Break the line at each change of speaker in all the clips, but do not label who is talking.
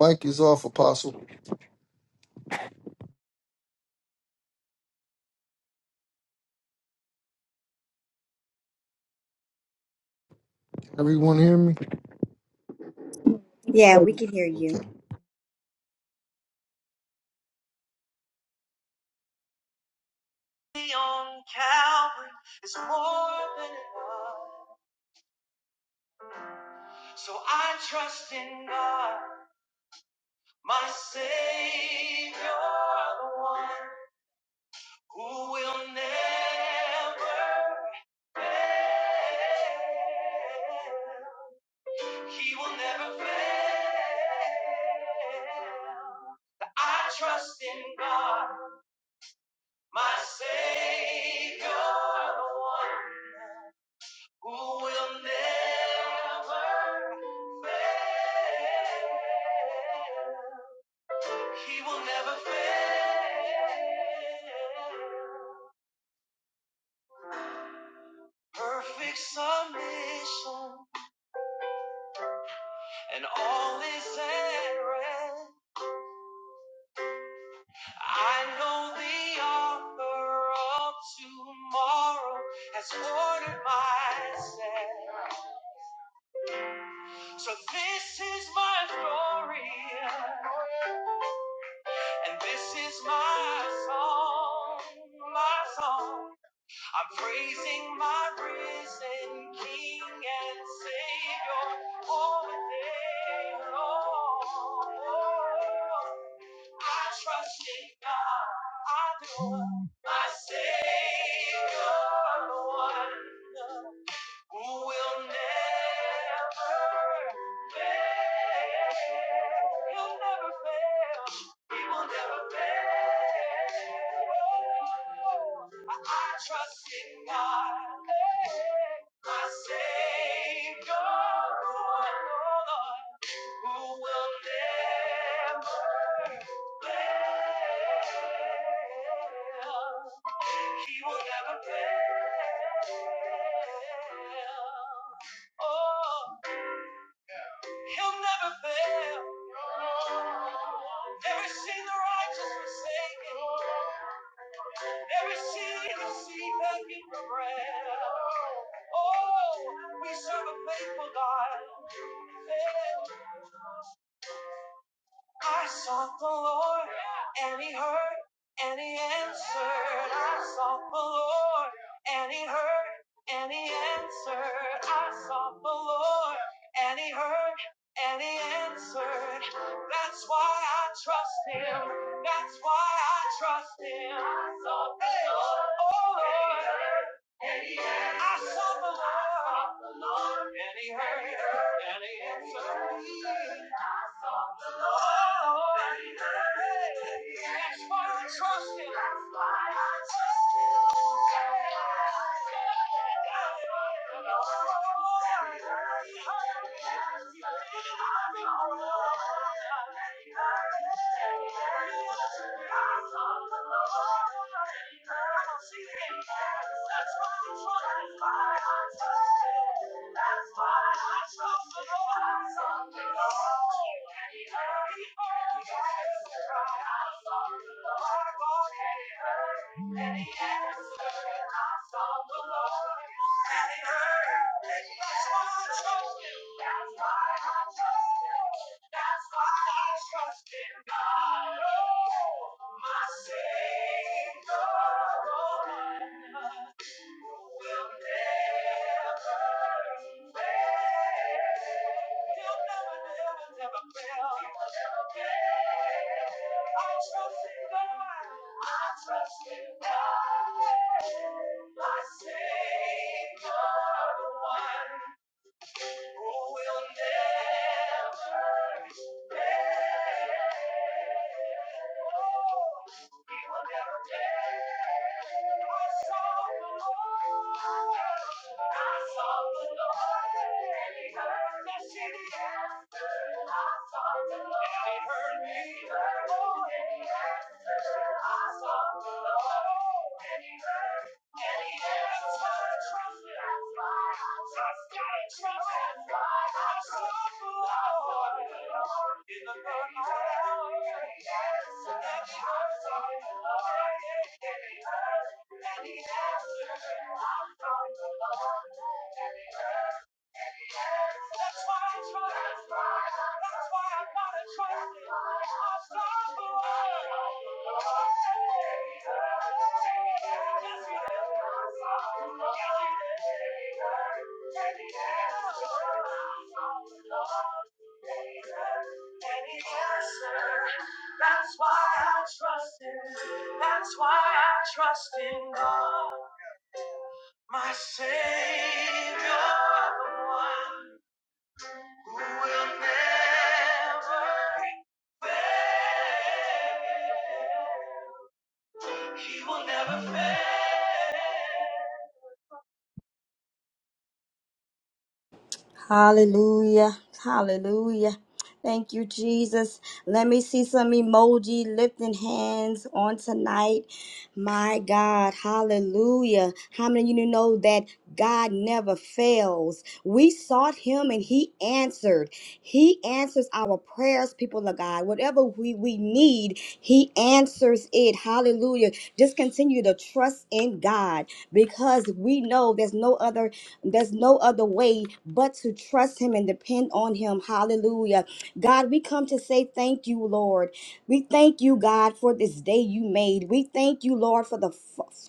Mike is off, Apostle. Can everyone hear me?
Yeah, we can hear
Okay.
you.
on Calvary is more than enough. So I trust in God, my Savior, the one who will never fail. He will never fail. I trust in God, my Savior, the one who will never fail. He will never fail. Perfect submission and all is at rest. I know the author of tomorrow has ordered my steps. So this is my story. And this is my song, my song. I'm praising my risen King and Savior all the day long. I trust in God, I do. My Savior, the one who will never fail. He'll never fail. He will never fail. I, I trust in God, eh, my Savior, Lord, who will never fail. He will never fail. Oh, he'll never fail. Every seed the righteous forsaken, every seed the seed begging for bread. Oh, we serve a faithful God. Faithful I sought the Lord, and He heard, and He answered. I sought the Lord, and He heard, and He answered. I sought the Lord, and He heard, and He answered. That's why I trust Him. That's why I trust Him. I sought the Hey. Lord, oh Lord. and He heard, and he answered. I sought the answered. Lord, I sought the Lord, and he heard, and he answered. I don't see him. That's why i trust trying to I saw the Lord, and He heard. That's why I trust. That's why I trust in God, my Savior. Savior, the one who will never fail. He will never fail. I saw the Lord. and He heard me. I sought the Lord, and He heard me. Oh, the Lord. Any answer, I'm from the Lord. Any that's why I trust. That's why I trust it. I trust the Lord. Yes, Yes, That's why I trust Him. That's why I trust in God, my Savior, the one who will never fail. He will never fail.
Hallelujah. Hallelujah. Thank you, Jesus. Let me see some emoji lifting hands on tonight. My God. Hallelujah. How many of you know that God never fails? We sought him and he answered. He answers our prayers, people of God. Whatever we, we need, he answers it. Hallelujah. Just continue to trust in God because we know there's no other There's no other way but to trust Him and depend on Him. Hallelujah. God, we come to say thank you, Lord. We thank you, God, for this day you made. We thank you, Lord, for the.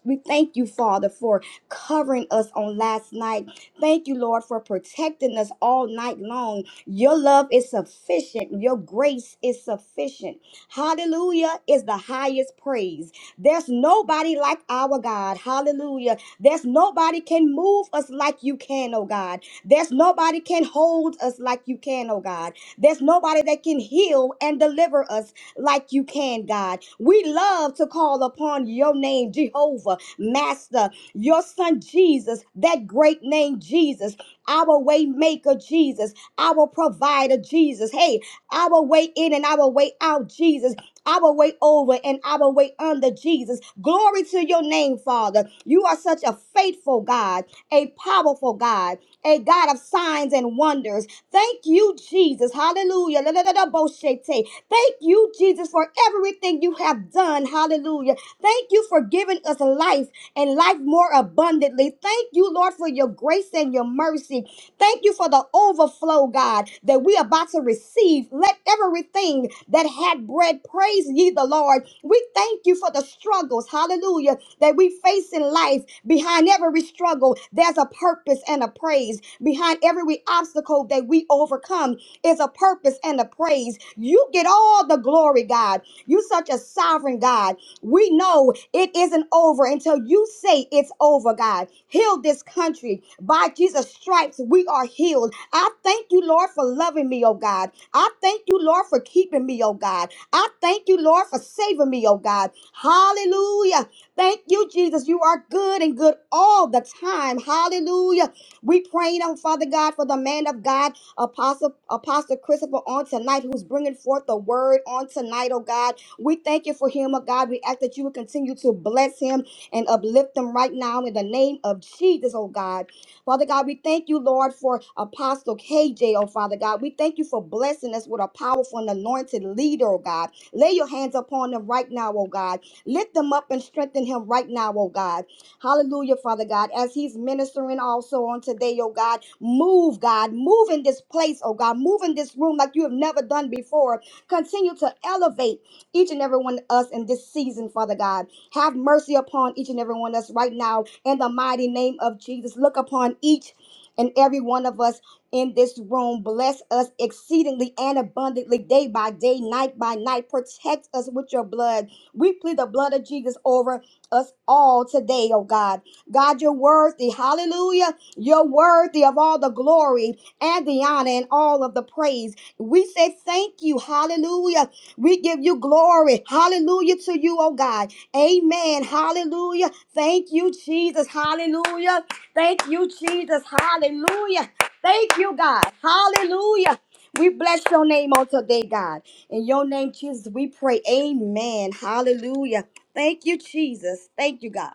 We thank you, Father, for covering us on last night. Thank you, Lord, for protecting us all night long. Your love is sufficient. Your grace is sufficient. Hallelujah is the highest praise. There's nobody like our God. Hallelujah. There's nobody can move us like you can, oh God. There's nobody can hold us like you can, oh God. There's nobody that can heal and deliver us like you can, God. We love to call upon your name, Jehovah, Master, your son Jesus, that great name Jesus, our way maker Jesus, our provider Jesus. Hey, our way in and our way out Jesus our way over and our way under Jesus. Glory to your name, Father. You are such a faithful God, a powerful God, a God of signs and wonders. Thank you, Jesus. Hallelujah. La, la, la, la, bo, she, te. Thank you, Jesus, for everything you have done. Hallelujah. Thank you for giving us life and life more abundantly. Thank you, Lord, for your grace and your mercy. Thank you for the overflow, God, that we are about to receive. Let everything that had bread praise ye the Lord. We thank you for the struggles, hallelujah, that we face in life. Behind every struggle, there's a purpose and a praise. Behind every obstacle that we overcome is a purpose and a praise. You get all the glory, God. You such a sovereign God. We know it isn't over until you say it's over, God. Heal this country. By Jesus' stripes, we are healed. I thank you, Lord, for loving me, oh God. I thank you, Lord, for keeping me, oh God. I thank you, Lord, for saving me, oh God. Hallelujah. Thank you, Jesus. You are good and good all the time. Hallelujah. We praying on Father God for the man of God, Apostle Apostle Christopher, on tonight, who's bringing forth the word on tonight, oh God. We thank you for him, oh God. We ask that you would continue to bless him and uplift them right now in the name of Jesus, oh God. Father God, we thank you, Lord, for Apostle KJ, oh Father God. We thank you for blessing us with a powerful and anointed leader, oh God. Lay your hands upon them right now, oh God. Lift them up and strengthen him right now, oh God. Hallelujah, Father God. As he's ministering also on today, oh God, move, God. Move in this place, oh God. Move in this room like you have never done before. Continue to elevate each and every one of us in this season, Father God. Have mercy upon each and every one of us right now in the mighty name of Jesus. Look upon each and every one of us in this room. Bless us exceedingly and abundantly day by day, night by night. Protect us with your blood. We plead the blood of Jesus over us all today, oh God. God, you're worthy. Hallelujah. You're worthy of all the glory and the honor and all of the praise. We say thank you. Hallelujah. We give you glory. Hallelujah to you, oh God. Amen. Hallelujah. Thank you, Jesus. Hallelujah. Thank you, Jesus. Hallelujah. Thank you, God. Hallelujah. We bless your name on today, God. In your name, Jesus, we pray. Amen. Hallelujah. Thank you, Jesus. Thank you, God.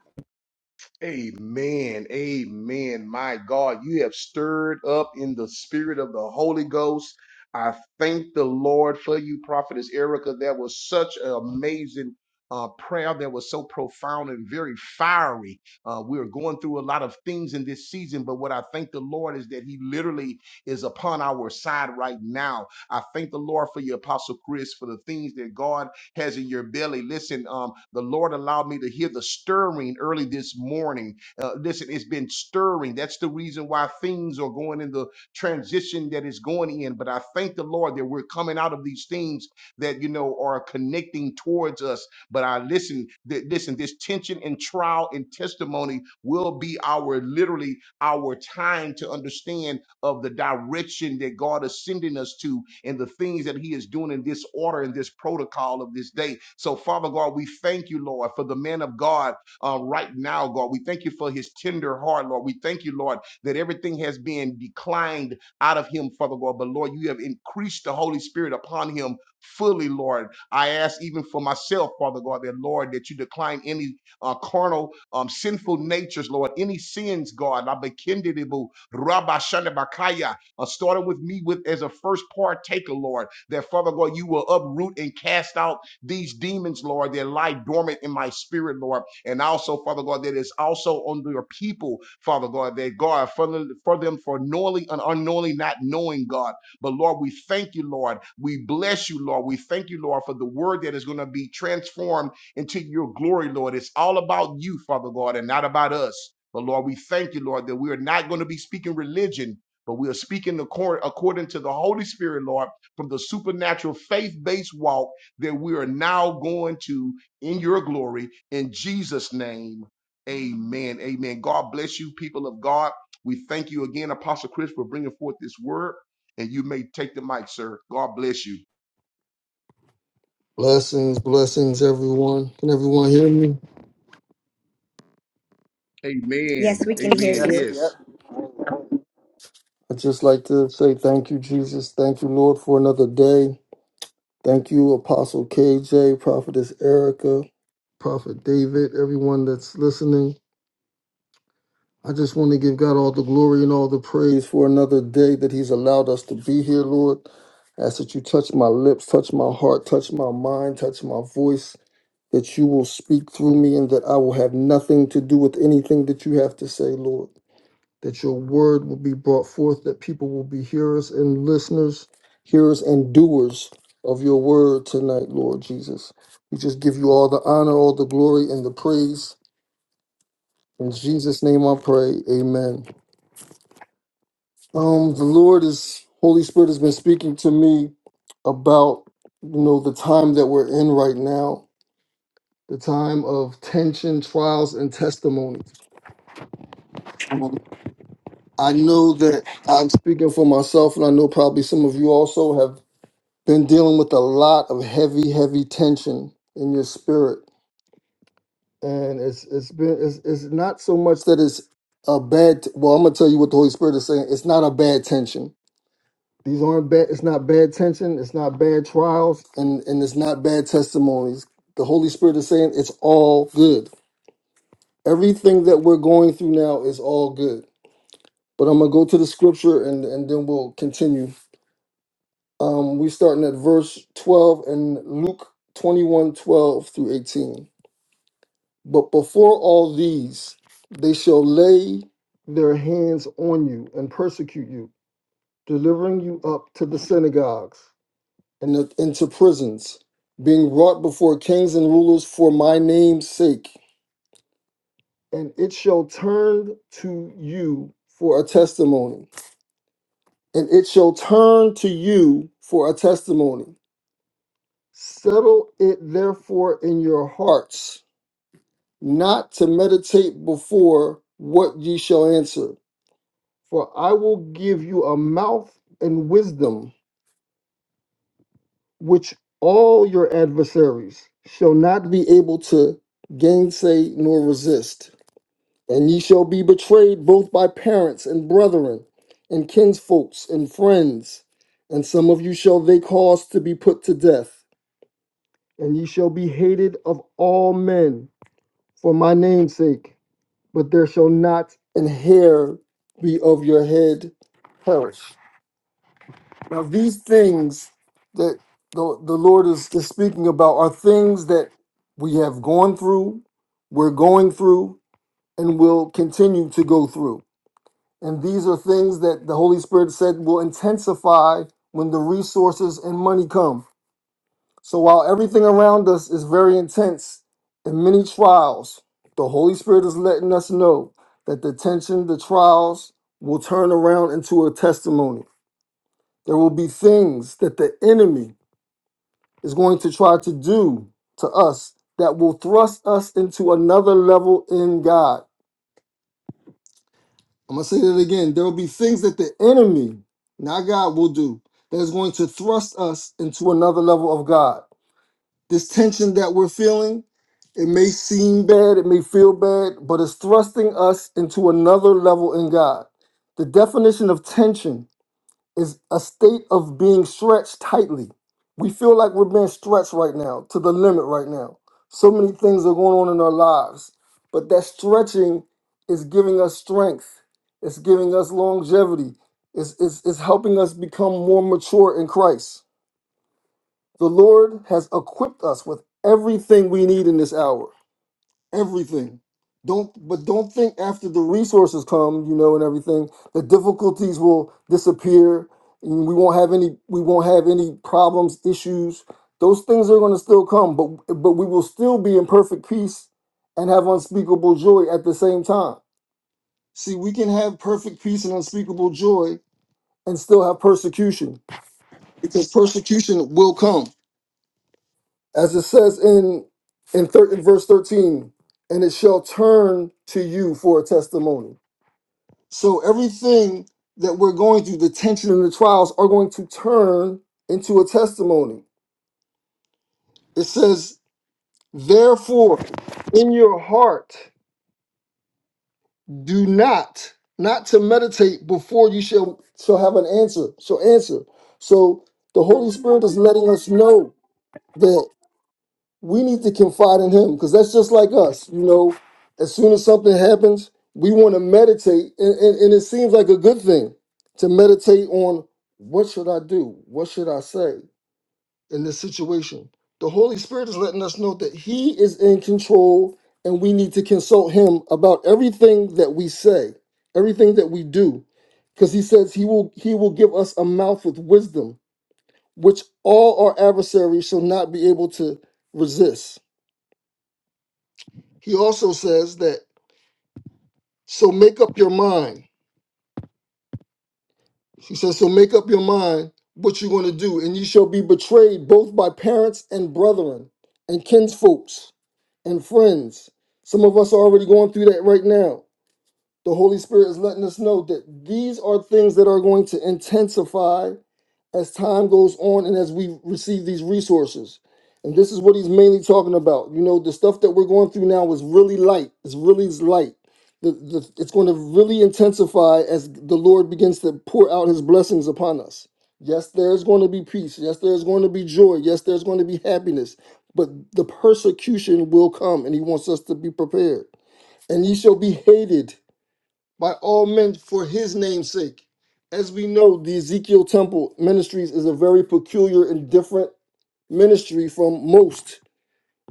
Amen. Amen. My God, you have stirred up in the spirit of the Holy Ghost. I thank the Lord for you, Prophetess Erica. That was such an amazing uh, prayer that was so profound and very fiery. Uh, we are going through a lot of things in this season, but what I thank the Lord is that He literally is upon our side right now. I thank the Lord for you, Apostle Chris, for the things that God has in your belly. Listen, um, the Lord allowed me to hear the stirring early this morning. Uh, listen, it's been stirring. That's the reason why things are going in the transition that is going in. But I thank the Lord that we're coming out of these things that you know are connecting towards us. But I listen, th- listen, this tension and trial and testimony will be our literally our time to understand of the direction that God is sending us to and the things that He is doing in this order and this protocol of this day. So, Father God, we thank you, Lord, for the man of God uh, right now, God. We thank you for his tender heart, Lord. We thank you, Lord, that everything has been declined out of him, Father God. But, Lord, you have increased the Holy Spirit upon him fully, Lord. I ask even for myself, Father God, that, Lord, that you decline any uh, carnal, um, sinful natures, Lord, any sins, God, Rabba Shandabakaya, uh, starting with me with as a first partaker, Lord, that Father God, you will uproot and cast out these demons, Lord, that lie dormant in my spirit, Lord. And also, Father God, that is also on your people, Father God, that God, for, for them for knowingly and unknowingly not knowing God. But Lord, we thank you, Lord. We bless you, Lord. We thank you, Lord, for the word that is going to be transformed into your glory, Lord. It's all about you, Father God, and not about us. But Lord, we thank you, Lord, that we are not going to be speaking religion, but we are speaking accor- according to the Holy Spirit, Lord, from the supernatural faith based walk that we are now going to in your glory. In Jesus' name, amen. Amen. God bless you, people of God. We thank you again, Apostle Chris, for bringing forth this word. And you may take the mic, sir. God bless you.
Blessings, blessings, everyone. Can everyone hear me?
Yes,
Amen.
we can hear
Amen.
you.
Yes. Yep.
Yes.
I'd just like to say thank you, Jesus. Thank you, Lord, for another day. Thank you, Apostle KJ, Prophetess Erica, Prophet David, everyone that's listening. I just want to give God all the glory and all the praise for another day that He's allowed us to be here, Lord. I ask that you touch my lips, touch my heart, touch my mind, touch my voice. that you will speak through me and that I will have nothing to do with anything that you have to say, Lord. That your word will be brought forth, that people will be hearers and listeners, hearers and doers of your word tonight, Lord Jesus. We just give you all the honor, all the glory, and the praise. In Jesus' name I pray. Amen. Um, the Lord is Holy Spirit has been speaking to me about you know the time that we're in right now, the time of tension, trials, and testimony I know that I'm speaking for myself, and I know probably some of you also have been dealing with a lot of heavy, heavy tension in your spirit, and it's it's been it's, it's not so much that it's a bad. Well, I'm gonna tell you what the Holy Spirit is saying. It's not a bad tension. These aren't bad. It's not bad tension. It's not bad trials, and and it's not bad testimonies. The Holy Spirit is saying it's all good. Everything that we're going through now is all good. But I'm gonna go to the scripture, and and then we'll continue Um, we're starting at verse 12 in Luke 21:12 through 18. But before all these, they shall lay their hands on you and persecute you, delivering you up to the synagogues and the- into prisons, being brought before kings and rulers for my name's sake. And it shall turn to you for a testimony. And it shall turn to you for a testimony. Settle it therefore in your hearts, not to meditate before what ye shall answer. For I will give you a mouth and wisdom which all your adversaries shall not be able to gainsay nor resist. And ye shall be betrayed both by parents and brethren, and kinsfolks and friends, and some of you shall they cause to be put to death. And ye shall be hated of all men for my name's sake, but there shall not an hair be of your head perish. Now, these things that the, the Lord is, is speaking about are things that we have gone through, we're going through, and will continue to go through. And these are things that the Holy Spirit said will intensify when the resources and money come. So while everything around us is very intense and many trials, the Holy Spirit is letting us know that the tension, the trials will turn around into a testimony. There will be things that the enemy is going to try to do to us that will thrust us into another level in God. I'm going to say that again. There will be things that the enemy, not God, will do that is going to thrust us into another level of God. This tension that we're feeling, it may seem bad, it may feel bad, but it's thrusting us into another level in God. The definition of tension is a state of being stretched tightly. We feel like we're being stretched right now, to the limit right now. So many things are going on in our lives, but that stretching is giving us strength, it's giving us longevity, it's, it's, it's helping us become more mature in Christ. The Lord has equipped us with everything we need in this hour. Everything. Don't but don't think after the resources come, you know, and everything, the difficulties will disappear and we won't have any we won't have any problems, issues. Those things are going to still come, but but we will still be in perfect peace and have unspeakable joy at the same time. See, we can have perfect peace and unspeakable joy and still have persecution because persecution will come as it says in in, thir- in verse 13 and it shall turn to you for a testimony so everything that we're going through the tension and the trials are going to turn into a testimony it says therefore in your heart do not not to meditate before you shall shall have an answer shall answer so the holy spirit is letting us know we need to confide in him because that's just like us you know as soon as something happens we want to meditate and, and, and it seems like a good thing to meditate on what should i do what should i say in this situation the holy spirit is letting us know that he is in control and we need to consult him about everything that we say everything that we do because he says he will he will give us a mouth with wisdom which all our adversaries shall not be able to resist he also says that so make up your mind he says so make up your mind what you're going to do and you shall be betrayed both by parents and brethren and kinsfolks and friends some of us are already going through that right now the holy spirit is letting us know that these are things that are going to intensify as time goes on and as we receive these resources. And this is what he's mainly talking about. You know, the stuff that we're going through now is really light. It's really light. The, the, it's going to really intensify as the Lord begins to pour out his blessings upon us. Yes, there's going to be peace. Yes, there's going to be joy. Yes, there's going to be happiness. But the persecution will come, and he wants us to be prepared. And ye shall be hated by all men for his name's sake. As we know, the Ezekiel Temple Ministries is a very peculiar and different ministry from most.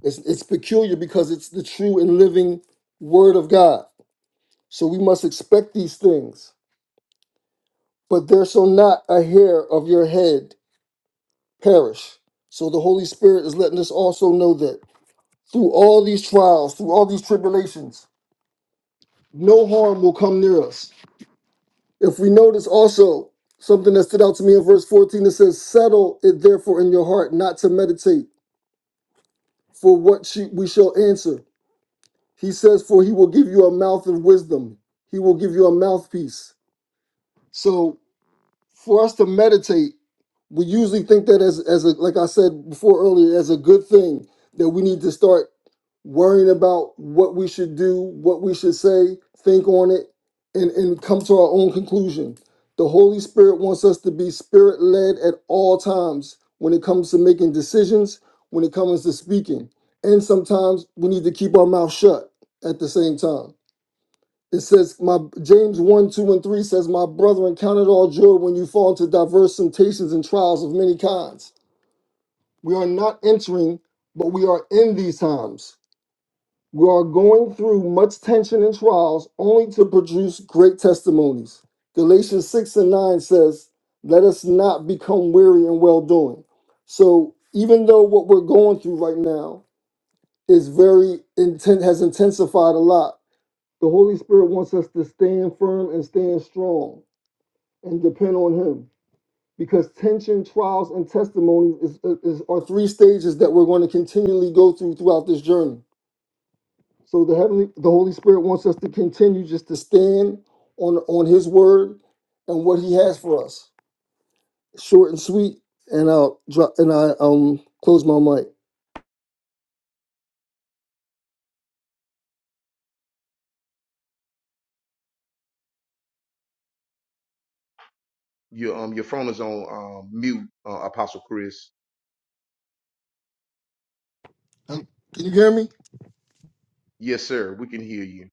It's, it's peculiar because it's the true and living word of God. So we must expect these things. But there shall not a hair of your head perish. So the Holy Spirit is letting us also know that through all these trials, through all these tribulations, no harm will come near us If we notice also something that stood out to me in verse 14, it says, Settle it therefore in your heart not to meditate for what she, we shall answer. He says, For he will give you a mouth of wisdom, he will give you a mouthpiece. So for us to meditate, we usually think that as, as a, like I said before earlier, as a good thing that we need to start. worrying about what we should do, what we should say, think on it, and, and come to our own conclusion. The Holy Spirit wants us to be spirit led at all times when it comes to making decisions, when it comes to speaking. And sometimes we need to keep our mouth shut at the same time. It says, my James 1, 2, and 3 says, My brethren, count it all joy when you fall into diverse temptations and trials of many kinds. We are not entering, but we are in these times we are going through much tension and trials only to produce great testimonies. Galatians 6 and 9 says, Let us not become weary in well doing. So, even though what we're going through right now is very intent, has intensified a lot, the Holy Spirit wants us to stand firm and stand strong and depend on Him because tension, trials, and testimonies is, is, are three stages that we're going to continually go through throughout this journey. So the heavenly, the Holy Spirit wants us to continue just to stand on on His word and what He has for us, short and sweet. And I'll drop and I um close my mic.
Your um your phone is on um mute, uh, Apostle Chris.
Um, Can you hear me?
Yes, sir. We can hear you.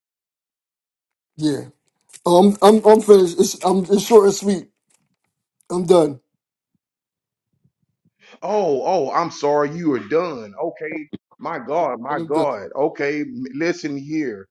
Yeah. Um, I'm I'm finished. It's, I'm it's short and sweet. I'm done.
Oh, oh, I'm sorry. You are done. Okay. My God, my
I'm done.
God. Okay, m- listen here.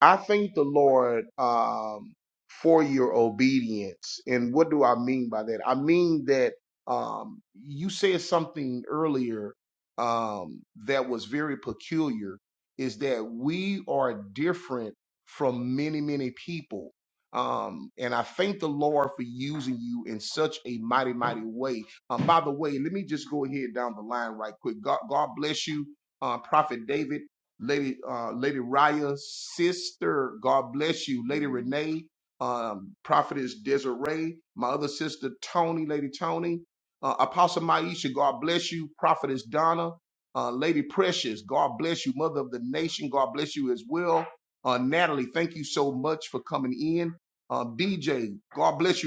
I thank the Lord um, for your obedience. And what do I mean by that? I mean that um, you said something earlier um, that was very peculiar is that we are different from many, many people. Um, and I thank the Lord for using you in such a mighty, mighty way. Um, by the way, let me just go ahead down the line right quick. God, God bless you, uh, Prophet David. Lady uh, Lady Raya's sister. God bless you, Lady Renee, um, Prophetess Desiree, my other sister Tony, Lady Tony, uh, Apostle Maisha. God bless you, Prophetess Donna, uh, Lady Precious. God bless you, Mother of the Nation. God bless you as well. Uh, Natalie, thank you so much for coming in. Uh, DJ, God bless you.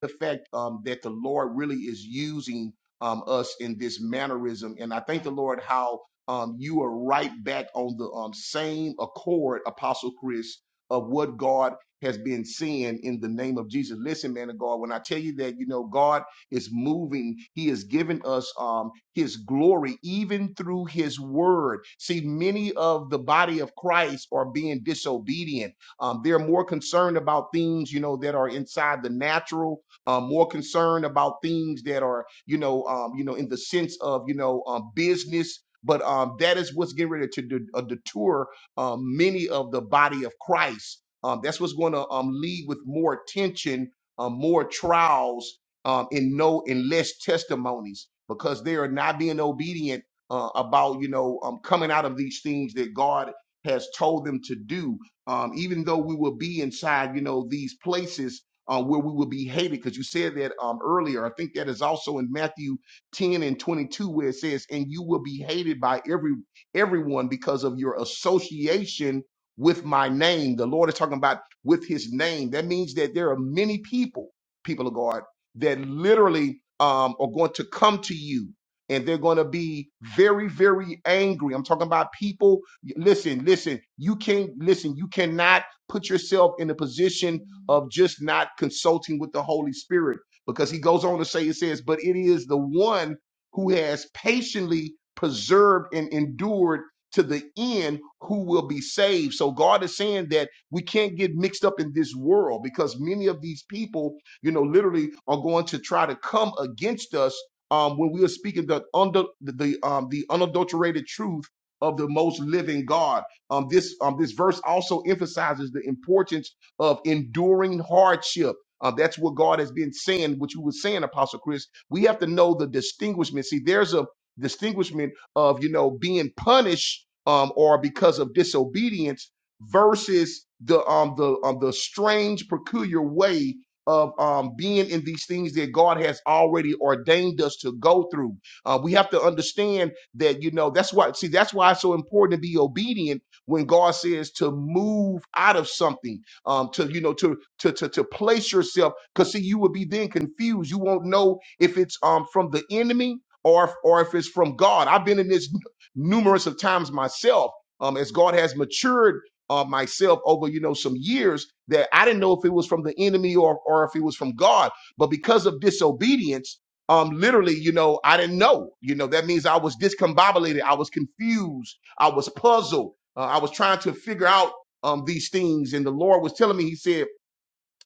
the fact um, that the Lord really is using um, us in this mannerism. And I thank the Lord how um, you are right back on the um, same accord, Apostle Chris, of what God has been seeing in the name of Jesus. Listen, man of God, when I tell you that, you know, God is moving. He has given us um, His glory even through His word. See, many of the body of Christ are being disobedient. Um, they're more concerned about things, you know, that are inside the natural um, more concerned about things that are, you know, um, you know, in the sense of, you know, um, business. But um, that is what's getting ready to de- uh, detour um, many of the body of Christ. Um, that's what's going to um, lead with more tension, um, more trials, um, and no and less testimonies because they are not being obedient uh, about you know um, coming out of these things that God has told them to do. Um, even though we will be inside, you know, these places uh, where we will be hated. Because you said that um, earlier. I think that is also in Matthew 10 and 22, where it says, "And you will be hated by every everyone because of your association with my name." The Lord is talking about with His name. That means that there are many people, people of God, that literally um, are going to come to you. And they're going to be very, very angry. I'm talking about people. Listen, listen. You can't listen. You cannot put yourself in a position of just not consulting with the Holy Spirit. Because he goes on to say, it says, but it is the one who has patiently preserved and endured to the end who will be saved. So God is saying that we can't get mixed up in this world because many of these people, you know, literally are going to try to come against us um, when we are speaking the under the the, um, the unadulterated truth of the most living God. Um, this um, this verse also emphasizes the importance of enduring hardship. Uh, that's what God has been saying, what you were saying, Apostle Chris. We have to know the distinguishment. See, there's a distinguishment of, you know, being punished um, or because of disobedience versus the um the um the strange peculiar way of um being in these things that God has already ordained us to go through. Uh, we have to understand that you know that's why see that's why it's so important to be obedient when God says to move out of something um, to you know to to to, to place yourself because see you will be then confused you won't know if it's um from the enemy or if, or if it's from god i've been in this numerous of times myself um as god has matured uh, myself over you know some years that i didn't know if it was from the enemy or or if it was from god but because of disobedience um literally you know i didn't know you know that means i was discombobulated i was confused i was puzzled uh, i was trying to figure out um, these things. And the Lord was telling me, He said,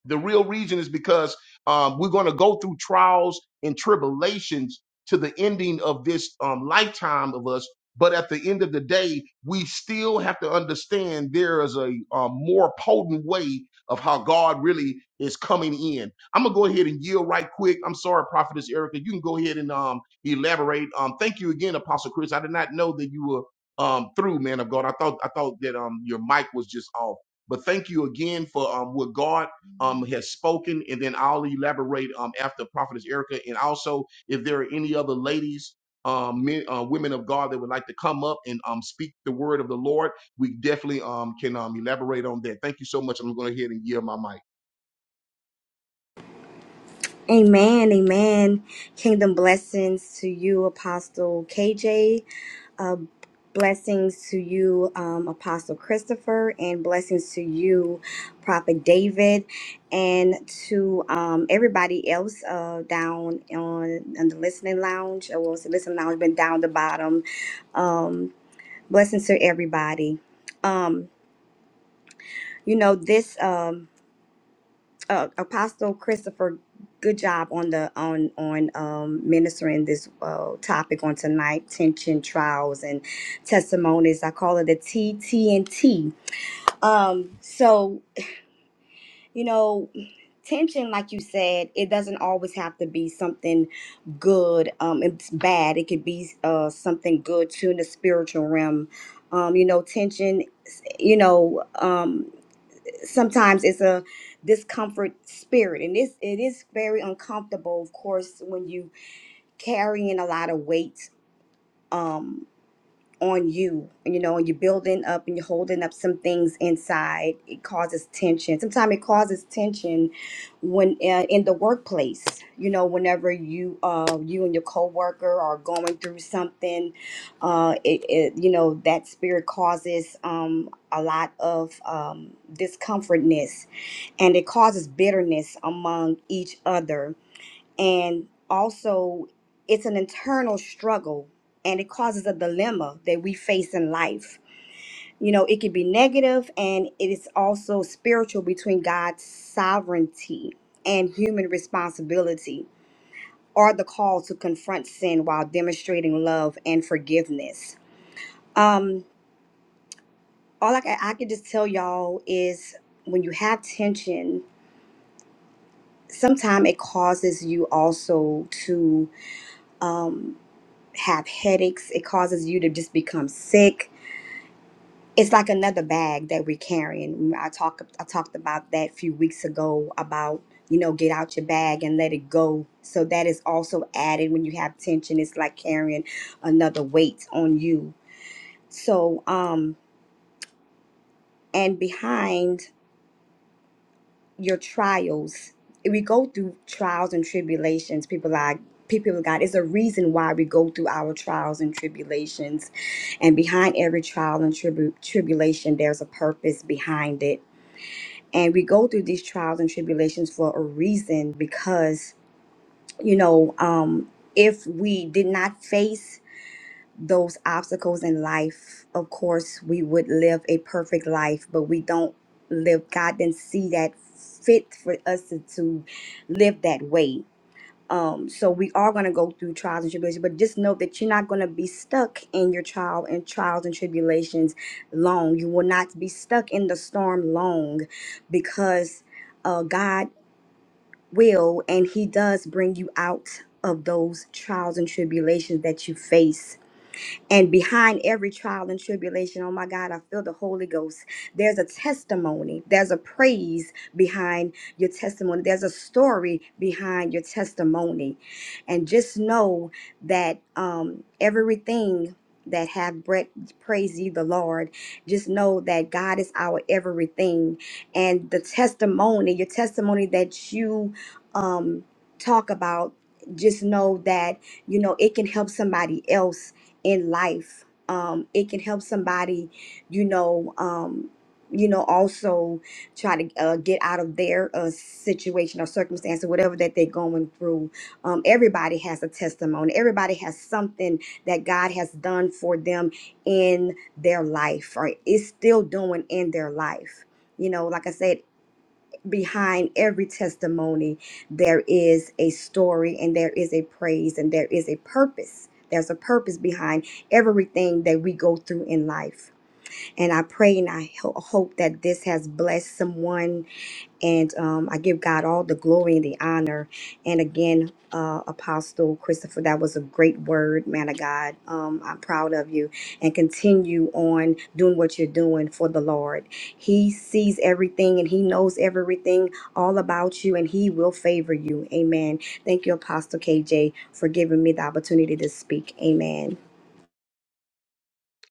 the real reason is because um, we're going to go through trials and tribulations to the ending of this um, lifetime of us. But at the end of the day, we still have to understand there is a, um more potent way of how God really is coming in. I'm gonna go ahead and yield right quick. I'm sorry, Prophetess Erica. You can go ahead and um, elaborate. Um, thank you again, Apostle Chris. I did not know that you were um, through, man of God. I thought I thought that um, your mic was just off. But thank you again for um, what God um, has spoken, and then I'll elaborate um, after Prophetess Erica. And also, if there are any other ladies, um, men, uh, women of God that would like to come up and um, speak the word of the Lord, we definitely um, can um, elaborate on that. Thank you so much. I'm going to go ahead and yield my mic.
Amen, amen. Kingdom blessings to you, Apostle KJ. Uh, blessings to you, um, Apostle Christopher, and blessings to you, Prophet David, and to um, everybody else uh, down on, on the listening lounge. Or was the listening lounge been down the bottom? Um, blessings to everybody. Um, you know this. Um, uh, Apostle Christopher, good job on the on on um, ministering this uh, topic on tonight: tension, trials, and testimonies. I call it the T T TTNT. Um, so you know, tension, like you said, it doesn't always have to be something good. Um, it's bad. It could be uh, something good too in the spiritual realm. Um, you know, tension. You know. Um, sometimes it's a discomfort spirit and this it is very uncomfortable of course when you carrying a lot of weight um on you you know and you're building up and you're holding up some things inside it causes tension sometimes it causes tension when uh, in the workplace you know whenever you uh you and your coworker are going through something uh it, it you know that spirit causes um a lot of um discomfortness and it causes bitterness among each other. And also, it's an internal struggle and it causes a dilemma that we face in life. You know, it can be negative and it is also spiritual between God's sovereignty and human responsibility or the call to confront sin while demonstrating love and forgiveness. Um, all I can, I can just tell y'all is when you have tension sometimes it causes you also to um, have headaches. It causes you to just become sick. It's like another bag that we're carrying. Mm, I talk I talked about that a few weeks ago about you know get out your bag and let it go. So that is also added when you have tension. It's like carrying another weight on you. So um and behind your trials. We go through trials and tribulations. People like people of God. It's a reason why we go through our trials and tribulations. And behind every trial and tribu- tribulation, there's a purpose behind it. And we go through these trials and tribulations for a reason because, you know, um, if we did not face those obstacles in life, of course, we would live a perfect life, but we don't live. God didn't see that fit for us to, to live that way. Um, so we are going to go through trials and tribulations, but just know that you're not going to be stuck in your trial and trials and tribulations long. You will not be stuck in the storm long because uh, God will and He does bring you out of those trials and tribulations that you face and behind every trial and tribulation, oh my God, I feel the Holy Ghost. There's a testimony, there's a praise behind your testimony, there's a story behind your testimony. And just know that um, everything that have breath praise ye the lord just know that god is our everything and the testimony your testimony that you um talk about just know that you know it can help somebody else in life. Um, it can help somebody, you know, um, you know, also try to uh, get out of their uh, situation or circumstance or whatever that they're going through. Um, everybody has a testimony. Everybody has something that God has done for them in their life or is still doing in their life. You know, like I said, behind every testimony there is a story and there is a praise and there is a purpose there's a purpose behind everything that we go through in life and i pray and i ho- hope that this has blessed someone and um, I give God all the glory and the honor. And again, uh, Apostle Christopher, that was a great word, man of God. Um, I'm proud of you. And continue on doing what you're doing for the Lord. He sees everything and He knows everything all about you, and He will favor you. Amen. Thank you, Apostle KJ, for giving me the opportunity to speak. Amen.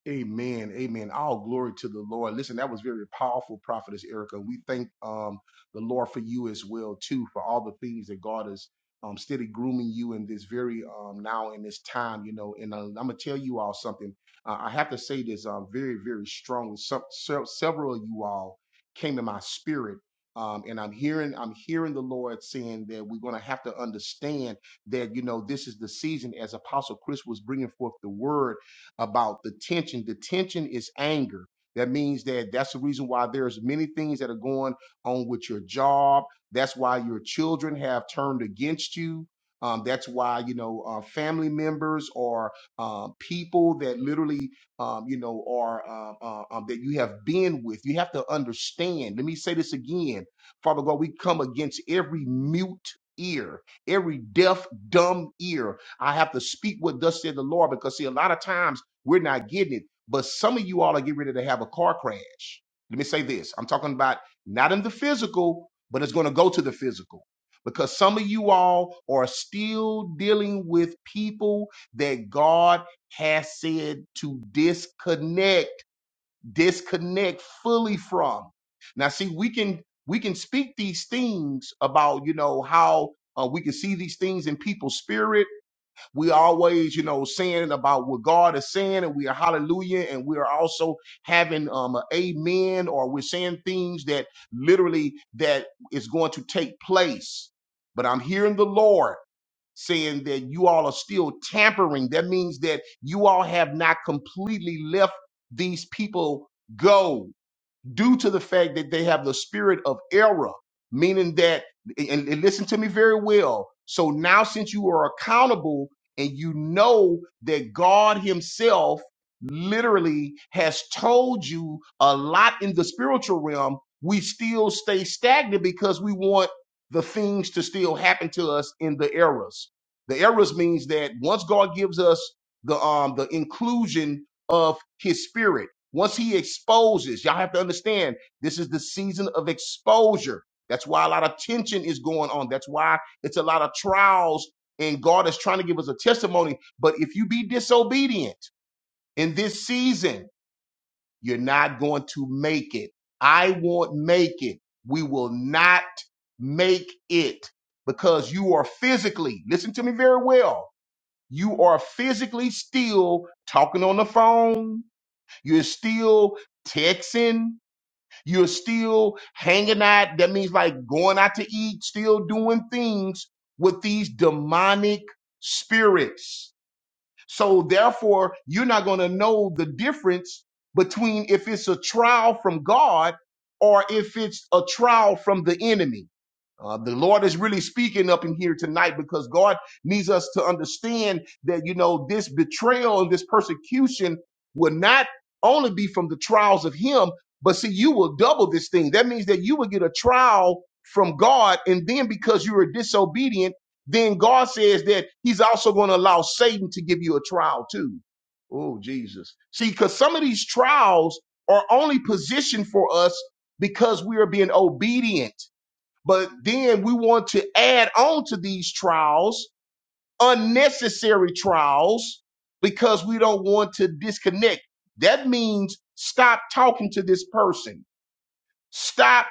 Amen. Amen. All glory to the Lord. Listen, that was very powerful, Prophetess Erica. We thank um, the Lord for you as well, too, for all the things that God is um, steady grooming you in this very um, now in this time, you know. And uh, I'm gonna tell you all something. Uh, I have to say this um, very, very strongly. Some, se- several of you all came to my spirit. Um, and I'm hearing, I'm hearing the Lord saying that we're going to have to understand that, you know, this is the season as Apostle Chris was bringing forth the word about the tension. The tension is anger. That means that that's the reason why there's many things that are going on with your job. That's why your children have turned against you. Um, that's why you know uh, family members or um, people that literally um, you know are uh, uh, um, that you have been with. You have to understand. Let me say this again, Father God. We come against every mute ear, every deaf, dumb ear. I have to speak what thus said the Lord because see, a lot of times we're not getting it. But some of you all are getting ready to have a car crash. Let me say this I'm talking about not in the physical, but it's going to go to the physical. Because some of you all are still dealing with people that God has said to disconnect, disconnect fully from. Now, see, we can we can speak these things about you know how uh, we can see these things in people's spirit we always, you know, saying about what God is saying, and we are hallelujah, and we are also having um a amen, or we're saying things that literally that is going to take place. But I'm hearing the Lord saying that you all are still tampering. That means that you all have not completely left these people go due to the fact that they have the spirit of error, meaning that, and, and listen to me very well. So now, since you are accountable and you know that God Himself literally has told you a lot in the spiritual realm, we still stay stagnant because we want the things to still happen to us in the eras. The eras means that once God gives us the um the inclusion of His Spirit once he exposes, y'all have to understand this is the season of exposure. That's why a lot of tension is going on. That's why it's a lot of trials, and God is trying to give us a testimony. But if you be disobedient in this season, you're not going to make it. I won't make it. We will not make it because you are physically, listen to me very well, you are physically still talking on the phone you're still texting. You're still hanging out. That means like going out to eat, still doing things with these demonic spirits. So therefore, you're not going to know the difference between if it's a trial from God or if it's a trial from the enemy. Uh, the Lord is really speaking up in here tonight because God needs us to understand that, you know, this betrayal and this persecution will not only be from the trials of Him, but see, you will double this thing. That means that you will get a trial from God. And then because you are disobedient, then God says that He's also going to allow Satan to give you a trial too. Oh, Jesus. See, because some of these trials are only positioned for us because we are being obedient. But then we want to add on to these trials, unnecessary trials, because we don't want to disconnect. That means stop talking to this person Stop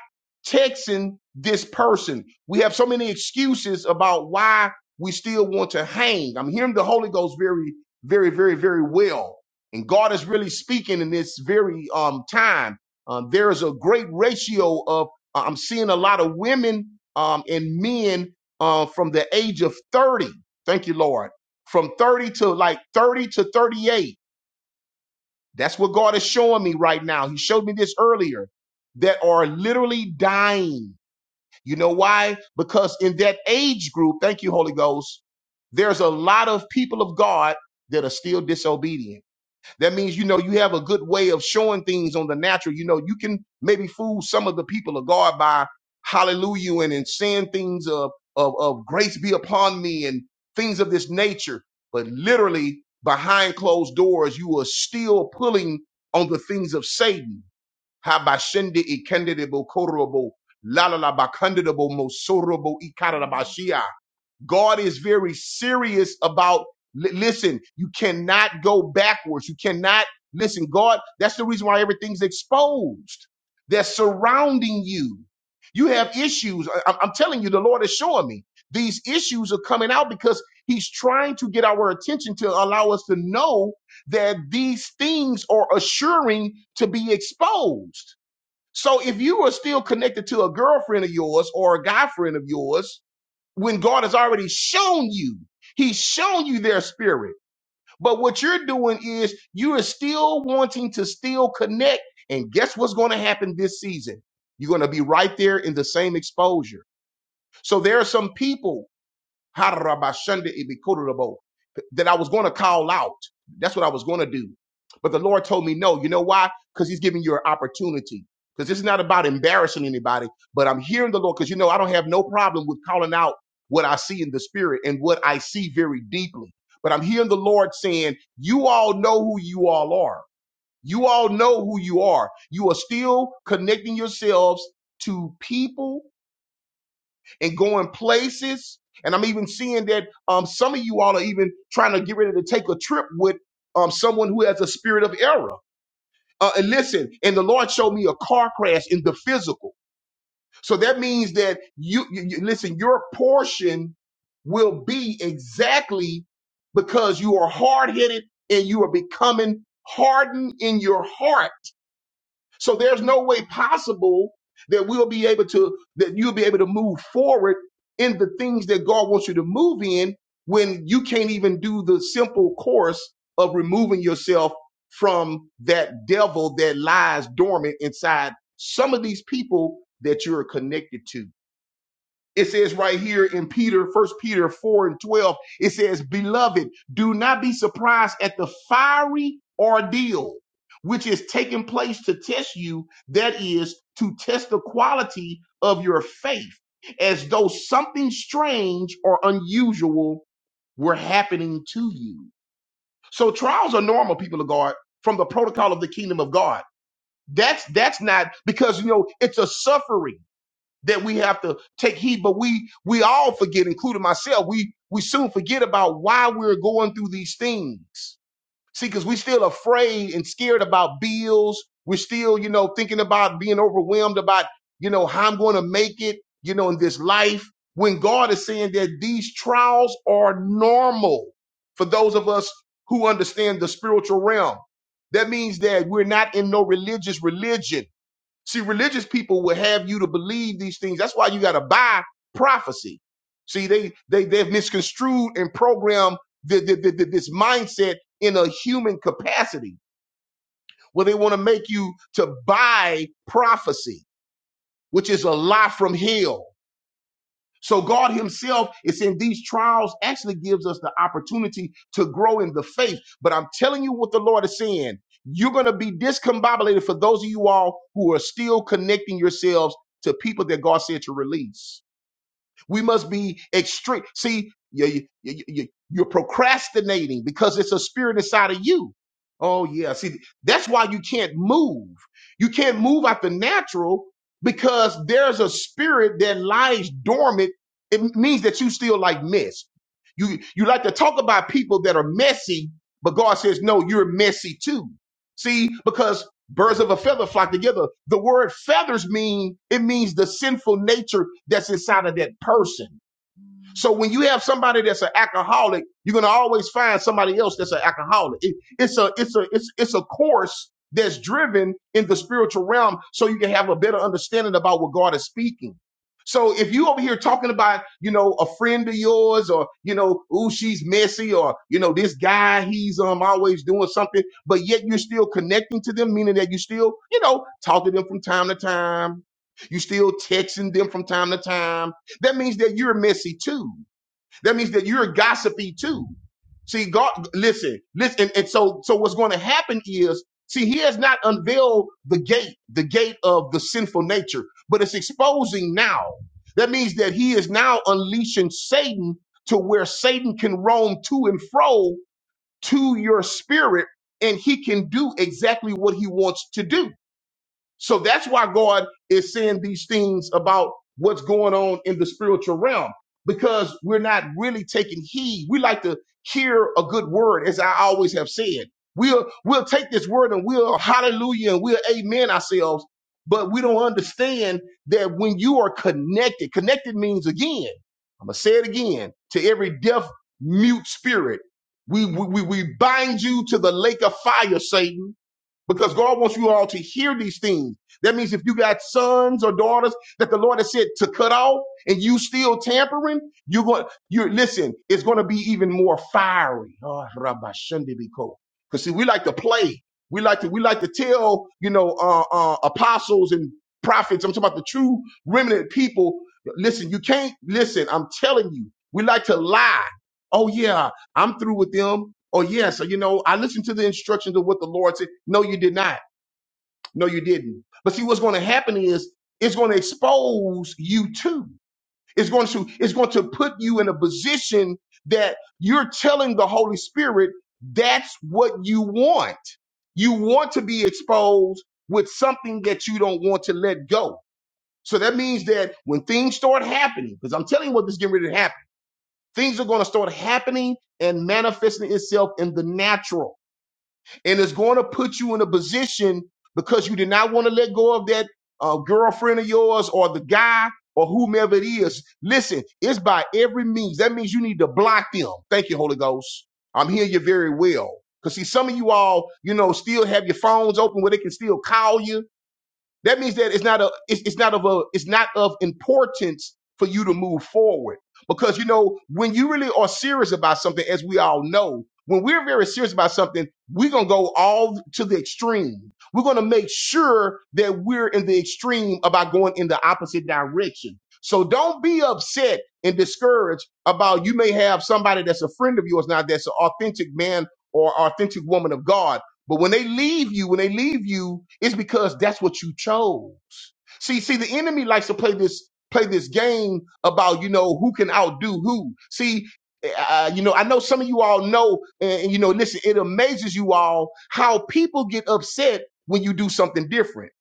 texting this person. We have so many excuses about why we still want to hang. I'm hearing the Holy Ghost very, very, very, very well. And God is really speaking in this very um, time. Um, there is a great ratio of, uh, I'm seeing a lot of women um, and men uh, from the age of 30. Thank you, Lord. From 30 to like 30 to 38 that's what God is showing me right now. He showed me this earlier that are literally dying. You know why? Because in that age group, thank you, Holy Ghost, there's a lot of people of God that are still disobedient. That means, you know, you have a good way of showing things on the natural. You know, you can maybe fool some of the people of God by hallelujah and, and saying things of, of, of grace be upon me and things of this nature. But literally behind closed doors, you are still pulling on the things of Satan. Habashende ikendedebo korobo, la la la bakandedebo mosorabo ikarabashia. God is very serious about, li- listen, you cannot go backwards. You cannot, listen, God, that's the reason why everything's exposed. They're surrounding you. You have issues. I- I'm I'm telling you, the Lord is showing me these issues are coming out because he's trying to get our attention to allow us to know that these things are assuring to be exposed. So if you are still connected to a girlfriend of yours or a guy friend of yours, when God has already shown you. He's shown you their spirit. But what you're doing is you are still wanting to still connect. And guess what's going to happen this season? You're going to be right there in the same exposure. So there are some people Harabashande ibikurubo, that I was going to call out. That's what I was going to do. But the Lord told me no. You know why? Because He's giving you an opportunity. Because this is not about embarrassing anybody, but I'm hearing the Lord because you know I don't have no problem with calling out what I see in the spirit and what I see very deeply. But I'm hearing the Lord saying, You all know who you all are. You all know who you are. You are still connecting yourselves to people and going places. And I'm even seeing that um, some of you all are even trying to get ready to take a trip with um, someone who has a spirit of error. Uh, and listen, and the Lord showed me a car crash in the physical. So that means that you, you, you listen, your portion will be exactly because you are hard headed and you are becoming hardened in your heart so there's no way possible that we'll be able to that you'll be able to move forward in the things that God wants you to move in when you can't even do the simple course of removing yourself from that devil that lies dormant inside some of these people that you're connected to. It says right here in Peter, First Peter 4 and 12, it says, Beloved, do not be surprised at the fiery ordeal which is taking place to test you, that is, to test the quality of your faith, as though something strange or unusual were happening to you. So trials are normal, people of God, from the protocol of the kingdom of God. That's that's not because you know it's a suffering that we have to take heed. But we we all forget, including myself. We we soon forget about why we're going through these things. See, because we are still afraid and scared about bills. We're still, you know, thinking about being overwhelmed about, you know, how I'm going to make it, you know, in this life. When God is saying that these trials are normal for those of us who understand the spiritual realm. That means that we're not in no religious religion. See, religious people will have you to believe these things. That's why you got to buy prophecy. See, they they they've misconstrued and programmed the, the, the, the- this mindset in a human capacity, where they want to make you to buy prophecy, which is a lie from hell. So God Himself is in these trials actually gives us the opportunity to grow in the faith. But I'm telling you what the Lord is saying. You're going to be discombobulated for those of you all who are still connecting yourselves to people that God said to release. We must be extreme. See, you, you, you, you're procrastinating because it's a spirit inside of you. Oh, yeah. See, that's why you can't move. You can't move out the natural because there's a spirit that lies dormant. It means that you still like mess. You, you like to talk about people that are messy, but God says, no, you're messy too. See, because Birds of a feather flock together. The word feathers mean it means the sinful nature that's inside of that person. So when you have somebody that's an alcoholic, you're gonna always find somebody else that's an alcoholic. It- it's a it's a it's it's a course that's driven in the spiritual realm, so you can have a better understanding about what God is speaking. So if you over here talking about you know a friend of yours or you know ooh she's messy or you know this guy he's um always doing something, but yet you're still connecting to them, meaning that you still you know talk to them from time to time. You still texting them from time to time that means that you're messy too. That means that you're gossipy too. See, God, listen, listen, and, and so, so what's going to happen is, see, He has not unveiled the gate, the gate of the sinful nature, but it's exposing now. That means that He is now unleashing Satan to where Satan can roam to and fro to your spirit, and he can do exactly what he wants to do. So that's why God is saying these things about what's going on in the spiritual realm because we're not really taking heed. We like to hear a good word, as I always have said. We'll we'll take this word and we'll hallelujah and we'll amen ourselves, but we don't understand that when you are connected, connected means again. I'm gonna say it again to every deaf mute spirit. We we we we bind you to the lake of fire, Satan because God wants you all to hear these things. That means if you got sons or daughters that the Lord has said to cut off and you still tampering, you're going, you're, listen, it's going to be even more fiery. Oh, Rabbi Shundibiko. Cause see, we like to play. We like to, we like to tell, you know, uh, uh, apostles and prophets. I'm talking about the true remnant people. Listen, you can't listen. I'm telling you, we like to lie. Oh yeah. I'm through with them. Oh yes, you know, I listened to the instructions of what the Lord said. No, you did not. No, you didn't. But see, what's going to happen is it's going to expose you too. It's going to it's going to put you in a position that you're telling the Holy Spirit that's what you want. You want to be exposed with something that you don't want to let go. So that means that when things start happening, because I'm telling you what this getting ready to happen Things are going to start happening and manifesting itself in the natural. And it's going to put you in a position because you did not want to let go of that uh, girlfriend of yours or the guy or whomever it is. Listen, it's by every means. That means you need to block them. Thank you, Holy Ghost. I'm hearing you very well. Because see, some of you all, you know, still have your phones open where they can still call you that means that it's not a it's, it's not of a it's not of importance for you to move forward. Because you know, when you really are serious about something, as we all know, when we're very serious about something, we're gonna go all to the extreme. We're gonna make sure that we're in the extreme about going in the opposite direction. So don't be upset and discouraged about you may have somebody that's a friend of yours now that's an authentic man or authentic woman of God but when they leave you, when they leave you, it's because that's what you chose. See, see, the enemy likes to play this play this game about you know who can outdo who. See, uh, you know, I know some of you all know, and, and, you know, listen, it amazes you all how people get upset when you do something different.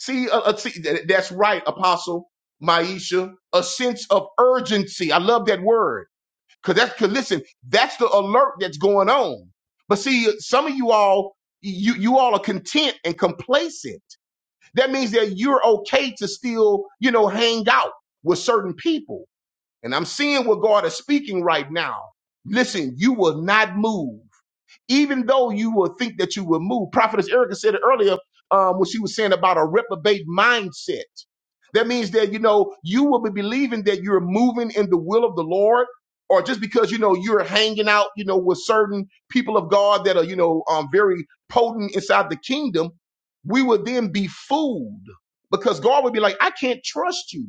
See, uh, uh, see th- that's right, Apostle Maisha, a sense of urgency. I love that word Cause that's cause listen, that's the alert that's going on. But see, some of you all, you you all are content and complacent. That means that you're okay to still, you know, hang out with certain people. And I'm seeing what God is speaking right now. Listen, you will not move even though you will think that you will move. Prophetess Erica said it earlier um, when she was saying about a reprobate mindset. That means that, you know, you will be believing that you're moving in the will of the Lord. Or just because you know you're hanging out, you know, with certain people of God that are, you know, um, very potent inside the kingdom, we would then be fooled because God would be like, "I can't trust you.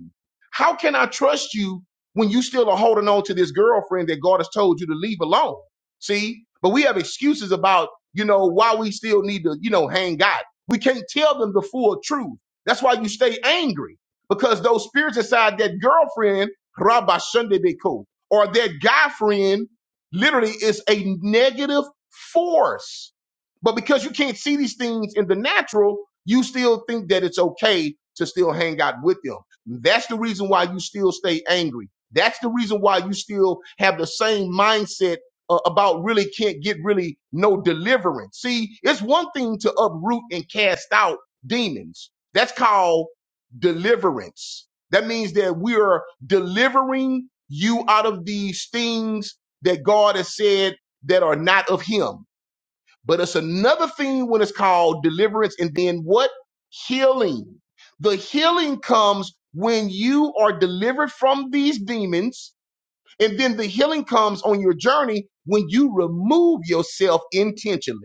How can I trust you when you still are holding on to this girlfriend that God has told you to leave alone?" See, but we have excuses about, you know, why we still need to, you know, hang God. We can't tell them the full truth. That's why you stay angry because those spirits inside that girlfriend, Rabba Shundebeko, or that guy friend literally is a negative force. But because you can't see these things in the natural, you still think that it's okay to still hang out with them. That's the reason why you still stay angry. That's the reason why you still have the same mindset uh, about really can't get really no deliverance. See, it's one thing to uproot and cast out demons. That's called deliverance. That means that we are delivering you out of these things that God has said that are not of him. But it's another thing when it's called deliverance and then what? Healing. The healing comes when you are delivered from these demons and then the healing comes on your journey when you remove yourself intentionally.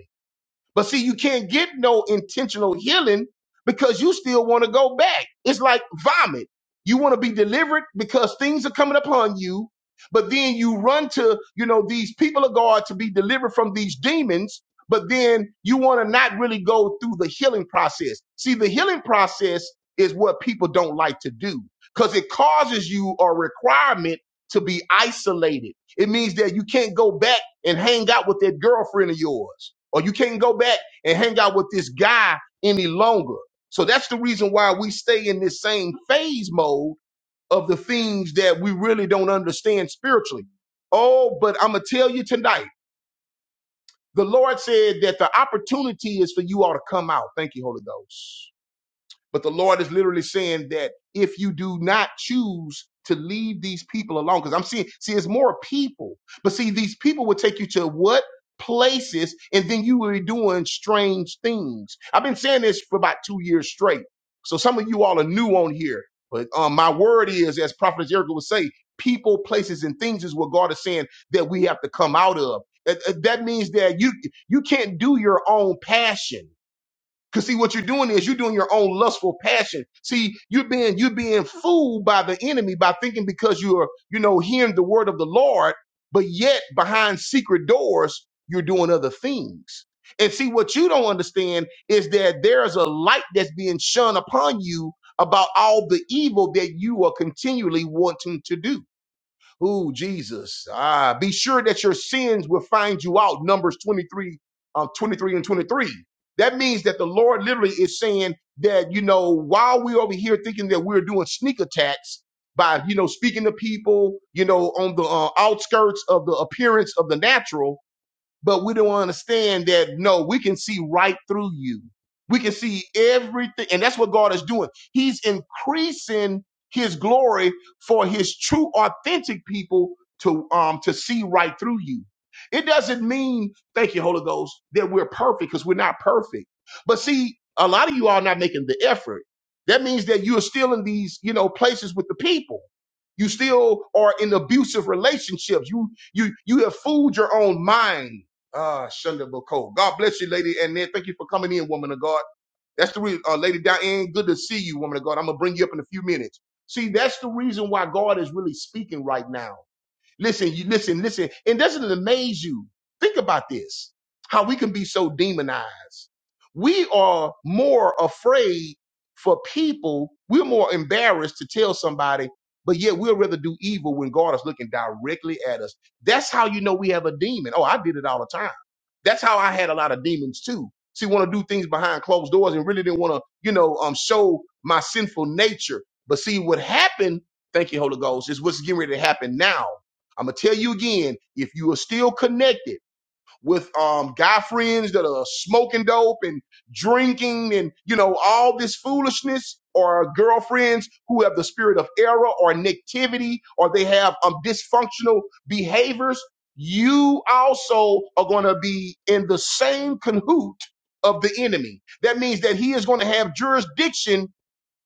But see, you can't get no intentional healing because you still want to go back. It's like vomit. You want to be delivered because things are coming upon you, but then you run to, you know, these people of God to be delivered from these demons, but then you want to not really go through the healing process. See, the healing process is what people don't like to do because it causes you a requirement to be isolated. It means that you can't go back and hang out with that girlfriend of yours, or you can't go back and hang out with this guy any longer. So that's the reason why we stay in this same phase mode of the things that we really don't understand spiritually. Oh, but I'm going to tell you tonight the Lord said that the opportunity is for you all to come out. Thank you, Holy Ghost. But the Lord is literally saying that if you do not choose to leave these people alone, because I'm seeing, see, it's more people. But see, these people will take you to what? Places, and then you will be doing strange things. I've been saying this for about two years straight. So some of you all are new on here. But um, my word is, as Prophet Jericho would say, people, places, and things is what God is saying that we have to come out of. That, that means that you you can't do your own passion. Cause see, what you're doing is you're doing your own lustful passion. See, you're being you're being fooled by the enemy by thinking because you're you know hearing the word of the Lord, but yet behind secret doors you're doing other things. And see, what you don't understand is that there's a light that's being shone upon you about all the evil that you are continually wanting to do. Ooh, Jesus. Ah, be sure that your sins will find you out. Numbers 23, um, 23 and 23. That means that the Lord literally is saying that, you know, while we're over here thinking that we're doing sneak attacks by, you know, speaking to people, you know, on the uh, outskirts of the appearance of the natural, but we don't understand that no we can see right through you we can see everything and that's what god is doing he's increasing his glory for his true authentic people to um to see right through you it doesn't mean thank you holy ghost that we're perfect because we're not perfect but see a lot of you are not making the effort that means that you're still in these you know places with the people you still are in abusive relationships you you you have fooled your own mind Ah, Shunda Boko. God bless you, Lady Annette. Thank you for coming in, woman of God. That's the reason, uh, Lady Diane. Good to see you, woman of God. I'm gonna bring you up in a few minutes. See, that's the reason why God is really speaking right now. Listen, you listen, listen. And doesn't it amaze you? Think about this. How we can be so demonized. We are more afraid for people. We're more embarrassed to tell somebody, but yet we'll rather do evil when God is looking directly at us. That's how you know we have a demon. Oh, I did it all the time. That's how I had a lot of demons too. See, want to do things behind closed doors and really didn't want to, you know, um, show my sinful nature. But see, what happened, thank you, Holy Ghost, is what's getting ready to happen now I'm gonna tell you again, if you are still connected with um guy friends that are smoking dope and drinking and you know all this foolishness, or girlfriends who have the spirit of error or negativity, or they have um dysfunctional behaviors, you also are gonna be in the same cahoot of the enemy. That means that he is going to have jurisdiction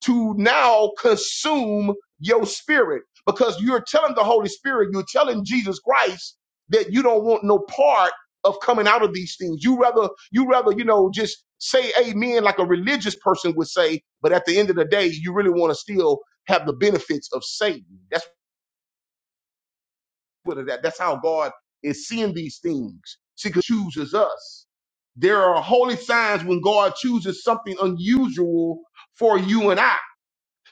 to now consume your spirit because you're telling the Holy Spirit, you're telling Jesus Christ that you don't want no part of coming out of these things. You rather, you rather, you know, just say amen like a religious person would say, but at the end of the day, you really want to still have the benefits of Satan. That's what it- that. That's how God is seeing these things. See, 'cause He chooses us. There are holy signs when God chooses something unusual for you and I.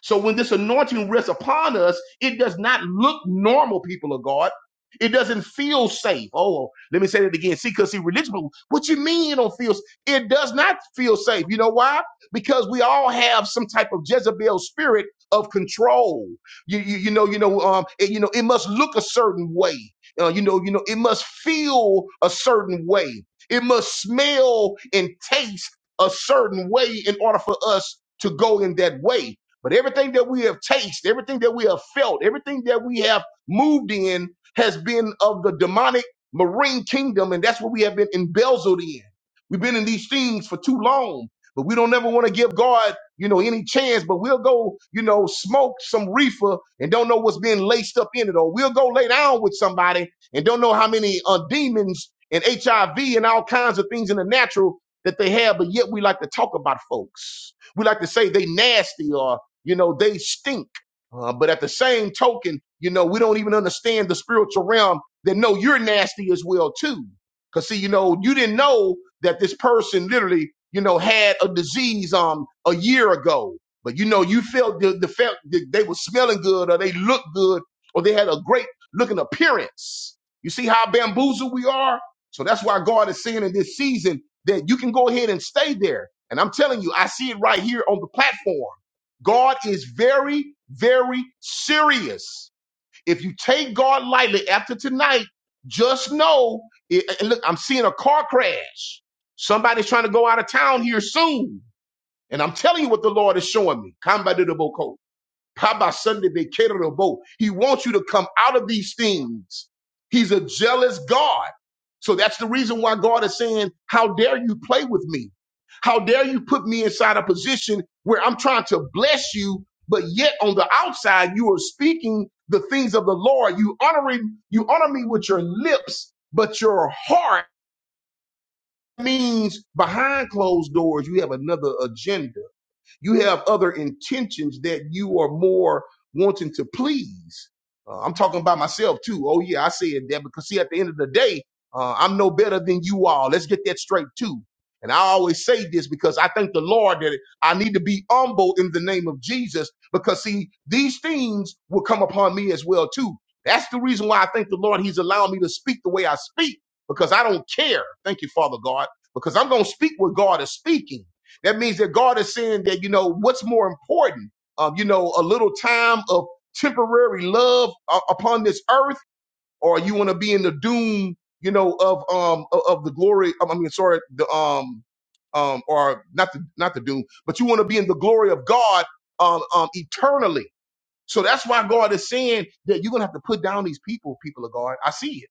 So when this anointing rests upon us, it does not look normal, people of God. It doesn't feel safe. Oh, let me say that again. See, because see, religious, people, what you mean it don't feel, s- it does not feel safe. You know why? Because we all have some type of Jezebel spirit of control. You, you, you know, you know, um, it, you know, it must look a certain way. Uh, you know, you know, it must feel a certain way. It must smell and taste a certain way in order for us to go in that way. But everything that we have tasted, everything that we have felt, everything that we have moved in has been of the demonic marine kingdom, and that's what we have been embezzled in. We've been in these things for too long, but we don't ever want to give God, you know, any chance. But we'll go, you know, smoke some reefer and don't know what's being laced up in it, or we'll go lay down with somebody and don't know how many uh, demons and HIV and all kinds of things in the natural that they have, but yet we like to talk about folks. We like to say they nasty or. You know, they stink. Uh, but at the same token, you know, we don't even understand the spiritual realm that no, you're nasty as well too. Cause see, you know, you didn't know that this person literally, you know, had a disease um a year ago. But you know, you felt the, the felt that they were smelling good or they looked good or they had a great looking appearance. You see how bamboozled we are? So that's why God is saying in this season that you can go ahead and stay there. And I'm telling you, I see it right here on the platform. God is very, very serious. If you take God lightly after tonight, just know. It, and look, I'm seeing a car crash. Somebody's trying to go out of town here soon. And I'm telling you what the Lord is showing me. Come by to the boat. Pabasundibikerobo. He wants you to come out of these things. He's a jealous God. So that's the reason why God is saying, How dare you play with me? How dare you put me inside a position where I'm trying to bless you, but yet on the outside you are speaking the things of the Lord. You honoring you honor me with your lips, but your heart means behind closed doors you have another agenda. You have other intentions that you are more wanting to please. Uh, I'm talking about myself too. Oh yeah, I said that because see, at the end of the day, uh, I'm no better than you all. Let's get that straight too. And I always say this because I thank the Lord that I need to be humble in the name of Jesus because see, these things will come upon me as well too. That's the reason why I thank the Lord He's allowing me to speak the way I speak because I don't care. Thank you, Father God, because I'm going to speak what God is speaking. That means that God is saying that, you know, what's more important, um, you know, a little time of temporary love uh, upon this earth, or you want to be in the doom, you know, of um o- of the glory. I mean, sorry, the um um or not the not the doom, but you want to be in the glory of God um, um eternally. So that's why God is saying that you're gonna have to put down these people, people of God. I see it.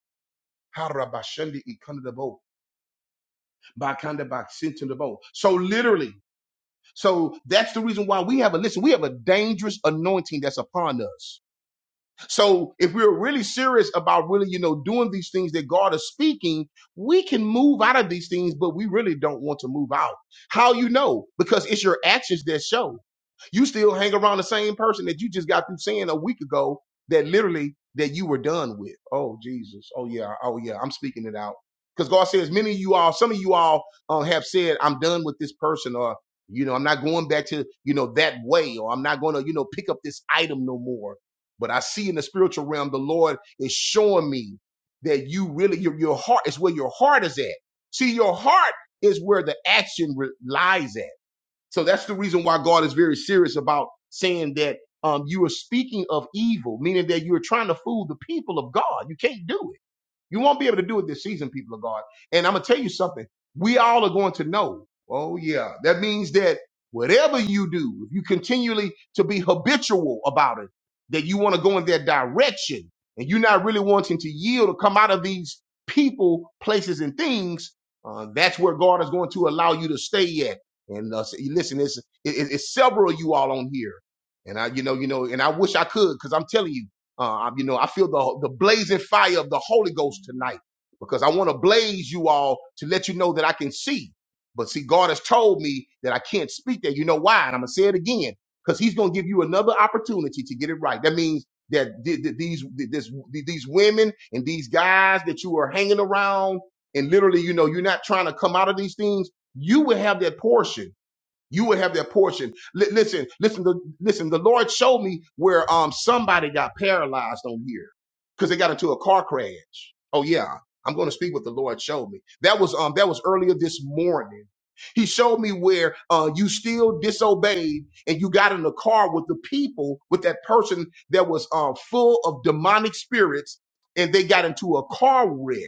Harabashandi ikanadabo, bakandabaksintanabo. So literally. So that's the reason why we have a listen. We have a dangerous anointing that's upon us. So if we're really serious about really, you know, doing these things that God is speaking, we can move out of these things, but we really don't want to move out. How you know? Because it's your actions that show. You still hang around the same person that you just got through saying a week ago that literally that you were done with. Oh Jesus. Oh yeah. Oh yeah. I'm speaking it out. Because God says many of you all, some of you all uh, have said, I'm done with this person or you know, I'm not going back to, you know, that way, or I'm not going to, you know, pick up this item no more but I see in the spiritual realm, the Lord is showing me that you really, your, your heart is where your heart is at. See, your heart is where the action re- lies at. So that's the reason why God is very serious about saying that um, you are speaking of evil, meaning that you're trying to fool the people of God. You can't do it. You won't be able to do it this season, people of God. And I'm gonna tell you something. We all are going to know. Oh yeah, that means that whatever you do, if you continually to be habitual about it, that you want to go in that direction, and you're not really wanting to yield or come out of these people, places, and things, uh, that's where God is going to allow you to stay at. And uh, see, listen, it's it, it's several of you all on here, and I, you know, you know, and I wish I could, because I'm telling you. Uh, you know, I feel the the blazing fire of the Holy Ghost tonight because I want to blaze you all to let you know that I can see. But see, God has told me that I can't speak that. You know why? And I'm gonna say it again because He's gonna give you another opportunity to get it right. That means that th- th- these th- this, th- these women and these guys that you are hanging around and literally, you know, you're not trying to come out of these things. You will have that portion you will have that portion. Li- listen, listen, the, listen. The Lord showed me where um somebody got paralyzed on here because they got into a car crash. Oh yeah, I'm going to speak what the Lord showed me. That was um that was earlier this morning. He showed me where uh, you still disobeyed and you got in the car with the people with that person that was uh, full of demonic spirits and they got into a car wreck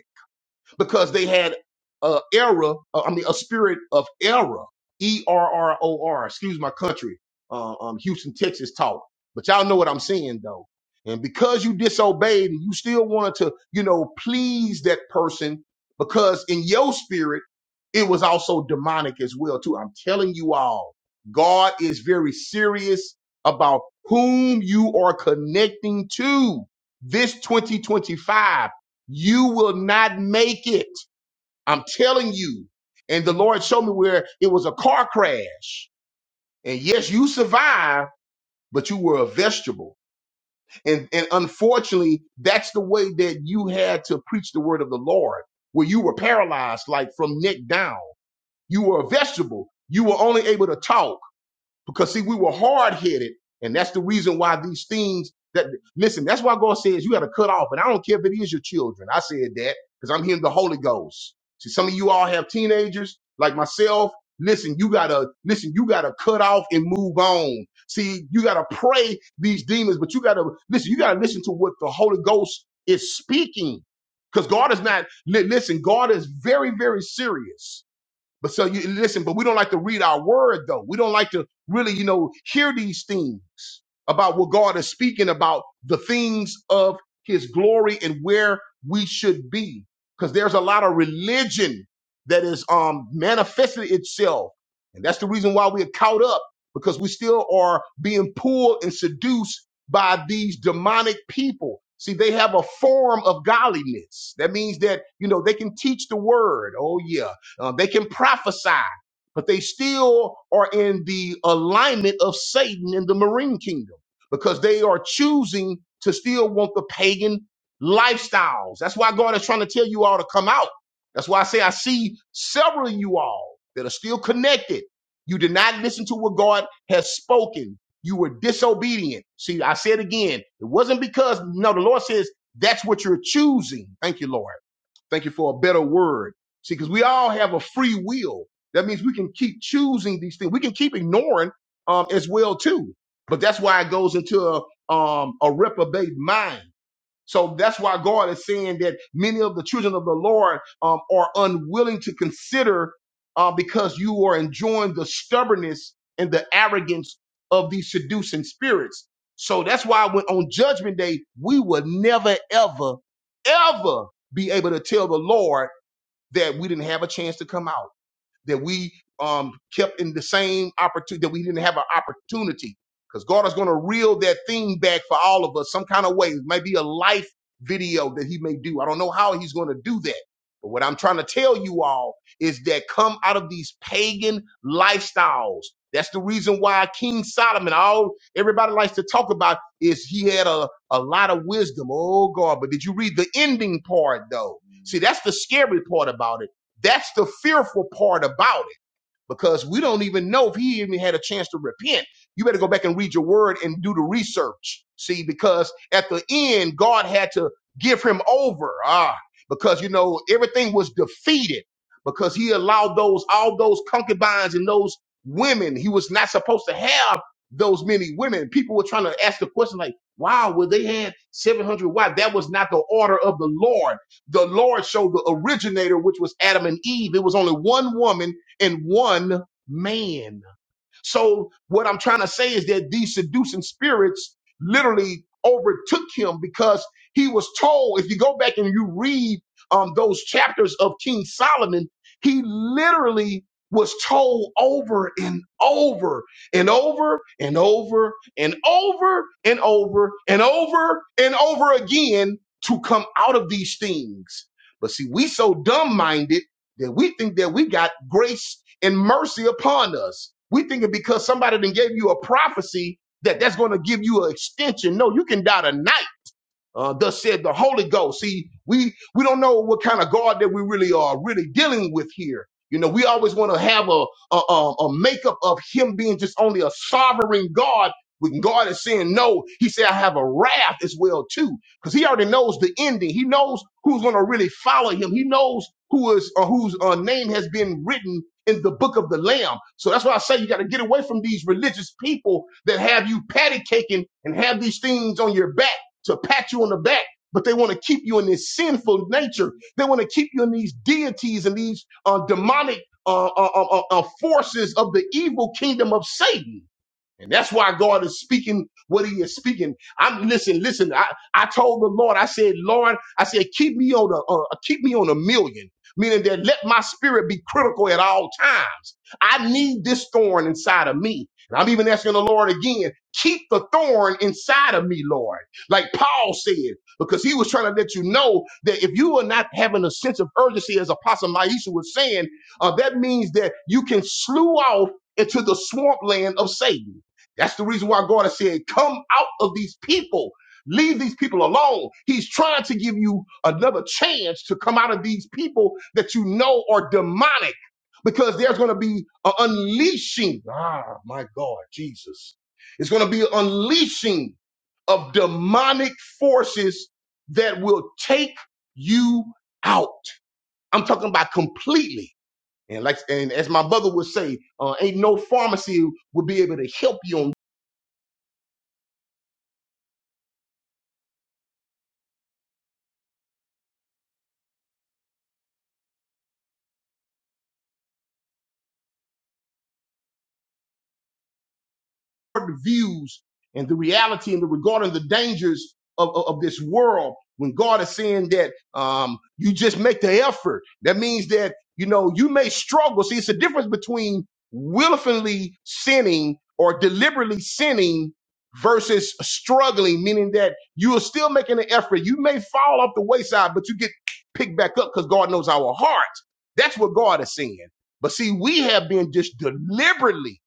because they had a error, uh, I mean, a spirit of error, E R R O R, excuse my country, uh, um, Houston, Texas taught. But y'all know what I'm saying though. And because you disobeyed and you still wanted to, you know, please that person because in your spirit, it was also demonic as well too. I'm telling you all, God is very serious about whom you are connecting to this 2025 you will not make it. I'm telling you. And the Lord showed me where it was a car crash. And yes, you survived, but you were a vegetable. And, and unfortunately, that's the way that you had to preach the word of the Lord, where you were paralyzed, like from neck down. You were a vegetable. You were only able to talk. Because see, we were hard headed, and that's the reason why these things that listen, that's why God says you got to cut off. And I don't care if it is your children. I said that because I'm hearing the Holy Ghost. See, some of you all have teenagers like myself. Listen, you gotta listen, you gotta cut off and move on. See, you gotta pray these demons, but you gotta listen, you gotta listen to what the Holy Ghost is speaking. Because God is not li- listen, God is very, very serious. But so you listen, but we don't like to read our word though. We don't like to really, you know, hear these things about what God is speaking about, the things of his glory and where we should be. Because there's a lot of religion that is um manifested itself. And that's the reason why we're caught up, because we still are being pulled and seduced by these demonic people. See, they have a form of godliness. That means that, you know, they can teach the word. Oh, yeah uh, they can prophesy, but they still are in the alignment of Satan in the marine kingdom because they are choosing to still want the pagan lifestyles. That's why God is trying to tell you all to come out. That's why I say I see several of you all that are still connected. You did not listen to what God has spoken. You were disobedient. See, I said again, it wasn't because, no, the Lord says that's what you're choosing. Thank you, Lord. Thank you for a better word. See, because we all have a free will. That means we can keep choosing these things. We can keep ignoring um, as well too. But that's why it goes into a, um, a reprobate mind. So that's why God is saying that many of the children of the Lord um, are unwilling to consider uh, because you are enjoying the stubbornness and the arrogance of these seducing spirits. So that's why when on judgment day, we will never, ever, ever be able to tell the Lord that we didn't have a chance to come out that we um, kept in the same opportunity, that we didn't have an opportunity. Because God is going to reel that thing back for all of us some kind of way. It may be a life video that He may do. I don't know how He's going to do that. But what I'm trying to tell you all is that come out of these pagan lifestyles. That's the reason why King Solomon, all everybody likes to talk about, is he had a, a lot of wisdom. Oh God, but did you read the ending part though? See, that's the scary part about it that's the fearful part about it because we don't even know if he even had a chance to repent. You better go back and read your word and do the research. See, because at the end, God had to give him over. Ah, because you know, everything was defeated because he allowed those, all those concubines and those women. He was not supposed to have those many women. People were trying to ask the question like, wow, well, they had 700 wives. That was not the order of the Lord. The Lord showed the originator, which was Adam and Eve. It was only one woman in one man. So what I'm trying to say is that these seducing spirits literally overtook him because he was told, if you go back and you read um, those chapters of King Solomon, he literally was told over and over and over and over and over and over and over and over again to come out of these things. But see, we so dumb minded that we think that we got grace and mercy upon us. We think it because somebody then gave you a prophecy that that's going to give you an extension. No, you can die tonight. Uh, thus said the Holy Ghost. See, we we don't know what kind of God that we really are really dealing with here. You know, we always want to have a a, a a makeup of Him being just only a sovereign God. When God is saying no, He said, "I have a wrath as well too," because He already knows the ending. He knows who's going to really follow Him. He knows who is uh, whose uh, name has been written in the book of the Lamb. So that's why I say you got to get away from these religious people that have you patty caking and have these things on your back to pat you on the back, but they want to keep you in this sinful nature. They want to keep you in these deities and these uh, demonic uh, uh, uh, uh, forces of the evil kingdom of Satan. And that's why God is speaking what he is speaking. I'm listen, listen. I, I told the Lord, I said, Lord, I said, keep me on a uh, keep me on a million, meaning that let my spirit be critical at all times. I need this thorn inside of me. And I'm even asking the Lord again, keep the thorn inside of me, Lord. Like Paul said, because he was trying to let you know that if you are not having a sense of urgency, as Apostle Maisha was saying, uh, that means that you can slew off into the swampland of Satan. That's the reason why God has said, come out of these people. Leave these people alone. He's trying to give you another chance to come out of these people that you know are demonic because there's going to be an unleashing. Ah, my God, Jesus. It's going to be an unleashing of demonic forces that will take you out. I'm talking about completely. And like, and as my brother would say, uh, ain't no pharmacy would be able to help you on distorted views and the reality and the regarding the dangers of, of, of this world. When God is saying that um, you just make the effort, that means that you know you may struggle. See, it's a difference between willfully sinning or deliberately sinning versus struggling, meaning that you are still making an effort. You may fall off the wayside, but you get picked back up because God knows our hearts. That's what God is saying. But see, we have been just deliberately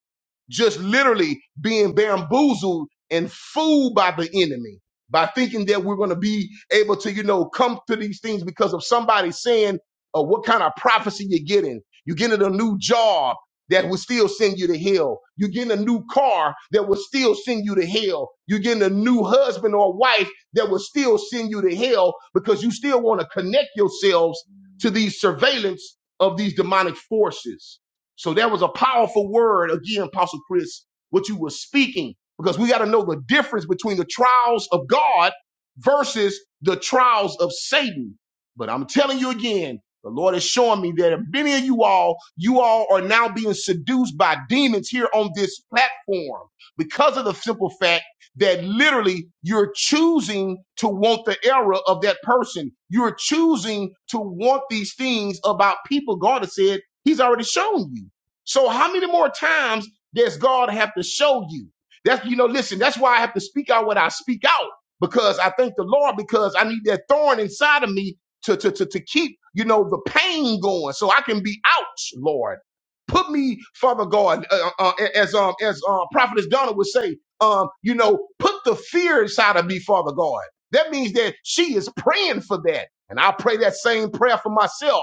just literally being bamboozled and fooled by the enemy by thinking that we're going to be able to, you know, come to these things because of somebody saying uh, what kind of prophecy you're getting. You're getting a new job that will still send you to hell. You're getting a new car that will still send you to hell. You're getting a new husband or wife that will still send you to hell because you still want to connect yourselves to these surveillance of these demonic forces. So that was a powerful word again, Apostle Chris, what you were speaking, because we got to know the difference between the trials of God versus the trials of Satan. But I'm telling you again, the Lord is showing me that many of you all, you all are now being seduced by demons here on this platform because of the simple fact that literally you're choosing to want the error of that person. You're choosing to want these things about people. God has said He's already shown you. So how many more times does God have to show you? That's you know, listen, that's why I have to speak out what I speak out. Because I thank the Lord, because I need that thorn inside of me to to to, to keep, you know, the pain going so I can be out, Lord. Put me, Father God, uh, uh, as um as um Prophetess Donna would say, um, you know, put the fear inside of me, Father God. That means that she is praying for that. And I pray that same prayer for myself.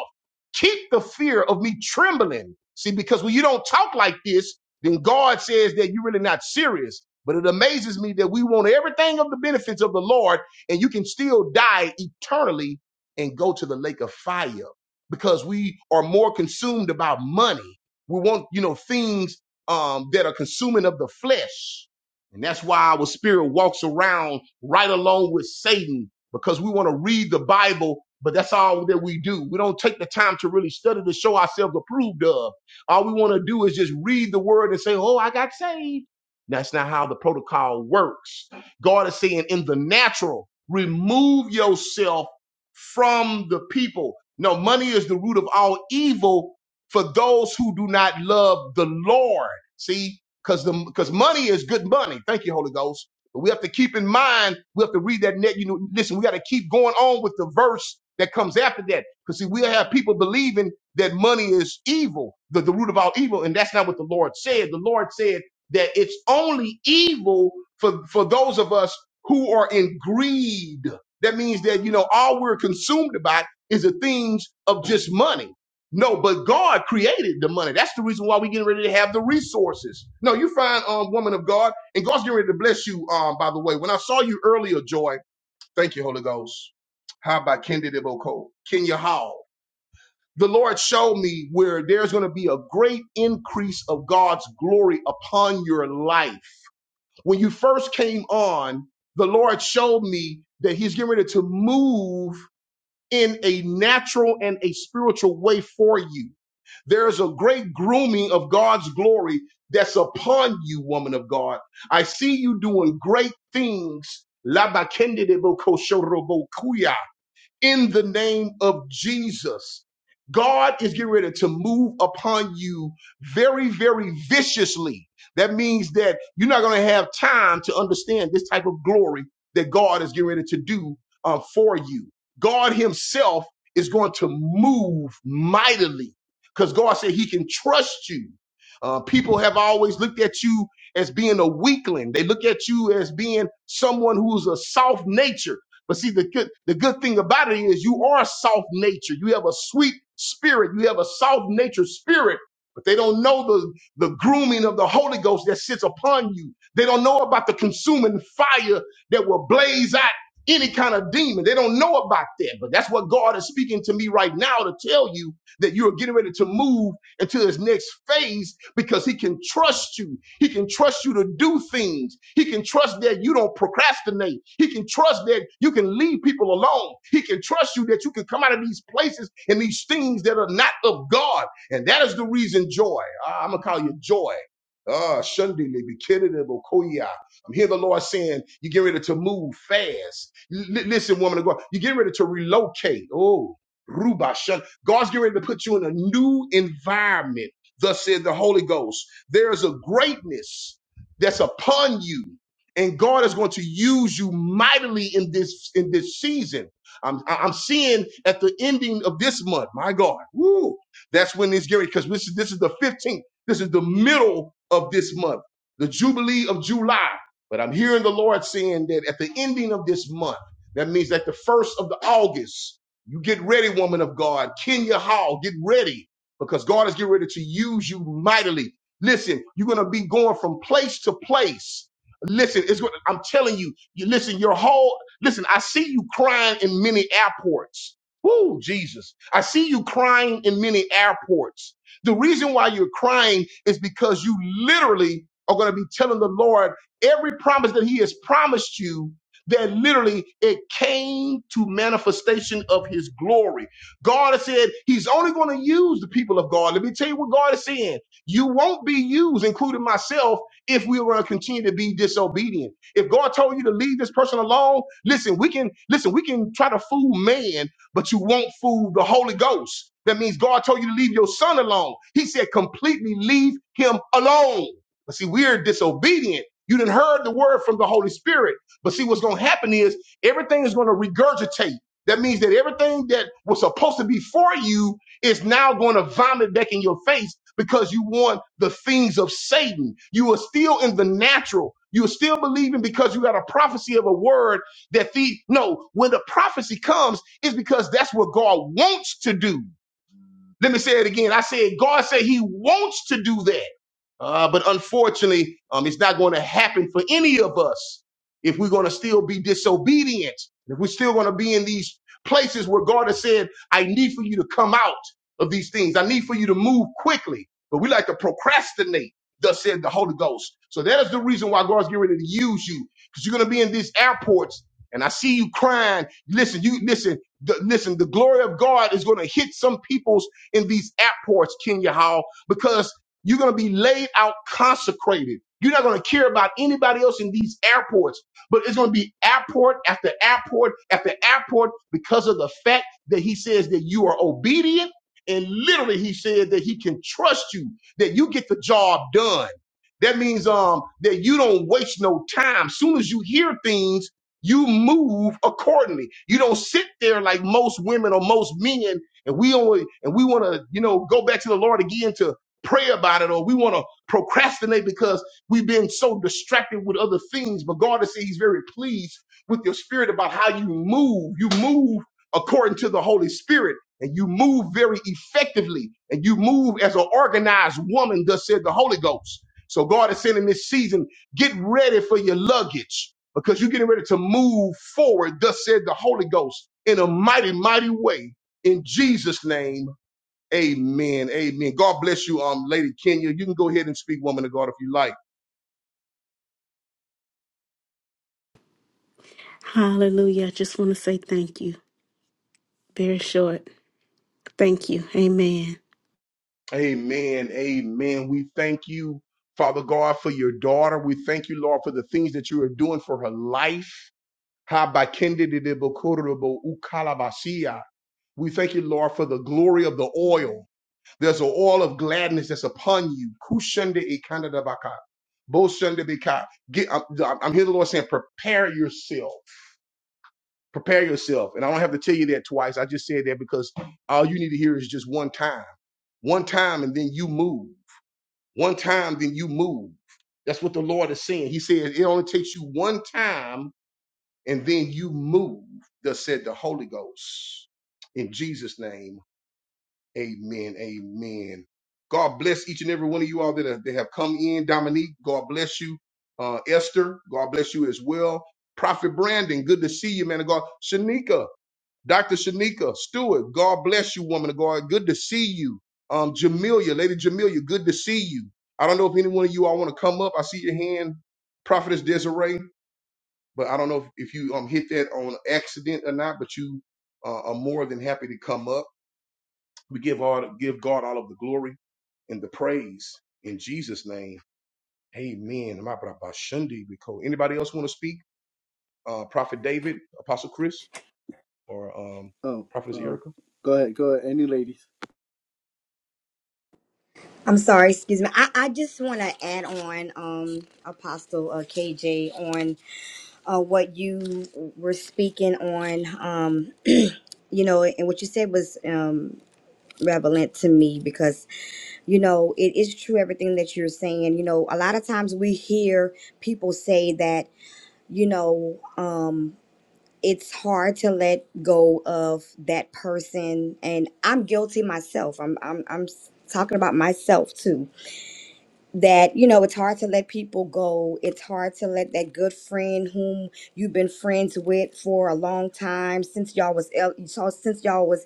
Keep the fear of me trembling. See, because when you don't talk like this, then God says that you're really not serious. But it amazes me that we want everything of the benefits of the Lord, and you can still die eternally and go to the lake of fire because we are more consumed about money. We want, you know, things um, that are consuming of the flesh. And that's why our spirit walks around right along with Satan because we want to read the Bible, but that's all that we do. We don't take the time to really study to show ourselves approved of. All we want to do is just read the word and say, Oh, I got saved. That's not how the protocol works. God is saying, in the natural, remove yourself from the people. No, money is the root of all evil for those who do not love the Lord. See, because the because money is good money. Thank you, Holy Ghost. But we have to keep in mind, we have to read that net. You know, listen, we got to keep going on with the verse that comes after that. Because see, we'll have people believing that money is evil, the, the root of all evil. And that's not what the Lord said. The Lord said that it's only evil for, for those of us who are in greed. That means that, you know, all we're consumed about is the things of just money. No, but God created the money. That's the reason why we are getting ready to have the resources. No, you find um, woman of God. And God's getting ready to bless you, um, by the way. When I saw you earlier, Joy, thank you, Holy Ghost. How about Kendi Deboko? Kenya Hall. The Lord showed me where there's going to be a great increase of God's glory upon your life. When you first came on, the Lord showed me that He's getting ready to move in a natural and a spiritual way for you. There is a great grooming of God's glory that's upon you, woman of God. I see you doing great things. Labakendedebokoshorobokuya in the name of Jesus. God is getting ready to move upon you very, very viciously. That means that you're not going to have time to understand this type of glory that God is getting ready to do uh, for you. God Himself is going to move mightily because God said He can trust you. Uh, people have always looked at you as being a weakling. They look at you as being someone who's a soft nature. But see, the good, the good thing about it is you are soft nature. You have a sweet spirit. You have a soft nature spirit. But they don't know the, the grooming of the Holy Ghost that sits upon you. They don't know about the consuming fire that will blaze out any kind of demon. They don't know about that. But that's what God is speaking to me right now to tell you that you are getting ready to move into his next phase because he can trust you. He can trust you to do things. He can trust that you don't procrastinate. He can trust that you can leave people alone. He can trust you that you can come out of these places and these things that are not of God. And that is the reason joy. Ah, I'm going to call you joy. Ah, Sunday, be Koya. I'm hearing the Lord saying, you get ready to move fast. L- listen, woman of God, you get ready to relocate. Oh, Ruba God's getting ready to put you in a new environment. Thus said the Holy Ghost. There is a greatness that's upon you, and God is going to use you mightily in this in this season. I'm I- am i am seeing at the ending of this month. My God, woo! That's when it's getting because this is this is the 15th. This is the middle of this month, the Jubilee of July. But I'm hearing the Lord saying that at the ending of this month, that means that the first of the August. You get ready, woman of God. Kenya Hall, get ready because God is getting ready to use you mightily. Listen, you're going to be going from place to place. Listen, it's going I'm telling you, you listen, your whole listen, I see you crying in many airports. Woo, Jesus. I see you crying in many airports. The reason why you're crying is because you literally are going to be telling the Lord every promise that he has promised you that literally it came to manifestation of his glory. God has said he's only going to use the people of God. Let me tell you what God is saying. You won't be used, including myself, if we were going to continue to be disobedient. If God told you to leave this person alone, listen, we can listen, we can try to fool man, but you won't fool the Holy Ghost. That means God told you to leave your son alone. He said completely leave him alone. But see, we're disobedient. You didn't heard the word from the Holy Spirit. But see, what's going to happen is everything is going to regurgitate. That means that everything that was supposed to be for you is now going to vomit back in your face because you want the things of Satan. You are still in the natural. You're still believing because you got a prophecy of a word that the no, when the prophecy comes, it's because that's what God wants to do. Let me say it again. I said, God said He wants to do that. Uh, but unfortunately, um, it's not going to happen for any of us if we're going to still be disobedient. If we're still going to be in these places where God has said, I need for you to come out of these things, I need for you to move quickly. But we like to procrastinate, thus said the Holy Ghost. So that is the reason why God's getting ready to use you because you're going to be in these airports. And I see you crying. Listen, you listen. The, listen, the glory of God is going to hit some people's in these airports, Kenya Hall, because you're going to be laid out consecrated. You're not going to care about anybody else in these airports, but it's going to be airport after airport after airport because of the fact that he says that you are obedient. And literally, he said that he can trust you, that you get the job done. That means um, that you don't waste no time. Soon as you hear things, you move accordingly. You don't sit there like most women or most men and we only and we want to you know go back to the lord again to pray about it or we want to procrastinate because we've been so distracted with other things but god is saying he's very pleased with your spirit about how you move you move according to the holy spirit and you move very effectively and you move as an organized woman thus said the holy ghost so god is saying in this season get ready for your luggage because you're getting ready to move forward thus said the holy ghost in a mighty mighty way in Jesus' name, amen. Amen. God bless you, um, Lady Kenya. You can go ahead and speak, woman of God, if you like.
Hallelujah. I just want to say thank you. Very short. Thank you. Amen.
Amen. Amen. We thank you, Father God, for your daughter. We thank you, Lord, for the things that you are doing for her life. Habakendedebokorobo-ukalabasia. We thank you, Lord, for the glory of the oil. There's an oil of gladness that's upon you. Kushende-ikandadabaka. Boshende-bika. Get, I'm, I'm hearing the Lord saying, prepare yourself Prepare yourself. And I don't have to tell you that twice. I just said that because all you need to hear is just one time. One time and then you move. One time, then you move. That's what the Lord is saying. He says it only takes you one time and then you move, thus said the Holy Ghost. In Jesus' name, amen, amen. God bless each and every one of you all that have, that have come in. Dominique, God bless you. Uh, Esther, God bless you as well. Prophet Brandon, good to see you, man of God. Shanika, Dr. Shanika Stewart, God bless you, woman of God. Good to see you. Um, Jamelia, Lady Jamelia, good to see you. I don't know if any one of you all want to come up. I see your hand, Prophetess Desiree, but I don't know if, if you um hit that on accident or not. But you uh, are more than happy to come up. We give all give God all of the glory and the praise in Jesus' name. Amen. My brother, by Shundi, because- Anybody else want to speak? Uh, Prophet David, Apostle Chris, or um,
Oh,
Prophetess
um,
Erica?
go ahead, go ahead. Any ladies?
I'm sorry, excuse me. I, I just want to add on, um, Apostle uh, KJ, on uh, what you were speaking on, um, you know, and what you said was um, relevant to me because, you know, it is true everything that you're saying. You know, a lot of times we hear people say that, you know, um, it's hard to let go of that person, and I'm guilty myself. I'm I'm I'm s- talking about myself too that you know it's hard to let people go it's hard to let that good friend whom you've been friends with for a long time since y'all was el- so- since y'all was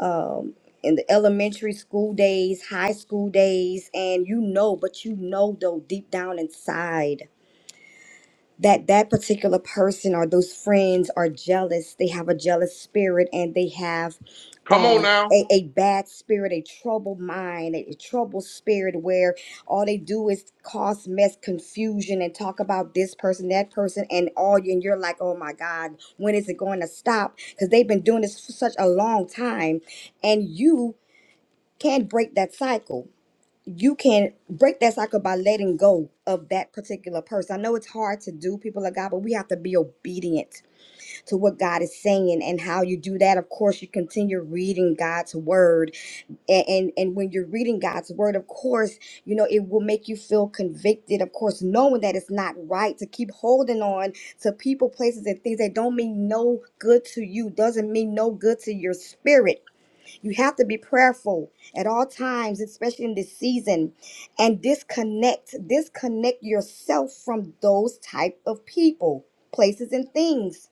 um in the elementary school days high school days and you know but you know though deep down inside that that particular person or those friends are jealous they have a jealous spirit and they have
Come on
um
now.
a, a bad spirit a troubled mind a, a troubled spirit where all they do is cause mess confusion and talk about this person that person and all you. and you're like oh my god when is it going to stop because they've been doing this for such a long time and you can't break that cycle you can break that cycle by letting go of that particular person. I know it's hard to do, people of God, but we have to be obedient to what God is saying and how you do that. Of course, you continue reading God's word. And, and and when you're reading God's word, of course, you know, it will make you feel convicted, of course, knowing that it's not right to keep holding on to people, places, and things that don't mean no good to you, doesn't mean no good to your spirit you have to be prayerful at all times, especially in this season, and disconnect, disconnect yourself from those type of people, places, and things.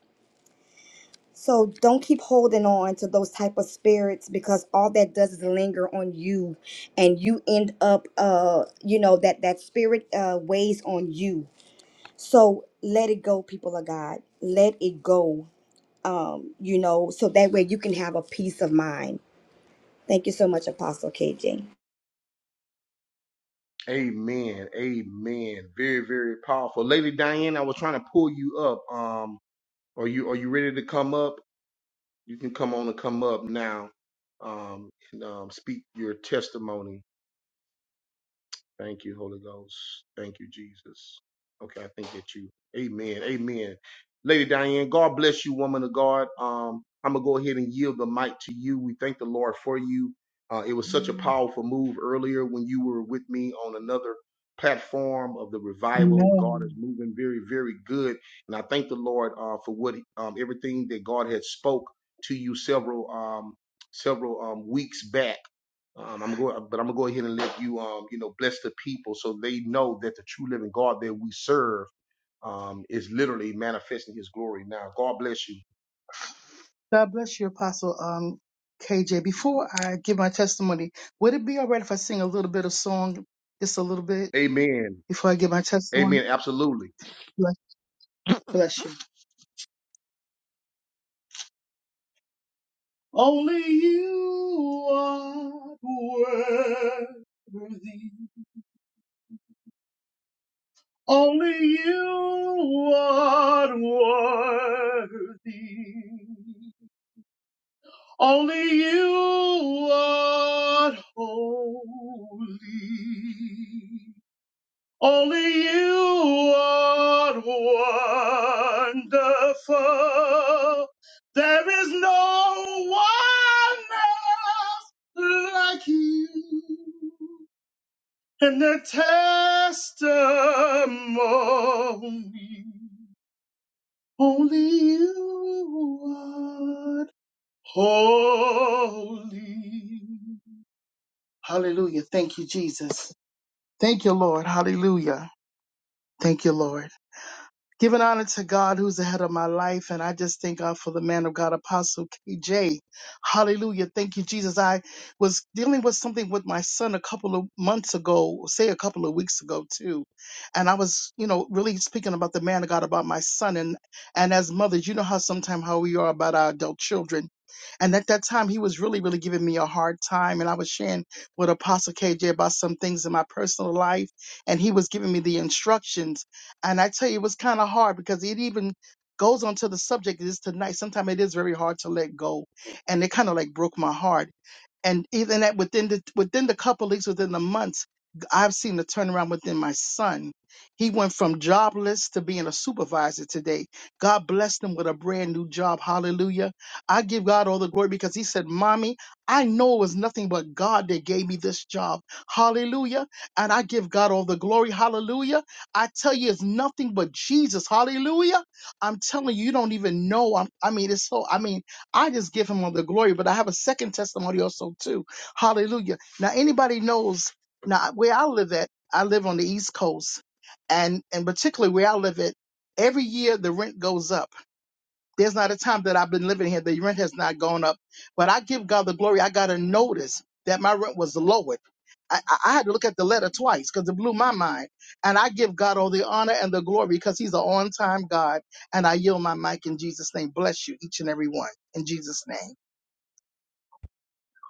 So don't keep holding on to those type of spirits because all that does is linger on you, and you end up, uh, you know that that spirit uh, weighs on you. So let it go, people of God. Let it go. Um, you know, so that way you can have a peace of mind. Thank you so much, Apostle KJ.
Amen. Amen. Very, very powerful. Lady Diane, I was trying to pull you up. Um, are you are you ready to come up? You can come on and come up now. Um, and um, speak your testimony. Thank you, Holy Ghost. Thank you, Jesus. Okay, I think that you. Amen. Amen. Lady Diane, God bless you, woman of God. Um, I'm gonna go ahead and yield the mic to you. We thank the Lord for you. Uh, it was such a powerful move earlier when you were with me on another platform of the revival. God is
Amen.
moving very, very good, and I thank the Lord uh, for what um, everything that God had spoke to you several um, several um, weeks back um, I'm going, but I'm gonna go ahead and let you, um, you know, bless the people so they know that the true living God that we serve, um, is literally manifesting His glory now. God bless you.
God bless you, Apostle um, KJ. Before I give my testimony, would it be all right if I sing a little bit of song, just a little bit,
Amen.
before I give my testimony?
Amen. Absolutely.
Bless bless you. Only you are worthy. Only you are worthy. Only you are holy. Only you are wonderful. There is no one else like you. And the testimony, only you are holy. Hallelujah. Thank you, Jesus. Thank you, Lord. Hallelujah. Thank you, Lord. Giving honor to God who's ahead of my life. And I just thank God for the man of God, Apostle KJ. Hallelujah. Thank you, Jesus. I was dealing with something with my son a couple of months ago, say a couple of weeks ago too. And I was, you know, really speaking about the man of God, about my son. And and as mothers, you know how sometimes how we are about our adult children. And at that time, he was really, really giving me a hard time. And I was sharing with Apostle KJ about some things in my personal life. And he was giving me the instructions. And I tell you, it was kind of hard because it even goes on to the subject is tonight. Sometimes it is very hard to let go. And it kind of like broke my heart and even at within the within the couple weeks within the months i've seen the turnaround within my son he went from jobless to being a supervisor today god blessed him with a brand new job hallelujah i give god all the glory because he said mommy i know it was nothing but god that gave me this job hallelujah and i give god all the glory hallelujah i tell you it's nothing but jesus hallelujah i'm telling you you don't even know I'm, i mean it's so i mean I just give him all the glory, but I have a second testimony also too. Hallelujah. Now anybody knows now where I live at, I live on the East Coast and and particularly where I live at, every year the rent goes up. There's not a time that I've been living here the rent has not gone up. But I give God the glory. I got a notice that my rent was lowered. I, I I had to look at the letter twice because it blew my mind. And I give God all the honor and the glory because He's an on time God. And I yield my mic in Jesus' name. Bless you, each and every one, in Jesus' name.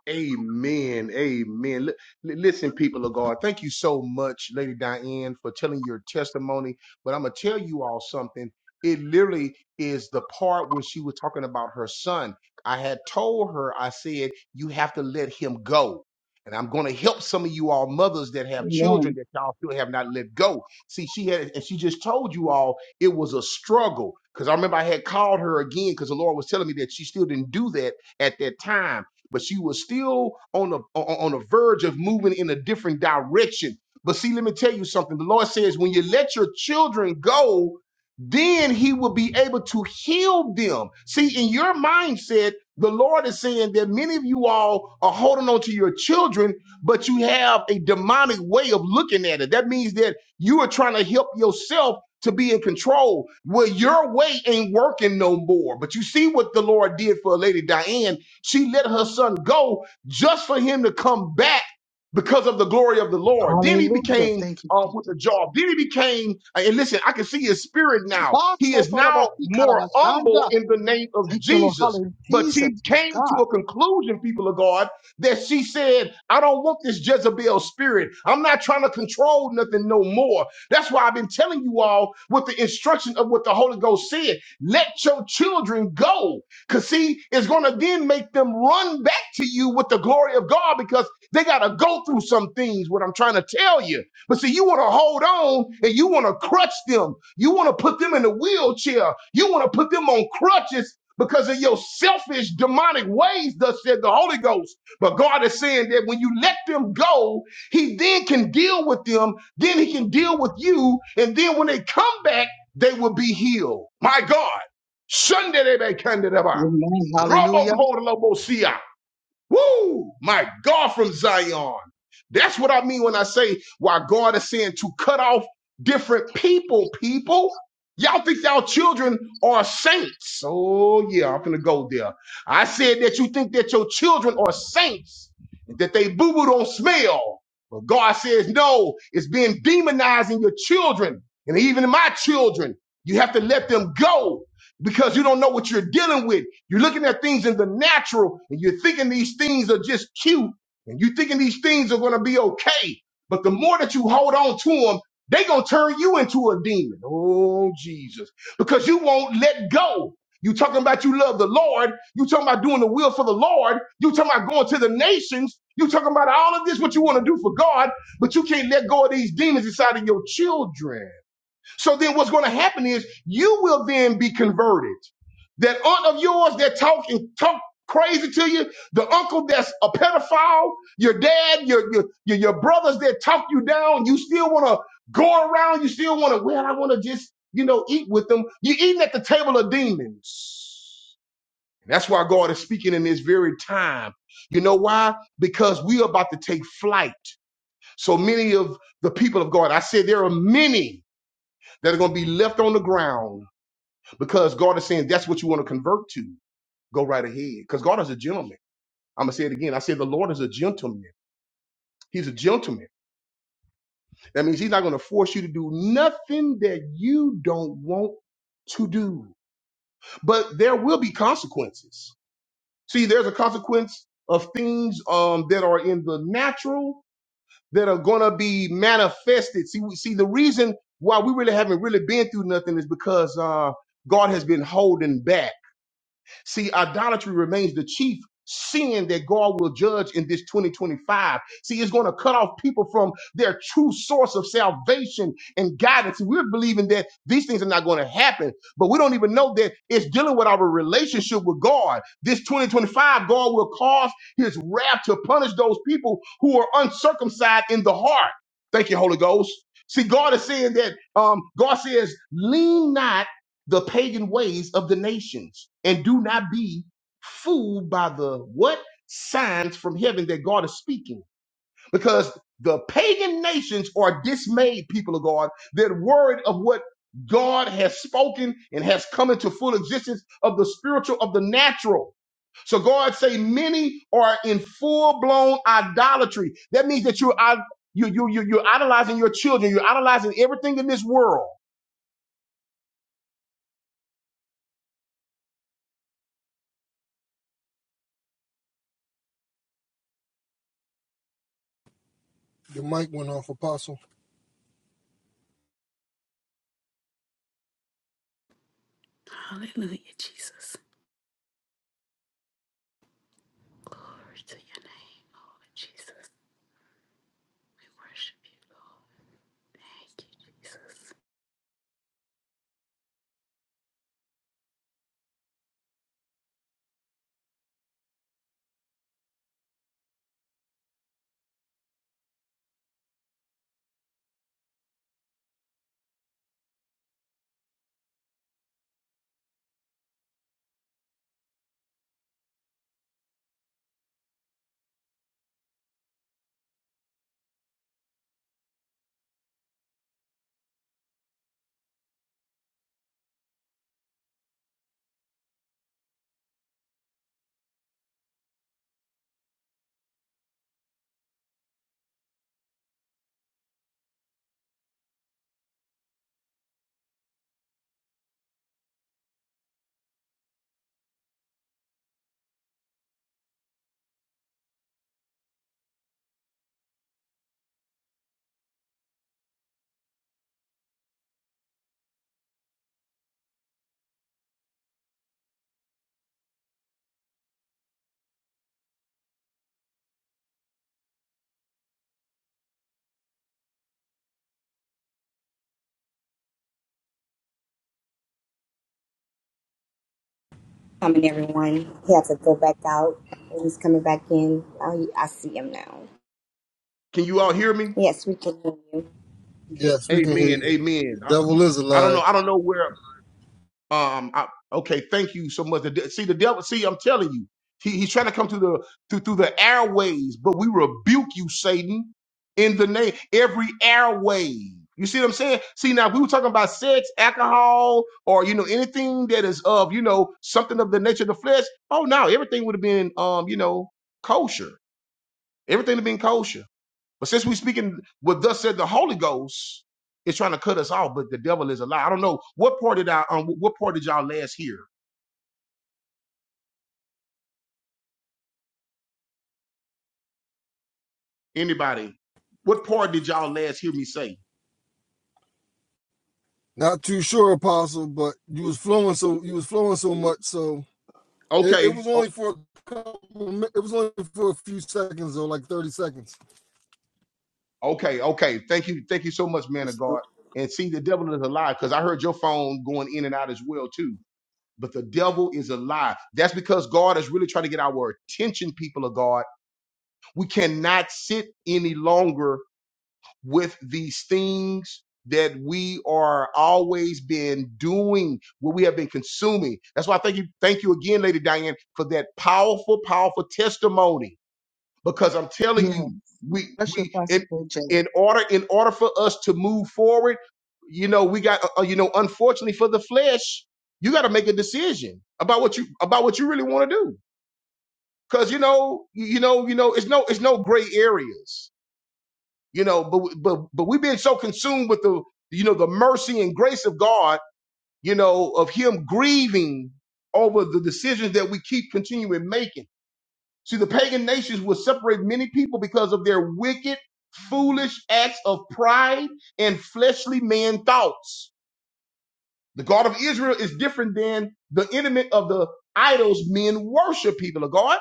Amen. Amen. Li- Listen, people of God, thank you so much, Lady Diane, for telling your testimony. But I'm going to tell you all something. It literally is the part when she was talking about her son. I had told her, I said, you have to let him go. And I'm going to help some of you all mothers that have
Amen.
children that y'all still have not let go. See, she had, and she just told you all it was a struggle. Because I remember I had called her again because the Lord was telling me that she still didn't do that at that time but she was still on the on the verge of moving in a different direction. But see, let me tell you something. The Lord says, when you let your children go, then He will be able to heal them. See, in your mindset, the Lord is saying that many of you all are holding on to your children, but you have a demonic way of looking at it. That means that you are trying to help yourself to be in control. Well, your way ain't working no more. But you see what the Lord did for Lady Diane she let her son go just for him to come back because of the glory of the Lord. Then he
Hallelujah.
became
Thank you,
uh, with
Jesus.
the job. Then he became, uh, and listen, I can see his spirit now.
Ah,
He
so
is
tall
now
about
more humble in the name of
Thank you, Lord.
Jesus.
Hallelujah.
But she
Jesus, my
came to
God.
a conclusion, people of God, that she said, I don't want this Jezebel spirit. I'm not trying to control nothing no more. That's why I've been telling you all with the instruction of what the Holy Ghost said. Let your children go. Because see, it's going to then make them run back to you with the glory of God because they got to go through some things, what I'm trying to tell you. But see, you want to hold on and you want to crutch them. You want to put them in a wheelchair. You want to put them on crutches because of your selfish, demonic ways, thus said the Holy Ghost. But God is saying that when you let them go, He then can deal with them. Then He can deal with you. And then when they come back, they will be healed. My God. Sunday,
Amen. Hallelujah.
Robokodalobosia. Woo! My God from Zion. That's what I mean when I say why God is saying to cut off different people, people. Y'all think y'all children are saints. Oh, yeah, I'm gonna go there. I said that you think that your children are saints, that they boo-boo don't smell. But God says, no, it's being demonizing your children and even my children. You have to let them go because you don't know what you're dealing with. You're looking at things in the natural and you're thinking these things are just cute and you're thinking these things are going to be okay. But the more that you hold on to them, they going to turn you into a demon. Oh, Jesus. Because you won't let go. You talking about you love the Lord. You talking about doing the will for the Lord. You talking about going to the nations. You talking about all of this, what you want to do for God, but you can't let go of these demons inside of your children. So then what's going to happen is you will then be converted. That aunt of yours that talk and talk crazy to you, the uncle that's a pedophile, your dad, your your your, your brothers that talk you down, you still want to go around, you still want to, well, I want to just, you know, eat with them. You're eating at the table of demons. That's why God is speaking in this very time. You know why? Because we are about to take flight. So many of the people of God, I said there are many that are going to be left on the ground because God is saying that's what you want to convert to. Go right ahead because God is a gentleman. I'm going to say it again. I said the Lord is a gentleman. He's a gentleman. That means he's not going to force you to do nothing that you don't want to do. But there will be consequences. See, there's a consequence of things um, that are in the natural that are going to be manifested. See, we, see, the reason why we really haven't really been through nothing is because uh, God has been holding back. See, idolatry remains the chief sin that God will judge in this 2025. See, it's going to cut off people from their true source of salvation and guidance. We're believing that these things are not going to happen, but we don't even know that it's dealing with our relationship with God. This 2025, God will cause his wrath to punish those people who are uncircumcised in the heart. Thank you, Holy Ghost. See, God is saying that um, God says, lean not the pagan ways of the nations and do not be fooled by the what signs from heaven that God is speaking because the pagan nations are dismayed people of God they're worried of what God has spoken and has come into full existence of the spiritual of the natural so God say many are in full blown idolatry that means that you're you you you you're idolizing your children you're idolizing everything in this world
Your mic went off, Apostle.
Hallelujah, Jesus. Glory to your name, Lord Jesus. We worship you, Lord. Thank you, Jesus.
coming, everyone. He had to go back out, and he's coming back in. I, I see him now.
can you all hear me
Yes, we can hear you.
Yes, we can hear
Amen.
you. The
Amen. I,
devil is a
I don't know.
liar.
I don't know where. Um. I, okay. Thank you so much. The de- See the devil. See, I'm telling you, he, he's trying to come through the through through the airways, but we rebuke you, Satan, in the name every airway. You see what I'm saying? See now, if we were talking about sex, alcohol, or you know anything that is of you know something of the nature of the flesh. Oh no, everything would have been um you know kosher. Everything would have been kosher. But since we're speaking what thus said the Holy Ghost is trying to cut us off, but the devil is a lie. I don't know what part did I um what part did y'all last hear? Anybody? What part did y'all last hear me say?
Not too sure, Apostle, but you was flowing so you was flowing so much, so It, it
Okay.
was
Oh,
only for a couple. It was only for a few seconds, though, like thirty seconds.
okay, okay. Thank you. Thank you so much, man of
That's- uh,
God. And see, the devil is a lie, because I heard your phone going in and out as well, too. But the devil is a lie. That's because God is really trying to get our attention, people of God. We cannot sit any longer with these things that we are always been doing, what we have been consuming. That's why I thank you, thank you again, Lady Diane, for that powerful, powerful testimony. Because I'm telling
Yeah.
you, we
Bless your
we
pastor,
in
KJ.
in order in order for us to move forward, you know, we got uh, uh, you know, unfortunately for the flesh, you got to make a decision about what you about what you really want to do. Cause you know, you you know, you know, it's no it's no gray areas you know but but but we've been so consumed with the you know the mercy and grace of god you know of him grieving over the decisions that we keep continuing making see the pagan nations will separate many people because of their wicked foolish acts of pride and fleshly man thoughts the god of israel is different than the enemy of the idols men worship people of god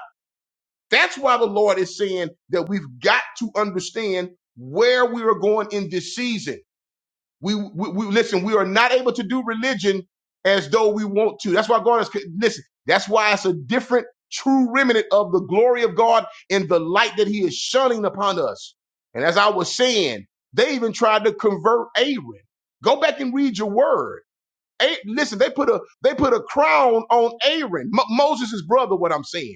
that's why the lord is saying that we've got to understand where we are going in this season We, we, we listen. We are not able to do religion as though we want to. That's why God is listen. That's why it's a different true remnant of the glory of God and the light that He is shining upon us. And as I was saying, they even tried to convert Aaron. Go back and read your word. A- listen, they put a they put a crown on Aaron, Mo- Moses' brother. What I'm saying.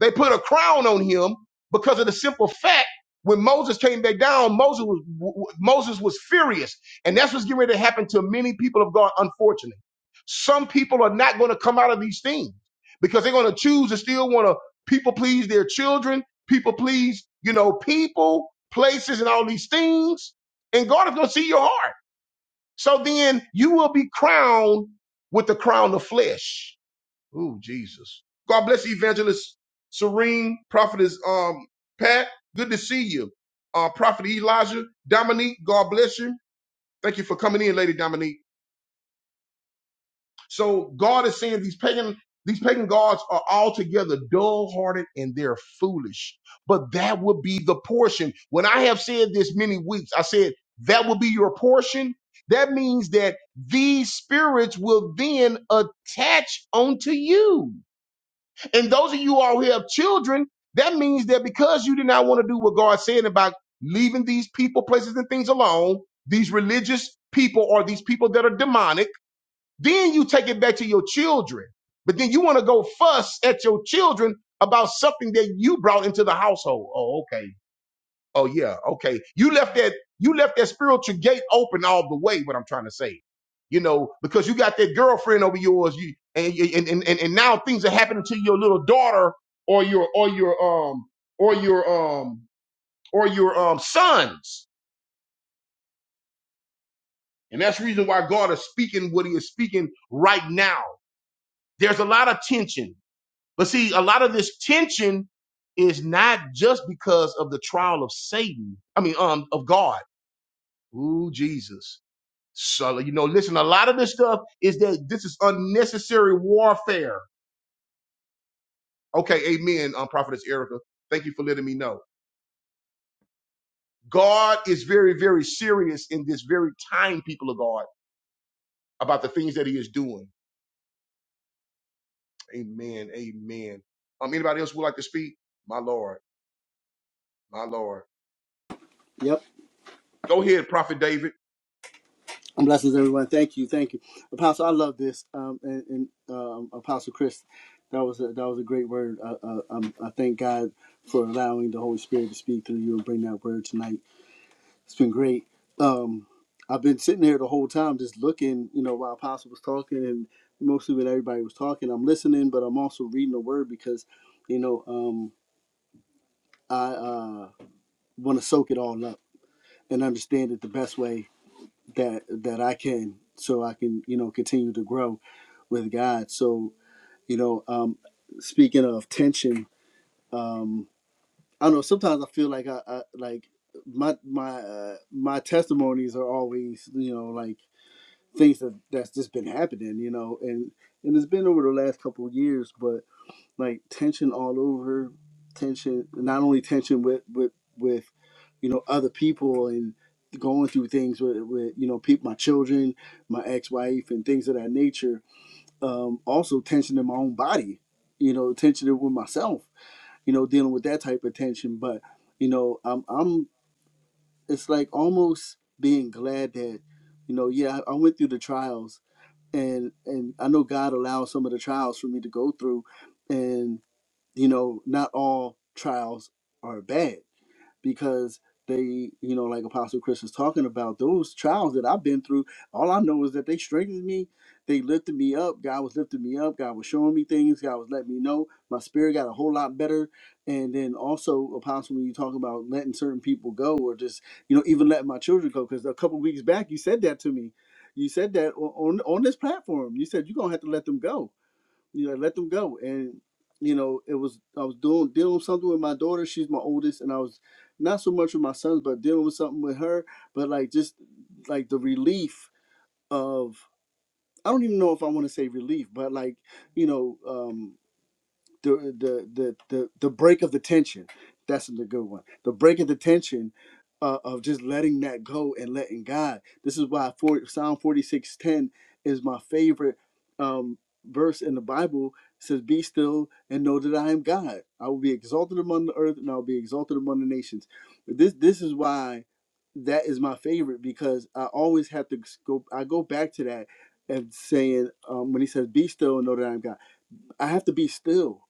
They put a crown on him because of the simple fact when Moses came back down, Moses was w- w- Moses was furious, and that's what's getting ready to happen to many people of God. Unfortunately, some people are not going to come out of these things because they're going to choose to still want to people please their children, people please you know people, places, and all these things, and God is going to see your heart. So then you will be crowned with the crown of flesh Oh Jesus. God bless you, Evangelist Serene, Prophetess um, Pat. Good to see you. Uh, Prophet Elijah, Dominique, God bless you. Thank you for coming in, Lady Dominique. So God is saying these pagan, these pagan gods are altogether dull-hearted and they're foolish. But that would be the portion. When I have said this many weeks, I said that will be your portion. That means that these spirits will then attach onto you And those of you all who have children, that means that because you did not want to do what God said about leaving these people, places, and things alone, these religious people or these people that are demonic, then you take it back to your children. But then you want to go fuss at your children about something that you brought into the household. Oh, okay. Oh yeah, okay. You left that you left that spiritual gate open all the way. What I'm trying to say, you know, because you got that girlfriend over yours, you and and and, and and now things are happening to your little daughter or your or your um or your um or your um sons, and that's the reason why God is speaking what He is speaking right now. There's a lot of tension, but see, a lot of this tension is not just because of the trial of Satan. I mean, um, of God. Ooh, Jesus So, you know, listen, a lot of this stuff is that this is unnecessary warfare. Okay, amen, um, Prophetess Erica. Thank you for letting me know. God is very, very serious in this very time, people of God, about the things that he is doing. Amen, amen. Um, anybody else would like to speak? My Lord, my Lord.
yep.
Go ahead, Prophet David.
And Blessings, everyone. Thank you, thank you, Apostle. I love this, um, and, and um, Apostle Chris. That was a, that was a great word. Uh, uh, um, I thank God for allowing the Holy Spirit to speak through you and bring that word tonight. It's been great. Um, I've been sitting here the whole time, just looking, you know, while Apostle was talking, and mostly when everybody was talking, I'm listening, but I'm also reading the word because, you know, um, I uh, want to soak it all up and understand it the best way that that I can, so I can you know continue to grow with God. So you know, um, speaking of tension, um, I don't know. Sometimes I feel like I, I like my my uh, my testimonies are always you know like things that that's just been happening, you know, and and it's been over the last couple of years, but like tension all over tension not only tension with with with you know other people and going through things with, with you know people my children my ex-wife and things of that nature um also tension in my own body you know tension with myself you know dealing with that type of tension but you know i'm i'm it's like almost being glad that you know yeah i, I went through the trials and and i know god allowed some of the trials for me to go through and you know, not all trials are bad because they, you know, like Apostle Chris was talking about, those trials that I've been through, all I know is that they strengthened me. They lifted me up. God was lifting me up. God was showing me things. God was letting me know. My spirit got a whole lot better. And then also, Apostle, when you talk about letting certain people go or just, you know, even letting my children go, because a couple weeks back, you said that to me. You said that on, on on this platform. You said you're going to have to let them go you know, let them go. And you know, it was I was doing dealing with something with my daughter. She's my oldest, and I was not so much with my sons, but dealing with something with her. But like just like the relief of I don't even know if I want to say relief, but like you know. um the the the the, the break of the tension. That's a good one. The break of the tension uh, of just letting that go and letting God. This is why 40, Psalm forty six ten is my favorite um, verse in the Bible. It says, "Be still and know that I am God. I will be exalted among the earth, and I will be exalted among the nations." This this is why that is my favorite because I always have to go. I go back to that and saying um, when he says, "Be still and know that I am God." I have to be still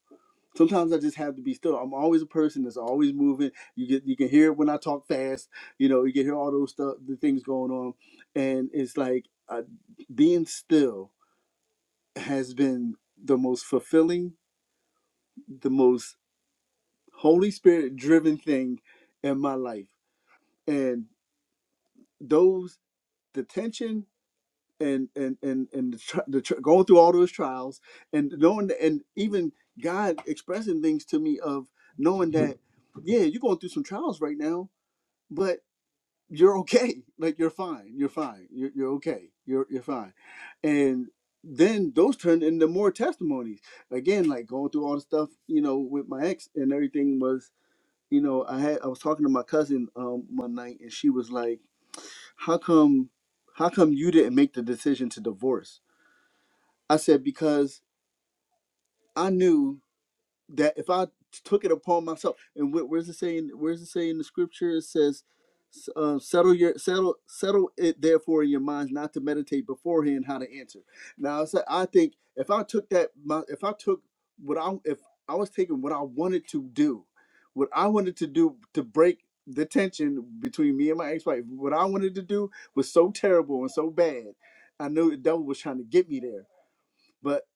sometimes I just have to be still. I'm always a person that's always moving. You get you can hear it when I talk fast. You know, you can hear all those stuff, the things going on, and it's like uh, being still has been the most fulfilling, the most Holy Spirit driven thing in my life. And those the tension and and and and the, tr- the tr- going through all those trials and knowing that, and even God expressing things to me of knowing that yeah, you're going through some trials right now, but you're okay. Like you're fine. You're fine. You're, you're okay. You're you're fine. And then those turned into more testimonies. Again, like going through all the stuff, you know, with my ex and everything was, you know, I had I was talking to my cousin um one night and she was like, How come how come you didn't make the decision to divorce? I said, Because I knew that if I took it upon myself, and wh- where's it saying? Where's it saying in the scripture? It says, s- uh, "Settle your settle settle it therefore in your minds, not to meditate beforehand how to answer." Now, I said, I think if I took that, my, if I took what I if I was taking what I wanted to do, what I wanted to do to break the tension between me and my ex-wife, what I wanted to do was so terrible and so bad. I knew the devil was trying to get me there, but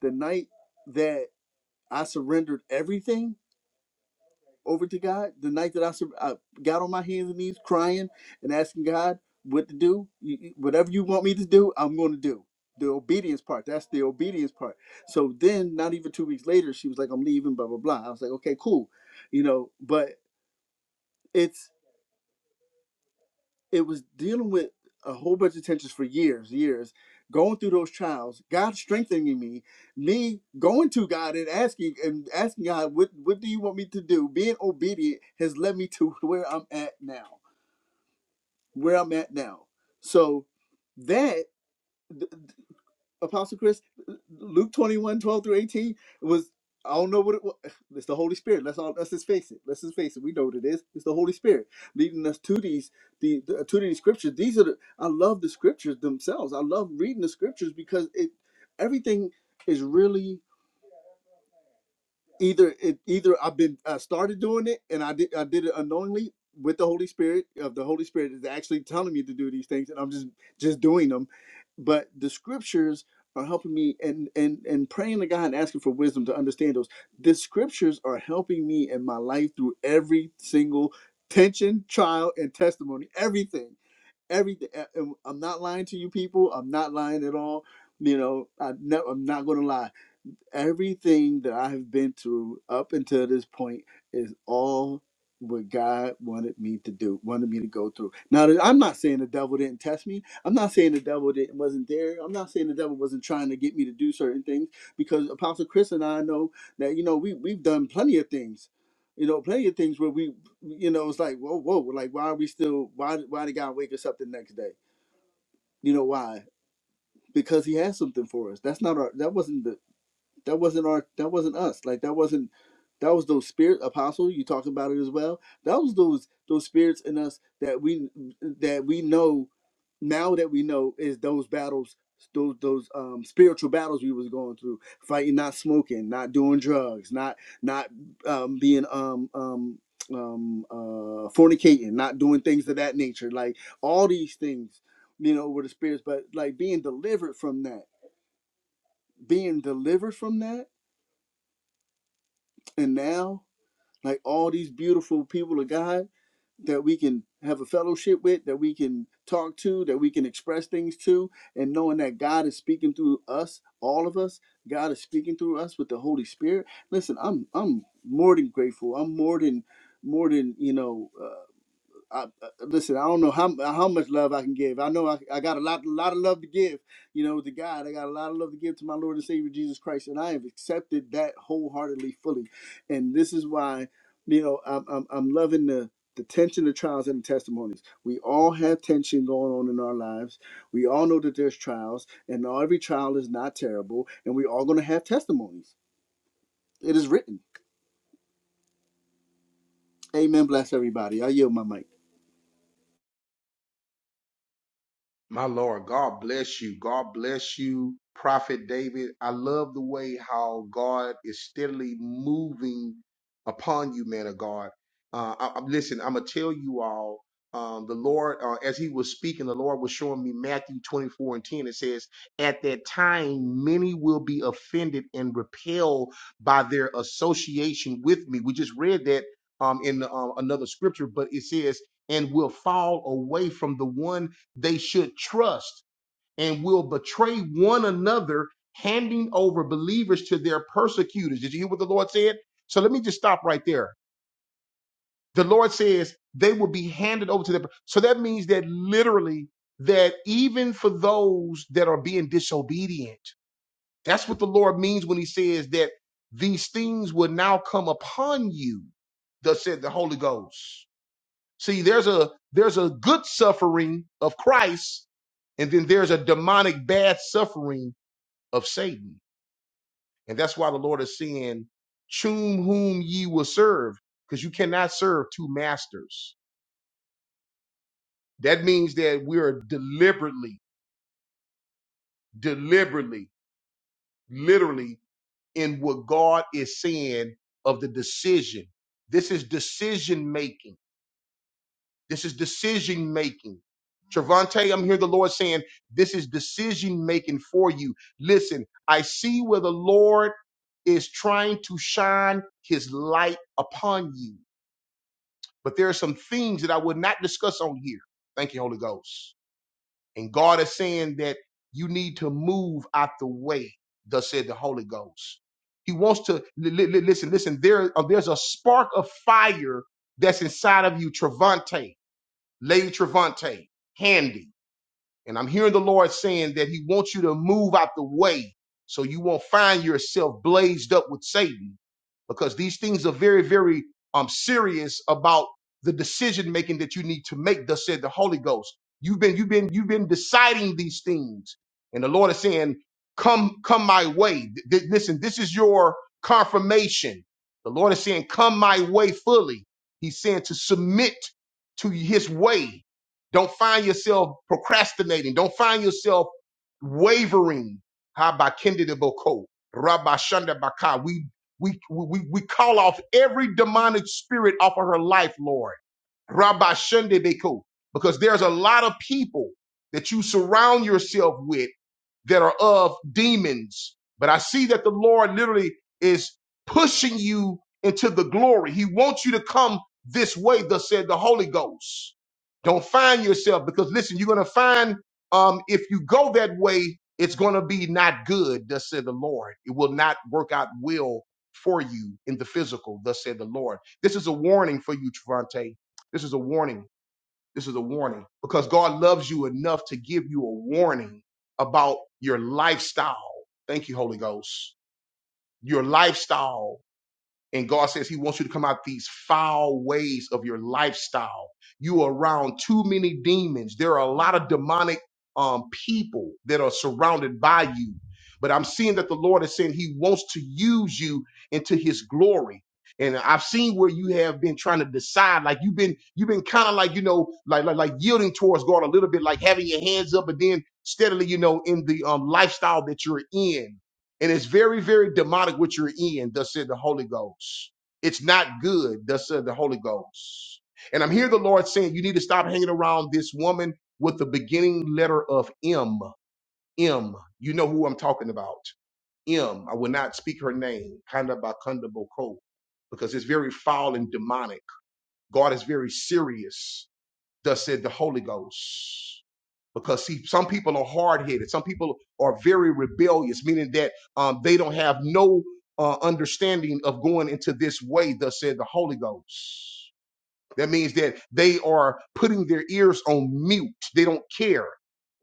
the night that I surrendered everything over to God. The night that I, sur- I got on my hands and knees crying and asking God what to do, you- you- whatever you want me to do, I'm going to do. The obedience part, that's the obedience part. So then, not even two weeks later, she was like, I'm leaving, blah, blah, blah. I was like, okay, cool. You know, but it's it was dealing with a whole bunch of tensions for years, years, going through those trials, God strengthening me, me going to God and asking and asking God, what what do you want me to do? Being obedient has led me to where I'm at now, where I'm at now. So that Apostle Chris, Luke 21, 12 through 18 was I don't know what it was. It's the Holy Spirit. Let's all let's just face it. Let's just face it. We know what it is. It's the Holy Spirit leading us to these the, the to these scriptures. These are the I love the scriptures themselves. I love reading the scriptures because it everything is really either it either I've been I started doing it and I did I did it unknowingly with the Holy Spirit of the Holy Spirit is actually telling me to do these things and I'm just just doing them but the scriptures are helping me and and and praying to God and asking for wisdom to understand those the scriptures are helping me in my life through every single tension trial and testimony everything everything and I'm not lying to you people I'm not lying at all you know I ne- I'm not going to lie Everything that I've been through up until this point is all what God wanted me to do, wanted me to go through. Now, that- I'm not saying the devil didn't test me. I'm not saying the devil didn't, wasn't there. I'm not saying the devil wasn't trying to get me to do certain things because Apostle Chris and I know that, you know, we, we've done plenty of things. You know, plenty of things where we, you know, it's like, whoa, whoa, like, why are we still, why, why did God wake us up the next day? You know, why? because he has something for us. That's not our. That wasn't the. That wasn't our. That wasn't us. Like that wasn't. That was those spirit apostle. You talk about it as well. That was those those spirits in us that we that we know now that we know is those battles those those um spiritual battles we was going through fighting not smoking not doing drugs not not um being um um um uh fornicating not doing things of that nature like all these things you know were the spirits but like being delivered from that being delivered from that and now like all these beautiful people of god that we can have a fellowship with that we can talk to that we can express things to and knowing that god is speaking through us all of us god is speaking through us with the holy spirit listen i'm i'm more than grateful i'm more than more than you know Uh, I, I- listen, I don't know how how much love I can give. I know I, I got a lot lot of love to give, you know, to God. I got a lot of love to give to my Lord and Savior Jesus Christ, and I have accepted that wholeheartedly, fully. And this is why, you know, I'm I'm, I'm loving the the tension, the trials, and the testimonies. We all have tension going on in our lives. We all know that there's trials, and all, every trial is not terrible, and we all going to have testimonies. It is written. Amen. Bless everybody. I yield my mic.
My Lord, God bless you. God bless you, Prophet David. I love the way how God is steadily moving upon you, man of God. Uh, I, am listen, I'm gonna tell you all. Um, the Lord, uh, as He was speaking, the Lord was showing me Matthew 24 and 10. It says, "At that time, many will be offended and repelled by their association with me." We just read that um, in um, another scripture, but it says, "And will fall away from the one." they should trust and will betray one another, handing over believers to their persecutors. Did you hear what the Lord said? So let me just stop right there. The Lord says they will be handed over to them. So that means that literally that even for those that are being disobedient, that's what the Lord means when he says that these things will now come upon you, thus said the Holy Ghost. See, there's a there's a good suffering of Christ, and then there's a demonic bad suffering of Satan. And that's why the Lord is saying, "Choose whom ye will serve, because you cannot serve two masters. That means that we are deliberately, deliberately, literally in what God is saying of the decision. This is decision making. This is decision making. Trevante, I'm here the Lord saying, this is decision making for you. Listen, I see where the Lord is trying to shine his light upon you. But there are some things that I would not discuss on here. Thank you, Holy Ghost. And God is saying that you need to move out the way, thus said the Holy Ghost. He wants to li- li- li- listen, listen, there, uh, there's a spark of fire that's inside of you, Trevante. Lady Trevante, Handy. And I'm hearing the Lord saying that He wants you to move out the way so you won't find yourself blazed up with Satan because these things are very, very um, serious about the decision making that you need to make, thus said the Holy Ghost. You've been, you've been, you've been deciding these things. And the Lord is saying, come, come my way. Th- th- listen, this is your confirmation. The Lord is saying, come my way fully. He's saying to submit to his way don't find yourself procrastinating. Don't find yourself wavering. Habakindidiboko, rabashandabaka. We, we, we, we call off every demonic spirit off of her life, Lord. Rabashandabeko. Because there's a lot of people that you surround yourself with that are of demons. But I see that the Lord literally is pushing you into the glory. He wants you to come this way, thus said the Holy Ghost. Don't find yourself because listen, you're gonna find um if you go that way, it's gonna be not good, thus said the Lord. It will not work out well for you in the physical, thus said the Lord. This is a warning for you, Trevante. This is a warning. This is a warning because God loves you enough to give you a warning about your lifestyle. Thank you, Holy Ghost. Your lifestyle and God says He wants you to come out these foul ways of your lifestyle. You are around too many demons. There are a lot of demonic um, people that are surrounded by you. But I'm seeing that the Lord is saying He wants to use you into His glory. And I've seen where you have been trying to decide, like you've been, you've been kind of like, you know, like, like, like yielding towards God a little bit, like having your hands up, but then steadily, you know, in the um, lifestyle that you're in and it's very, very demonic what you're in, thus said the Holy Ghost. It's not good, thus said the Holy Ghost. And I'm here the Lord saying you need to stop hanging around this woman with the beginning letter of M. M. You know who I'm talking about. M. I will not speak her name, Kanda Bakunda Boko, because it's very foul and demonic. God is very serious, thus said the Holy Ghost because see some people are hard-headed some people are very rebellious meaning that um, they don't have no uh, understanding of going into this way thus said the holy ghost that means that they are putting their ears on mute they don't care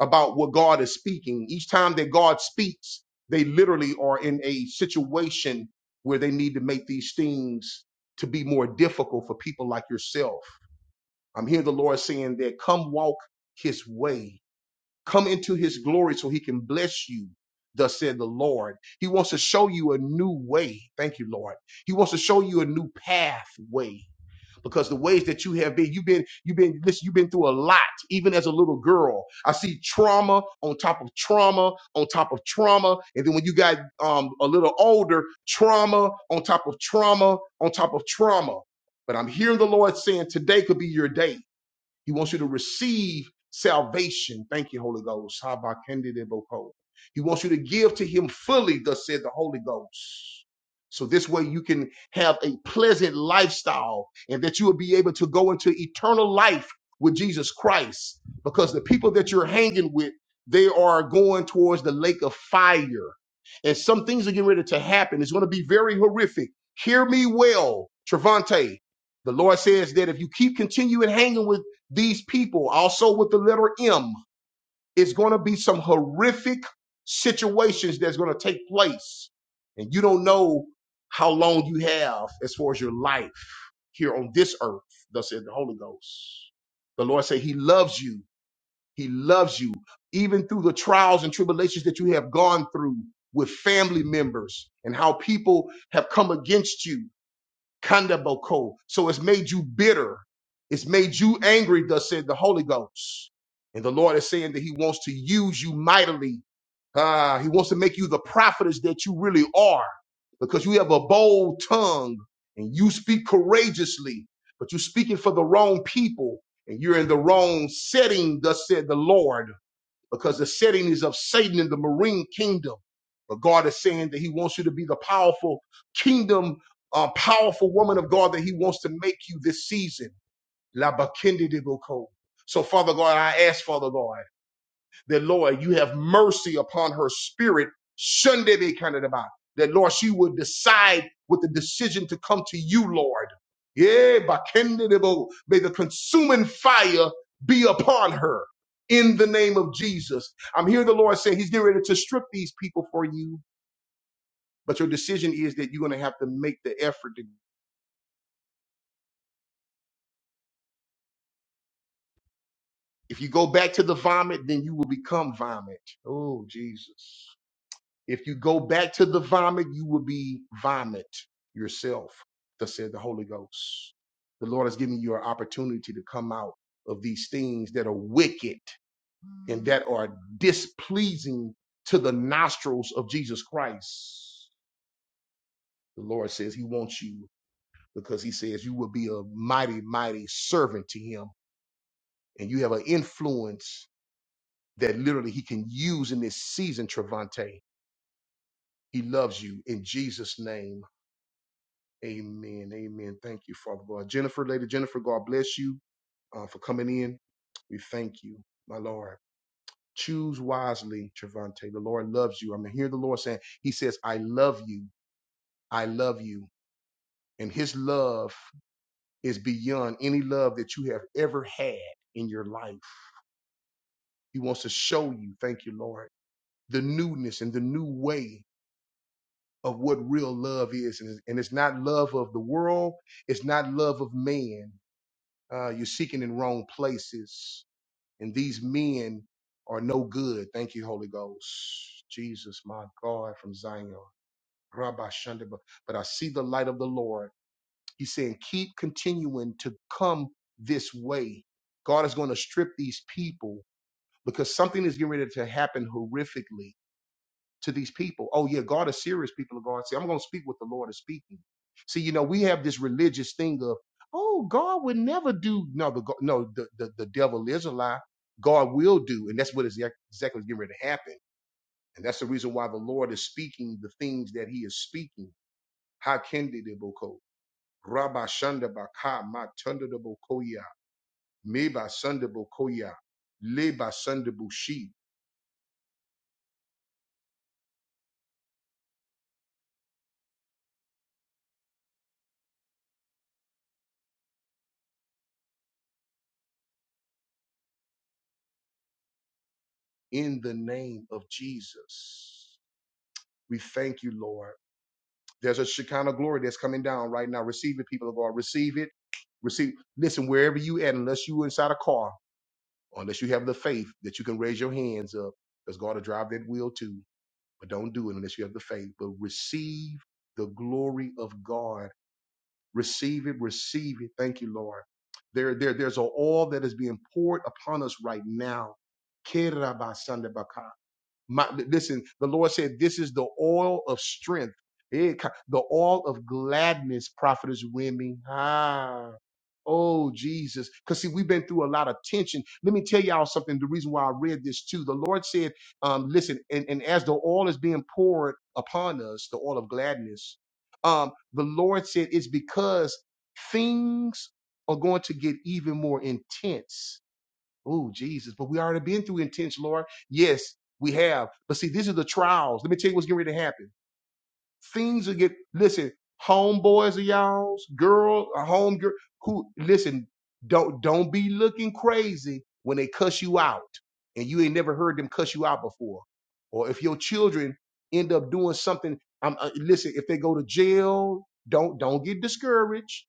about what god is speaking each time that god speaks they literally are in a situation where they need to make these things to be more difficult for people like yourself i'm hearing the lord saying that come walk his way Come into his glory so he can bless you, thus said the Lord. He wants to show you a new way. Thank you, Lord. He wants to show you a new pathway. Because the ways that you have been, you've been, you've been, listen, you've been through a lot, even as a little girl. I see trauma on top of trauma on top of trauma. And then when you got um, a little older, trauma on top of trauma on top of trauma. But I'm hearing the Lord saying today could be your day. He wants you to receive salvation. Thank you, Holy Ghost. Habakandideboko. He wants you to give to him fully, thus said the Holy Ghost. So this way you can have a pleasant lifestyle and that you will be able to go into eternal life with Jesus Christ. Because the people that you're hanging with, they are going towards the lake of fire. And some things are getting ready to happen. It's going to be very horrific. Hear me well, Trevante. The Lord says that if you keep continuing hanging with these people, also with the letter M, it's going to be some horrific situations that's going to take place. And you don't know how long you have as far as your life here on this earth, thus said the Holy Ghost. The Lord said he loves you. He loves you. Even through the trials and tribulations that you have gone through with family members and how people have come against you Kandaboko. So it's made you bitter. It's made you angry, thus said the Holy Ghost. And the Lord is saying that He wants to use you mightily. Ah, he wants to make you the prophetess that you really are because you have a bold tongue and you speak courageously, but you're speaking for the wrong people and you're in the wrong setting, thus said the Lord because the setting is of Satan in the marine kingdom. But God is saying that He wants you to be the powerful kingdom, uh, powerful woman of God that He wants to make you this season. La bakindi de boko. So, Father God, I ask, Father God that Lord, you have mercy upon her spirit. Sunday be kind of the body. That Lord, she would decide with the decision to come to you, Lord. Yeah, by kindred of old. may the consuming fire be upon her in the name of Jesus. I'm here, the Lord saying He's getting ready to strip these people for you, but your decision is that you're going to have to make the effort. To, if you go back to the vomit, then you will become vomit. Oh, Jesus. If you go back to the vomit, you will be vomit yourself, thus said the Holy Ghost. The Lord has given you an opportunity to come out of these things that are wicked and that are displeasing to the nostrils of Jesus Christ. The Lord says He wants you because He says you will be a mighty, mighty servant to Him and you have an influence that literally He can use in this season, Trevante. He loves you in Jesus' name. Amen. Amen. Thank you, Father God. Jennifer, Lady Jennifer, God bless you uh, for coming in. We thank you, my Lord. Choose wisely, Trevante. The Lord loves you. I'm mean, hear the Lord saying, He says, I love you. I love you. And His love is beyond any love that you have ever had in your life. He wants to show you, thank you, Lord, the newness and the new way of what real love is. and it's not love of the world, it's not love of man, Uh, you're seeking in wrong places. And these men are no good. Thank you, Holy Ghost. Jesus, my God, from Zion. Rabbi Shandaba. But I see the light of the Lord. He's saying, keep continuing to come this way. God is going to strip these people because something is getting ready to happen horrifically to these people. Oh yeah, God is serious. People of God, see, I'm going to speak what the Lord is speaking. See, you know, we have this religious thing of, oh, God would never do. No, the go- no, the, the the devil is a lie. God will do, and that's what is exactly getting ready to happen. And that's the reason why the Lord is speaking the things that He is speaking. Hakendi de boko, Rabba shanda baka ma tunda de bokoya, meba sunda bokoya, leba sunda bushi. In the name of Jesus, we thank you, Lord. There's a Shekinah glory that's coming down right now. Receive it, people of God. Receive it. Receive. Listen, wherever you at, unless you inside a car, unless you have the faith that you can raise your hands up, because God will drive that wheel too. But don't do it unless you have the faith. But receive the glory of God. Receive it. Receive it. Thank you, Lord. There, there, there's an oil that is being poured upon us right now. My, listen, the Lord said, This is the oil of strength, Eh, ka- the oil of gladness, prophetess women. Ah. Oh, Jesus. Because, see, we've been through a lot of tension. Let me tell y'all something. The reason why I read this, too, the Lord said, um, Listen, and, and as the oil is being poured upon us, the oil of gladness, um, the Lord said, It's because things are going to get even more intense Oh, Jesus. But we already been through intense, Lord. Yes, we have. But see, these are the trials. Let me tell you what's getting ready to happen. Things will get, listen, homeboys of y'all's, girl, a home girl, who, listen, don't, don't be looking crazy when they cuss you out and you ain't never heard them cuss you out before. Or if your children end up doing something, I'm, uh, listen, if they go to jail, don't, don't get discouraged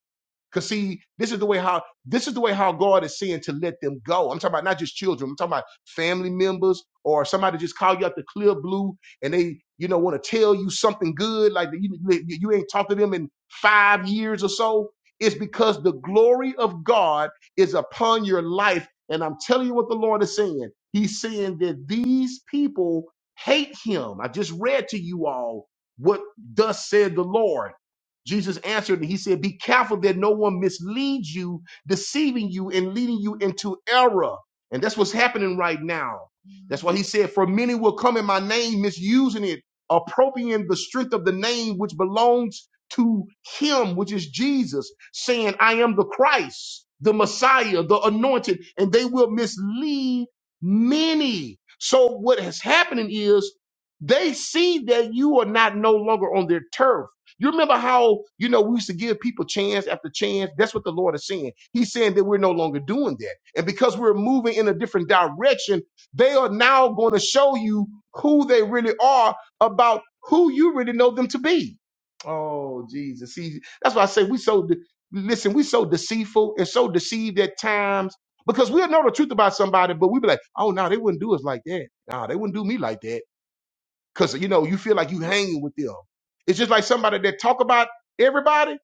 Cause see, this is the way how this is the way how God is saying to let them go. I'm talking about not just children. I'm talking about family members or somebody just call you out the clear blue and they, you know, want to tell you something good, like you, you you ain't talked to them in five years or so. It's because the glory of God is upon your life. And I'm telling you what the Lord is saying. He's saying that these people hate him. I just read to you all what thus said the Lord. Jesus answered and he said, Be careful that no one misleads you, deceiving you and leading you into error. And that's what's happening right now. That's why he said, For many will come in my name, misusing it, appropriating the strength of the name which belongs to him, which is Jesus, saying, I am the Christ, the Messiah, the anointed, and they will mislead many. So what is happening is they see that you are not no longer on their turf you remember how, you know, we used to give people chance after chance? That's what the Lord is saying. He's saying that we're no longer doing that. And because we're moving in a different direction, they are now going to show you who they really are about who you really know them to be. Oh, Jesus. See, that's why I say we so, de- listen, we so deceitful and so deceived at times because we'll know the truth about somebody, but we be like, oh, no, they wouldn't do us like that. No, they wouldn't do me like that because you know you feel like you hanging with them. It's just like somebody that talk about everybody.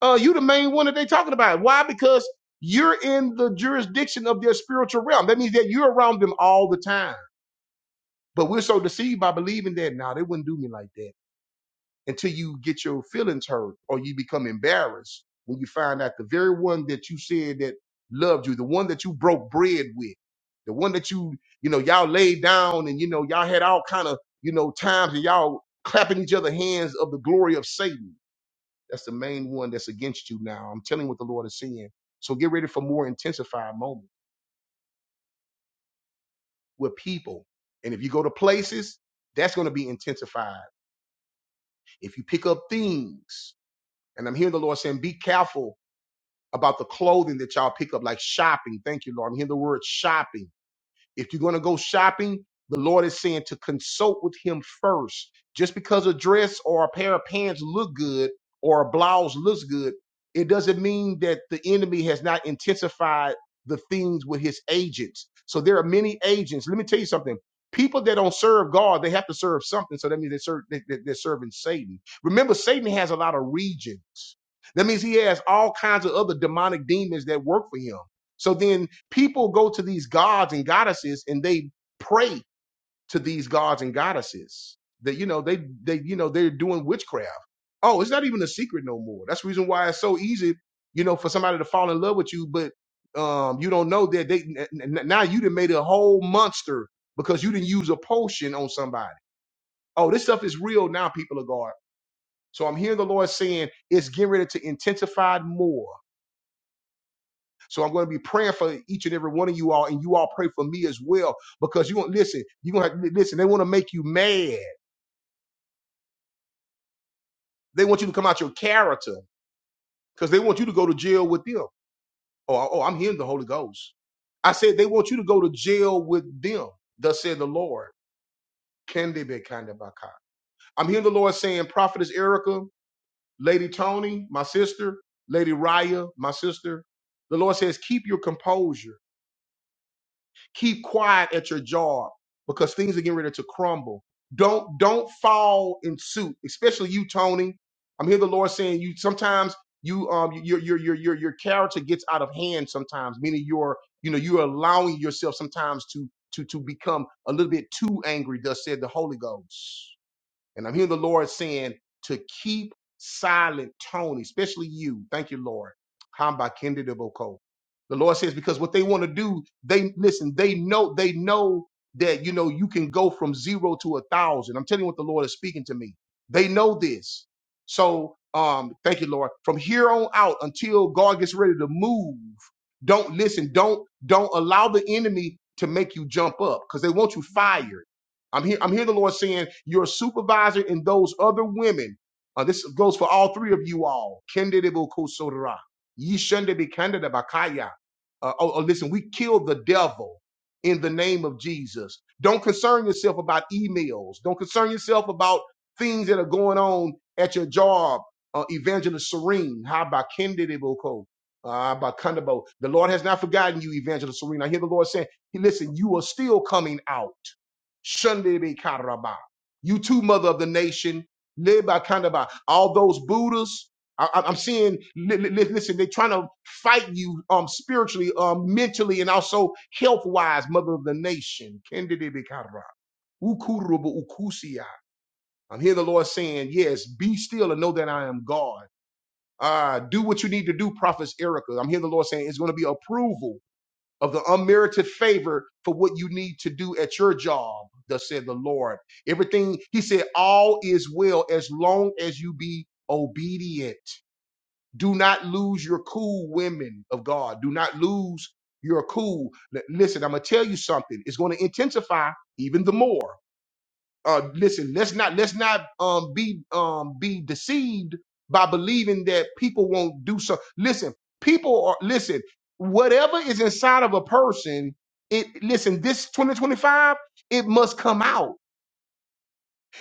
Uh, you the main one that they talking about. Why? Because you're in the jurisdiction of their spiritual realm. That means that you're around them all the time. But we're so deceived by believing that now they wouldn't do me like that until you get your feelings hurt or you become embarrassed when you find out the very one that you said that loved you, the one that you broke bread with, the one that you, you know, y'all laid down and you know, y'all had all kind of, you know, times and y'all clapping each other hands of the glory of Satan. That's the main one that's against you now. I'm telling you what the Lord is saying. So get ready for more intensified moments with people. And if you go to places, that's going to be intensified. If you pick up things, and I'm hearing the Lord saying, be careful about the clothing that y'all pick up, like shopping. Thank you, Lord. I'm hearing the word shopping. If you're going to go shopping, the Lord is saying to consult with Him first. Just because a dress or a pair of pants look good or a blouse looks good, it doesn't mean that the enemy has not intensified the things with his agents. So there are many agents. Let me tell you something. People that don't serve God, they have to serve something. So that means they serve, they, they- they're serving Satan. Remember, Satan has a lot of regions. That means he has all kinds of other demonic demons that work for him. So then People go to these gods and goddesses and they pray to these gods and goddesses. That you know they they you know they're doing witchcraft. Oh, it's not even a secret no more. That's the reason why it's so easy, you know, for somebody to fall in love with you, but um, you don't know that they n- n- now you done made a whole monster because you didn't use a potion on somebody. Oh, this stuff is real now, people of God. So I'm hearing the Lord saying it's getting ready to intensify more So I'm going to be praying for each and every one of you all, and you all pray for me as well. Because you want listen, you gonna have, to listen. They want to make you mad. They want you to come out your character because they want you to go to jail with them. Oh, oh, I'm hearing the Holy Ghost. I said they want you to go to jail with them. Thus said the Lord. Can they be kind of baka? I'm hearing the Lord saying, Prophetess Erica, Lady Tony, my sister, Lady Raya, my sister. The Lord says, keep your composure Keep quiet at your job because things are getting ready to crumble. Don't don't fall in suit, especially you, Tony. I'm hearing the Lord saying you sometimes you um your your your your your character gets out of hand sometimes, meaning you're you know you're allowing yourself sometimes to to to become a little bit too angry, thus said the Holy Ghost. And I'm hearing the Lord saying to keep silent, Tony, especially you. Thank you, Lord. Hamba Kendi Deboko. The Lord says, because what they want to do, they listen, they know, they know that you know you can go from zero to a thousand. I'm telling you what the Lord is speaking to me. They know this. So um, thank you, Lord. From here on out until God gets ready to move, don't listen, don't don't allow the enemy to make you jump up because they want you fired. I'm here. I'm here. The Lord saying your supervisor and those other women. Uh, this goes for all three of you all. Kendedebokosodara. Ye shunde be bakaya. Uh, oh, oh, listen, we killed the devil in the name of Jesus. Don't concern yourself about emails. Don't concern yourself about things that are going on at your job. Uh, Evangelist Serene, how about Kendedeboko? Uh, by Kundabo. The Lord has not forgotten you, Evangelist Serene. I hear the Lord saying, "Hey, listen, you are still coming out. Shundebe Karaba. You too, mother of the nation. Leba Kandaba. All those Buddhas. I, I- I'm seeing, li- li- li- listen, they're trying to fight you um, spiritually, um, mentally, and also health wise, mother of the nation. Kendedebe Karaba. Ukurubu Ukusia. I'm hearing the Lord saying, yes, be still and know that I am God. Uh, do what you need to do, Prophet Erica. I'm hearing the Lord saying it's going to be approval of the unmerited favor for what you need to do at your job, thus said the Lord. Everything, he said, all is well as long as you be obedient. Do not lose your cool, women of God. Do not lose your cool. L- Listen, I'm going to tell you something. It's going to intensify even the more uh listen let's not let's not um be um be deceived by believing that people won't do so listen people are listen whatever is inside of a person it listen this 2025 it must come out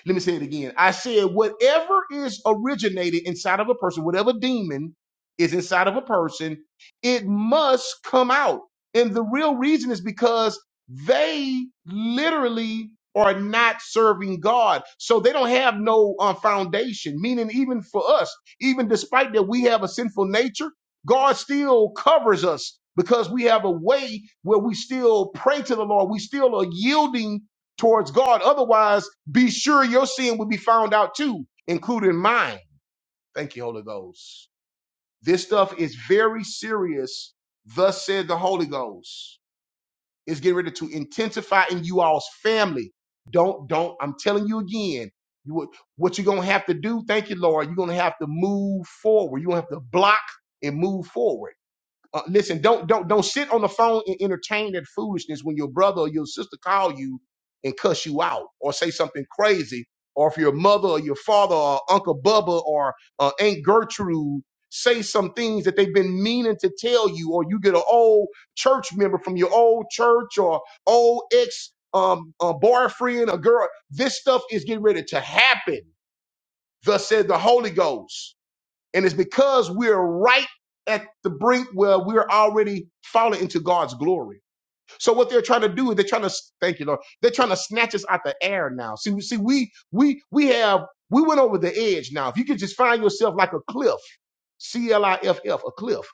let me say it again. I said, whatever is originated inside of a person, whatever demon is inside of a person, it must come out. And the real reason is because they literally are not serving God. So they don't have no uh, foundation, meaning, even for us, even despite that we have a sinful nature, God still covers us because we have a way where we still pray to the Lord. We still are yielding towards God. Otherwise, be sure your sin will be found out too, including mine. Thank you, Holy Ghost. This stuff is very serious. Thus said the Holy Ghost is getting ready to intensify in you all's family. Don't, don't, I'm telling you again, you what, what you're gonna have to do, thank you, Lord, you're gonna have to move forward. You're gonna have to block and move forward uh, listen, don't don't don't sit on the phone and entertain that foolishness when your brother or your sister call you and cuss you out or say something crazy, or if your mother or your father or Uncle Bubba or uh, Aunt Gertrude say some things that they've been meaning to tell you, or you get an old church member from your old church or old ex um uh, boyfriend or girl. This stuff is getting ready to happen. Thus said the Holy Ghost. And it's because we're right at the brink where we're already falling into God's glory. So what they're trying to do is they're trying to thank you, Lord. They're trying to snatch us out the air now. See, see, we we we have we went over the edge now. If you could just find yourself like a cliff, C L I F F, a cliff.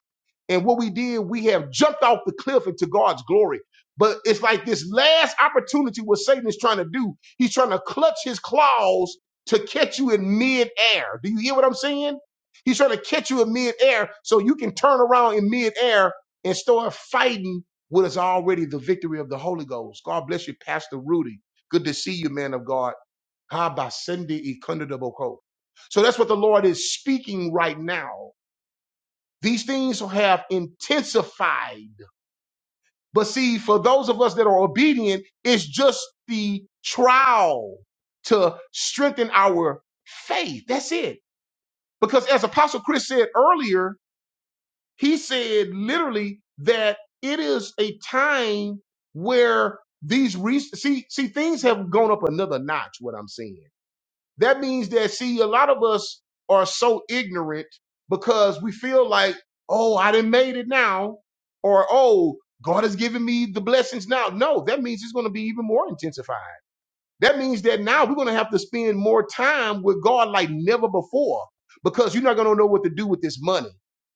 And what we did, we have jumped off the cliff into God's glory. But it's like this last opportunity what Satan is trying to do. He's trying to clutch his claws to catch you in midair. Do you hear what I'm saying? He's trying to catch you in midair so you can turn around in midair and start fighting what is already the victory of the Holy Ghost. God bless you, Pastor Rudy. Good to see you, man of God. Ha ba sende e kunda da boko. So that's what the Lord is speaking right now. These things have intensified. But see, for those of us that are obedient, it's just the trial to strengthen our faith. That's it. Because as Apostle Chris said earlier, He said literally that it is a time where these re- see see things have gone up another notch. What I'm saying that means that see a lot of us are so ignorant because we feel like oh I didn't made it now or oh God has given me the blessings now. No, that means it's going to be even more intensified. That means that now we're going to have to spend more time with God like never before because you're not going to know what to do with this money.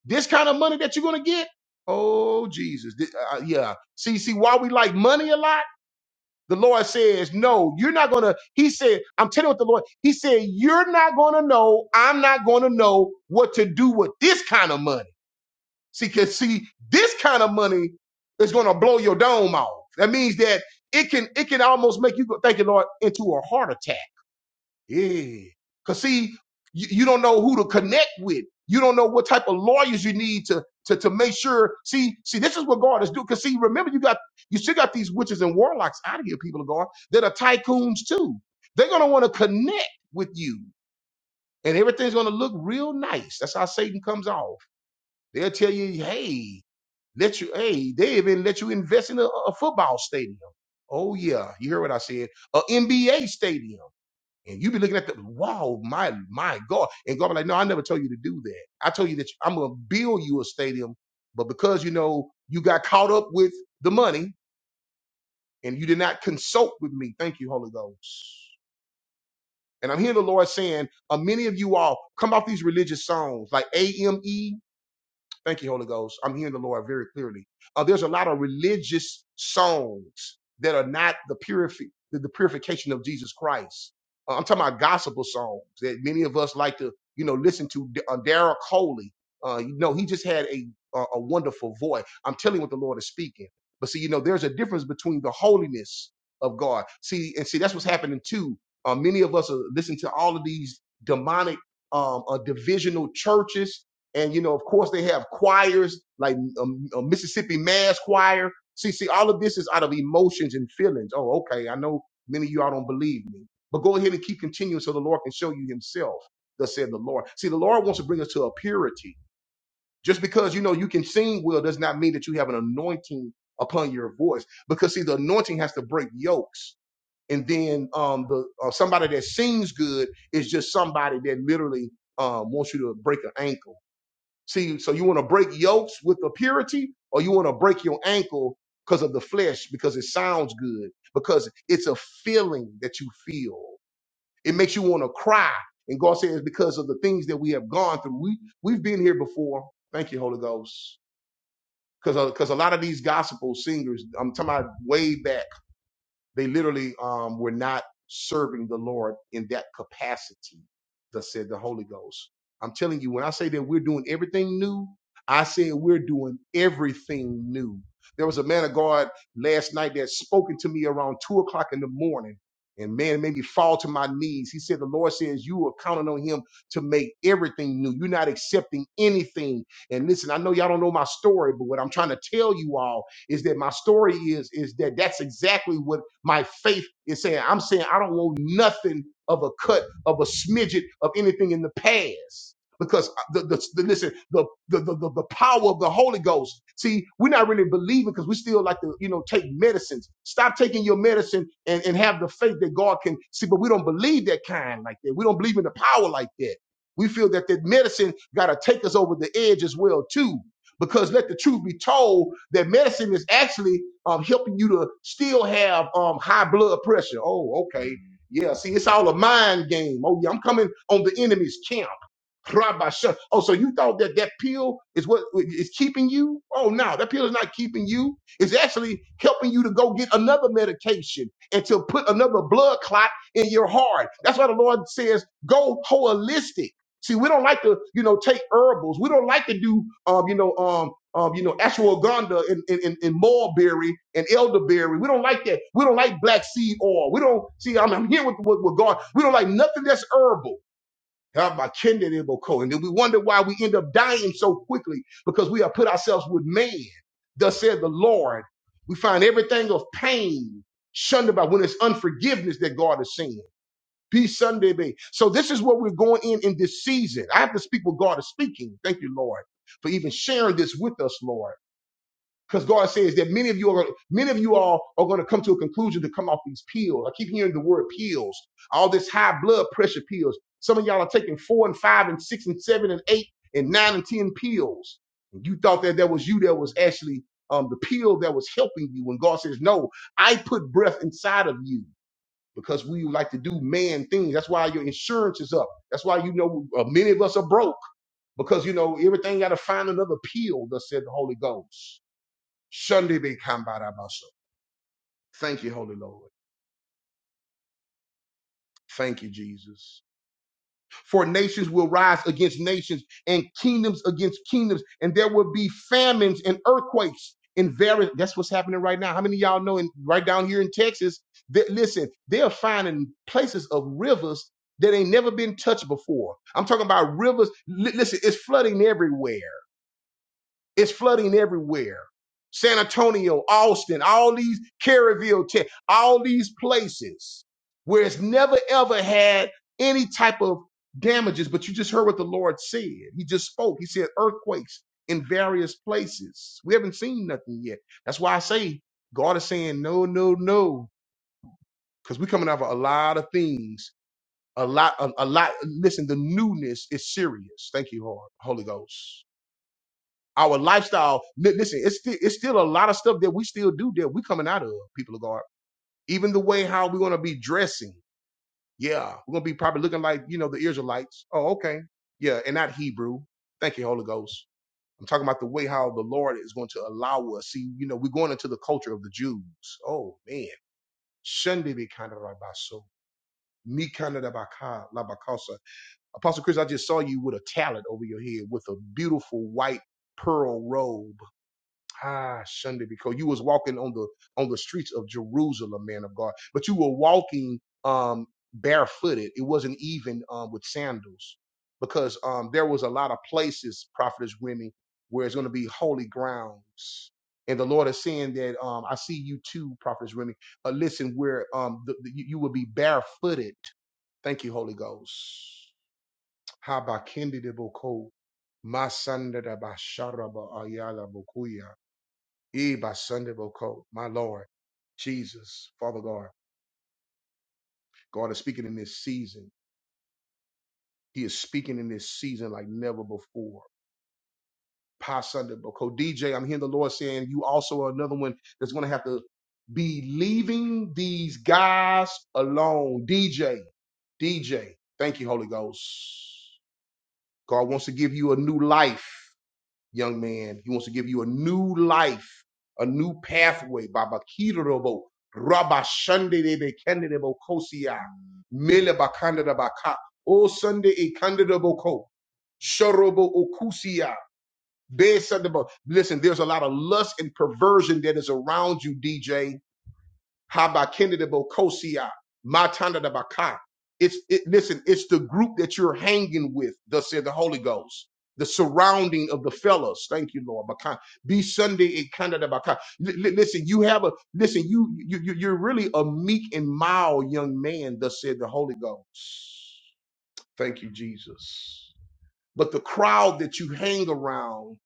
This kind of money that you're going to get, oh Jesus, Th- uh, uh, yeah. See, see, why we like money a lot. The Lord says, no, you're not going to. He said, I'm telling you what the Lord. He said, you're not going to know. I'm not going to know what to do with this kind of money. See, because see, this kind of money is going to blow your dome off. That means that it can it can almost make you go, thank you, Lord, into a heart attack yeah. Cause see, you, you don't know who to connect with. You don't know what type of lawyers you need to to to make sure. See, see, this is what God is doing. Cause see, remember you got you still got these witches and warlocks out of here, people of God, that are tycoons too. They're gonna want to connect with you. And everything's gonna look real nice. That's how Satan comes off. They'll tell you, hey, let you, hey, they even let you invest in a, a football stadium. Oh yeah, you hear what I said? A NBA stadium. And you be looking at the wow, my my God. And God be like, no, I never told you to do that. I told you that I'm gonna build you a stadium, but because you know you got caught up with the money and you did not consult with me. Thank you, Holy Ghost. And I'm hearing the Lord saying, uh, many of you all come off these religious songs like AME Thank you, Holy Ghost. I'm hearing the Lord very clearly. Uh, there's a lot of religious songs that are not the purifi- the, the purification of Jesus Christ. Uh, I'm talking about gospel songs that many of us like to, you know, listen to. D- Uh, Daryl Coley, uh, you know, he just had a uh, a wonderful voice. I'm telling you what the Lord is speaking. But see, you know, there's a difference between the holiness of God. See, and see, that's what's happening too. Uh, many of us are listening to all of these demonic, um, uh, divisional churches and you know, of course, they have choirs like um, a Mississippi Mass Choir. See, see, all of this is out of emotions and feelings. Oh, okay, I know many of y'all don't believe me, but go ahead and keep continuing so the Lord can show you Himself. Thus said the Lord. See, the Lord wants to bring us to a purity. Just because you know you can sing well does not mean that you have an anointing upon your voice. Because see, the anointing has to break yokes. And then um, the uh, somebody that sings good is just somebody that literally um, wants you to break an ankle. See, so you want to break yokes with the purity, or you want to break your ankle because of the flesh, because it sounds good, because it's a feeling that you feel. It makes you want to cry. And God says, because of the things that we have gone through, we we've been here before. Thank you, Holy Ghost. Because because a lot of these gospel singers, I'm talking about way back. They literally um, were not serving the Lord in that capacity, thus said the Holy Ghost. I'm telling you, when I say that we're doing everything new, I said we're doing everything new. There was a man of God last night that spoken to me around two o'clock in the morning. And man, it made me fall to my knees. He said, The Lord says you are counting on him to make everything new. You're not accepting anything. And listen, I know y'all don't know my story, but what I'm trying to tell you all is that my story is is that that's exactly what my faith is saying. I'm saying I don't want nothing of a cut of a smidget of anything in the past. Because uh, the, the, the listen the the, the the the power of the Holy Ghost. See, we're not really believing because we still like to you know take medicines. Stop taking your medicine and, and have the faith that God can see. But we don't believe that kind like that. We don't believe in the power like that. We feel that that medicine got to take us over the edge as well too. Because let the truth be told, that medicine is actually um, helping you to still have um, high blood pressure. Oh, okay. Yeah, see, it's all a mind game. Oh, yeah, I'm coming on the enemy's camp. Rabasha. Oh, so you thought that that pill is what is keeping you? Oh, no, that pill is not keeping you. It's actually helping you to go get another medication and to put another blood clot in your heart. That's why the Lord says, go holistic. See, we don't like to, you know, take herbals. We don't like to do, um, you know, um, um, you know, ashwagandha and, and, and, and mulberry and elderberry. We don't like that. We don't like black seed oil. We don't see. I'm, I'm here with, with with God. We don't like nothing that's herbal habakkuk nebo And then we wonder why we end up dying so quickly because we have put ourselves with man. Thus said the Lord. We find everything of pain shunned about when it's unforgiveness that God is seeing. Be Sunday be. So this is what we're going in in this season. I have to speak what God is speaking. Thank you, Lord, for even sharing this with us, Lord because God says that many of you are many of you all are going to come to a conclusion to come off these pills. I keep hearing the word pills, all this high blood pressure pills. Some of y'all are taking four and five and six and seven and eight and nine and ten pills. And you thought that that was you that was actually um, the pill that was helping you. When God says, "No, I put breath inside of you." Because we like to do man things. That's why your insurance is up. That's why you know uh, many of us are broke because you know everything got to find another pill. That said the Holy Ghost. Shunde be kambarabaso. Thank you, Holy Lord. Thank you, Jesus. For nations will rise against nations and kingdoms against kingdoms, and there will be famines and earthquakes in various. That's what's happening right now. How many of y'all know? And right down here in Texas, that listen, they're finding places of rivers that ain't never been touched before. I'm talking about rivers. li- listen, it's flooding everywhere. It's flooding everywhere. San Antonio, Austin, all these Kerrville, Tech, all these places where it's never ever had any type of damages. But you just heard what the Lord said. He just spoke. He said earthquakes in various places. We haven't seen nothing yet. That's why I say God is saying no, no, no, because we're coming out of a lot of things. A lot, a, a lot. Listen, the newness is serious. Thank you, Lord, Holy Ghost. Our lifestyle, li- listen, it's still it's still a lot of stuff that we still do that we coming out of, people of God. Even the way how we're gonna be dressing. Yeah, we're gonna be probably looking like, you know, the Israelites. Oh, okay. Yeah, and not Hebrew. Thank you, Holy Ghost. I'm talking about the way how the Lord is going to allow us. See, you know, we're going into the culture of the Jews. Oh man. Shunde be kind of like so. Me kind of rabaka labakosa. Apostle Chris, I just saw you with a talent over your head with a beautiful white pearl robe. Ah, Sunday, because you was walking on the on the streets of Jerusalem, man of God, but you were walking um barefooted. It wasn't even um with sandals, because um there was a lot of places, prophetess Remy, where it's going to be holy grounds. And the Lord is saying that um, I see you too, Prophetess Remy. Uh, listen, where um, the, the, you you will be barefooted. Thank you, Holy Ghost. Habakindi de Boko, Masanda da Basharaba Ayala Bokuya. Eh, by Sunday, Boko, my Lord, Jesus, Father God. God is speaking in this season. He is speaking in this season like never before. Pa Sunday, Boko. DJ, I'm hearing the Lord saying you also are another one that's going to have to be leaving these guys alone. DJ, DJ, thank you, Holy Ghost. God wants to give you a new life. young man. He wants to give you a new life, a new pathway. Baba Kirobo, Rabba Shande de Kendebo Kosia, Mele Bakanda Baka, O Sunday a Kandida Boko, Shorobo Okusia, Besandabo. Listen, there's a lot of lust and perversion that is around you, DJ Habakkuk-Kosia, Matanda-Dabaka. It's it, listen, it's the group that you're hanging with, thus said the Holy Ghost. The surrounding of the fellas. Thank you, Lord. Baka. Be Sunday in Canada. Baka. Listen, you have a listen, you, you you- you're really a meek and mild young man, thus said the Holy Ghost. Thank you, Jesus. But the crowd that you hang around,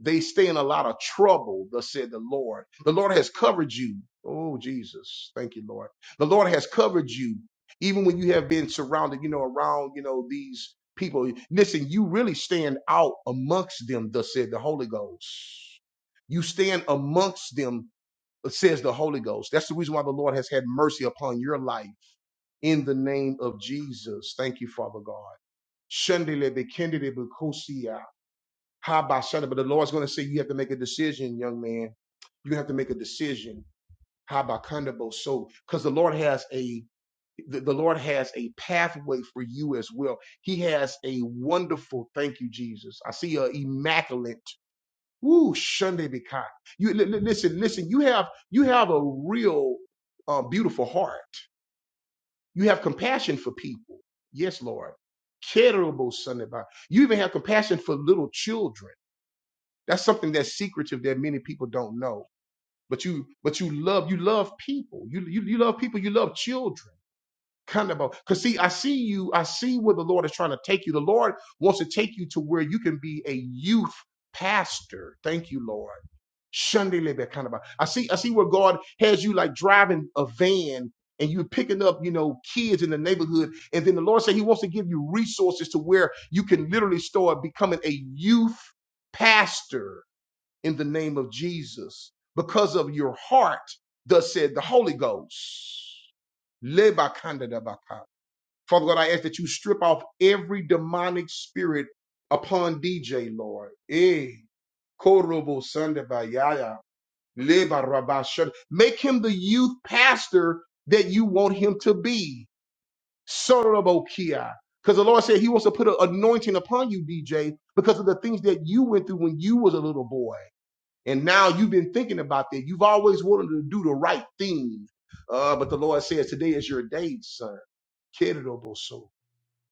they stay in a lot of trouble, thus said the Lord. The Lord has covered you. Oh, Jesus. Thank you, Lord. The Lord has covered you, even when you have been surrounded, you know, around, you know, these people. Listen, you really stand out amongst them, thus said the Holy Ghost. You stand amongst them, says the Holy Ghost. That's the reason why the Lord has had mercy upon your life in the name of Jesus. Thank you, Father God. Shundele Habashanda. But the Lord's going to say, you have to make a decision, young man. You have to make a decision. Habakandabo. So, because the Lord has a the the Lord has a pathway for you as well. He has a wonderful, thank you, Jesus. I see a immaculate, woo, Sunday Bikai. You li- li- listen, listen. You have you have a real, uh, beautiful heart. You have compassion for people. Yes, Lord. Terrible Sunday You even have compassion for little children. That's something that's secretive that many people don't know. But you, but you love, you love people. You, you, you love people. You love children. Kind of, because see, I see you. I see where the Lord is trying to take you. The Lord wants to take you to where you can be a youth pastor. Thank you, Lord. Sunday labor kind of. a- I see, I see where God has you like driving a van and you're picking up, you know, kids in the neighborhood. And then the Lord said He wants to give you resources to where you can literally start becoming a youth pastor in the name of Jesus because of your heart, thus said the Holy Ghost. Lebakandadabaka. Father God, I ask that you strip off every demonic spirit upon DJ, Lord. Eh. Korobo Sandabayaya. Lebarabashan. Make him the youth pastor that you want him to be. Sorobokia. Because the Lord said he wants to put an anointing upon you, DJ, because of the things that you went through when you was a little boy. And now you've been thinking about that. You've always wanted to do the right thing. Uh, but the Lord says, today is your day, son. Kedoboso.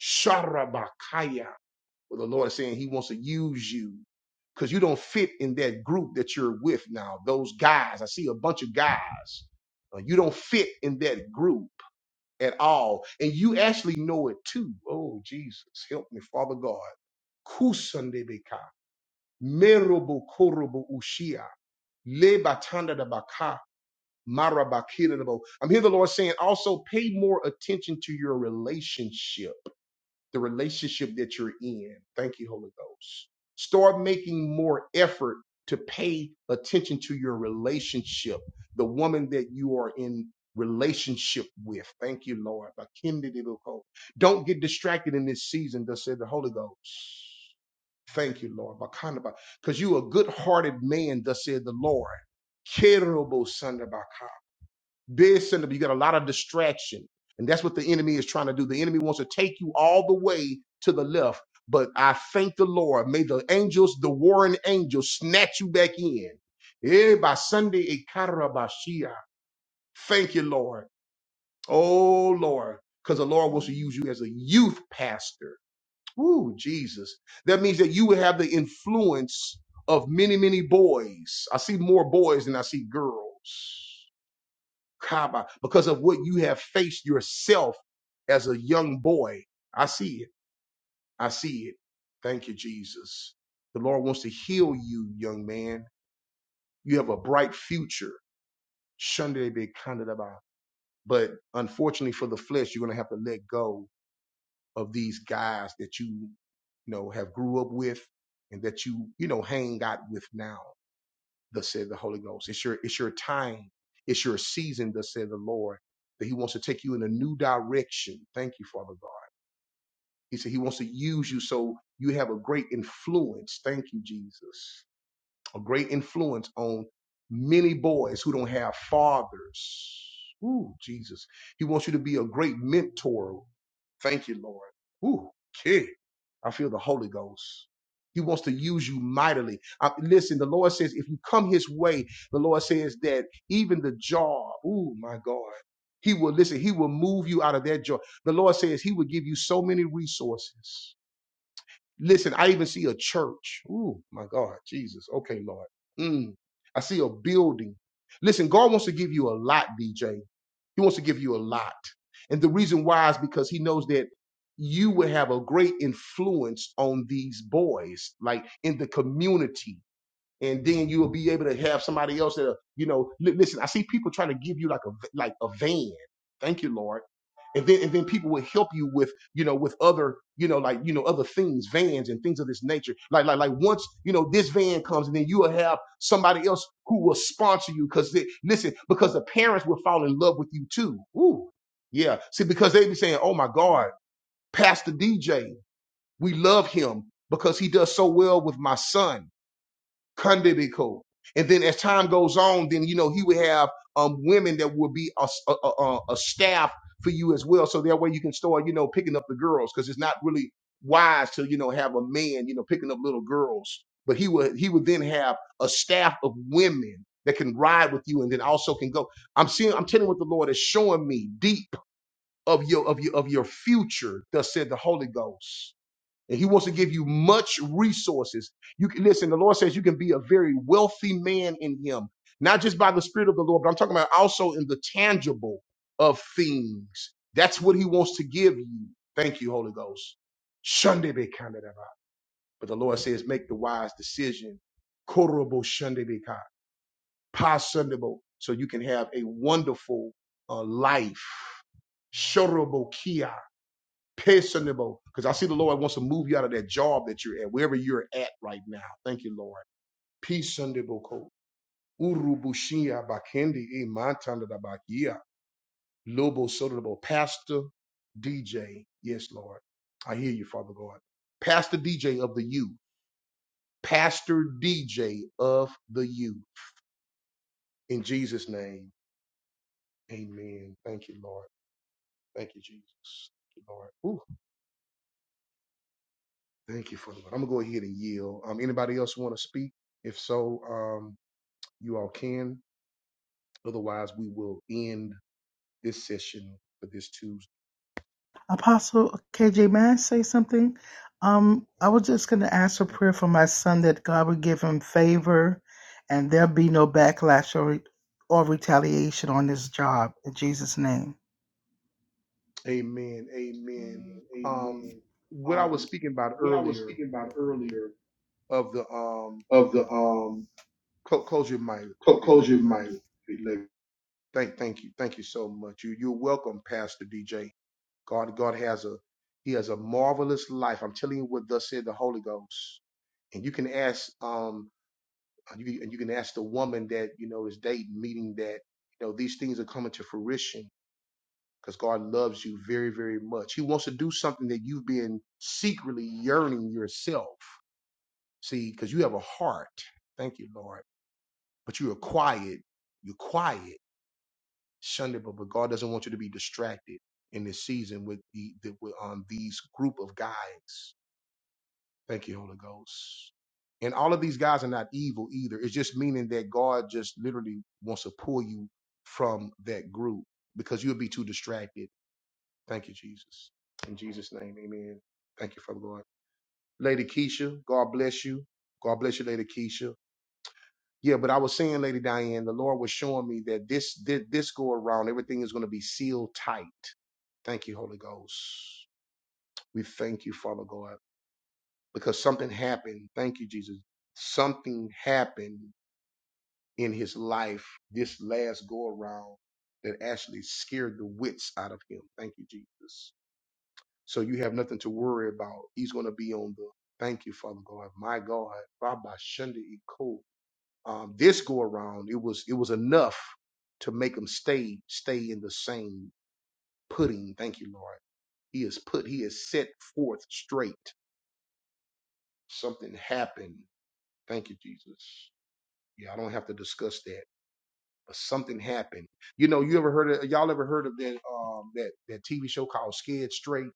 Sharabakaya. Well, the Lord is saying he wants to use you because you don't fit in that group that you're with now. Those guys, I see a bunch of guys. Uh, you don't fit in that group at all. And you actually know it too. Oh, Jesus, help me, Father God. Merobo korobo ushia. Leba tanda da baka, mara bakira da bo. I'm hearing the Lord saying also pay more attention to your relationship, the relationship that you're in. Thank you, Holy Ghost. Start making more effort to pay attention to your relationship, the woman that you are in relationship with. Thank you, Lord. Bakindi de boko. Don't get distracted in this season, thus said the Holy Ghost. Thank you, Lord. Because you a good hearted man, thus said the Lord. Kerobo sandabaka. Big sandab- You got a lot of distraction. And that's what the enemy is trying to do. The enemy wants to take you all the way to the left. But I thank the Lord. May the angels, the warring angels, snatch you back in. Eh, by Sunday, eh, karabashia. Thank you, Lord. Oh, Lord. Because the Lord wants to use you as a youth pastor. Woo, Jesus. That means that you would have the influence of many, many boys. I see more boys than I see girls. Kaba, because of what you have faced yourself as a young boy. I see it. I see it. Thank you, Jesus. The Lord wants to heal you, young man. You have a bright future. Shunde be kanda da ba. But unfortunately for the flesh, you're going to have to let go of these guys that you, you know, have grew up with and that you, you know, hang out with now, thus said the Holy Ghost. It's your, it's your time. It's your season, thus said the Lord, that he wants to take you in a new direction. Thank you, Father God. He said he wants to use you so you have a great influence. Thank you, Jesus. A great influence on many boys who don't have fathers. Ooh, Jesus. He wants you to be a great mentor Thank you, Lord. Ooh, kid. I feel the Holy Ghost. He wants to use you mightily. I, listen, the Lord says, if you come his way, the Lord says that even the jaw, ooh, my God, he will, listen, he will move you out of that jaw. The Lord says he will give you so many resources. Listen, I even see a church. Ooh, my God, Jesus. Okay, Lord. Mm. I see a building. Listen, God wants to give you a lot, DJ. He wants to give you a lot. And the reason why is because he knows that you will have a great influence on these boys, like in the community and then you will be able to have somebody else that you know. li- listen, I see people trying to give you like a like a van. Thank you, Lord. And then and then people will help you with you know with other you know like you know other things, vans and things of this nature. Like like like once you know this van comes, and then you will have somebody else who will sponsor you. Because listen, because the parents will fall in love with you too. Ooh, yeah. See, because they be saying, "Oh my God, Pastor DJ, we love him because he does so well with my son." Kandibiko. And then as time goes on, then you know he would have um women that would be a a a, a staff for you as well. So that way you can start, you know, picking up the girls because it's not really wise to you know have a man you know picking up little girls. But he would he would then have a staff of women that can ride with you and then also can go. I'm seeing I'm telling you what the Lord is showing me deep of your of your of your future. Thus said the Holy Ghost. And he wants to give you much resources. You can listen, the Lord says you can be a very wealthy man in him, not just by the Spirit of the Lord, but I'm talking about also in the tangible of things. That's what he wants to give you. Thank you, Holy Ghost. Shunde be kind of that. But the Lord says, make the wise decision. Korobo shunde be kind. Pasundable. So you can have a wonderful uh, life. Shorobo kia. Peaceable. Because I see the Lord wants to move you out of that job that you're at, wherever you're at right now. Thank you, Lord. Peaceable. code. Urubushia bakendi imantanda da bakia. Lobo sodabo. Pastor DJ. Yes, Lord. I hear you, Father God. Pastor DJ of the Youth, Pastor DJ of the Youth. In Jesus' name. Amen. Thank you, Lord. Thank you, Jesus. Thank you, Lord. Ooh. Thank you, for Father. I'm gonna go ahead and yield. Um, anybody else want to speak? If so, um, you all can. Otherwise, we will end this session for this Tuesday.
Apostle KJ, may I say something? Um, I was just going to ask for prayer for my son that God would give him favor and there be no backlash or, re- or retaliation on this job in Jesus' name.
Amen. Amen.
Amen.
Um,
Amen.
what I was
Um,
speaking about
what I was
earlier
speaking about earlier
of the um,
of the um.
cl- close your mic,
close
Lady
your
Diana.
mic, Lex.
Thank, thank you, thank you so much. You, you're welcome, Pastor DJ. God, God has a, He has a marvelous life. I'm telling you what thus said the Holy Ghost. And you can ask. Um, And you, and you can ask the woman that, you know, is dating, meaning that, you know, these things are coming to fruition because God loves you very, very much. He wants to do something that you've been secretly yearning yourself. See, because you have a heart. Thank you, Lord. But you are quiet. You're quiet. Sunday, but, but God doesn't want you to be distracted in this season with the, the with, um, these group of guys. Thank you, Holy Ghost. And all of these guys are not evil either. It's just meaning that God just literally wants to pull you from that group because you'll be too distracted. Thank you, Jesus. In Jesus' name, amen. Thank you, Father God. Lady Keisha, God bless you. God bless you, Lady Keisha. Yeah, but I was saying, Lady Diane, the Lord was showing me that this this, this go around, everything is going to be sealed tight. Thank you, Holy Ghost. We thank you, Father God. because something happened. Thank you, Jesus. Something happened in his life this last go around that actually scared the wits out of him. Thank you, Jesus. So you have nothing to worry about. He's going to be on the thank you, Father God. My God, Rabbi Shunda Iko. Um, this go around, it was it was enough to make him stay stay in the same pudding. Thank you, Lord. He is put. He is set forth straight. Something happened. Thank you, Jesus. Yeah, I don't have to discuss that. But something happened. You know, you ever heard of y'all ever heard of that um that that TV show called Scared Straight?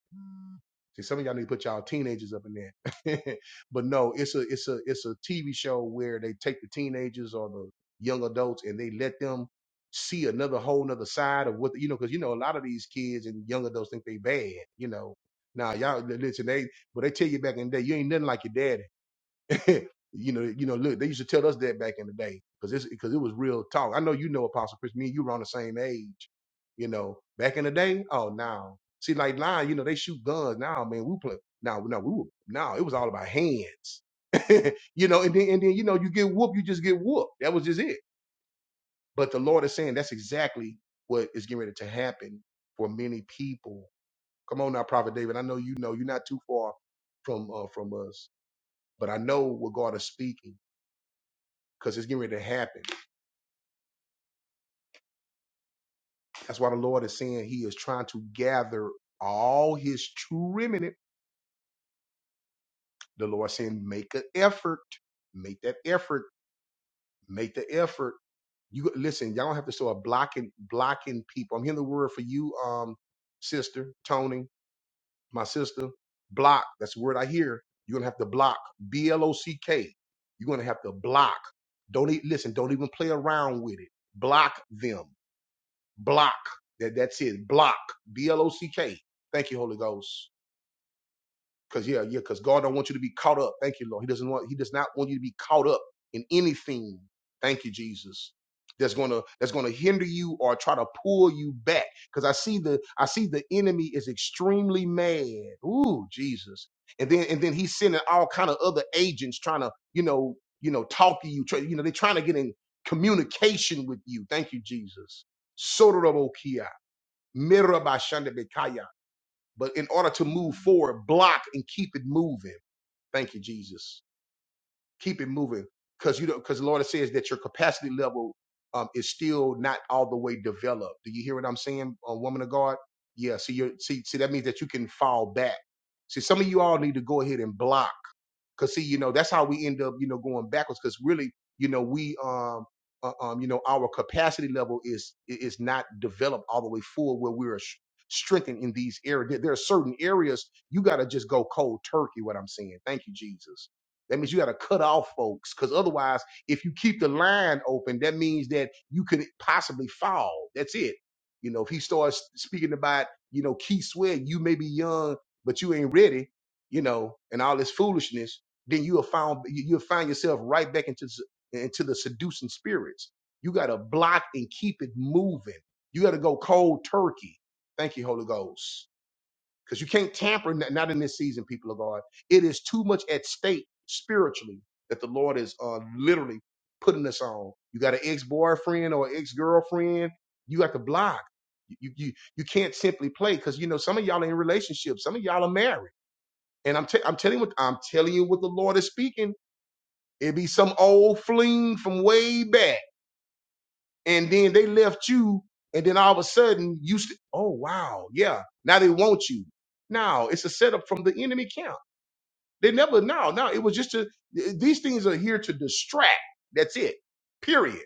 See, some of y'all need to put y'all teenagers up in there. but no, it's a it's a it's a TV show where they take the teenagers or the young adults and they let them see another whole nother side of what you know, because you know a lot of these kids and young adults think they bad, you know. Now y'all listen, they but they tell you back in the day, you ain't nothing like your daddy. you know, you know, look, they used to tell us that back in the day because it's because it was real talk. I know you know Apostle Chris, me and you were on the same age, you know, back in the day. Oh now. See, like now, you know, they shoot guns now, man. We play now, no, we were now it was all about hands. you know, and then and then you know, you get whooped, you just get whooped. That was just it. But the Lord is saying that's exactly what is getting ready to happen for many people. Come on now, Prophet David. I know you know you're not too far from uh, from us, but I know what God is speaking because it's getting ready to happen. That's why the Lord is saying He is trying to gather all His true remnant. The Lord saying, make an effort, make that effort, make the effort. You listen, y'all don't have to start blocking blocking people. I'm hearing the word for you, um, sister Tony, my sister. Block. That's the word I hear. You're gonna have to block. B L O C K. You're gonna have to block. Don't e- listen. Don't even play around with it. Block them. block. That that's it. Block. B L O C K. Thank you, Holy Ghost. Cause yeah, yeah, because God don't want you to be caught up. Thank you, Lord. He doesn't want he does not want you to be caught up in anything. Thank you, Jesus. That's gonna that's gonna hinder you or try to pull you back. Cause I see the I see the enemy is extremely mad. Ooh, Jesus. And then and then he's sending all kind of other agents trying to, you know, you know, talk to you. Try, you know, they're trying to get in communication with you. Thank you, Jesus. Sotorobokia. Mirabashandabekaya. But in order to move forward, block and keep it moving. Thank you, Jesus. Keep it moving. Because you know, because the Lord says that your capacity level um, is still not all the way developed. Do you hear what I'm saying, uh, woman of God? Yeah, see you see, see that means that you can fall back. See, some of you all need to go ahead and block Cause see, you know, that's how we end up, you know, going backwards. Cause really, you know, we, um, uh, um, you know, our capacity level is is not developed all the way full where we're sh- strengthened in these areas. There there are certain areas you got to just go cold turkey. What I'm saying. Thank you, Jesus. That means you got to cut off folks, because otherwise, if you keep the line open, that means that you could possibly fall. That's it. You know, if he starts speaking about, you know, Keith Sweat, you may be young, but you ain't ready you know, and all this foolishness then you'll find you- will find yourself right back into into the seducing spirits. You got to block and keep it moving. You got to go cold turkey. Thank you, Holy Ghost, because you can't tamper. n- Not in this season, people of God. It is too much at stake spiritually that the Lord is uh, literally putting us on. You got an ex boyfriend or ex girlfriend. You got to block. You you you can't simply play because you know some of y'all are in relationships. Some of y'all are married. And I'm, t- I'm telling you what I'm telling you what the Lord is speaking It'd be some old fling from way back. And then they left you, and then all of a sudden you st- oh wow, yeah. Now they want you. Now it's a setup from the enemy camp. They never now, now it was just to th- these things are here to distract. That's it. Period.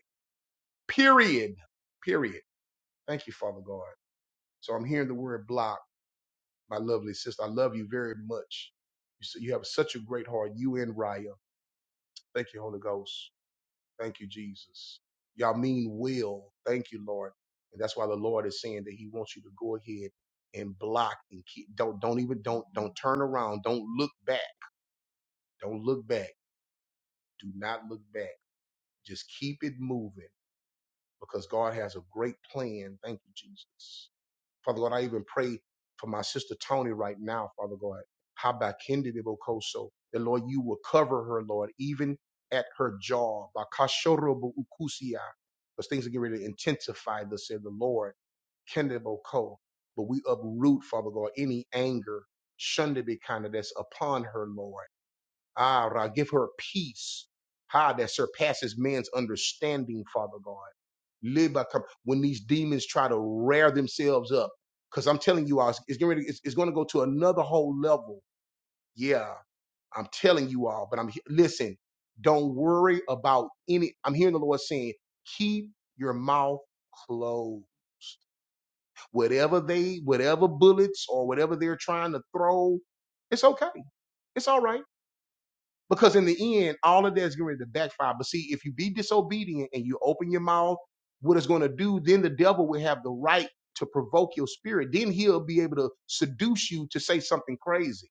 Period. Period. Thank you, Father God. So I'm hearing the word block, my lovely sister. I love you very much. You, s- you have such a great heart, you and Raya. Thank you, Holy Ghost. Thank you, Jesus. Y'all mean well. Thank you, Lord. And that's why the Lord is saying that He wants you to go ahead and block and keep. Don't don't even don't don't turn around. Don't look back. Don't look back. Do not look back. Just keep it moving because God has a great plan. Thank you, Jesus. Father God, I even pray for my sister Tony right now, Father God. Habakindi Bokoso. That Lord, you will cover her, Lord, even at her job. Bakashorobu ukusia. Because things are getting ready to intensify, thus said the Lord. Kende Boko. But we uproot, Father God, any anger, shunned be kind of that's upon her, Lord. Ah, give her peace, ah, that surpasses man's understanding, Father God. Liba Kam- When these demons try to rear themselves up, because I'm telling you all, it's, it's, getting ready- it's, it's going to go to another whole level. Yeah, I'm telling you all, but I'm he- listen. Don't worry about any. I'm hearing the Lord saying, keep your mouth closed. Whatever they, whatever bullets or whatever they're trying to throw, it's okay. It's all right because in the end, all of that's going to backfire. But see, if you be disobedient and you open your mouth, what it's going to do, then the devil will have the right to provoke your spirit. Then he'll be able to seduce you to say something crazy.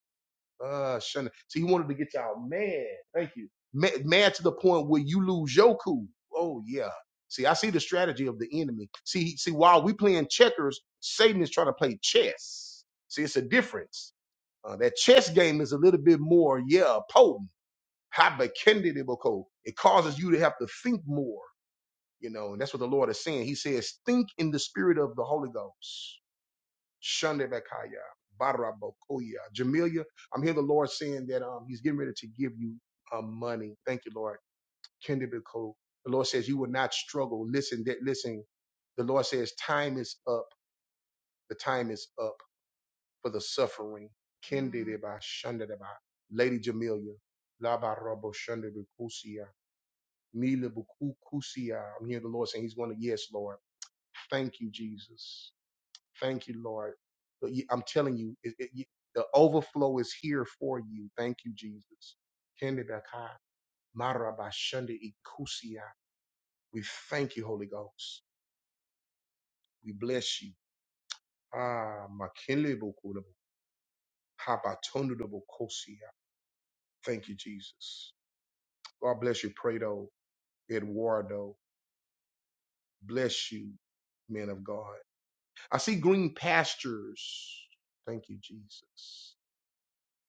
Uh, shun. So he wanted to get y'all mad. Thank you. Mad, mad to the point where you lose your cool. Oh yeah. See, I see the strategy of the enemy. See, see, while we playing checkers, Satan is trying to play chess. See, it's a difference. Uh, that chess game is a little bit more, yeah, potent. Habakendidiboko. It causes you to have to think more, you know, and that's what the Lord is saying. He says, think in the spirit of the Holy Ghost. Shundebakaya, Barabokoya. Jamelia, I'm hearing the Lord saying that um, he's getting ready to give you um, money. Thank you, Lord. Kendibiko. The Lord says you will not struggle. Listen, that listen, the Lord says time is up. The time is up for the suffering. Kendideba, Shundedeba. Lady Jamelia. Labarabo Shundebikusia. Mila bukukusia. I'm hearing the Lord saying He's going to, yes, Lord. Thank you, Jesus. Thank you, Lord. But you- I'm telling you, it, it, you- the overflow is here for you. Thank you, Jesus. Kende baka, marabashande ikusia. We thank you, Holy Ghost. We bless you. Ah, makinle bukulabo, habatondo bukosia. Thank you, Jesus. God bless you, Prado, Eduardo. Bless you, men of God. I see green pastures. Thank you, Jesus.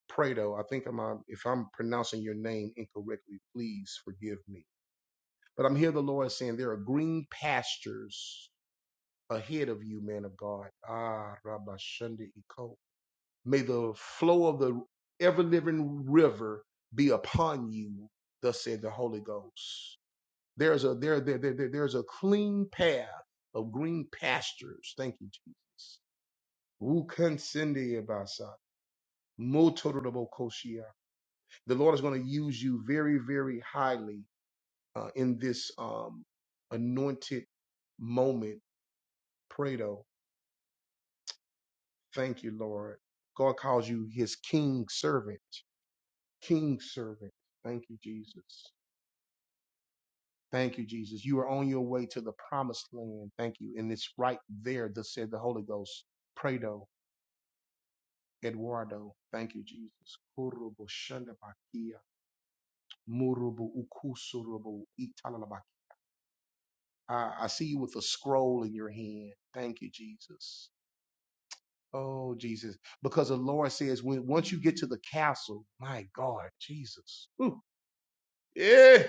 Prado, I think I'm uh, if I'm pronouncing your name incorrectly, please forgive me. But I'm here the Lord is saying there are green pastures ahead of you, man of God. Ah, Rabba Shunda Iko. May the flow of the ever living river be upon you, thus said the Holy Ghost. There's a there, there, there, there- there's a clean path of green pastures. Thank you, Jesus Wukansindeyabasa, motorobokoshia. The Lord is going to use you very, very highly uh, in this um, anointed moment. Prato, thank you, Lord. God calls you his king servant. King servant. Thank you, Jesus. Thank you, Jesus. You are on your way to the promised land. Thank you. And it's right there that said the Holy Ghost. Prato, Eduardo. Thank you, Jesus. Murubu ukusurubu italalabaki. I, I see you with a scroll in your hand. Thank you, Jesus. Oh, Jesus. Because the Lord says, when once you get to the castle, my God, Jesus. Ooh, yeah.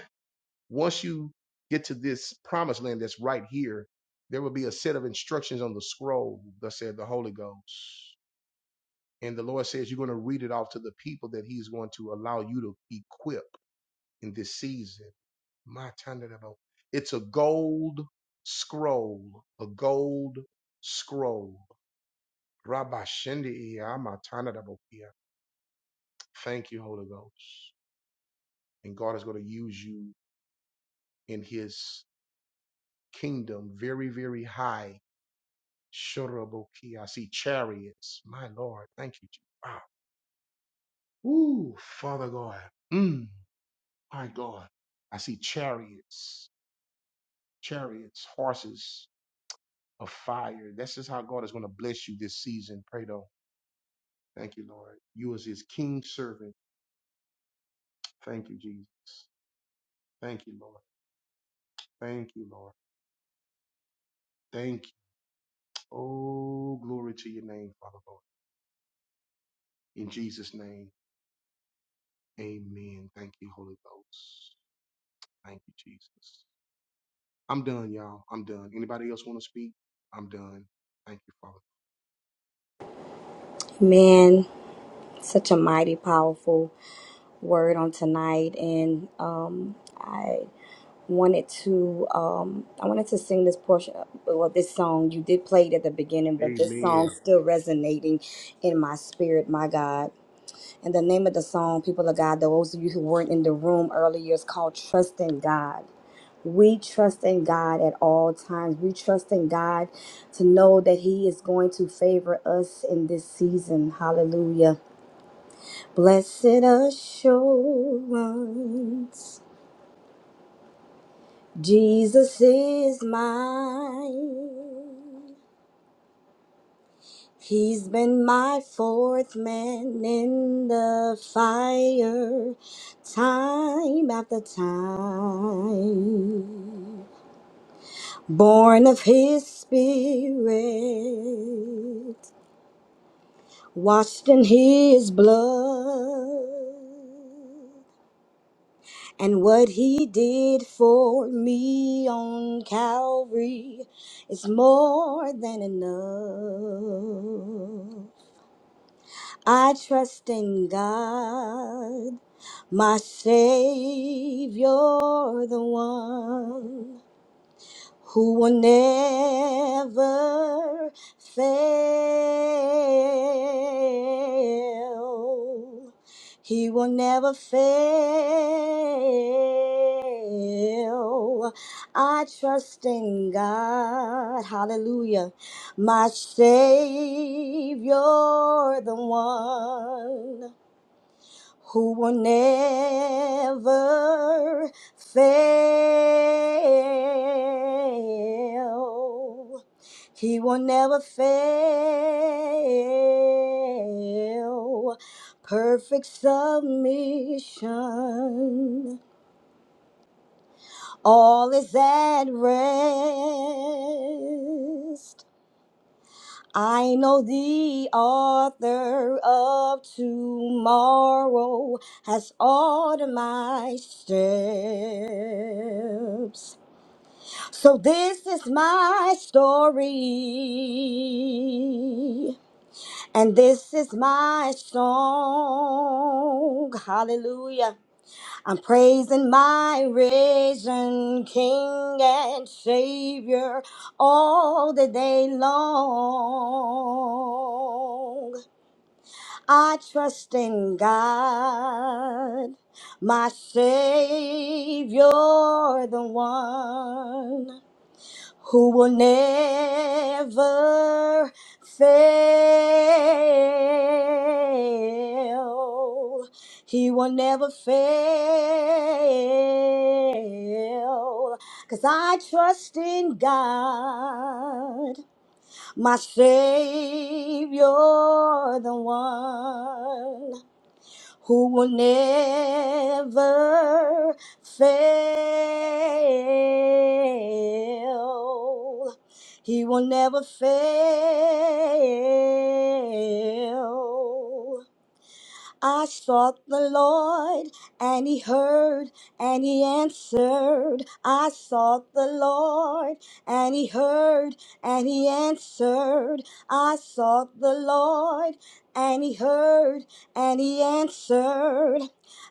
Once you get to this promised land that's right here, there will be a set of instructions on the scroll that said the Holy Ghost. And the Lord says, you're going to read it off to the people that He's going to allow you to equip in this season. My Tandanabo. It's a gold scroll, a gold scroll. Rabba Shindi iya, Ma Tandanabo iya. Thank you, Holy Ghost. And God is going to use you in his kingdom very, very high. Shurabokia. I see chariots. My Lord. Thank you. Jesus. Wow. Ooh, Father God. Mm, my God. I see chariots, chariots, horses of fire. This is how God is going to bless you this season, Pray Prado. Thank you, Lord. You as his king servant. Thank you, Jesus. Thank you, Lord. Thank you, Lord. Thank you. Oh, glory to your name, Father Lord. In Jesus' name, amen. Thank you, Holy Ghost. Thank you, Jesus. I'm done, y'all. I'm done. Anybody else want to speak? I'm done. Thank you, Father.
Man, such a mighty, powerful word on tonight, and um, I wanted to um, I wanted to sing this portion, well, this song you did play it at the beginning, but this song still resonating in my spirit, my God. And the name of the song, people of God, those of you who weren't in the room earlier, is called Trust in God. We trust in God at all times. We trust in God to know that He is going to favor us in this season. Hallelujah. Blessed assurance, Jesus is mine. He's been my fourth man in the fire, time after time. Born of his spirit, washed in his blood. And what he did for me on Calvary is more than enough. I trust in God, my Savior, the one who will never fail. He will never fail. I trust in God. Hallelujah. My Savior, the one who will never fail. He will never fail. Perfect submission. All is at rest. I know the author of tomorrow has ordered my steps. So this is my story, and this is my song. Hallelujah. I'm praising my risen King and Savior all the day long. I trust in God, my Savior, the one who will never fail. He will never fail. Cause I trust in God, my Savior, the one who will never fail. He will never fail. I sought the Lord, and he heard, and he answered. I sought the Lord, and he heard, and he answered. I sought the Lord, and he heard, and he answered.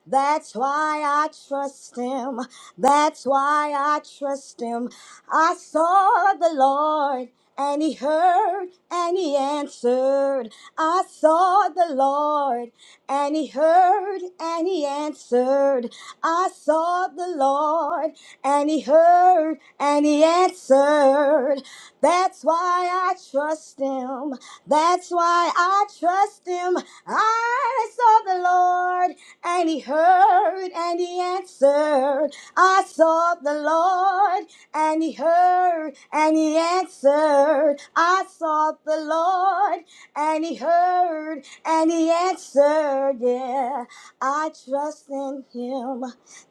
That's why I trust him. That's why I trust him. I saw the Lord and he heard and he answered. I saw the Lord and he heard and he answered, I saw the Lord, and he heard and he answered. That's why I trust him. That's why I trust him. I saw the Lord, and he heard and he answered. I saw the Lord, and he heard and he answered. I saw the Lord, and he heard and he answered yeah i trust in him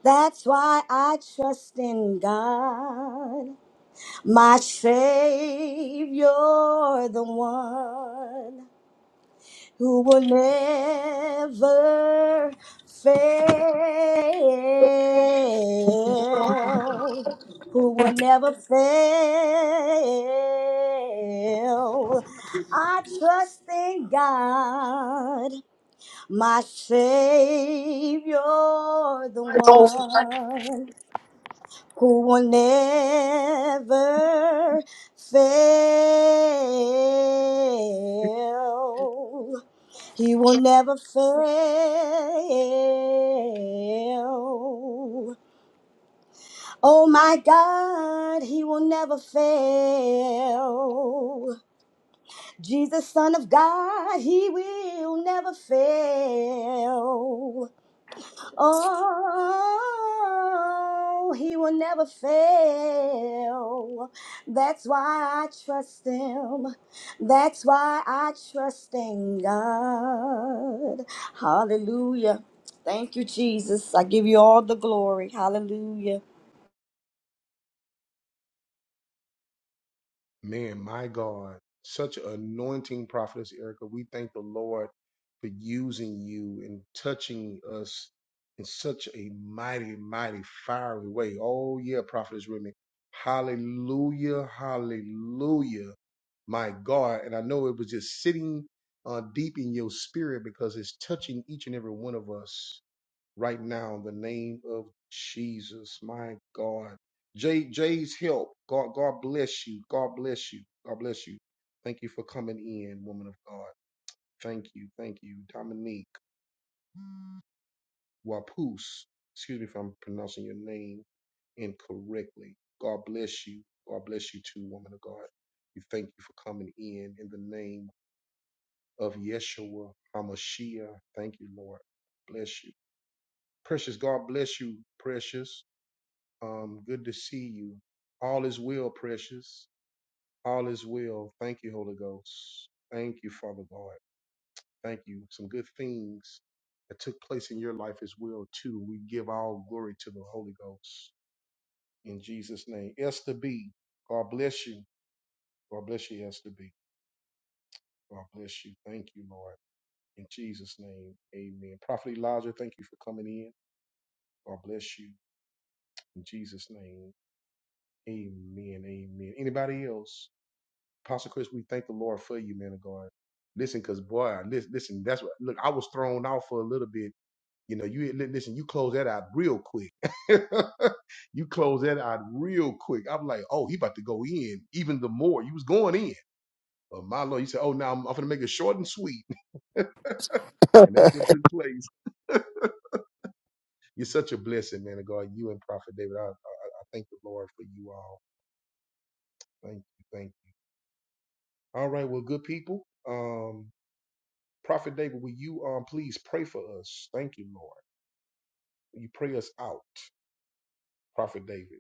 that's why i trust in god my savior the one who will never fail, who will never fail. I trust in God, my Savior, the one who will never fail. He will never fail. Oh my God, he will never fail. Jesus, Son of God, he will never fail. Oh, he will never fail. That's why I trust him. That's why I trust in God. Hallelujah. Thank you, Jesus. I give you all the glory. Hallelujah.
Man, my God, such an anointing prophetess, Erica. We thank the Lord for using you and touching us in such a mighty, mighty, fiery way. Oh, yeah, prophetess Remy. Hallelujah, hallelujah, my God. And I know it was just sitting uh, deep in your spirit because it's touching each and every one of us right now in the name of Jesus, my God. Jay, Jay's help. God, God bless you. God bless you. God bless you. Thank you for coming in, woman of God. Thank you. Thank you. Dominique Wapus. Excuse me if I'm pronouncing your name incorrectly. God bless you. God bless you too, woman of God. We thank you for coming in in the name of Yeshua HaMashiach. Thank you, Lord. Bless you. Precious, God bless you, precious. Um, good to see you. All is well, precious. All is well. Thank you, Holy Ghost. Thank you, Father God. Thank you. Some good things that took place in your life as well, too. We give all glory to the Holy Ghost in Jesus' name. Esther B. God bless you. God bless you, Esther B. God bless you. Thank you, Lord. In Jesus' name, amen. Prophet Elijah, thank you for coming in. God bless you. In Jesus' name, amen. Amen. Anybody else? Pastor Chris, we thank the Lord for you, man of God. Listen, cause boy, this listen, that's what look, I was thrown out for a little bit. You know, you li- listen, you close that out real quick. you close that out real quick. I'm like, oh, he about to go in even the more. You was going in. But my Lord, you said, oh, now I'm, I'm gonna make it short and sweet. And that's what took place. You're such a blessing, man of God. You and Prophet David, I, I thank the Lord for you all. Thank you, thank you. All right, well, good people. Um, Prophet David, will you um please pray for us? Thank you, Lord. Will you pray us out, Prophet David?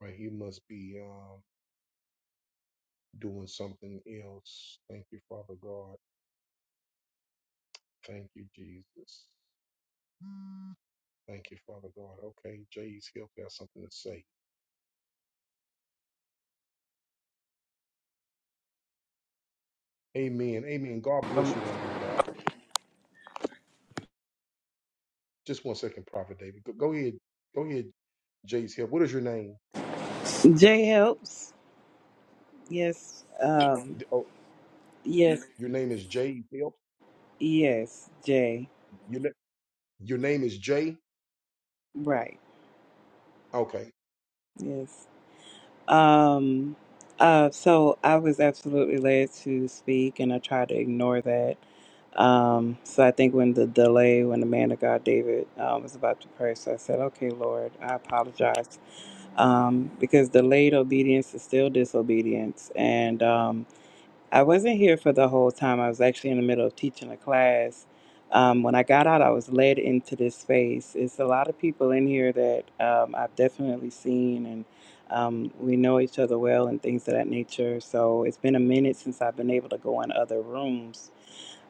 Right, he must be um doing something else. Thank you, Father God. Thank you, Jesus. Thank you, Father God. Okay, Jay's help has something to say. Amen. Amen. God bless you, woman of God. Just one second, Prophet David. Go, go ahead. Go ahead, Jay's help. What is your name?
Jay helps. Yes. Um
D- Oh,
yes,
your name is Jay's Help.
yes, Jay.
Your na- your name is Jay.
Right.
Okay.
Yes. Um uh so I was absolutely led to speak and I tried to ignore that. Um so I think when the delay when the man of God David um, was about to pray, so I said, Okay, Lord, I apologize. Um, because delayed obedience is still disobedience and um, I wasn't here for the whole time. I was actually in the middle of teaching a class. Um, when I got out, I was led into this space. It's a lot of people in here that um, I've definitely seen, and um, we know each other well and things of that nature. So it's been a minute since I've been able to go in other rooms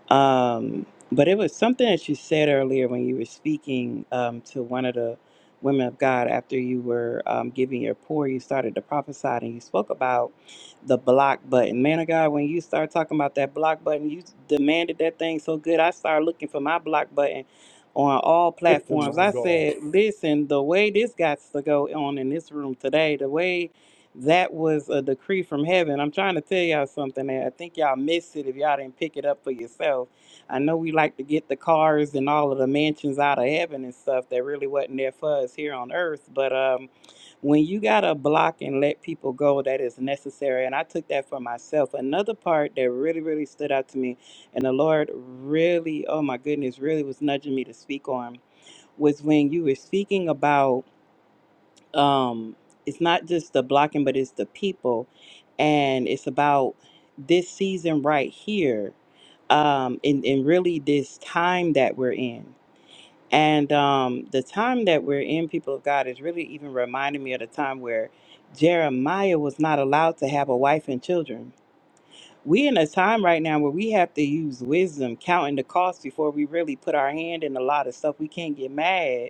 um, but it was something that you said earlier when you were speaking um, to one of the women of God after you were um, giving your pour. You started to prophesy and you spoke about the block button. Man of God, when you start talking about that block button, you demanded that thing so good. I started looking for my block button on all platforms.
My
I
God.
said, listen, the way this got to go on in this room today, the way that was a decree from heaven. I'm trying to tell y'all something. and I think y'all missed it if y'all didn't pick it up for yourself. I know we like to get the cars and all of the mansions out of heaven and stuff that really wasn't there for us here on earth. But um, when you got to block and let people go, that is necessary. And I took that for myself. Another part that really, really stood out to me, and the Lord really, oh my goodness, really was nudging me to speak on, was when you were speaking about um it's not just the blocking but it's the people and it's about this season right here um and, and really this time that we're in and um the time that we're in people of god is really even reminding me of the time where jeremiah was not allowed to have a wife and children we in a time right now where we have to use wisdom, counting the cost before we really put our hand in a lot of stuff. We can't get mad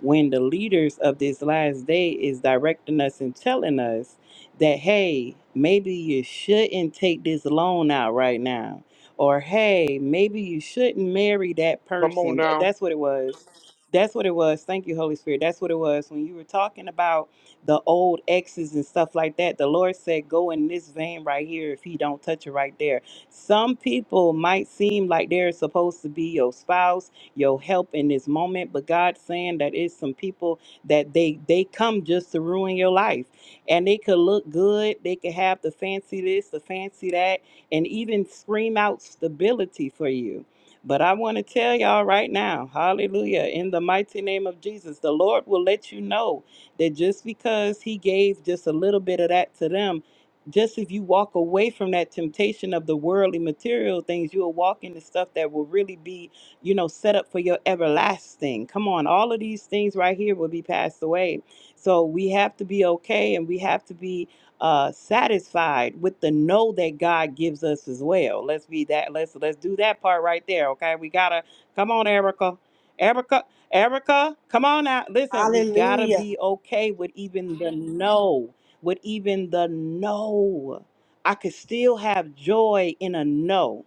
when the leaders of this last day is directing us and telling us that hey, maybe you shouldn't take this loan out right now. Or hey, maybe you shouldn't marry that
Come on
person. Th-
now.
That's what it was. That's what it was. Thank you, Holy Spirit. That's what it was when you were talking about the old exes and stuff like that. The Lord said, go in this vein right here if he don't touch it right there. Some people might seem like they're supposed to be your spouse, your help in this moment, but God's saying that it's some people that they they come just to ruin your life. And they could look good, they could have the fancy this, the fancy that, and even scream out stability for you. But I want to tell y'all right now, hallelujah, in the mighty name of Jesus, the Lord will let you know that just because he gave just a little bit of that to them, just if you walk away from that temptation of the worldly material things, you'll walk into stuff that will really be, you know, set up for your everlasting. Come on, all of these things right here will be passed away. So we have to be okay and we have to be uh satisfied with the know that God gives us as well. Let's be that let's let's do that part right there. Okay. We gotta come on, Erica. Erica. Erica, come on out. Listen, we gotta
Hallelujah.
be okay with even the no, with even the no. I could still have joy in a no.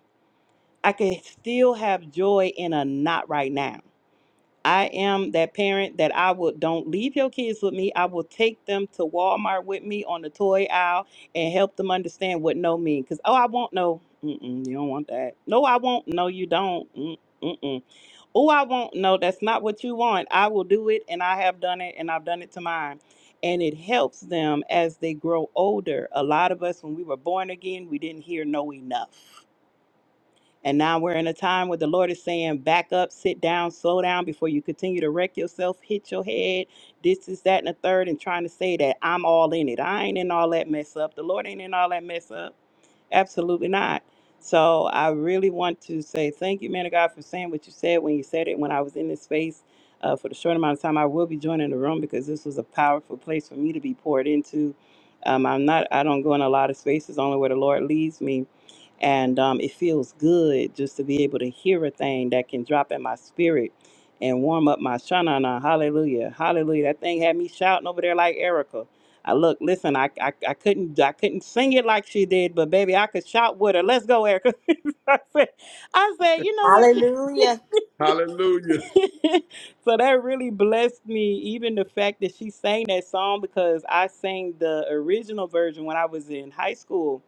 I could still have joy in a not right now. I am that parent that I will don't leave your kids with me. I will take them to Walmart with me on the toy aisle and help them understand what no means. Cause oh, I want no. Mm-mm, you don't want that. No, I won't. No, you don't. Mm-mm. Oh, I won't. No, that's not what you want. I will do it, and I have done it, and I've done it to mine. And it helps them as they grow older. A lot of us, when we were born again, we didn't hear no enough. And now we're in a time where the Lord is saying, back up, sit down, slow down before you continue to wreck yourself, hit your head, this is that, and the third, and trying to say that I'm all in it. I ain't in all that mess up. The Lord ain't in all that mess up. Absolutely not. So I really want to say thank you, man of God, for saying what you said when you said it when I was in this space. Uh, for the short amount of time I will be joining the room because this was a powerful place for me to be poured into. Um, I'm not. I don't go in a lot of spaces, only where the Lord leads me. And um, it feels good just to be able to hear a thing that can drop in my spirit and warm up my shanana. Hallelujah. Hallelujah. That thing had me shouting over there like Erica. I look, listen, I, I I couldn't I couldn't sing it like she did, but baby, I could shout with her. Let's go, Erica. I said, I said, you know what?
Hallelujah.
Hallelujah.
so that really blessed me, even the fact that she sang that song because I sang the original version when I was in high school,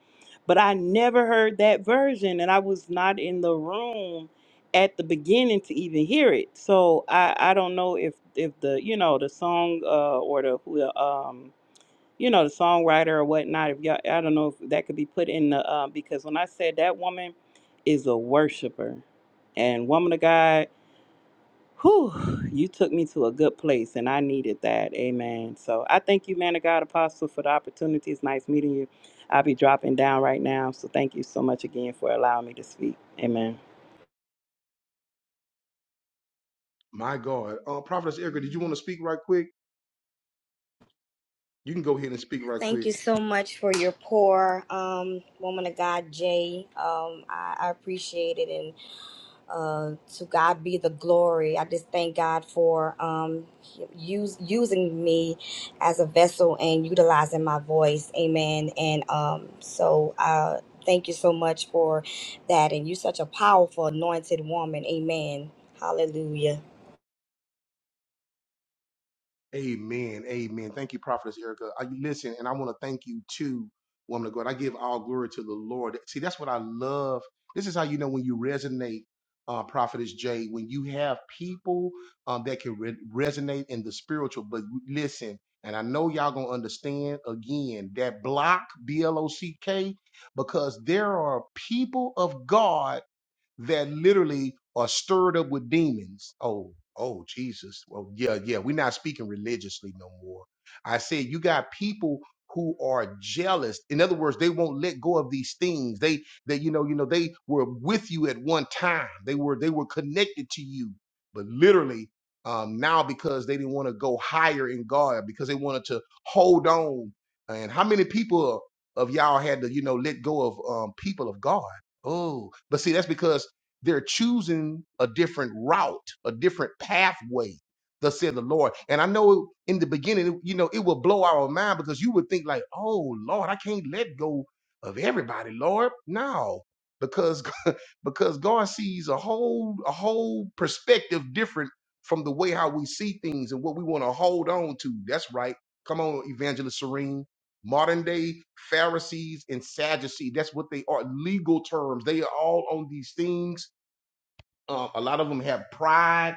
but I never heard that version and I was not in the room at the beginning to even hear it. So I, I don't know if, if the, you know, the song uh, or the, who the, um, you know, the songwriter or whatnot, if y'all, I don't know if that could be put in the, uh, because when I said that woman is a worshiper and woman of God Whew, you took me to a good place and I needed that. Amen. So I thank you, man of God, Apostle, for the opportunity. It's nice meeting you. I'll be dropping down right now. So thank you so much again for allowing me to speak. Amen.
My God. Uh, Prophetess Erica, did you want to speak right quick? You can go ahead and speak right
Thank
quick.
you so much for your poor um, woman of God, Jay. Um, I, I appreciate it. uh, to God be the glory. I just thank God for um, use, using me as a vessel and utilizing my voice. Amen. And um, so uh, thank you so much for that. And you're such a powerful, anointed woman. Amen. Hallelujah.
Amen. Amen. Thank you, Prophetess Erica. I, listen, and I want to thank you too, woman of God. I give all glory to the Lord. See, that's what I love. This is how you know when you resonate, uh, Prophetess Jay, when you have people um, that can re- resonate in the spiritual. But listen, and I know y'all going to understand again that block, B L O C K, because there are people of God that literally are stirred up with demons. Oh, oh, Jesus. Well, yeah, yeah. We're not speaking religiously no more. I said, you got people who are jealous. In other words, they won't let go of these things. They, they, you know, you know, they were with you at one time. They were, they were connected to you, but literally. Um, now because they didn't want to go higher in God because they wanted to hold on. And how many people of y'all had to, you know, let go of um, people of God? Oh, but see, that's because they're choosing a different route, a different pathway, thus said the Lord. And I know in the beginning, you know, it will blow our mind because you would think like, oh Lord, I can't let go of everybody, Lord. No, because because God sees a whole a whole perspective different from the way how we see things and what we want to hold on to. That's right. Come on, Evangelist Serene. Modern day Pharisees and Sadducees, that's what they are. Legal terms. They are all on these things uh, a lot of them have pride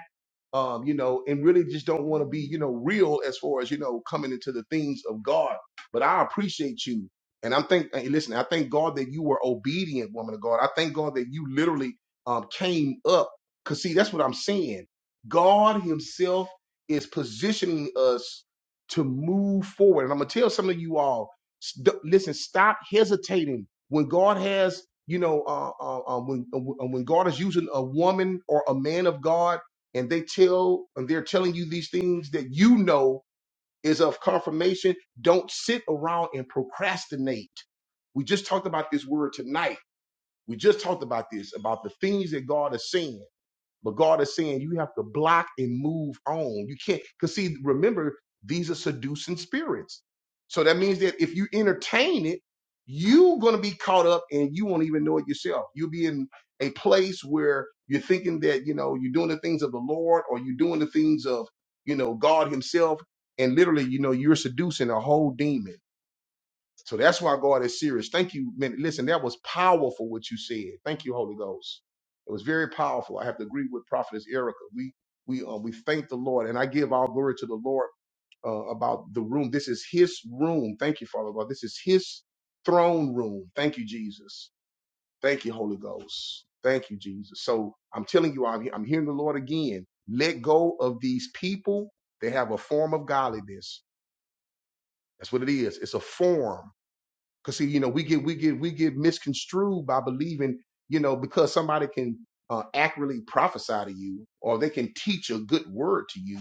um, you know, and really just don't want to be, you know, real as far as, you know, coming into the things of God. But I appreciate you. And I'm think hey, listen, I thank God that you were obedient, woman of God. I thank God that you literally um came up. Cause see, that's what I'm saying. God Himself is positioning us to move forward. And I'm gonna tell some of you all, st- listen, stop hesitating when God has, you know, uh, uh, uh, when uh, when God is using a woman or a man of God and they tell and they're telling you these things that you know is of confirmation, don't sit around and procrastinate. We just talked about this word tonight. We just talked about this, about the things that God is saying. But God is saying you have to block and move on. You can't, because see, remember, these are seducing spirits. So that means that if you entertain it, you're going to be caught up and you won't even know it yourself. You'll be in a place where you're thinking that, you know, you're doing the things of the Lord or you're doing the things of, you know, God Himself. And literally, you know, you're seducing a whole demon. So that's why God is serious. Thank you. Man, listen, that was powerful what you said. Thank you, Holy Ghost. It was very powerful. I have to agree with Prophetess Erica. We we uh, we thank the Lord, and I give all glory to the Lord uh, about the room. This is His room. Thank you, Father God. This is His throne room. Thank you, Jesus. Thank you, Holy Ghost. Thank you, Jesus. So I'm telling you, I'm, I'm hearing the Lord again. Let go of these people. They have a form of godliness. That's what it is. It's a form. Cause see, you know, we get we get we get misconstrued by believing, you know, because somebody can uh, accurately prophesy to you, or they can teach a good word to you,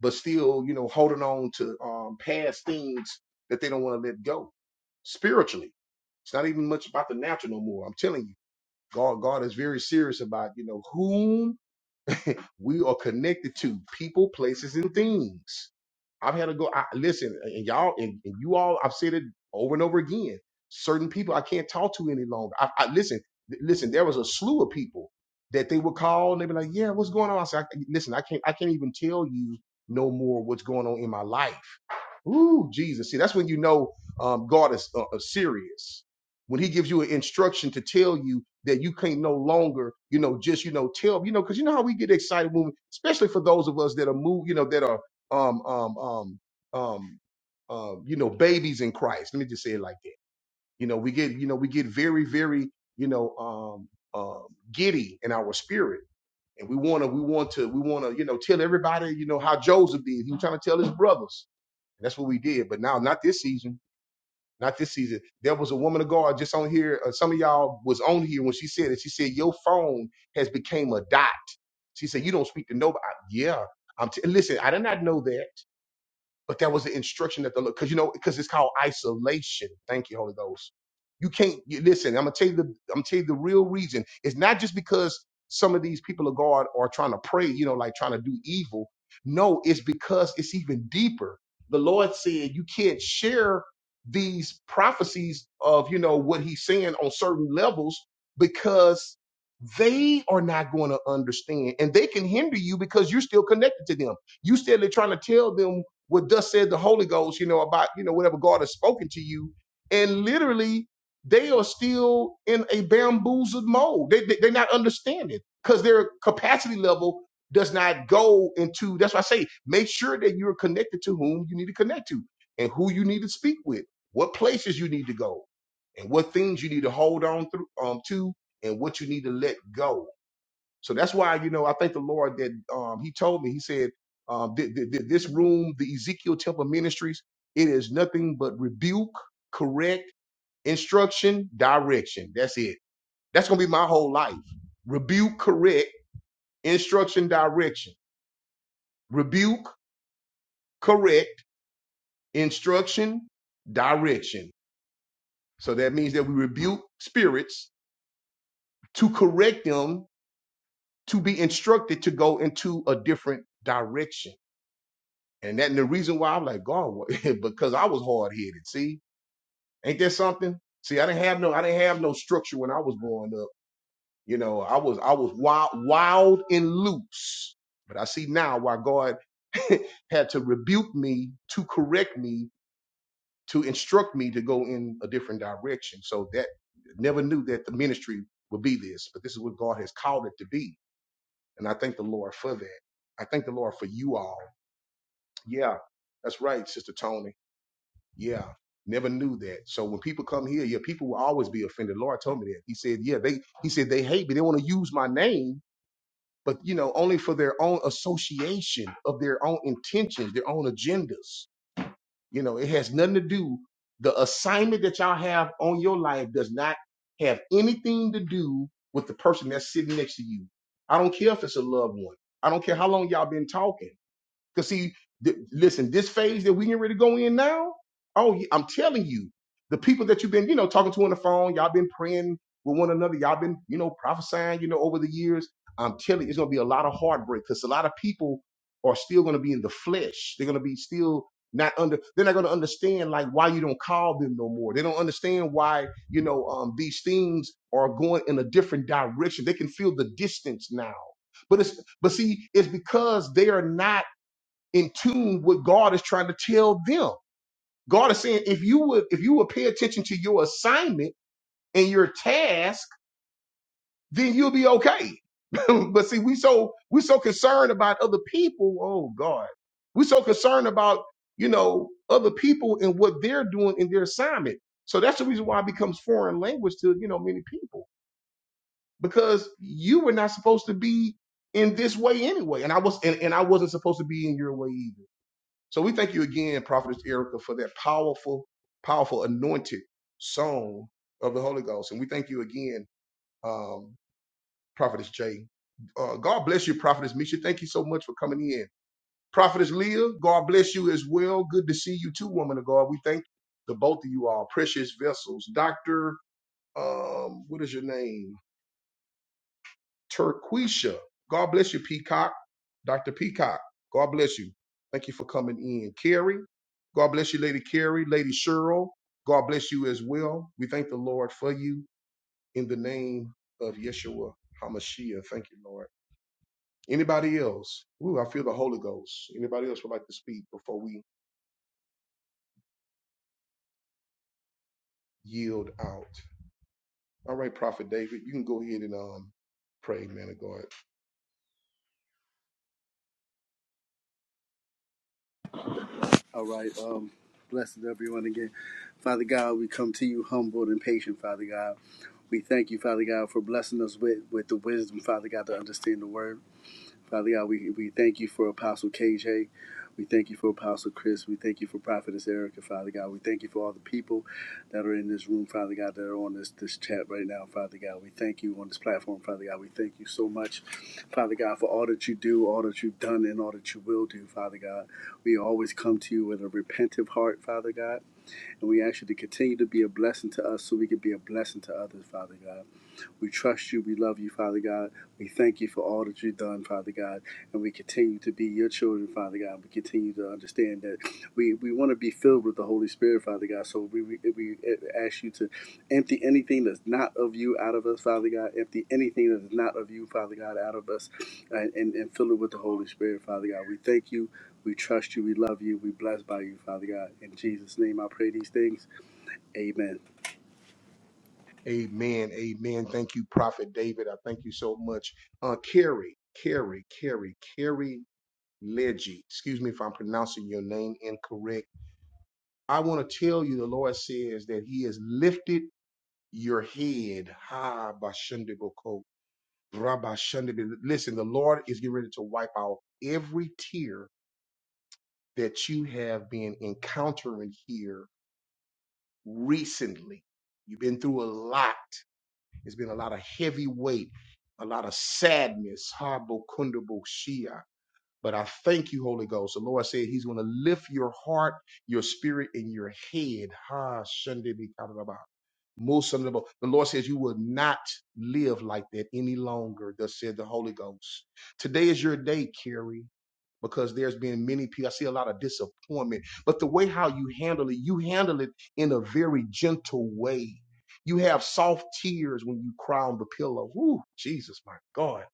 but still, you know, holding on to um, past things that they don't want to let go spiritually. It's not even much about the natural no more. I'm telling you, God, God is very serious about you know whom we are connected to, people, places, and things. I've had to go. I, listen, and y'all, and, and you all, I've said it over and over again. Certain people I can't talk to any longer. I, I listen, th- listen. There was a slew of people that they would call and they'd be like, "Yeah, what's going on?" I said, I, "Listen, I can't, I can't even tell you no more what's going on in my life." Ooh, Jesus. See, that's when you know um, God is uh, uh, serious. When he gives you an instruction to tell you that you can't no longer, you know, just, you know, tell, you know, because you know how we get excited when, we, especially for those of us that are moved, you know, that are, um, um, um, um, um, you know, babies in Christ. Let me just say it like that. You know, we get, you know, we get very, very, you know, um, um, giddy in our spirit. And we want to, we want to, we want to, you know, tell everybody, you know, how Joseph did. He was trying to tell his brothers that's what we did. But now, not this season. Not this season. There was a woman of God just on here. Uh, some of y'all was on here when she said it. She said your phone has become a dot. She said you don't speak to nobody. Yeah. I'm t- listen. I did not know that. But that was the instruction that the Lord, because you know, because it's called isolation. Thank you, Holy Ghost. You can't you, listen. I'm gonna tell you the I'm gonna tell you the real reason. It's not just because some of these people of God are trying to pray, you know, like trying to do evil. No, it's because it's even deeper. The Lord said you can't share these prophecies of you know what He's saying on certain levels because they are not going to understand and they can hinder you because you're still connected to them you still are trying to tell them what thus said the Holy Ghost, you know, about, you know, whatever God has spoken to you. And literally, they are still in a bamboozled mode. They, they, they are not understanding because their capacity level does not go into, that's why I say, make sure that you're connected to whom you need to connect to and who you need to speak with, what places you need to go and what things you need to hold on through, um, to and what you need to let go so that's why, you know, I thank the Lord that um, he told me, he said, um, th- th- th- this room, the Ezekiel Temple Ministries, it is nothing but rebuke, correct, instruction, direction. That's it. That's going to be my whole life. Rebuke, correct, instruction, direction. Rebuke, correct, instruction, direction. So that means that we rebuke spirits to correct them to be instructed to go into a different direction. And that and the reason why I'm like God because I was hard headed. See, ain't that something? See, I didn't have no I didn't have no structure when I was growing up. You know, I was I was wild wild and loose. But I see now why God had to rebuke me to correct me to instruct me to go in a different direction. So that never knew that the ministry would be this, but this is what God has called it to be. And I thank the Lord for that. I thank the Lord for you all. Yeah, that's right, Sister Tony. Yeah. Never knew that. So when people come here, yeah, people will always be offended. The Lord told me that. He said, yeah, they he said they hate me. They want to use my name, but you know, only for their own association of their own intentions, their own agendas. You know, it has nothing to do. The assignment that y'all have on your life does not have anything to do with the person that's sitting next to you. I don't care if it's a loved one. I don't care how long y'all been talking. Because see, th- listen, this phase that we can really go in now. Oh, yeah, I'm telling you, the people that you've been, you know, talking to on the phone, y'all been praying with one another, y'all been, you know, prophesying, you know, over the years. I'm telling you, it's gonna be a lot of heartbreak because a lot of people are still gonna be in the flesh. They're gonna be still not under. They're not gonna understand like why you don't call them no more. They don't understand why you know um, these things are going in a different direction. They can feel the distance now. But it's but see, it's because they are not in tune with God is trying to tell them. God is saying, if you would, if you would pay attention to your assignment and your task, then you'll be okay. but see, we so we so concerned about other people. Oh God, we so concerned about you know other people and what they're doing in their assignment. So that's the reason why it becomes foreign language to you know many people because you were not supposed to be in this way anyway, and I was and, and I wasn't supposed to be in your way either. So we thank you again, Prophetess Erica, for that powerful, powerful anointed song of the Holy Ghost. And we thank you again, um, Prophetess Jay. Uh, God bless you, Prophetess Misha. Thank you so much for coming in. Prophetess Leah, God bless you as well. Good to see you too, woman of God. We thank the both of you all, precious vessels. Dr. Um, what is your name? Turquisha. God bless you, Peacock. Dr. Peacock, God bless you. Thank you for coming in. Carrie, God bless you, Lady Carrie, Lady Cheryl. God bless you as well. We thank the Lord for you in the name of Yeshua HaMashiach. Thank you, Lord. Anybody else? Ooh, I feel the Holy Ghost. Anybody else would like to speak before we yield out? All right, Prophet David, you can go ahead and um pray, man of God.
All right. Um, blessed everyone again. Father God, we come to you humbled and patient, Father God. We thank you, Father God, for blessing us with, with the wisdom, Father God, to understand the word. Father God, we, we thank you for Apostle KJ. We thank you for Apostle Chris. We thank you for Prophetess Erica, Father God. We thank you for all the people that are in this room, Father God, that are on this, this chat right now, Father God. We thank you on this platform, Father God. We thank you so much, Father God, for all that you do, all that you've done, and all that you will do, Father God. We always come to you with a repentive heart, Father God, and we ask you to continue to be a blessing to us so we can be a blessing to others, Father God. We trust you. We love you, Father God. We thank you for all that you've done, Father God. And we continue to be your children, Father God. We continue to understand that we, we want to be filled with the Holy Spirit, Father God. So we, we, we ask you to empty anything that's not of you out of us, Father God. Empty anything that is not of you, Father God, out of us and, and, and fill it with the Holy Spirit, Father God. We thank you. We trust you. We love you. We blessed by you, Father God. In Jesus' name I pray these things. Amen.
Amen. Amen. Thank you, Prophet David. I thank you so much. Uh, Carrie, Carrie, Carrie, Carrie Leggy. Excuse me if I'm pronouncing your name incorrect. I want to tell you the Lord says that He has lifted your head. Ha, Bashundiboko. Rabashundibi. Listen, the Lord is getting ready to wipe out every tear that you have been encountering here recently. You've been through a lot It's been a lot of heavy weight, a lot of sadness. Habo kundabo shia. But I thank you, Holy Ghost. The Lord said He's going to lift your heart, your spirit, and your head. Ha Sunday Most of the Lord says you will not live like that any longer, thus said the Holy Ghost. Today is your day, Carrie because there's been many people. I see a lot of disappointment, but the way how you handle it, you handle it in a very gentle way. You have soft tears when you cry on the pillow. Woo, Jesus, my God.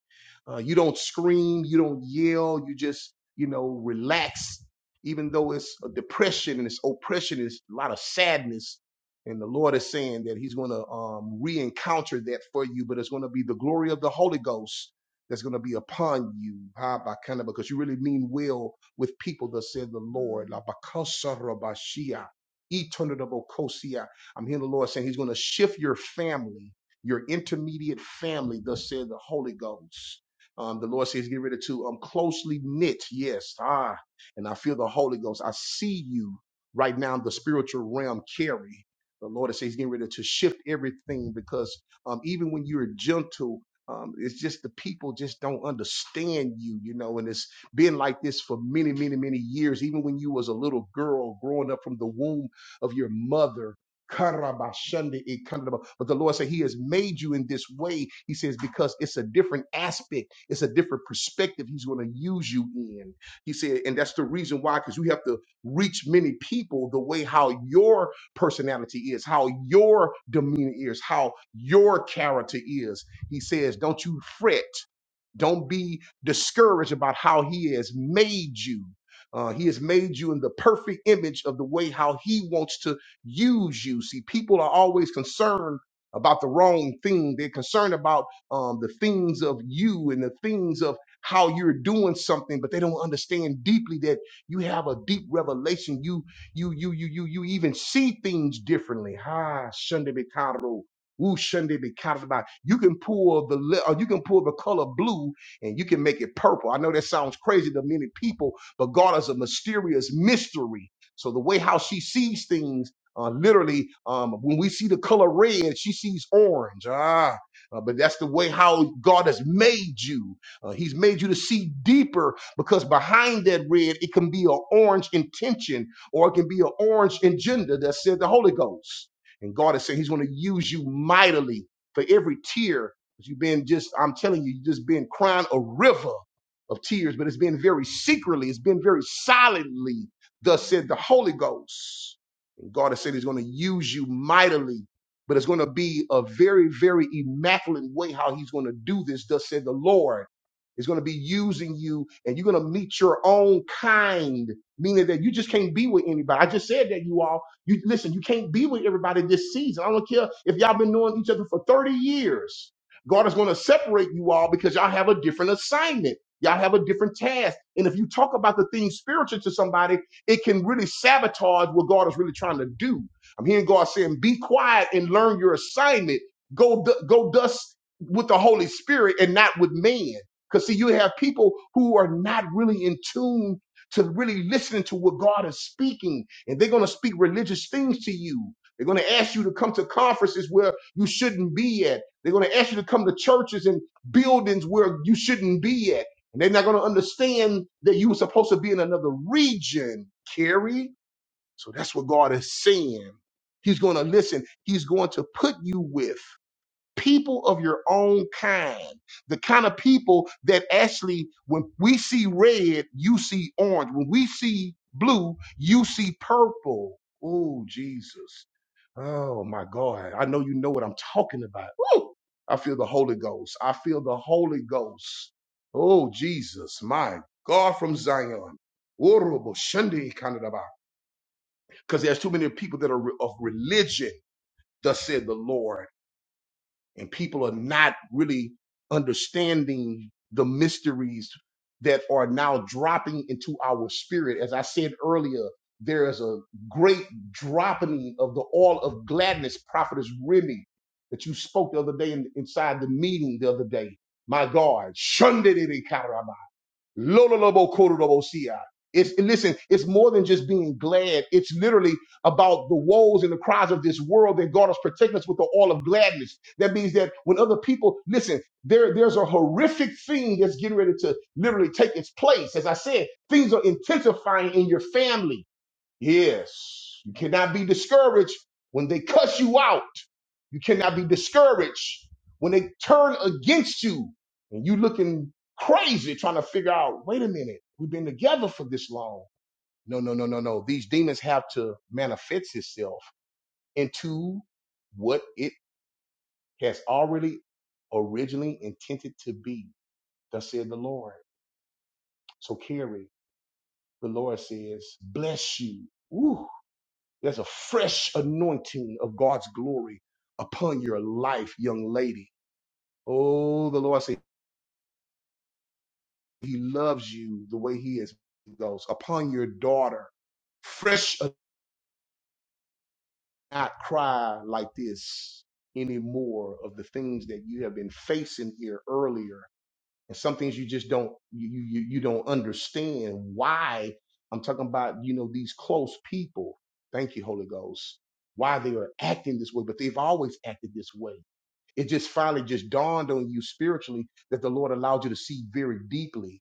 Uh, you don't scream, you don't yell, you just, you know, relax, even though it's a depression and it's oppression, it's a lot of sadness. And the Lord is saying that He's going to um, re encounter that for you, but it's going to be the glory of the Holy Ghost that's going to be upon you, ah, by kind of because you really mean well with people that said the Lord. La bakasa rabashia, itonadabokosia. I'm hearing the Lord saying He's going to shift your family, your intermediate family, thus said the Holy Ghost. Um, the Lord says, get rid of two. Um, closely knit. Yes. Ah, and I feel the Holy Ghost. I see you right now in the spiritual realm, carry. The Lord is saying he's getting ready to shift everything because um, even when you're gentle, um, it's just the people just don't understand you, you know, and it's been like this for many, many, many years. Even when you was a little girl growing up from the womb of your mother, Karabashande, it kind of- but the Lord said He has made you in this way. He says because it's a different aspect. It's a different perspective he's going to use you in. He said, and that's the reason why, because you have to reach many people the way how your personality is, how your demeanor is, how your character is. He says, don't you fret. Don't be discouraged about how He has made you. Uh, he has made you in the perfect image of the way how He wants to use you. See, people are always concerned about the wrong thing. They're concerned about um, the things of you and the things of how you're doing something, but they don't understand deeply that you have a deep revelation. You you you you you you even see things differently. Ha, Shunda Woo, shouldn't be counted about. You can pull the li- or you can pull the color blue and you can make it purple. I know that sounds crazy to many people, but God is a mysterious mystery. So the way how she sees things, uh, literally, um, when we see the color red, she sees orange. Ah, uh, but that's the way how God has made you. Uh, he's made you to see deeper because behind that red, it can be an orange intention or it can be an orange agenda that said the Holy Ghost. And God is saying He's going to use you mightily for every tear that you've been just, I'm telling you, you've just been crying a river of tears, but it's been very secretly, it's been very silently, thus said the Holy Ghost. And God has said He's going to use you mightily, but it's going to be a very, very immaculate way how He's going to do this, thus said the Lord. It's going to be using you, and you're going to meet your own kind, meaning that you just can't be with anybody. I just said that you all, you listen, you can't be with everybody this season. I don't care if y'all been knowing each other for 30 years. God is going to separate you all because y'all have a different assignment. Y'all have a different task. And if you talk about the things spiritual to somebody, it can really sabotage what God is really trying to do. I'm hearing God saying, be quiet and learn your assignment. Go, du- go dust with the Holy Spirit and not with man. Because see, you have people who are not really in tune to really listening to what God is speaking, and they're going to speak religious things to you. They're going to ask you to come to conferences where you shouldn't be at. They're going to ask you to come to churches and buildings where you shouldn't be at and they're not going to understand that you were supposed to be in another region, Carrie. So that's what God is saying. He's going to listen. He's going to put you with people of your own kind, the kind of people that actually, when we see red, you see orange. When we see blue, you see purple. Oh, Jesus. Oh, my God. I know you know what I'm talking about. Woo! I feel the Holy Ghost. I feel the Holy Ghost. Oh, Jesus. My God from Zion. Because there's too many people that are re- of religion, thus said the Lord and people are not really understanding the mysteries that are now dropping into our spirit. As I said earlier, there is a great dropping of the oil of gladness, prophetess Remy, that you spoke the other day in, inside the meeting the other day. My God, shunded it in Karama. Lololobokorolobosia. It's listen, it's more than just being glad. It's literally about the woes and the cries of this world that God is protecting us with the all of gladness. That means that when other people listen, there there's a horrific thing that's getting ready to literally take its place. As I said, things are intensifying in your family Yes. You cannot be discouraged when they cuss you out. You cannot be discouraged when they turn against you and you looking crazy trying to figure out, wait a minute, we've been together for this long. No, no, no, no, no. These demons have to manifest itself into what it has already originally intended to be. Thus said the Lord. So Carrie, the Lord says, bless you. Ooh. There's a fresh anointing of God's glory upon your life, young lady. Oh, the Lord said He loves you the way He is. He goes upon your daughter. Fresh, anointing. not cry like this anymore of the things that you have been facing here earlier and some things you just don't you you you don't understand why i'm talking about you know these close people thank you holy ghost why they are acting this way but they've always acted this way it just finally just dawned on you spiritually that the lord allowed you to see very deeply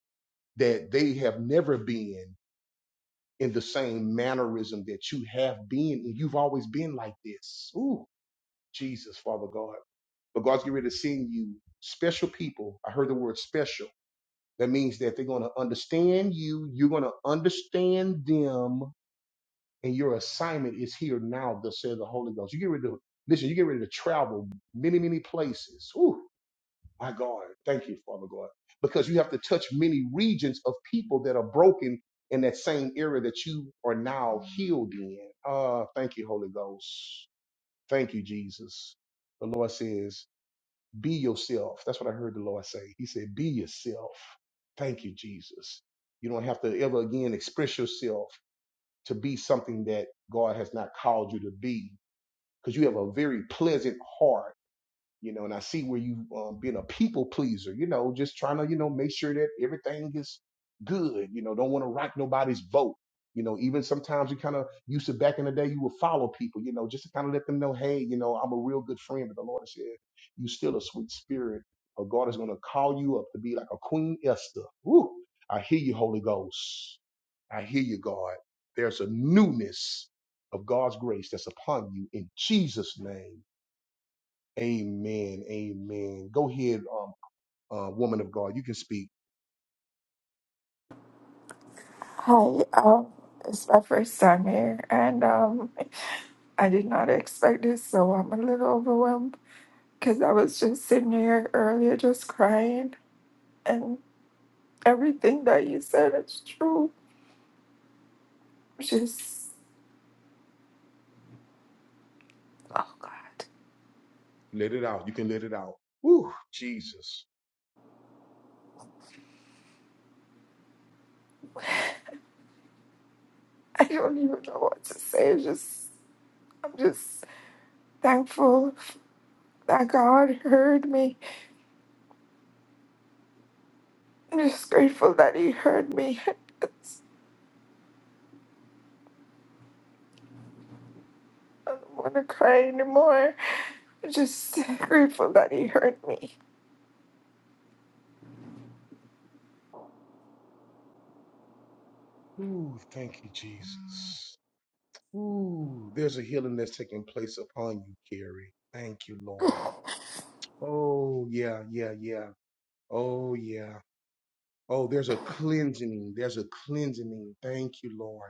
that they have never been in the same mannerism that you have been and you've always been like this ooh jesus father god but god's getting ready to send you special people i heard the word special that means that they're going to understand you, you're going to understand them, and your assignment is here now, thus says the Holy Ghost. You get ready to, listen, you get ready to travel many, many places. Ooh, my God. Thank you, Father God. Because you have to touch many regions of people that are broken in that same area that you are now healed in. Uh, thank you, Holy Ghost. Thank you, Jesus. The Lord says, be yourself. That's what I heard the Lord say. He said, Be yourself. Thank you, Jesus. You don't have to ever again express yourself to be something that God has not called you to be because you have a very pleasant heart you know, and I see where you um, being a people pleaser, you know, just trying to, you know, make sure that everything is good, you know, don't want to rock nobody's boat. You know, even sometimes you kind of used to back in the day, you would follow people, you know, just to kind of let them know, hey, you know, I'm a real good friend. But the Lord said, you still a sweet spirit. Or God is going to call you up to be like a Queen Esther. Woo! I hear you, Holy Ghost. I hear you, God. There's a newness of God's grace that's upon you in Jesus' name. Amen. Amen. Go ahead, um, uh, woman of God. You can speak.
Hi, um, it's my first time here, and um, I did not expect this, so I'm a little overwhelmed because I was just sitting here earlier just crying, and everything that you said is true. Just, oh God,
Let it out. You can let it out. Ooh, Jesus.
I don't even know what to say. It's Just, I'm just thankful that God heard me. I'm just grateful that He heard me. I don't want to cry anymore. Just grateful that He heard me.
Ooh, thank you, Jesus. Ooh, there's a healing that's taking place upon you, Carrie. Thank you, Lord. Oh, yeah, yeah, yeah. Oh, yeah. Oh, there's a cleansing. There's a cleansing. Thank you, Lord.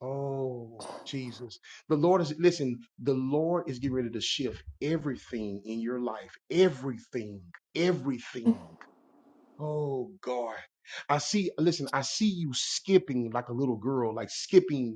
Oh, Jesus. The Lord is, listen, the Lord is getting ready to shift everything in your life. Everything. Everything. Oh, God. I see, listen, I see you skipping like a little girl, like skipping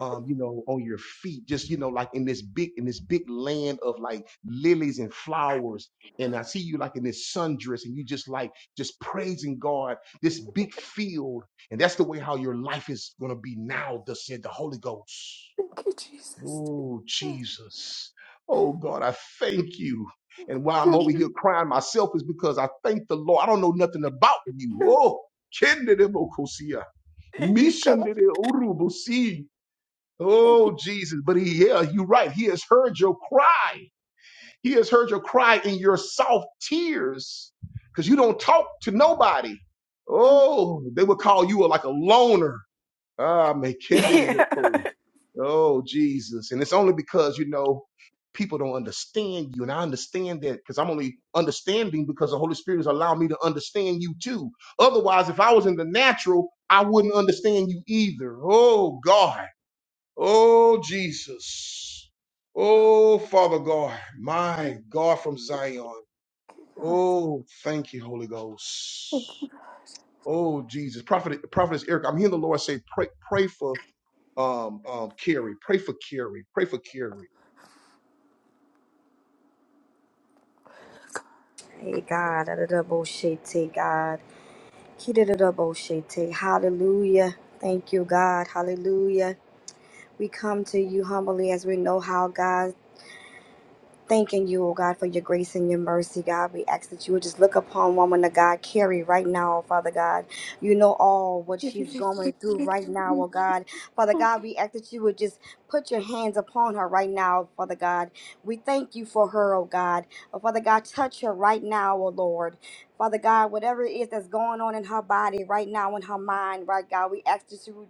um, you know, on your feet, just you know, like in this big in this big land of like lilies and flowers. And I see you like in this sundress, and you just like just praising God, this big field, and that's the way how your life is gonna be now. Thus said the Holy Ghost.
Thank you, Jesus.
Oh Jesus, oh God, I thank you. And why I'm
Thank
over
you,
here crying myself is because I thank the Lord. I don't know nothing about you.
God.
Oh, Kendere Mokosia.
Thank you, God.
Mishandere urubusi Oh, Jesus. But he, yeah, you're right. He has heard your cry. He has heard your cry in your soft tears because you don't talk to nobody. Oh, they would call you a, like a loner. Ah, me
Yeah.
kende
Thank you,
Oh, Jesus. And it's only because, you know, people don't understand you. And I understand that because I'm only understanding because the Holy Spirit has allowed me to understand you too. Otherwise, if I was in the natural, I wouldn't understand you either. Oh, God. Oh, Jesus. Oh, Father God, my God from Zion.
God.
Oh, thank you, Holy Ghost. Oh, Jesus. Prophet, Prophetess Eric, I'm hearing the Lord say, pray, pray for um, um, Carrie. Pray for Carrie. Pray for Carrie.
Hey, God. Adadaboshete, God. Kidadaboshete. Hallelujah. Thank you, God. Hallelujah. We come to you humbly as we know how, God. Thanking you, oh God, for your grace and your mercy, God. We ask that you would just look upon woman of God, Carrie, right now, Father God. You know all what
Thank you. Thank you,
she's going through
God.
right now, oh God. Father God, we ask that you would just put your hands upon her right now, Father God. We thank you for her, oh God. Oh, Father God, touch her right now, oh Lord. Father God, whatever it is that's going on in her body right now, in her mind, right, God, we ask that you would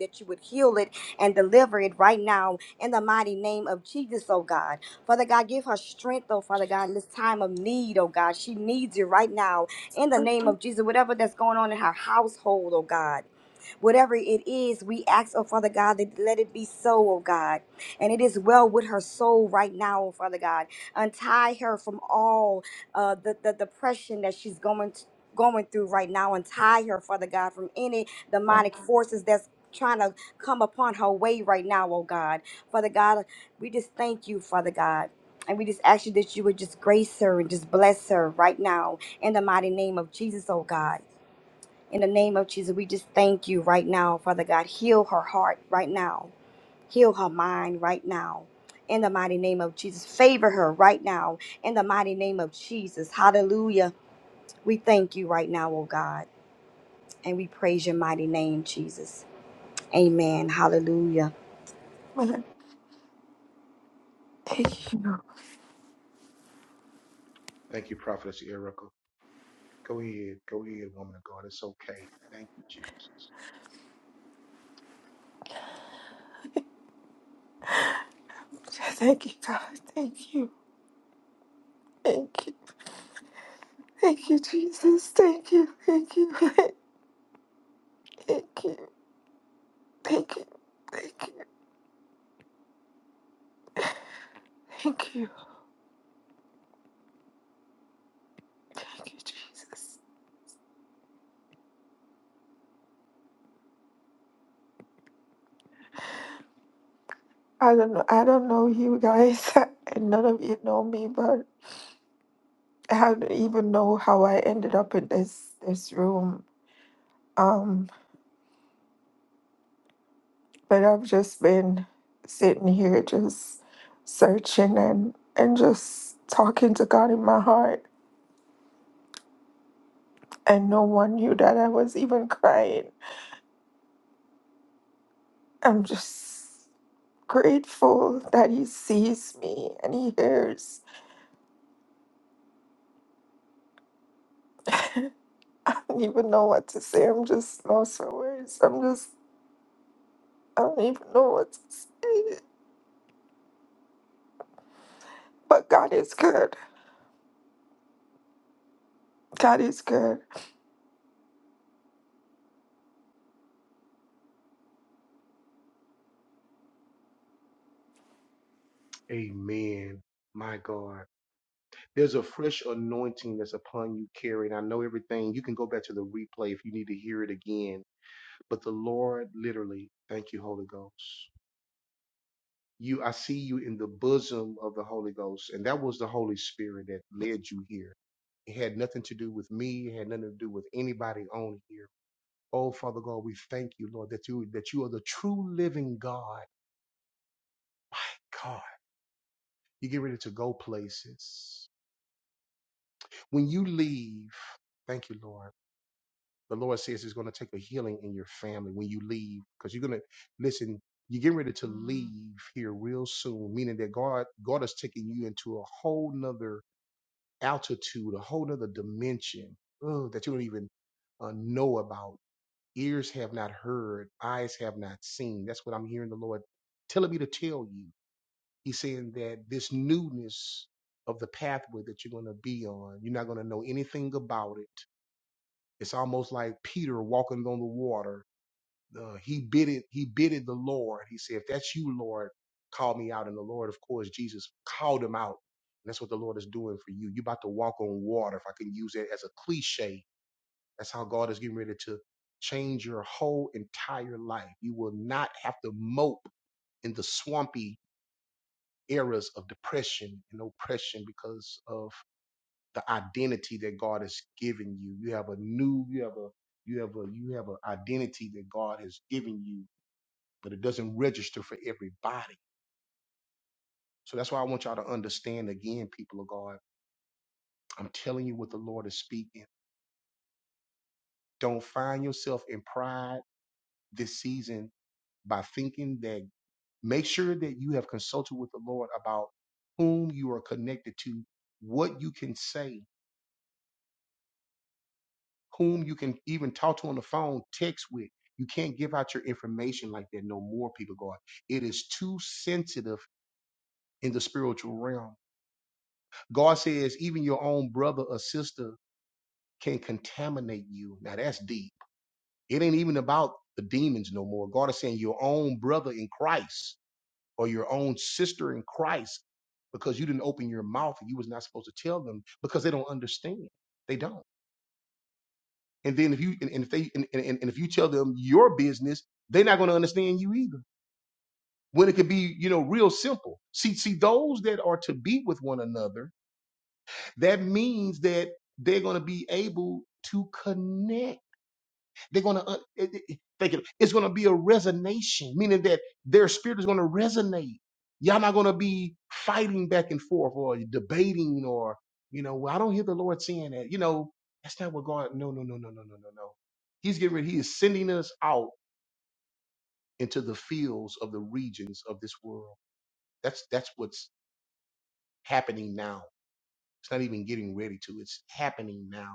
that you would heal it and deliver it right now in the mighty name of Jesus, oh God. Father God, give her strength, oh Father God, in this time of need, oh God. She needs you right now in the name of Jesus. Whatever that's going on in her household, oh God. Whatever it is, we ask, oh Father God, that let it be so, oh God. And it is well with her soul right now, oh Father God. Untie her from all uh, the, the depression that she's going to. Going through right now, untie her, Father God, from any demonic forces that's trying to come upon her way right now, oh God. Father God, we just thank you, Father God. And we just ask you that you would just grace her and just bless her right now in the mighty name of Jesus, oh God. In the name of Jesus, we just thank you right now, Father God. Heal her heart right now. Heal her mind right now. In the mighty name of Jesus, favor her right now. In the mighty name of Jesus, hallelujah. We thank you right now, oh God, and we praise your mighty name, Jesus. Amen. Hallelujah.
Thank you, Prophetess Erica. Go ahead. Go ahead, woman of God. It's okay. Thank you, Jesus.
Thank you. Thank you. Thank you, Jesus. Thank you. Thank you. Thank you. Thank you. Thank you. Thank you. Thank you, Jesus. I don't know. I don't know you guys, and none of you know me, but I don't even know how I ended up in this this room. Um, but I've just been sitting here just searching and and just talking to God in my heart and no one knew that I was even crying. I'm just grateful that he sees me and he hears. I don't even know what to say. I'm just lost for words. I'm just I don't even know what to say. But God is good. God is good.
Amen. My God. There's a fresh anointing that's upon you, Carrie. And I know everything. You can go back to the replay if you need to hear it again but the Lord literally, thank you, Holy Ghost. You, I see you in the bosom of the Holy Ghost, and that was the Holy Spirit that led you here. It had nothing to do with me. It had nothing to do with anybody on here. Oh, Father God, we thank you, Lord, that you that you are the true living God. My God, you get ready to go places. When you leave, thank you, Lord. the Lord says it's going to take a healing in your family when you leave because you're going to listen. You're getting ready to leave here real soon, meaning that God God is taking you into a whole nother altitude, a whole nother dimension oh, that you don't even uh, know about. Ears have not heard, eyes have not seen. That's what I'm hearing the Lord telling me to tell you. He's saying that this newness of the pathway that you're going to be on, you're not going to know anything about it. It's almost like Peter walking on the water uh, he bidded he bidded the Lord. He said, "If that's you, Lord, call me out." And the Lord, of course, Jesus called him out. And that's what the Lord is doing for you. You're about to walk on water. If I can use that as a cliche, that's how God is getting ready to change your whole entire life. You will not have to mope in the swampy eras of depression and oppression because of the identity that God has given you. You have a new, you have a, you have a, you have an identity that God has given you but it doesn't register for everybody. So that's why I want y'all to understand again, people of God. I'm telling you what the Lord is speaking. Don't find yourself in pride this season by thinking that make sure that you have consulted with the Lord about whom you are connected to, what you can say, whom you can even talk to on the phone, text with. You can't give out your information like that no more, people of God. It is too sensitive in the spiritual realm. God says, even your own brother or sister can contaminate you. Now that's deep. It ain't even about the demons no more. God is saying your own brother in Christ or your own sister in Christ because you didn't open your mouth and you was not supposed to tell them because they don't understand. They don't. And then if you and, and if they and, and, and if you tell them your business, they're not going to understand you either. When it could be, you know, real simple. See, see, those that are to be with one another, that means that they're going to be able to connect They're gonna uh, it- it- thank you. It's gonna be a resonation, meaning that their spirit is gonna resonate. Y'all not gonna be fighting back and forth or debating or you know, well, I don't hear the Lord saying that. You know, that's not what God. No, no, no, no, no, no, no, no. He's getting ready. He is sending us out into the fields of the regions of this world. That's that's what's happening now. It's not even getting ready to. It's happening now.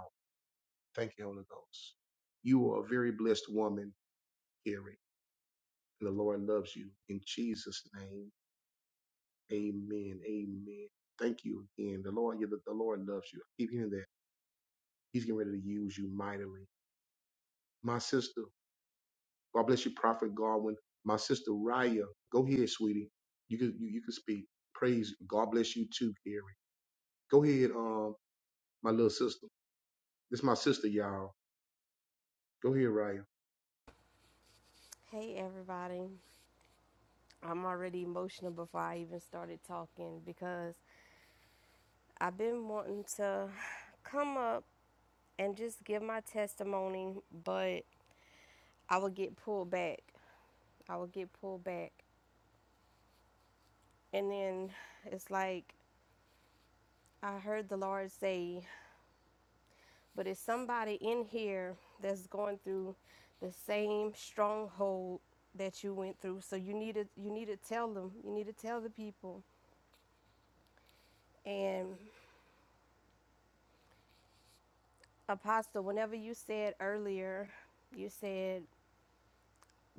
Thank you, Holy Ghost. You are a very blessed woman, Carrie. And the Lord loves you. In Jesus' name, amen. Amen. Thank you again. The Lord, yeah, the, the Lord loves you. I keep hearing that. He's getting ready to use you mightily. My sister, God bless you, Prophet Godwin. My sister Raya, go ahead, sweetie. You can you, you can speak. Praise God bless you too, Gary. Go ahead, um, my little sister. This my sister, y'all. Go ahead, Raya.
Hey everybody. I'm already emotional before I even started talking because I've been wanting to come up and just give my testimony, but I would get pulled back. I would get pulled back. And then it's like I heard the Lord say, but it's somebody in here that's going through the same stronghold that you went through. So you need to you need to tell them. You need to tell the people. And Apostle, whenever you said earlier, you said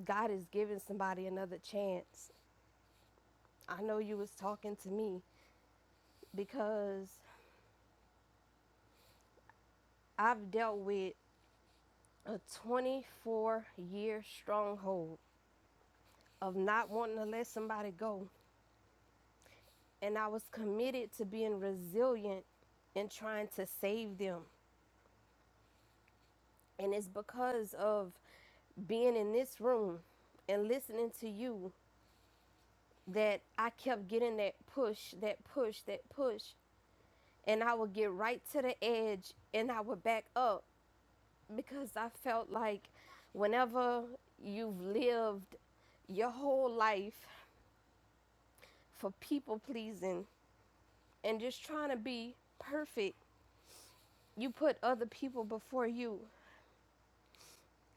God is giving somebody another chance. I know you was talking to me because I've dealt with a 24 year stronghold of not wanting to let somebody go. And I was committed to being resilient and trying to save them. And it's because of being in this room and listening to you that I kept getting that push, that push, that push. and I would get right to the edge and I would back up because I felt like whenever you've lived your whole life for people pleasing and just trying to be perfect, you put other people before you.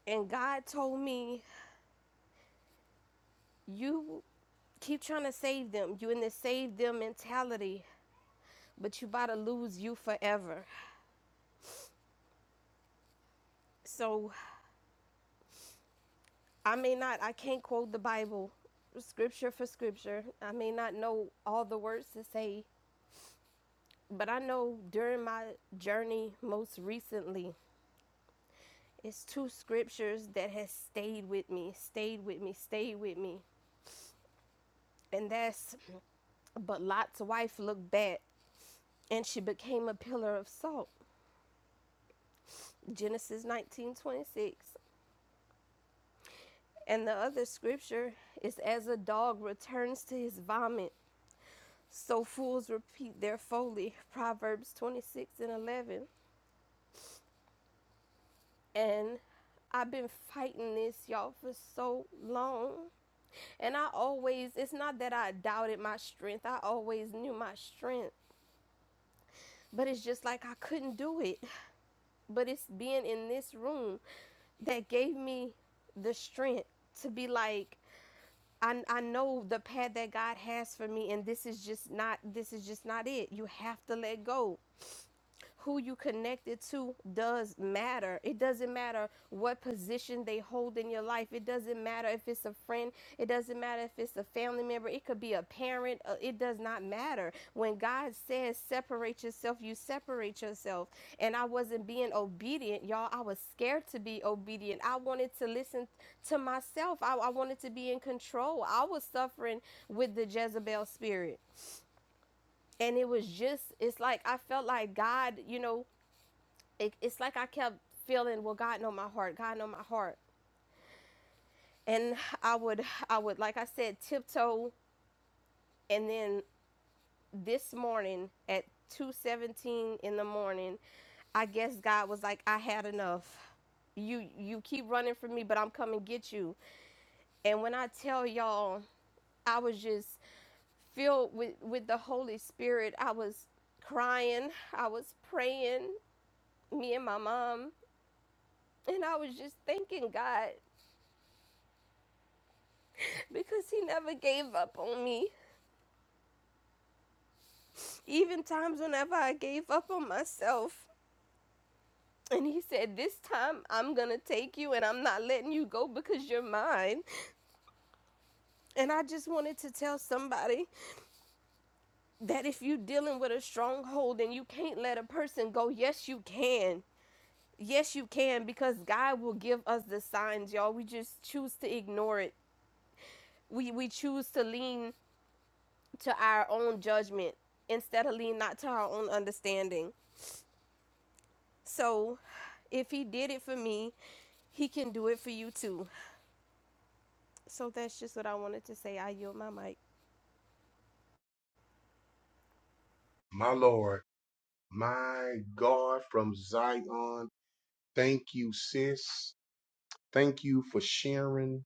And God told me, You keep trying to save them. You in this save them mentality, but you about to lose you forever. So I may not, I can't quote the Bible scripture for scripture. I may not know all the words to say, but I know during my journey most recently, it's two scriptures that has stayed with me, stayed with me, stayed with me. And that's but Lot's wife looked back and she became a pillar of salt. Genesis 19:26. And the other scripture is as a dog returns to his vomit, So fools repeat their folly. Proverbs 26 and 11. And I've been fighting this, y'all, for so long. And I always, it's not that I doubted my strength, I always knew my strength. But it's just like I couldn't do it. But it's being in this room that gave me the strength to be like, I, I know the path that God has for me, and this is just not this is just not it. You have to let go. who you connected to does matter. It doesn't matter what position they hold in your life. It doesn't matter if it's a friend. It doesn't matter if it's a family member. It could be a parent. Uh, It does not matter. When God says separate yourself, you separate yourself. And I wasn't being obedient, y'all. I was scared to be obedient. I wanted to listen to myself. I, I wanted to be in control. I was suffering with the Jezebel spirit and it was just it's like i felt like god you know it, it's like I kept feeling, well, God know my heart. God know my heart. And I would, I would, like I said, tiptoe. And then this morning at 2:17 in the morning, I guess God was like, I had enough. You, you keep running from me, but I'm coming get you. And when I tell y'all, I was just filled with with the Holy Spirit. I was crying. I was praying. Me and my mom, and I was just thanking God. because he never gave up on me. Even times whenever I gave up on myself. And he said, This time I'm going to take you and I'm not letting you go because you're mine. And I just wanted to tell somebody that if you're dealing with a stronghold and you can't let a person go, yes, you can. Yes, you can because God will give us the signs, y'all. We just choose to ignore it. We, we choose to lean to our own judgment instead of lean not to our own understanding. So If he did it for me, he can do it for you too. So that's just what I wanted to say. I yield my mic.
My Lord, my God from Zion. Thank you, sis. Thank you for sharing.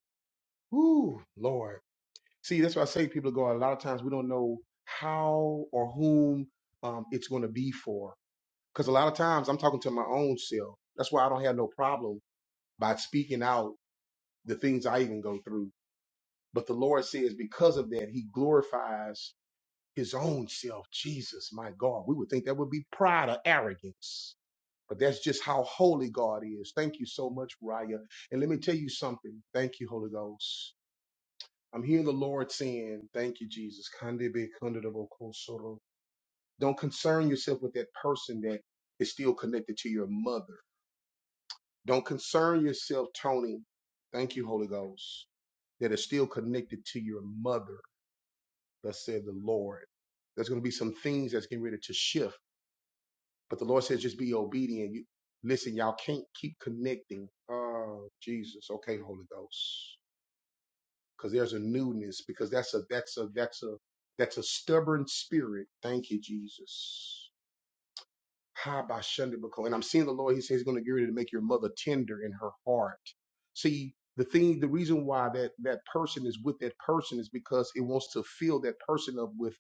Ooh, Lord. See, that's why I say people go, a lot of times we don't know how or whom um, it's going to be for. Because a lot of times I'm talking to my own self. That's why I don't have no problem by speaking out the things I even go through. But the Lord says because of that, he glorifies his own self. Jesus, my God. We would think that would be pride or arrogance. But that's just how holy God is. Thank you so much, Raya. And let me tell you something. Thank you, Holy Ghost I'm hearing the Lord saying, Thank you, Jesus. Kandebe kundadabo kosoro. Don't concern yourself with that person that is still connected to your mother. Don't concern yourself, Tony. Thank you, Holy Ghost, that is still connected to your mother, thus said the Lord. There's going to be some things that's getting ready to shift, but the Lord says, just be obedient. You Listen, y'all can't keep connecting. Oh, Jesus. Okay, Holy Ghost. because there's a newness because that's a that's a that's a that's a stubborn spirit thank you jesus Ha ba shanda ba ko. and i'm seeing the lord he says he's going to get ready to make your mother tender in her heart see the thing the reason why that that person is with that person is because it wants to fill that person up with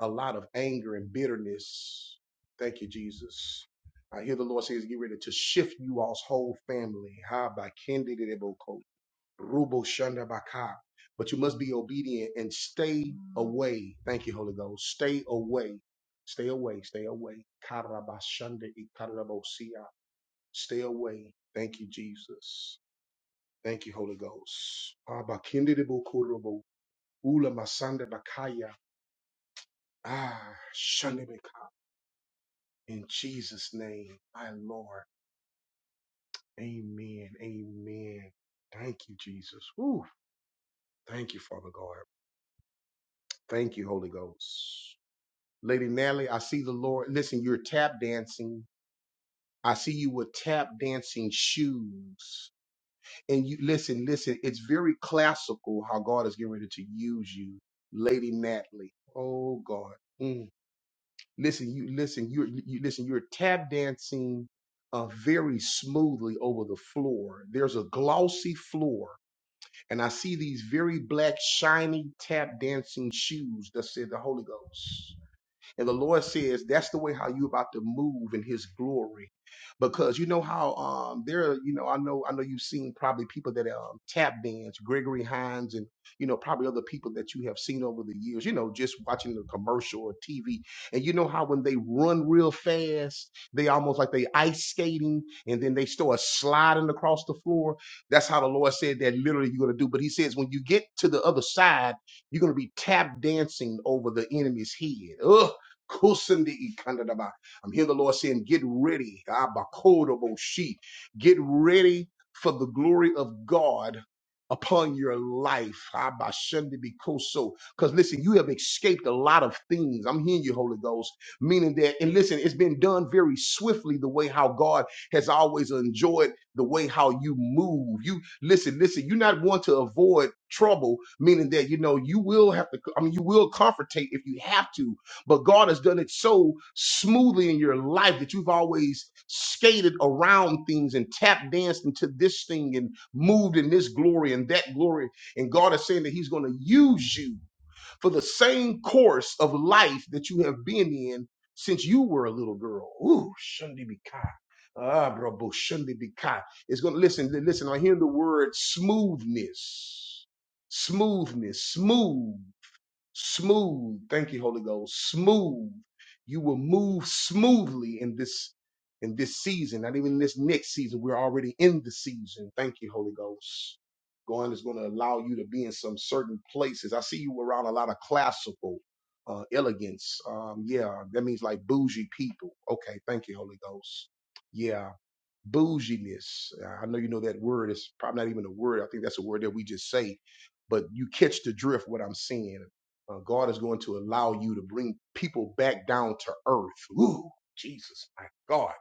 a lot of anger and bitterness thank you jesus I hear the Lord says, get ready to shift you all's whole family. Ha ba kendi de de bo ko. Rubo Shanda Baka. But you must be obedient and stay away. Thank you, Holy Ghost. Stay away. Stay away. Stay away. Karabashanda Ikarabosia. Stay away. Thank you, Jesus. Thank you, Holy Ghost. Abakindidibukuribo. Ula Masanda Bakaya. Ah, Shanda Baka. In Jesus' name, my Lord. Amen. Amen. Thank you, Jesus. Woo. Thank you, Father God. Thank you, Holy Ghost. Lady Natalie, I see the Lord. Listen, you're tap dancing. I see you with tap dancing shoes. And you listen, listen, it's very classical how God is getting ready to use you, Lady Natalie. Oh God. Mm. Listen, you listen, you're you listen, you're tap dancing uh, very smoothly over the floor. There's a glossy floor, and I see these very black, shiny tap dancing shoes that said the Holy Ghost. And the Lord says that's the way how you about to move in his glory. Because you know how um there, are, you know, I know I know you've seen probably people that um tap dance, Gregory Hines and you know, probably other people that you have seen over the years, you know, just watching the commercial or TV. And you know how when they run real fast, they almost like they ice skating and then they start sliding across the floor. That's how the Lord said that literally you're gonna do. But he says when you get to the other side, you're gonna be tap dancing over the enemy's head. Ugh Kusindi ikandadaba. I'm hearing the Lord saying, Get ready. Abakodoboshi. Get ready for the glory of God upon your life. Because listen, you have escaped a lot of things. I'm hearing you, Holy Ghost. Meaning that, and listen, it's been done very swiftly the way how God has always enjoyed the way how you move. You listen, listen, you're not one to avoid trouble, meaning that you know you will have to, I mean, you will confrontate if you have to, but God has done it so smoothly in your life that you've always skated around things and tap danced into this thing and moved in this glory and that glory. And God is saying that He's going to use you for the same course of life that you have been in since you were a little girl. Ooh, Shundi Bikai. Ah, bro, Shundi Bikai. It's going to listen, listen, I hear the word smoothness. Smoothness, smooth smooth. Thank you, Holy Ghost. Smooth. You will move smoothly in this in this season, not even this next season. We're already in the season. Thank you, Holy Ghost. God is going to allow you to be in some certain places. I see you around a lot of classical uh, elegance. Um, yeah, that means like bougie people. Okay, thank you, Holy Ghost. Yeah, bouginess. I know you know that word. It's probably not even a word. I think that's a word that we just say, but you catch the drift what I'm saying. Uh, God is going to allow you to bring people back down to earth. Ooh, Jesus, my God.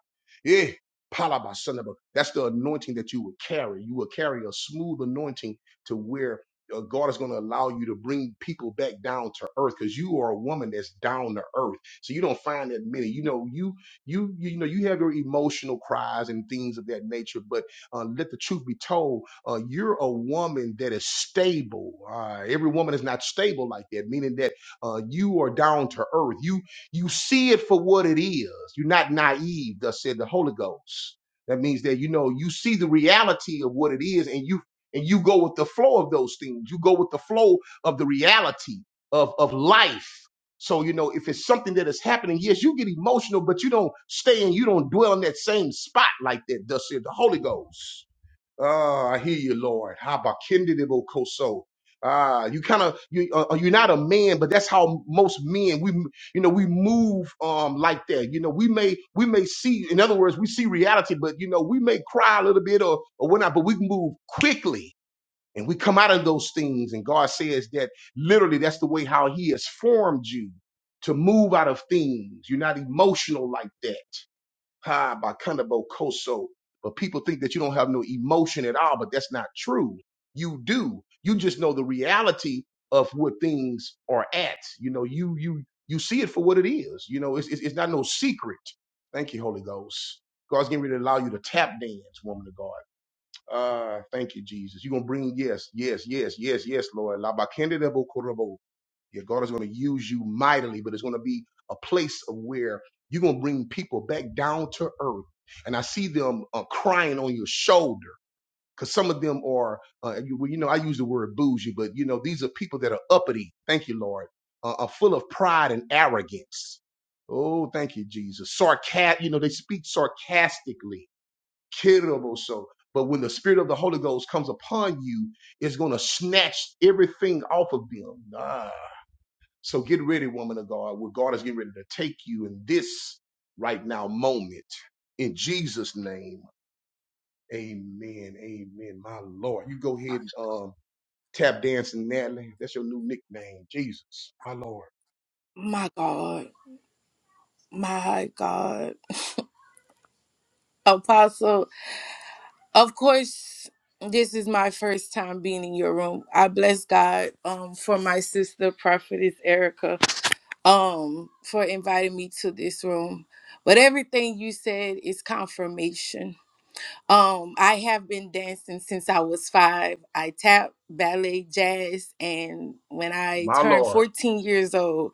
Yeah. Palabasanaba. That's the anointing that you will carry. You will carry a smooth anointing to where uh, God is going to allow you to bring people back down to earth because you are a woman that's down to earth. So you don't find that many. You know, you. You, you you know you have your emotional cries and things of that nature, but uh, let the truth be told, uh, you're a woman that is stable. Uh, every woman is not stable like that, meaning that uh, you are down to earth. You you see it for what it is. You're not naive. Thus said the Holy Ghost. That means that you know you see the reality of what it is, and you and you go with the flow of those things. You go with the flow of the reality of of life. So, you know, if it's something that is happening, yes, you get emotional, but you don't stay and you don't dwell in that same spot like that, thus said the Holy Ghost. Ah, I hear you, Lord. Habakkuk-koso. Ah, you kind of you uh, uh, you're not a man, but that's how most men we you know we move um like that. You know we may we may see in other words we see reality, but you know we may cry a little bit or or whatnot, but we move quickly and we come out of those things, and God says that literally that's the way how He has formed you to move out of things. You're not emotional like that. Ha, by Kundabo Koso. But people think that you don't have no emotion at all, but that's not true. You do. You just know the reality of what things are at. You know, you you you see it for what it is. You know, it's it's, it's not no secret. Thank you, Holy Ghost. God's getting ready to allow you to tap dance, woman of God. Uh, thank you, Jesus. You're gonna bring yes, yes, yes, yes, yes, Lord. La ba bakende de bo korobo. Yeah, God is gonna use you mightily, but it's gonna be a place of where you're gonna bring people back down to earth. And I see them uh, crying on your shoulder because some of them are, uh, you, well, you know, I use the word bougie, but you know, these are people that are uppity. Thank you, Lord. Uh, are full of pride and arrogance. Oh, thank you, Jesus. Sarcastic. You know, they speak sarcastically Kiriboso. But when the spirit of the Holy Ghost comes upon you, it's going to snatch everything off of them. Ah. So get ready, woman of God, where God is getting ready to take you in this right now moment. In Jesus' name, amen. Amen. My Lord. You go ahead and um, tap dancing, Natalie. That's your new nickname. Jesus. My Lord.
My God, my God. Apostle, of course, this is my first time being in your room. I bless God um for my sister prophetess Erica um for inviting me to this room. But everything you said is confirmation. Um I have been dancing since I was 5. I tap, ballet, jazz and when I
My
turned
Lord.
14 years old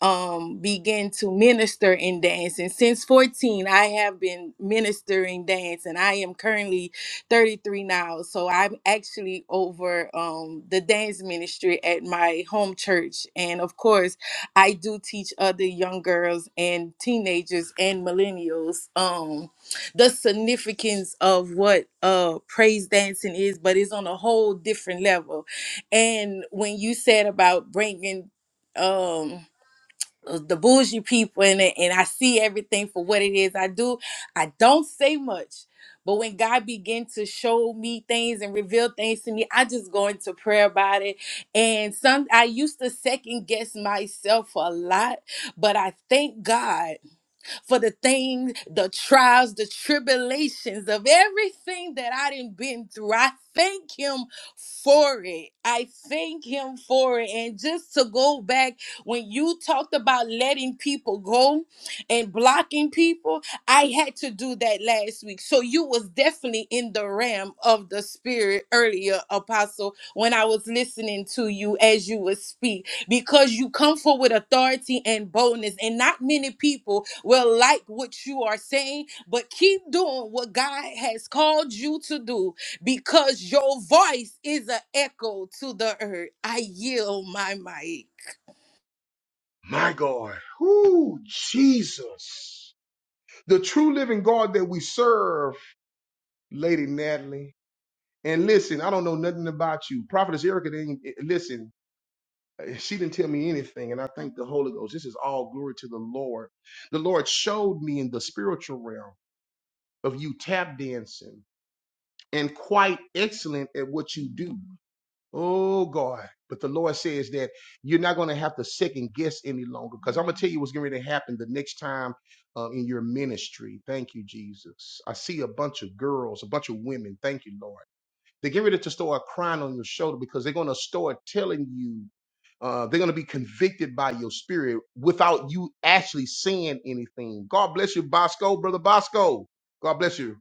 um began to minister in dance and since 14 i have been ministering dance and i am currently 33 now so i'm actually over um the dance ministry at my home church and of course i do teach other young girls and teenagers and millennials um the significance of what uh praise dancing is but it's on a whole different level and when you said about bringing um uh, the bougie people in it, and I see everything for what it is I do. I don't say much, but when God began to show me things and reveal things to me, I just go into prayer about it. And some I used to second guess myself a lot, but I thank God for the things, the trials, the tribulations of everything that I didn't been through. I thank him for it. I thank him for it. And just to go back, when you talked about letting people go and blocking people, I had to do that last week. So you was definitely in the realm of the spirit earlier, Apostle, when I was listening to you as you would speak because you come forth with authority and boldness. And not many people will like what you are saying, but keep doing what God has called you to do because your voice is an echo to the earth. I yield my mic.
My God. Whoo, Jesus. The true living God that we serve, Lady Natalie. And listen, I don't know nothing about you. Prophetess Erica didn't eh, listen. eh, She didn't tell me anything, and I thank the Holy Ghost. This is all glory to the Lord. The Lord showed me in the spiritual realm of you tap dancing and quite excellent at what you do. Oh God. But the Lord says that you're not going to have to second guess any longer because I'm going to tell you what's going to happen the next time uh, in your ministry. Thank you, Jesus. I see a bunch of girls, a bunch of women. Thank you, Lord they're getting ready to store a crown on your shoulder because they're going to start telling you, uh, they're going to be convicted by your spirit without you actually saying anything. God bless you, Bosco, brother Bosco. God bless you.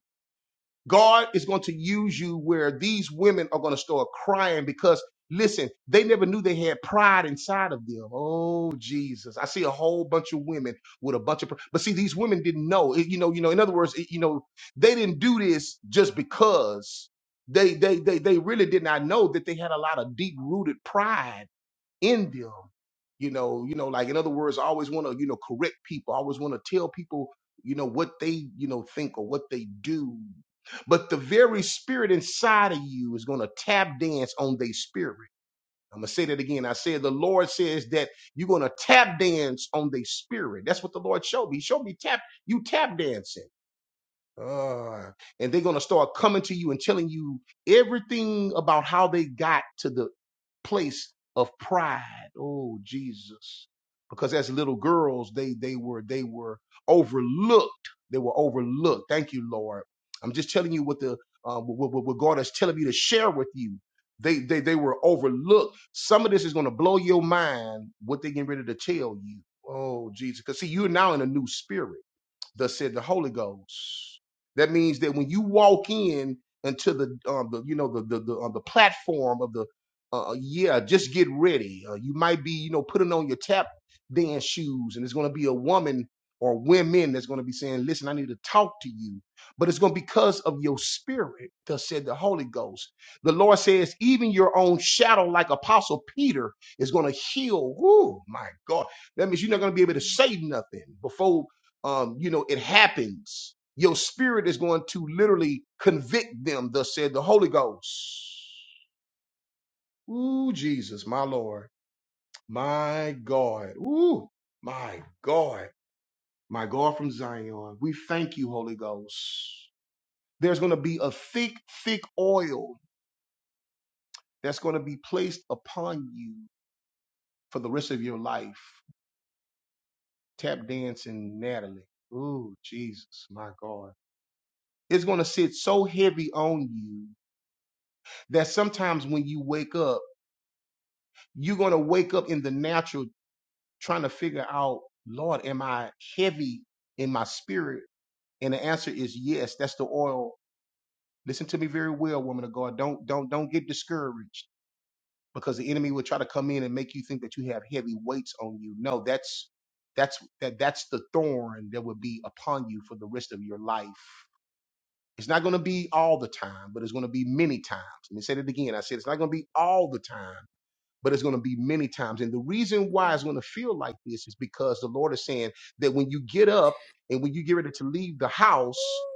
God is going to use you where these women are going to start crying because, listen, they never knew they had pride inside of them. Oh, Jesus. I see a whole bunch of women with a bunch of, pr- but see, these women didn't know. It- You know, you know, in other words, it- you know, they didn't do this just because they, they, they, they really did not know that they had a lot of deep rooted pride in them you know you know like in other words i always want to you know correct people i always want to tell people you know what they you know think or what they do but the very spirit inside of you is going to tap dance on their spirit i'm going to say that again i said the lord says that you're going to tap dance on their spirit that's what the lord showed me he showed me tap you tap dancing uh, and they're going to start coming to you and telling you everything about how they got to the place of pride. Oh, Jesus. Because as little girls, they they were they were overlooked. They were overlooked. Thank you, Lord. I'm just telling you what the uh, what, what what God is telling me to share with you. They they they were overlooked. Some of this is going to blow your mind. What they getting ready to tell you. Oh, Jesus. Because see, you're now in a new spirit thus said the Holy Ghost. That means that when you walk in into the, um, the you know, the the the, uh, the platform of the, uh, uh, yeah, just get ready. Uh, you might be, you know, putting on your tap dance shoes, and it's going to be a woman or women that's going to be saying, "Listen, I need to talk to you," but it's going to be because of your spirit. Thus said the Holy Ghost. The Lord says, even your own shadow, like Apostle Peter, is going to heal. Woo, my God. That means you're not going to be able to say nothing before um, you know, it happens. Your spirit is going to literally convict them, thus said the Holy Ghost. Ooh, Jesus, my Lord, my God. Ooh, my God, my God from Zion. We thank you, Holy Ghost. There's going to be a thick, thick oil that's going to be placed upon you for the rest of your life. Tap dancing, Natalie. Ooh, Jesus, my God. It's going to sit so heavy on you that sometimes when you wake up, you're going to wake up in the natural trying to figure out, Lord, am I heavy in my spirit? And the answer is yes, that's the oil. Listen to me very well, woman of God. Don't don't don't get discouraged because the enemy will try to come in and make you think that you have heavy weights on you. No, that's that's that that's the thorn that will be upon you for the rest of your life. It's not going to be all the time, but it's going to be many times. Let me say that again. I said it's not going to be all the time but it's going to be many times. And the reason why it's going to feel like this is because the Lord is saying that when you get up and when you get ready to leave the house,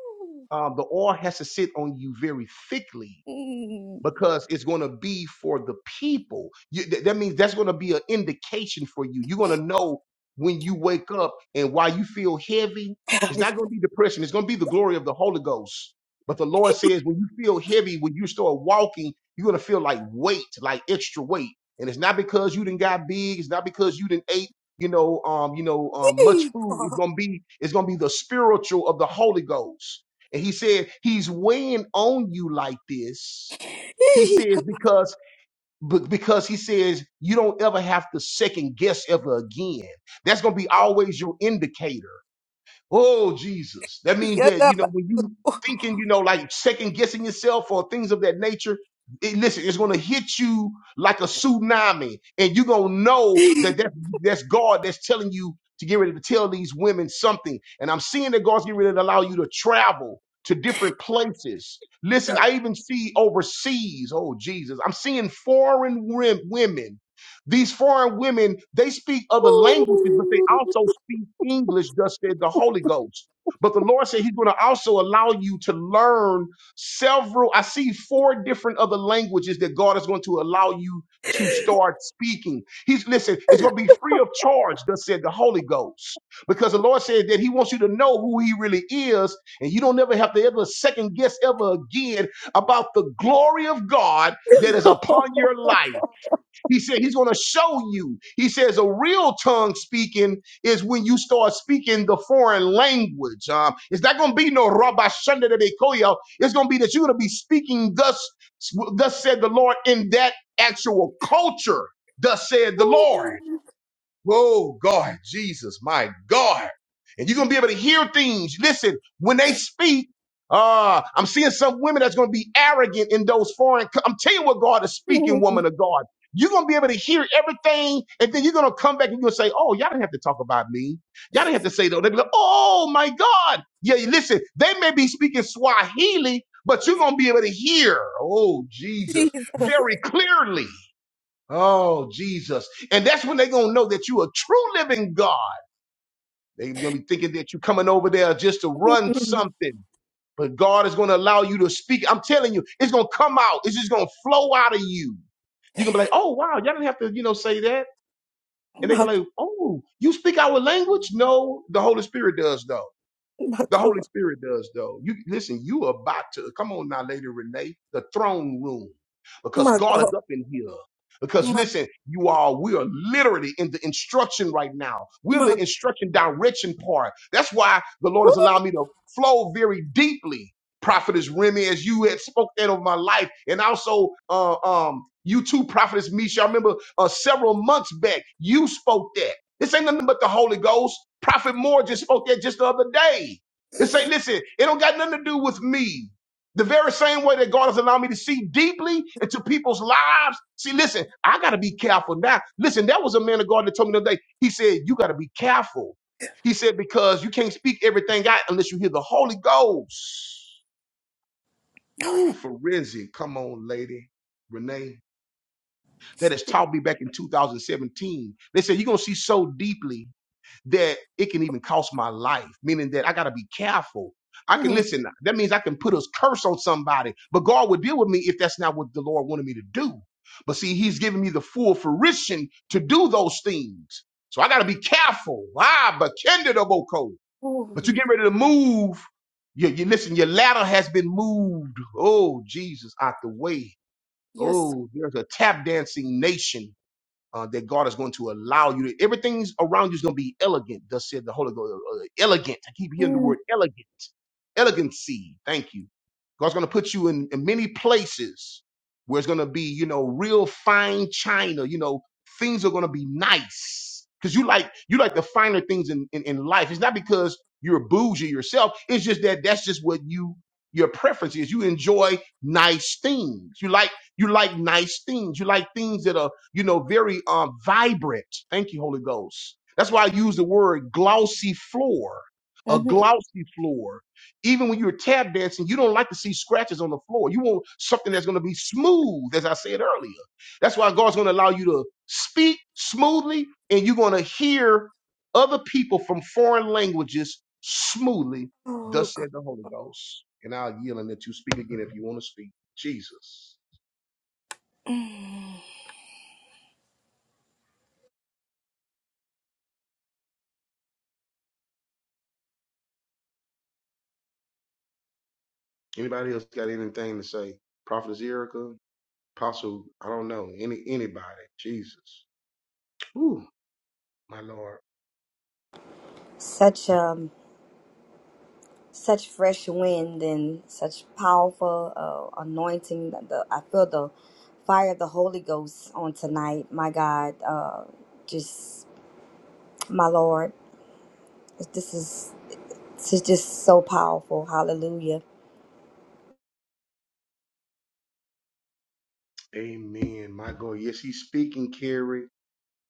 um, the oil has to sit on you very thickly
Ooh. Mm.
because it's going to be for the people. You, th- that means that's going to be an indication for you. You're going to know when you wake up and why you feel heavy. It's not going to be depression. It's going to be the glory of the Holy Ghost. But the Lord says when you feel heavy, when you start walking, you're going to feel like weight, like extra weight. And it's not because you didn't got big. It's not because you didn't ate, you know, um, you know, um, much food. It's going to be, it's going to be the spiritual of the Holy Ghost. And he said, he's weighing on you like this he says because be- because he says you don't ever have to second guess ever again. That's going to be always your indicator. Oh, Jesus. That means that, you
Yadaba.
know, when you thinking, you know, like second guessing yourself or things of that nature, it, listen, it's going to hit you like a tsunami. And you're going to know that that's, that's God that's telling you to get ready to tell these women something. And I'm seeing that God's getting ready to allow you to travel to different places. Listen, I even see overseas. Oh, Jesus. I'm seeing foreign wom- women these foreign women, they speak other languages, but they
Ooh.
also speak English, thus said the Holy Ghost. But the Lord said He's going to also allow you to learn several. I see four different other languages that God is going to allow you to start speaking. He's listen, it's going to be free of charge, thus said the Holy Ghost. Because the Lord said that He wants you to know who He really is, and you don't ever have to ever second guess ever again about the glory of God that is upon your life. He said he's going to show you. He says a real tongue speaking is when you start speaking the foreign language. Um, it's not going to be no rabba shunda de koyo. It's going to be that you're going to be speaking thus, thus said the Lord in that actual culture. Thus said the Lord. Whoa, God, Jesus, my God. And you're going to be able to hear things. Listen, when they speak, uh, I'm seeing some women that's going to be arrogant in those foreign. co- I'm telling you what God is speaking, woman of God. You're going to be able to hear everything. And then you're going to come back and you're going to say, oh, y'all didn't have to talk about me. Y'all didn't have to say that. They'll be like, oh, my God. Yeah, listen, they may be speaking Swahili, but you're going to be able to hear, oh, Jesus,
Jesus.
very clearly. Oh, Jesus. And that's when they're going to know that you a true living God. They're going to be thinking that you're coming over there just to run something. But God is going to allow you to speak. I'm telling you, it's going to come out. It's just going to flow out of you. You're going to be like, oh, wow, y'all didn't have to, you know, say that. And they're
My,
going to be like, oh, you speak our language? No, the Holy Spirit does, though.
my
The Holy
God.
Spirit does, though. You listen. You are about to come on now, Lady Renee, the throne room, because
My
God
God.
is up in here. Because
my
listen, you all, we are literally in the instruction right now. We're
My
the instruction direction part. That's why the Lord has allowed me to flow very deeply. Prophetess Remy, as you had spoke that over my life, and also uh, um, you too, Prophetess Misha. I remember uh, several months back you spoke that. This ain't nothing but the Holy Ghost. Prophet Moore just spoke that just the other day. This ain't listen, it don't got nothing to do with me. The very same way that God has allowed me to see deeply into people's lives. See, listen, I gotta be careful now. Listen, that was a man of God that told me the other day. He said, You gotta be careful. He said, because you can't speak everything out unless you hear the Holy Ghost. Ooh, forensic. Come on, lady. Renee. That has taught me back in 2017. They said, You're gonna see so deeply that it can even cost my life, meaning that I got to be careful. I can
God.
listen. That means I can put a curse on somebody, but God would deal with me if that's not what the Lord wanted me to do. But see, He's giving me the full fruition to do those things. So I got to be careful. Ah, but kinder the vocal.
Oh,
But you get ready to move. You, you listen, your ladder has been moved. Oh, Jesus, out the way.
yes.
Oh, there's a tap dancing nation uh, that God is going to allow you to, everything's around you is going to be elegant, thus said the Holy Ghost. uh, uh, elegant. I keep hearing the word elegant. Elegancy. Thank you. God's going to put you in, in many places where it's going to be, you know, real fine china. You know, things are going to be nice because you like you like the finer things in, in in life. It's not because you're bougie yourself. It's just that that's just what you your preference is. You enjoy nice things. You like you like nice things. You like things that are you know, very uh, vibrant. Thank you, Holy Ghost. That's why I use the word glossy floor, a
Mm-hmm.
glossy floor. Even when you're tap dancing, you don't like to see scratches on the floor. You want something that's going to be smooth, as I said earlier. That's why God's going to allow you to speak smoothly, and you're going to hear other people from foreign languages smoothly.
Oh,
Thus
God.
said the Holy Ghost. And I'll yield and let you speak again if you want to speak. Jesus.
Mm.
Anybody else got anything to say? Prophetess Erica, Apostle, I don't know, any anybody. Jesus. Ooh, my Lord.
Such um such fresh wind and such powerful uh, anointing. The, I feel the fire of the Holy Ghost on tonight, my God. Uh, just my Lord. This is, this is just so powerful. Hallelujah.
Amen. My God. Yes, he's speaking, Carrie.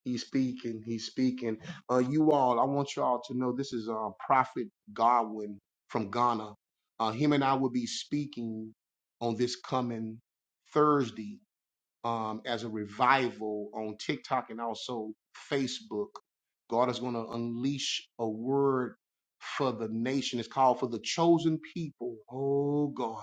He's speaking. He's speaking. Uh, you all, I want you all to know this is uh, Prophet Godwin from Ghana. Uh, him and I will be speaking on this coming Thursday um, as a revival on TikTok and also Facebook. God is going to unleash a word for the nation. It's called for the chosen people. Oh God.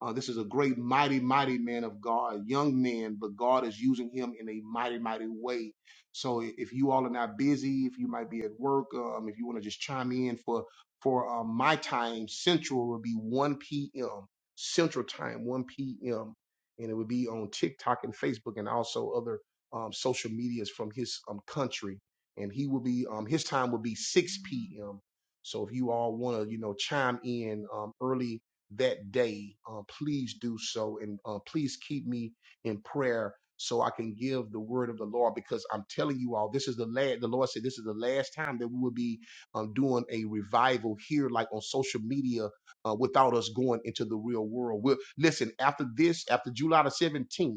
Uh, this is a great, mighty, mighty man of God, young man, but God is using him in a mighty, mighty way. So if you all are not busy, if you might be at work, um, if you want to just chime in for for um, my time, Central will be 1 p.m. Central time, 1 p.m. And it would be on TikTok and Facebook and also other um, social medias from his um, country. And he will be um, his time will be 6 p.m. So if you all want to, you know, chime in um, early that day, uh, please do so. And uh, please keep me in prayer so I can give the word of the Lord because I'm telling you all, this is the last, the Lord said, this is the last time that we will be um, doing a revival here, like on social media, uh, without us going into the real world. We'll, listen, after this, after July the 17th,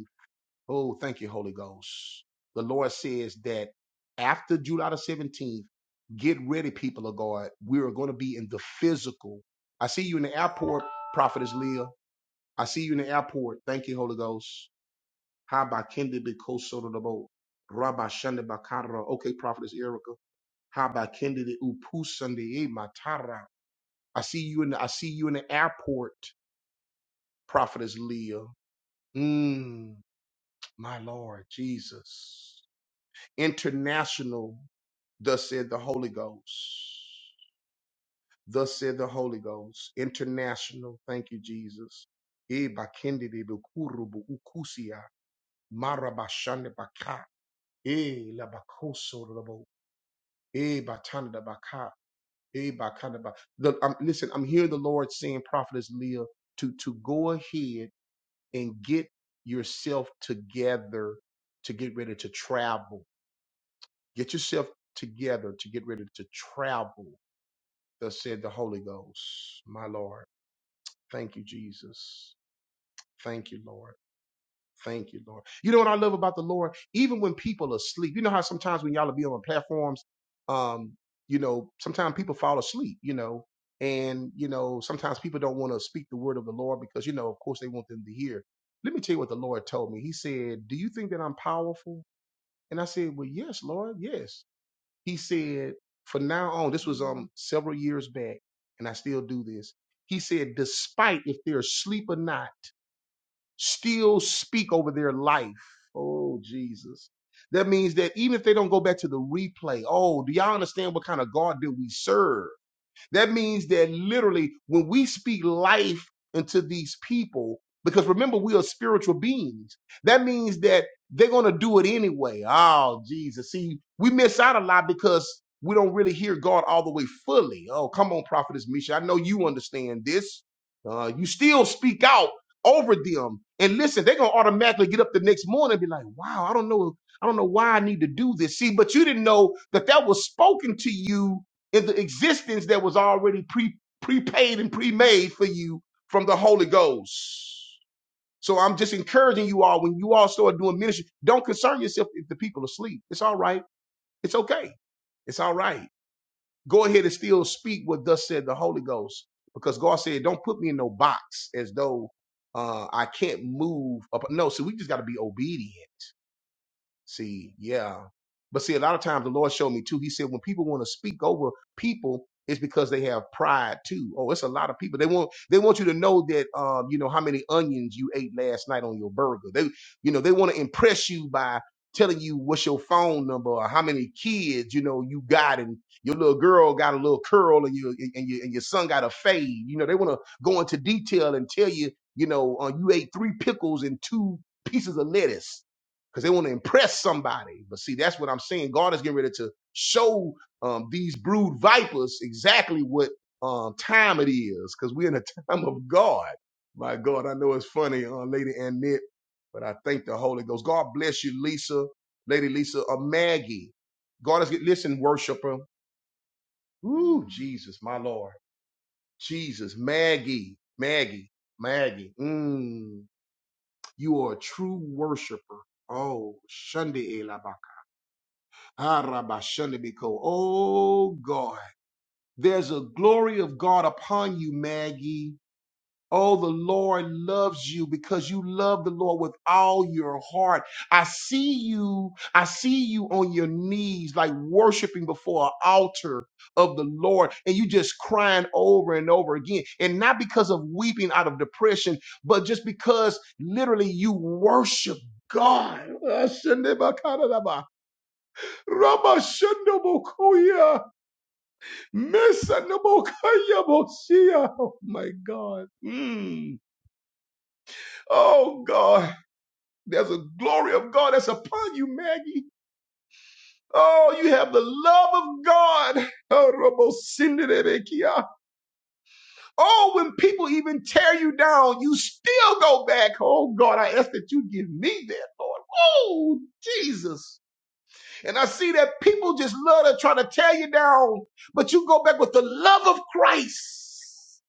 Oh, thank you, Holy Ghost. The Lord says that after July the 17th, get ready, people of God. We are going to be in the physical. I see you in the airport, Prophetess Leah. I see you in the airport. Thank you, Holy Ghost. Haba kendi be kosoto dabo. Rabba shende bakara. Okay, Prophetess Erica. Haba kendi de upusande e matara. I see you in the I see you in the airport, Prophetess Leah. Mm, my Lord Jesus. International, thus said the Holy Ghost. Thus said the Holy Ghost. International. Thank you, Jesus. Eh, bakendede bukuru bukusia, mara bashande baka, eh, la bakoso robo, eh, batanda baka, eh, bakanda ba- The- um, Listen, I'm hearing the Lord saying, Prophetess Leah, to, to go ahead and get yourself together to get ready to travel. Get yourself together to get ready to travel Thus said the Holy Ghost, my Lord. Thank you, Jesus. Thank you, Lord. Thank you, Lord. You know what I love about the Lord? Even when people are asleep, you know how sometimes when y'all will be on platforms, um, you know, sometimes people fall asleep, you know, and, you know, sometimes people don't want to speak the word of the Lord because, you know, of course they want them to hear. Let me tell you what the Lord told me. He said, Do you think that I'm powerful? And I said, Well, yes, Lord, yes. He said, for now on, this was um several years back, and I still do this. He said, despite if they're asleep or not, still speak over their life. Oh, Jesus. That means that even if they don't go back to the replay, oh, do y'all understand what kind of God that we serve? That means that literally when we speak life into these people, because remember, we are spiritual beings. That means that they're going to do it anyway. Oh, Jesus. See, we miss out a lot because we don't really hear God all the way fully. Oh, come on, Prophetess Misha. I know you understand this. Uh, you still speak out over them. And listen, they're going to automatically get up the next morning and be like, wow, I don't know. I don't know why I need to do this. See, but you didn't know that that was spoken to you in the existence that was already pre prepaid and pre-made for you from the Holy Ghost. So I'm just encouraging you all when you all start doing ministry, don't concern yourself if the people are asleep. It's all right. It's okay. It's all right. Go ahead and still speak what thus said the Holy Ghost, because God said, "Don't put me in no box as though uh, I can't move." Up. No, see, we just got to be obedient See, yeah. But see, a lot of times the Lord showed me too. He said when people want to speak over people, it's because they have pride too. Oh, it's a lot of people. They want they want you to know that um, you know, how many onions you ate last night on your burger. They you know, they want to impress you by telling you what's your phone number or how many kids, you know, you got and your little girl got a little curl and your and your and your son got a fade. You know, they want to go into detail and tell you, you know, uh, you ate three pickles and two pieces of lettuce because they want to impress somebody. But see, that's what I'm saying. God is getting ready to show um, these brood vipers exactly what um, time it is, because we're in a time of God. My God, I know it's funny, uh, Lady Annette, but I thank the Holy Ghost. God bless you, Lisa, Lady Lisa, uh, Maggie. God is get listen, worshiper. Ooh, Jesus, my Lord, Jesus, Maggie, Maggie, Maggie. Mm, you are a true worshiper. Oh, Shunde Arabashalabiko. Oh God, there's a glory of God upon you, Maggie. Oh, the Lord loves you because you love the Lord with all your heart. I see you. I see you on your knees, like worshiping before an altar of the Lord, and you just crying over and over again. And not because of weeping out of depression, but just because literally you worship God. Rabashandabokoya. Mesandabokaya Bosia. Oh my God. Mm. Oh God. There's a glory of God that's upon you, Maggie. Oh, you have the love of God. Oh, Rabosindabekia. Oh, when people even tear you down, you still go back. Oh God, I ask that you give me that, Lord. Oh, Jesus. And I see that people just love to try to tear you down, but you go back with the love of Christ.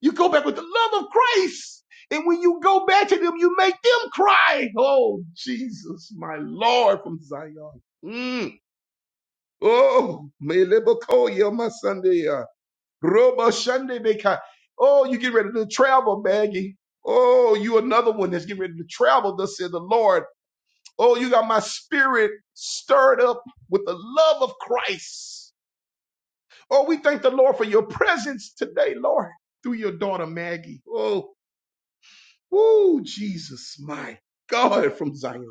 You go back with the love of Christ. And when you go back to them, you make them cry. Oh, Jesus, my Lord from Zion. Mm. Oh, Melebakoya, my Sunday. uh, Robo Sunday, Beka. Oh, you get ready to travel, Maggie. Oh, you another one that's getting ready to travel, thus said the Lord. Oh, you got my spirit stirred up with the love of Christ. Oh, we thank the Lord for your presence today, Lord, through your daughter Maggie. Oh, woo, Jesus, my God, from Zion.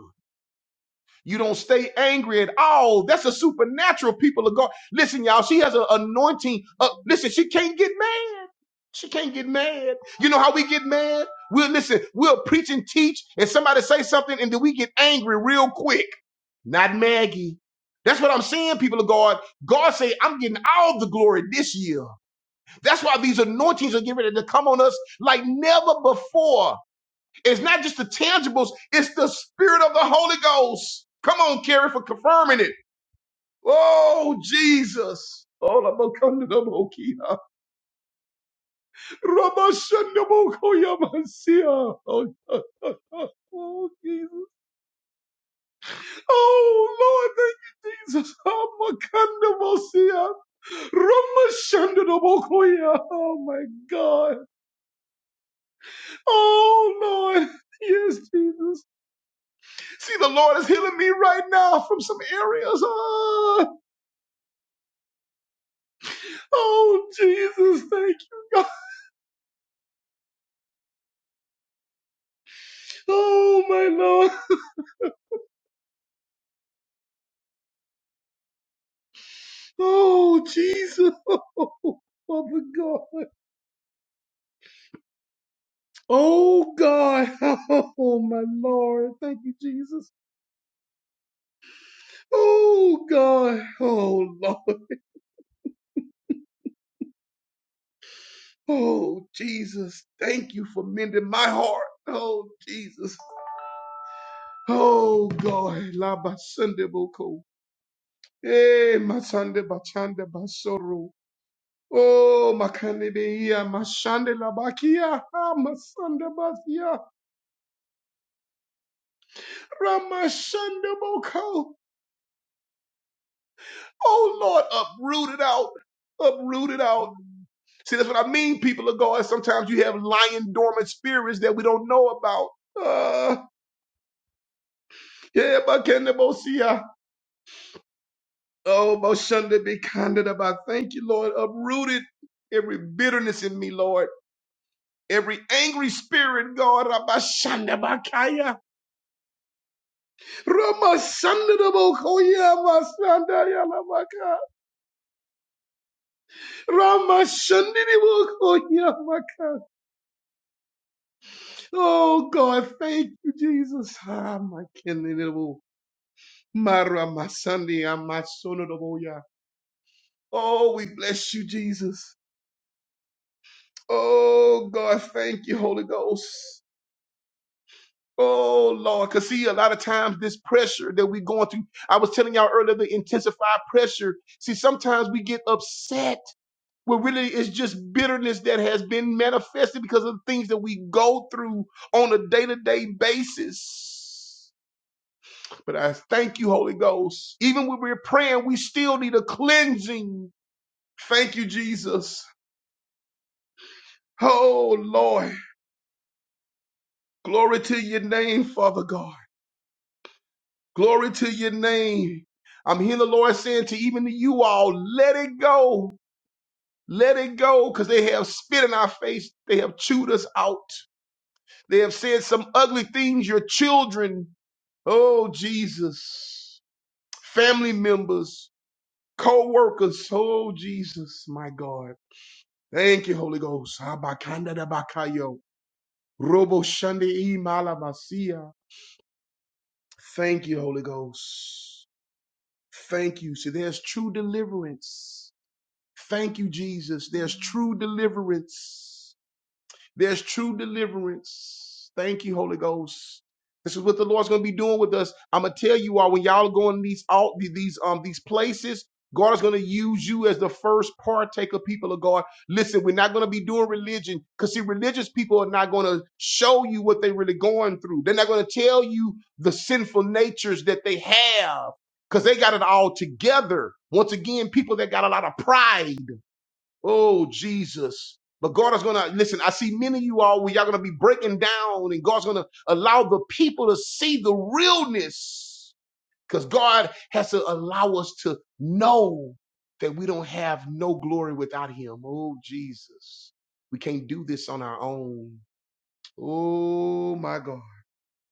You don't stay angry at all. That's a supernatural people of God. Listen, y'all, she has an anointing. Uh, listen, she can't get mad. She can't get mad. You know how we get mad? We'll listen, we'll preach and teach, and somebody say something, and then we get angry real quick. not Maggie. That's what I'm saying, people of God. God say, I'm getting all the glory this year. That's why these anointings are getting ready to come on us like never before. It's not just the tangibles, it's the spirit of the Holy Ghost. Come on, Carrie, for confirming it. Oh, Jesus. Oh, la ba kanda da bo kia. Ra ba shanda bo ko ma sia. Oh, oh, Jesus. Oh, Lord, thank you, Jesus. Oh, my God, Ramashandarabokoya. Oh my God. Oh Lord. Yes, Jesus. See, the Lord is healing me right now from some areas. Ah. Oh, Jesus. Thank you, God. Oh, my Lord. Oh, Jesus. Oh Father God. Oh, God. Oh, my Lord. Thank you, Jesus. Oh, God. Oh, Lord. Oh, Jesus. Thank you for mending my heart. Oh, Jesus. Oh God, la basande boko. Eh, masande bachande basoro. Oh, makande beia, mashande la bakia. Ah, masande basia. Ramashande boko. Oh Lord, uproot it out. Uproot it out. See, that's what I mean, people of God. Sometimes you have lying dormant spirits that we don't know about. Uh, yeah, bakande bosia. Oh, mashande be candid about. Thank you, Lord. uprooted every bitterness in me, Lord. Every angry spirit, God, Rabashanda Bakaya, Ramashanda Bokoya, Masanda Yalabaka, Ramashanda Bokoya, Maka. Oh, God, thank you, Jesus. Ah, my Keninibu, Mara Masandi, Amasona Boya. Oh, we bless you, Jesus. Oh, God, thank you, Holy Ghost. Oh Lord, because see, a lot of times this pressure that we're going through, I was telling y'all earlier, the intensified pressure. See, sometimes we get upset when really it's just bitterness that has been manifested because of the things that we go through on a day-to-day basis. But I thank you, Holy Ghost. Even when we're praying, we still need a cleansing. Thank you, Jesus. Oh Lord. Glory to your name, Father God. Glory to your name. I'm hearing the Lord saying to even to you all, let it go. Let it go because they have spit in our face. They have chewed us out. They have said some ugly things. Your children, oh Jesus, family members, co workers, oh Jesus, my God. Thank you, Holy Ghost. Abakanda da bakayo. Robo shande i malavasia. Thank you, Holy Ghost. Thank you. See, there's true deliverance. Thank you, Jesus. There's true deliverance. There's true deliverance. Thank you, Holy Ghost. This is what the Lord's going to be doing with us. I'm gonna tell you all when y'all are going to these all these um these places. God is going to use you as the first partaker, people of God. Listen, we're not going to be doing religion because, see, religious people are not going to show you what they're really going through. They're not going to tell you the sinful natures that they have because they got it all together. Once again, people that got a lot of pride. Oh, Jesus. But God is going to, listen, I see many of you all where y'all going to be breaking down and God's going to allow the people to see the realness because God has to allow us to know that we don't have no glory without him. Oh, Jesus. We can't do this on our own. Oh, my God.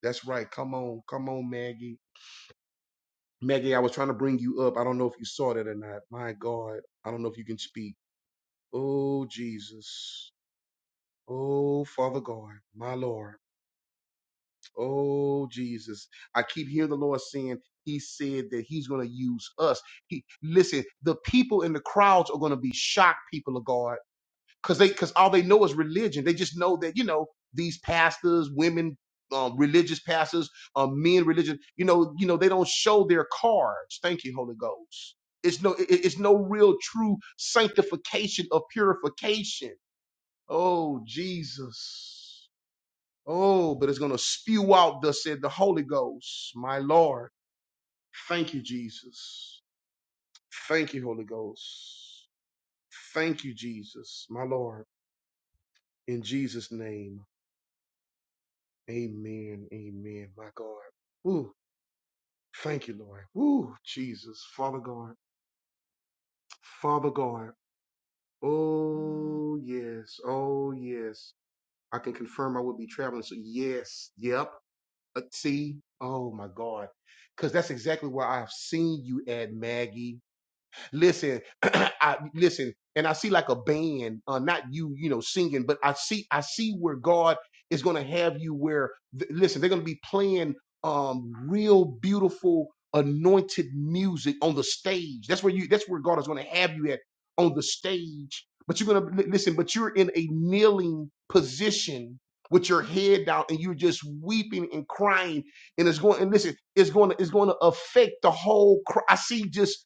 That's right. Come on. Come on, Maggie. Maggie, I was trying to bring you up. I don't know if you saw that or not. My God. I don't know if you can speak. Oh, Jesus. Oh, Father God, my Lord. Oh, Jesus. I keep hearing the Lord saying, He said that He's going to use us. He listen, the people in the crowds are going to be shocked, people of God, because they because all they know is religion. They just know that, you know, these pastors, women, um, religious pastors, um, men, religion, you know, you know, they don't show their cards. Thank you, Holy Ghost. It's no, it- it's no real true sanctification of purification. Oh, Jesus. Oh, but it's going to spew out, thus said the Holy Ghost. My Lord, thank you, Jesus. Thank you, Holy Ghost. Thank you, Jesus. My Lord, in Jesus' name, amen. Amen. My God. Woo. Thank you, Lord. Woo. Jesus. Father God. Father God. Oh, yes. Oh, yes. I can confirm I will be traveling. So, yes. Yep. Uh, see, oh my God, because that's exactly where I've seen you at, Maggie. Listen, I listen, and I see like a band, uh, not you, you know, singing, but I see I see where God is going to have you where th- listen, they're going to be playing um real beautiful anointed music on the stage. That's where you that's where God is going to have you at on the stage. But you're going to listen, but you're in a kneeling position with your head down and you're just weeping and crying and it's going and listen, it's going to it's going to affect the whole. Cr- I see just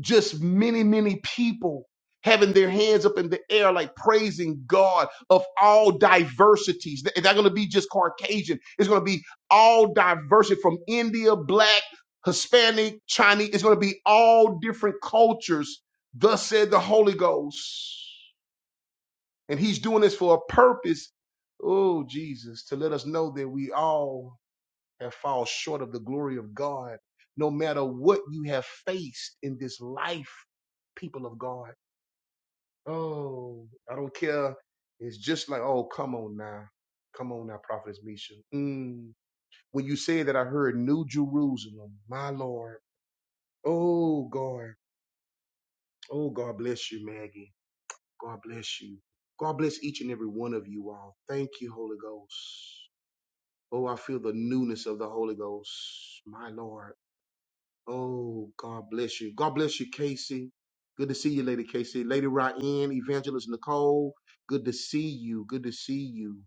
just many, many people having their hands up in the air, like praising God of all diversities. Th- It's not going to be just Caucasian. It's going to be all diversity from India, black, Hispanic, Chinese. It's going to be all different cultures. Thus said the Holy Ghost. And he's doing this for a purpose. Oh, Jesus, to let us know that we all and fall short of the glory of God. No matter what you have faced in this life, people of God. Oh, I don't care. It's just like, oh, come on now. Come on now, Prophetess Misha. Mm. When you say that, I heard New Jerusalem, my Lord. Oh, God. Oh, God bless you, Maggie. God bless you. God bless each and every one of you all. Thank you, Holy Ghost. Oh, I feel the newness of the Holy Ghost, my Lord. Oh, God bless you. God bless you, Casey. Good to see you, Lady Casey. Lady Ryan, Evangelist Nicole. Good to see you. Good to see you.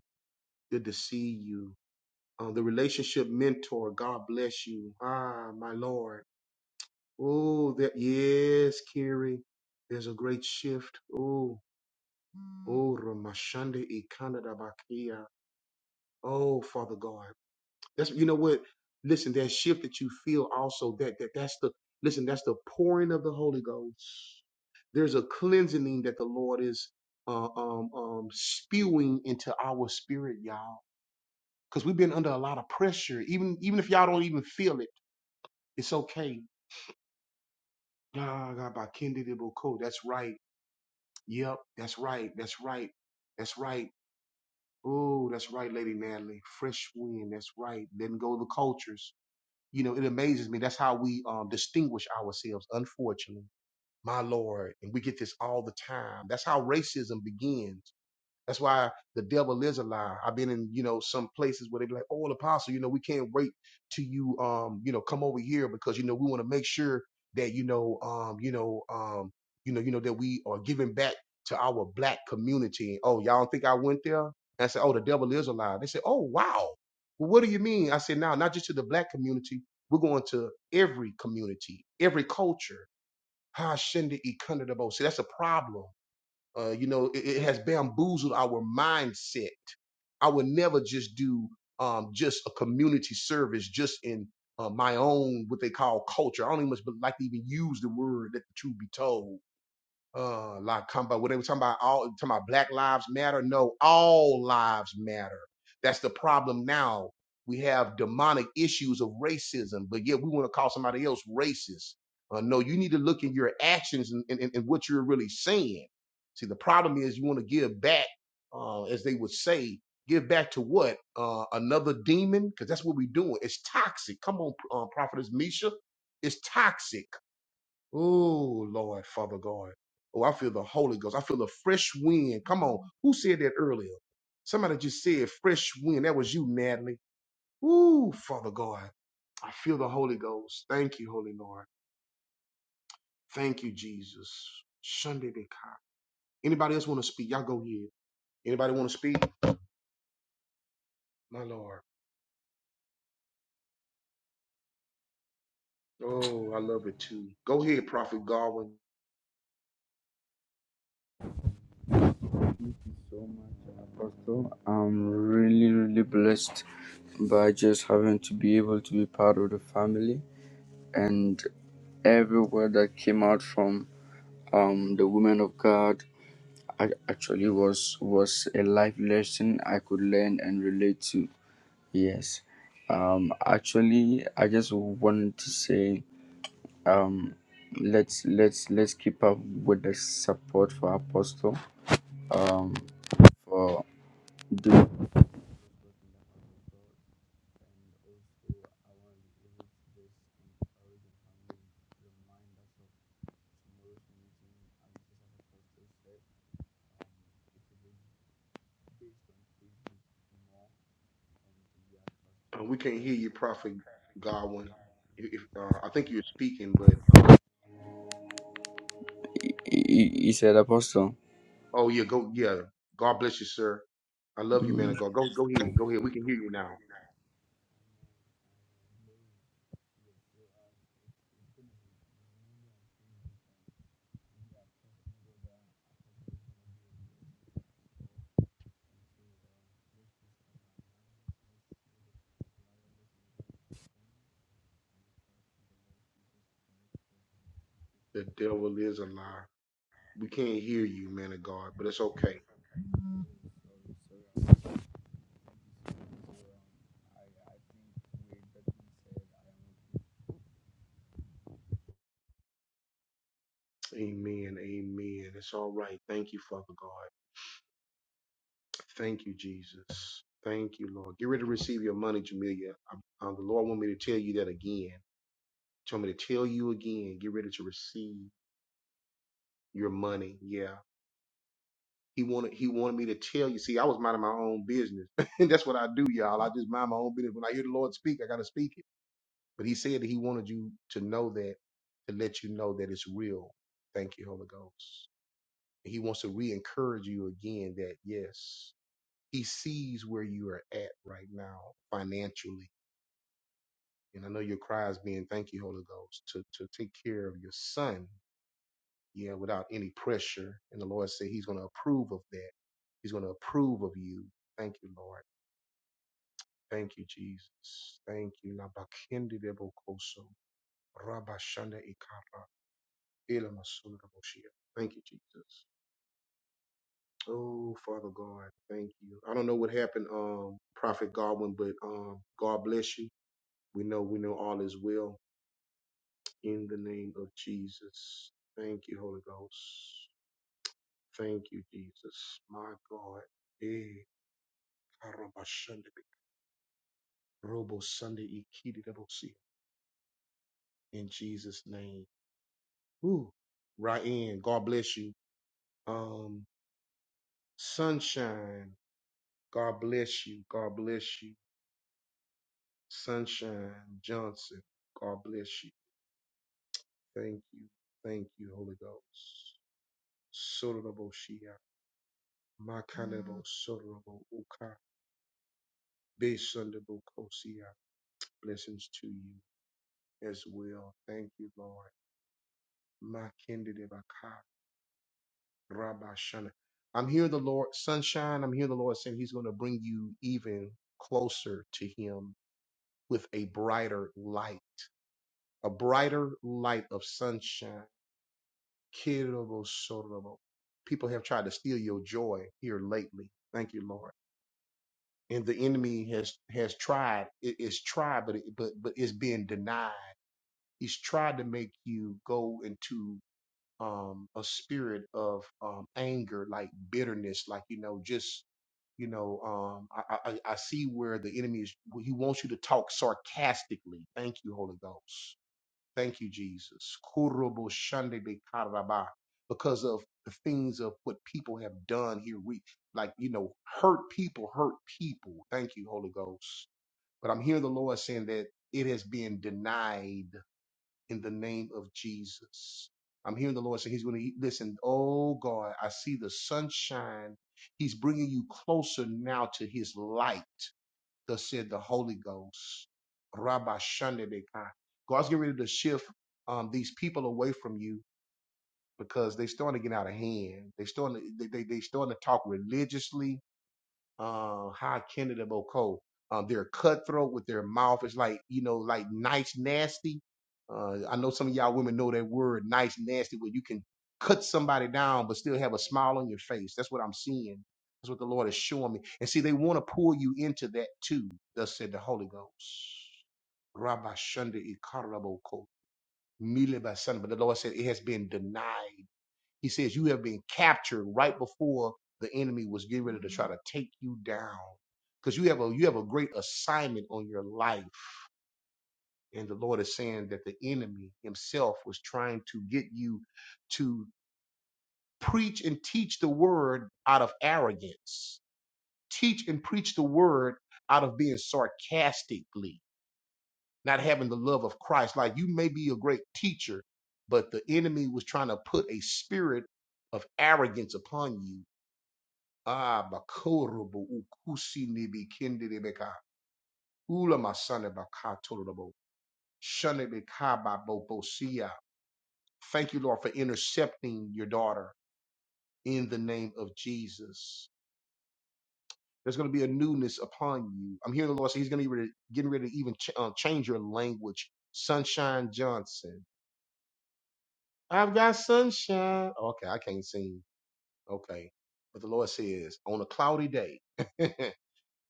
Good to see you. Uh, the relationship mentor. God bless you. Ah, my Lord. Oh, that yes, Carrie. There's a great shift. Oh, oh, Ramashande Ikanda Bakia. Oh, Father God. That's you know what. Listen, that shift that you feel also that that that's the listen. That's the pouring of the Holy Ghost. There's a cleansing that the Lord is uh, um, um, spewing into our spirit, y'all. Because we've been under a lot of pressure. Even even if y'all don't even feel it, it's okay. Ah, God, by Kendi Diboko. That's right. Yep. That's right. That's right. That's right. Oh, that's right, Lady Natalie. Fresh wind. That's right. Letting go of the cultures You know, it amazes me. That's how we um, distinguish ourselves, unfortunately. My Lord. And we get this all the time. That's how racism begins that's why the devil is a liar. I've been in, you know, some places where they be like, oh, apostle, you know, we can't wait till you, um, you know, come over here because, you know, we want to make sure that, you know, um, you know, um, you know, you know, that we are giving back to our black community. Oh, y'all don't think I went there? And I said, oh, the devil is a liar. They said, oh, wow. Well, what do you mean? I said, now, not just to the black community. We're going to every community, every culture. Ha, shende, ikanda, dabo. See, that's a problem uh, you know, it, it has bamboozled our mindset. I would never just do um, just a community service just in uh, my own what they call culture. I don't even much like to even use the word Let the truth be told uh like come about what they were talking about all talking about black lives matter no all lives matter that's the problem now we have demonic issues of racism but yet we want to call somebody else racist uh, no you need to look in your actions and, and, and what you're really saying see the problem is you want to give back uh, as they would say give back to what uh, another demon because that's what we're doing it's toxic come on uh, prophetess misha it's toxic Oh, Lord, Father God. Oh, I feel the Holy Ghost. I feel the fresh wind. Come on. Who said that earlier? Somebody just said fresh wind. That was you, Natalie. Ooh, Father God. I feel the Holy Ghost. Thank you, Holy Lord. Thank you, Jesus. Sunday de Ka. Anybody else want to speak? Y'all go ahead. Anybody want to speak? My Lord. Oh, I love it too. Go ahead, Prophet Godwin.
so much, uh, Apostle. I'm really, really blessed by just having to be able to be part of the family and every word that came out from um, the women of God ac- actually was was a life lesson I could learn and relate to. Yes, um, actually, I just wanted to say um, let's let's let's keep up with the support for Apostle um, for
Uh, we can't hear you, Prophet Godwin. If, if, uh, I think you're speaking, but um,
Y, y- y ser apóstol.
Oh yeah, go yeah. God bless you, sir. I love you, man
Mm.
of God. Go go ahead. Go ahead. We can hear you now. The devil is a lie. We can't hear you, man of God, but it's okay. Amen. Amen. It's all right. Thank you, Father God. Thank you, Jesus. Thank you, Lord. Get ready to receive your money, Jamelia. Um, um, the Lord want me to tell you that again. He told me to tell you again. Get ready to receive your money. Yeah. He wanted he wanted me to tell you. See, I was minding my own business, and that's what I do, y'all. I just mind my own business. When I hear the Lord speak, I gotta speak it. But He said that He wanted you to know that, to let you know that it's real. Thank you, Holy Ghost. He wants to re-encourage you again that yes, He sees where you are at right now financially, and I know your cry is being, "Thank you, Holy Ghost, to to take care of your son." yeah, without any pressure. And the Lord said He's going to approve of that. He's going to approve of you. Thank you, Lord. Thank you, Jesus. Thank you. Nabakindidebokoso, Rabashanda Ikara, Elamasunaboshia. Thank you, Jesus. Oh, Father God, thank you. I don't know what happened, um, Prophet Godwin, but um, God bless you. We know, we know all is well in the name of Jesus. Thank you, Holy Ghost. Thank you, Jesus. My God. Eh, Arabashande- Robo Sunday Ikiri Rabosi. In Jesus' name. Woo. Ryan, God bless you. Um, Sunshine, God bless you. God bless you. Sunshine Johnson, God bless you. Thank you. Thank you, Holy Ghost. Sorobo Shia. Makalebo Sorobo Uka. Besundabo Kosia. Blessings to you as well. Thank you, Lord. Makende Rabashana. I'm hearing the Lord, sunshine. I'm hearing the Lord saying He's going to bring you even closer to Him with a brighter light, a brighter light of sunshine. Kirobosorobo. People have tried to steal your joy here lately. Thank you, Lord. And the enemy has has tried. It, it's tried, but it, but but it's being denied. He's tried to make you go into um, a spirit of um, anger, like bitterness, like you know, just You know, um, I, I, I see where the enemy is. He wants you to talk sarcastically. Thank you, Holy Ghost. Thank you, Jesus. Kurobo shande be karaba. Because of the things of what people have done here, we like you know hurt people, hurt people. Thank you, Holy Ghost. But I'm hearing the Lord saying that it has been denied in the name of Jesus. I'm hearing the Lord say He's going to listen. Oh God, I see the sunshine. He's bringing you closer now to His light. Thus said the Holy Ghost. Rabba Shandebeka. God's getting ready to shift um, these people away from you because they're starting to get out of hand. They're starting to, they, they, they starting to talk religiously uh high Kennedy Boko. Um, they're cutthroat with their mouth. It's like, you know, like nice nasty. Uh, I know some of y'all women know that word nice nasty where you can cut somebody down but still have a smile on your face. That's what I'm seeing. That's what the Lord is showing me. And see, they want to pull you into that too, thus said the Holy Ghost. Rabba Shunda Ikaraboko. Mile Basana. But the Lord said it has been denied. He says, You have been captured right before the enemy was getting ready to try to take you down. Because you have a you have a great assignment on your life. And the Lord is saying that the enemy himself was trying to get you to preach and teach the word out of arrogance. Teach and preach the word out of being sarcastically, not having the love of Christ. Like you may be a great teacher, but the enemy was trying to put a spirit of arrogance upon you Ah, bakorobo ukusi nibi kindi nibeka. Ula masane bakatorobo. Shane bekaba bobosia. Thank you, Lord, for intercepting your daughter in the name of Jesus. There's going to be a newness upon you. I'm hearing the Lord say He's going to be ready- getting ready to even ch- uh, change your language. Sunshine Johnson. I've got sunshine. Okay, I can't sing. Okay. But the Lord says, on a cloudy day,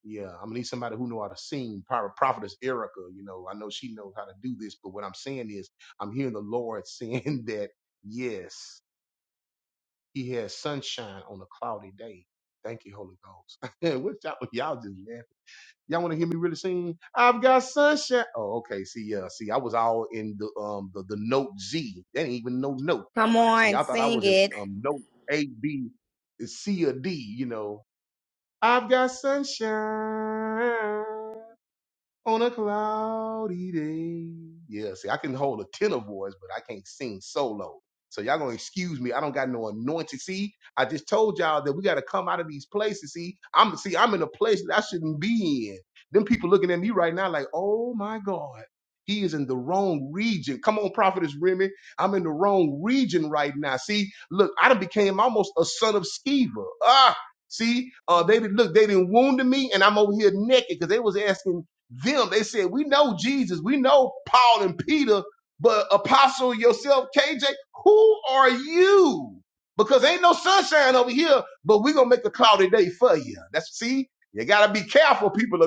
Yeah, I'm gonna need somebody who know how to sing. Pro- Prophetess Erica, you know, I know she knows how to do this, but what I'm saying is, I'm hearing the Lord saying that yes, He has sunshine on a cloudy day. Thank you, Holy Ghost. what y'all, y'all just laughing? Y'all want to hear me really sing? I've got sunshine. Oh, okay. See, yeah, see, I was all in the um the, the note Z. That ain't even no note.
Come
See,
on,
I thought I
sing
was in
it.
um note A, B, C, or D. You know, I've got sunshine on a cloudy day. Yeah, see, I can hold a tenor voice, but I can't sing solo. So y'all gonna excuse me. I don't got no anointing. See, I just told y'all that we gotta come out of these places. See, I'm see, I'm in a place that I shouldn't be in. Them people looking at me right now like, oh my God, he is in the wrong region. Come on, prophetess Remy. I'm in the wrong region right now. See, look, I done became almost a son of Sceva. Ah, see, uh, they did look, they didn't wounded me, and I'm over here naked because they was asking them. They said, We know Jesus, we know Paul and Peter, but Apostle yourself, KJ, who are you? Because ain't no sunshine over here, but we gonna make a cloudy day for you. That's see, you gotta be careful. People of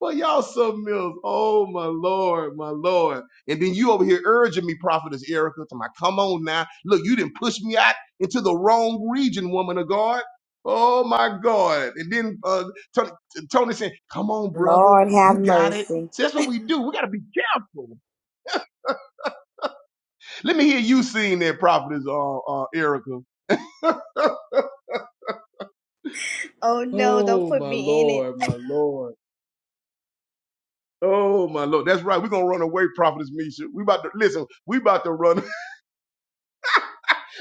Well, y'all something else. Oh my lord, my lord. And then you over here urging me, prophetess Erica, to my come on now. Look, you didn't push me out into the wrong region, woman of God. Oh my God. And then uh, Tony, Tony saying, "Come on, brother,
Lord have
you got it."
mercy.
See, that's what we do. We got to be careful. Let me hear you sing that, prophetess uh, uh, Erica.
Oh no, don't
Oh
put
my
me in it.
lord, my lord. Oh my lord. That's right. We're gonna run away, Prophetess Misha. We about to listen, we about to run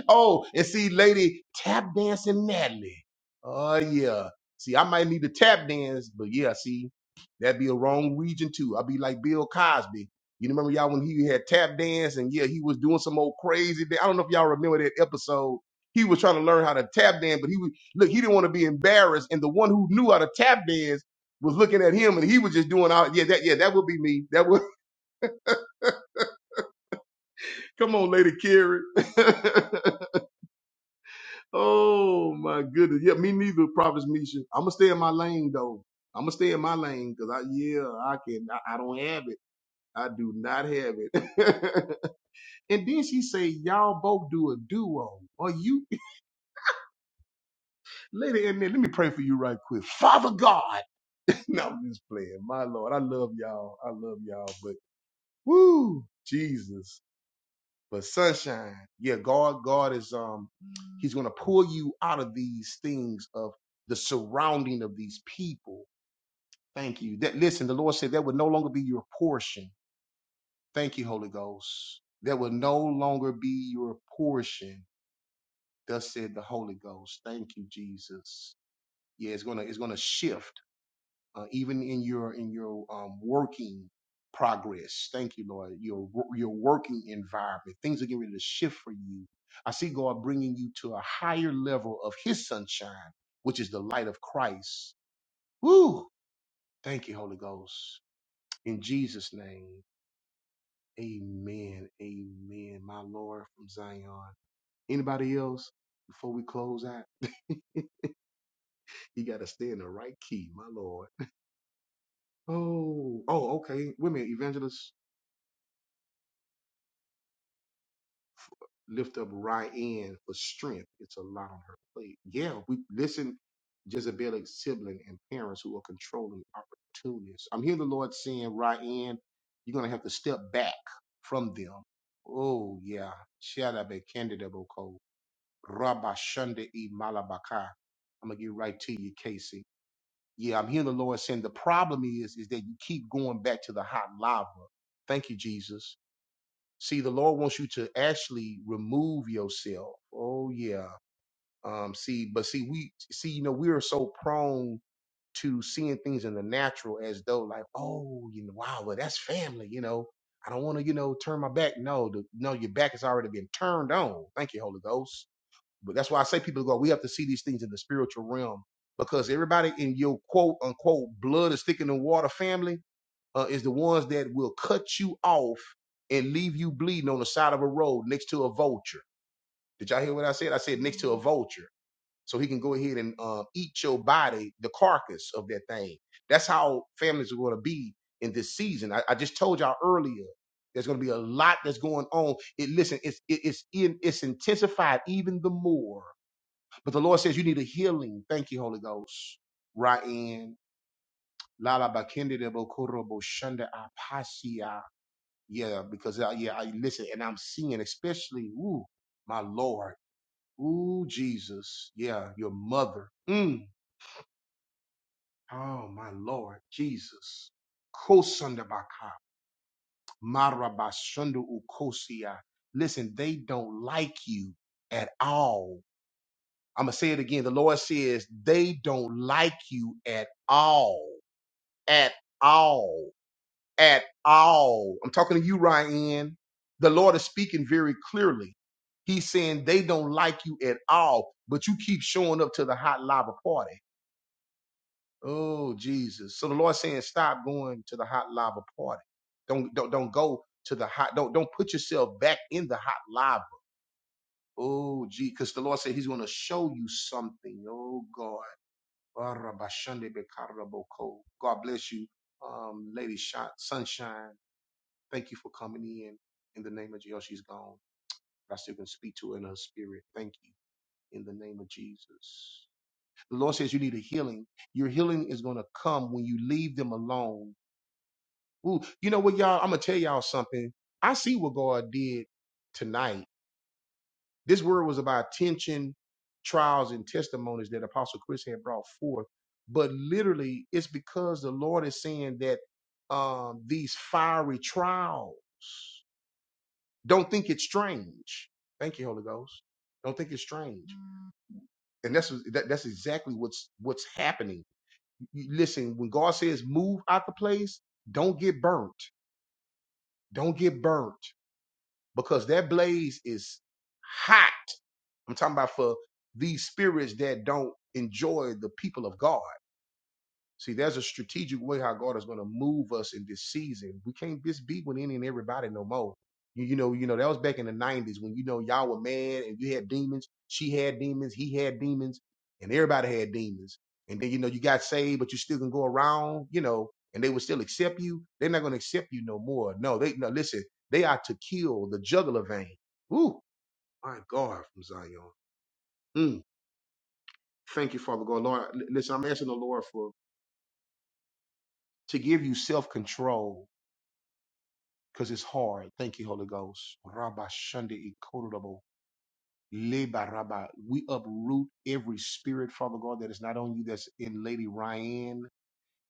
Oh, and see, lady, tap dancing madly. Oh yeah. See, I might need to tap dance, but yeah, see, that'd be a wrong region too. I'd be like Bill Cosby. You remember y'all when he had tap dance and yeah, he was doing some old crazy. da- I don't know if y'all remember that episode. He was trying to learn how to tap dance, but he was look. He didn't want to be embarrassed, and the one who knew how to tap dance was looking at him, and he was just doing all. Yeah, that yeah, that would be me. That would come on, Lady Carrie. Oh my goodness. Yeah, me neither, Prophet Misha. I'm gonna stay in my lane though. I'm gonna stay in my lane because I yeah, I can I, I don't have it. I do not have it. and then she say, Y'all both do a duo. Are you lady in there? Let me pray for you right quick. Father God. no, I'm just playing. My Lord. I love y'all. I love y'all, but woo, Jesus. But sunshine, yeah, God, God is um, He's gonna pull you out of these things of the surrounding of these people. Thank you. That listen, the Lord said that would no longer be your portion. Thank you, Holy Ghost. That will no longer be your portion. Thus said the Holy Ghost. Thank you, Jesus. Yeah, it's gonna it's gonna shift. uh, even in your in your um, working progress. Thank you, Lord. Your your working environment, things are getting ready to shift for you. I see God bringing you to a higher level of His sunshine, which is the light of Christ. Woo! Thank you, Holy Ghost. In Jesus' name, Amen. Amen. My Lord from Zion. Anybody else before we close out? you got to stay in the right key, my Lord. Oh, oh, okay. Women, evangelist. lift up Ryan for strength. It's a lot on her plate. Yeah, we listen Jezebelic sibling and parents who are controlling opportunities. I'm hearing the Lord saying, Ryan, you're gonna have to step back from them. Oh yeah. Shadabe Candidaboko. Rabba Shunda E Malabaka. I'm gonna get right to you, Casey. Yeah, I'm hearing the Lord saying the problem is is that you keep going back to the hot lava. Thank you, Jesus. See, the Lord wants you to actually remove yourself. Oh yeah. Um, see, but see, we see, you know, we are so prone to seeing things in the natural as though like, oh, you know, wow, well, that's family, you know. I don't want to, you know, turn my back. No, the, no, your back has already been turned on. Thank you, Holy Ghost. But that's why I say people go, we have to see these things in the spiritual realm because everybody in your quote unquote blood is thicker than water family uh, is the ones that will cut you off and leave you bleeding on the side of a road next to a vulture. Did y'all hear what I said? I said next to a vulture. So he can go ahead and um, eat your body, the carcass of that thing. That's how families are going to be in this season. I, I just told y'all earlier. There's going to be a lot that's going on. It listen, it's it, it's in, it's intensified even the more. But the Lord says you need a healing. Thank you, Holy Ghost. Right in. Lala bakende de bokoro bo yeah, because I, yeah, I listen, and I'm seeing, especially, ooh, my Lord, ooh, Jesus, yeah, your mother, mm, oh, my Lord, Jesus, Kosandabaka, Marabashundu Ukosia. Listen, they don't like you at all. I'm gonna say it again. The Lord says they don't like you at all, at all. at all. I'm talking to you, Ryan. The Lord is speaking very clearly. He's saying they don't like you at all, but you keep showing up to the hot lava party. Oh, Jesus. So the Lord's saying, stop going to the hot lava party. Don't don't don't go to the hot, don't don't put yourself back in the hot lava. Oh, gee, because the Lord said He's going to show you something. Oh, God. God bless you, um, Lady Sunshine. Thank you for coming in. In the name of Jesus, she's gone. But I still can speak to her in her spirit. Thank you. In the name of Jesus. The Lord says you need a healing. Your healing is going to come when you leave them alone. Ooh, you know what, y'all? I'm going to tell y'all something. I see what God did tonight. This word was about tension, trials, and testimonies that Apostle Chris had brought forth. But literally, it's because the Lord is saying that um, these fiery trials. Don't think it's strange. Thank you, Holy Ghost. Don't think it's strange. And that's that, that's exactly what's what's happening. You- Listen, when God says move out the place, don't get burnt. Don't get burnt because that blaze is hot. I'm talking about for these spirits that don't enjoy the people of God. See, there's a strategic way how God is going to move us in this season. We can't just be with any and everybody no more. You, you know, you know that was back in the '90s when you know y'all were mad and you had demons. She had demons. He had demons, and everybody had demons. And then you know you got saved, but you still can go around, you know, and they would still accept you. They're not going to accept you no more. No, they no. Listen, they are to kill the jugular vein. Ooh, my God, from Zion. Mm. Thank you, Father God, Lord. l- Listen, I'm asking the Lord for to give you self control because it's hard. Thank you, Holy Ghost. Rabba Shunde Ikodabo. Leba Rabba. We uproot every spirit, Father God, that is not on you, that's in Lady Ryan.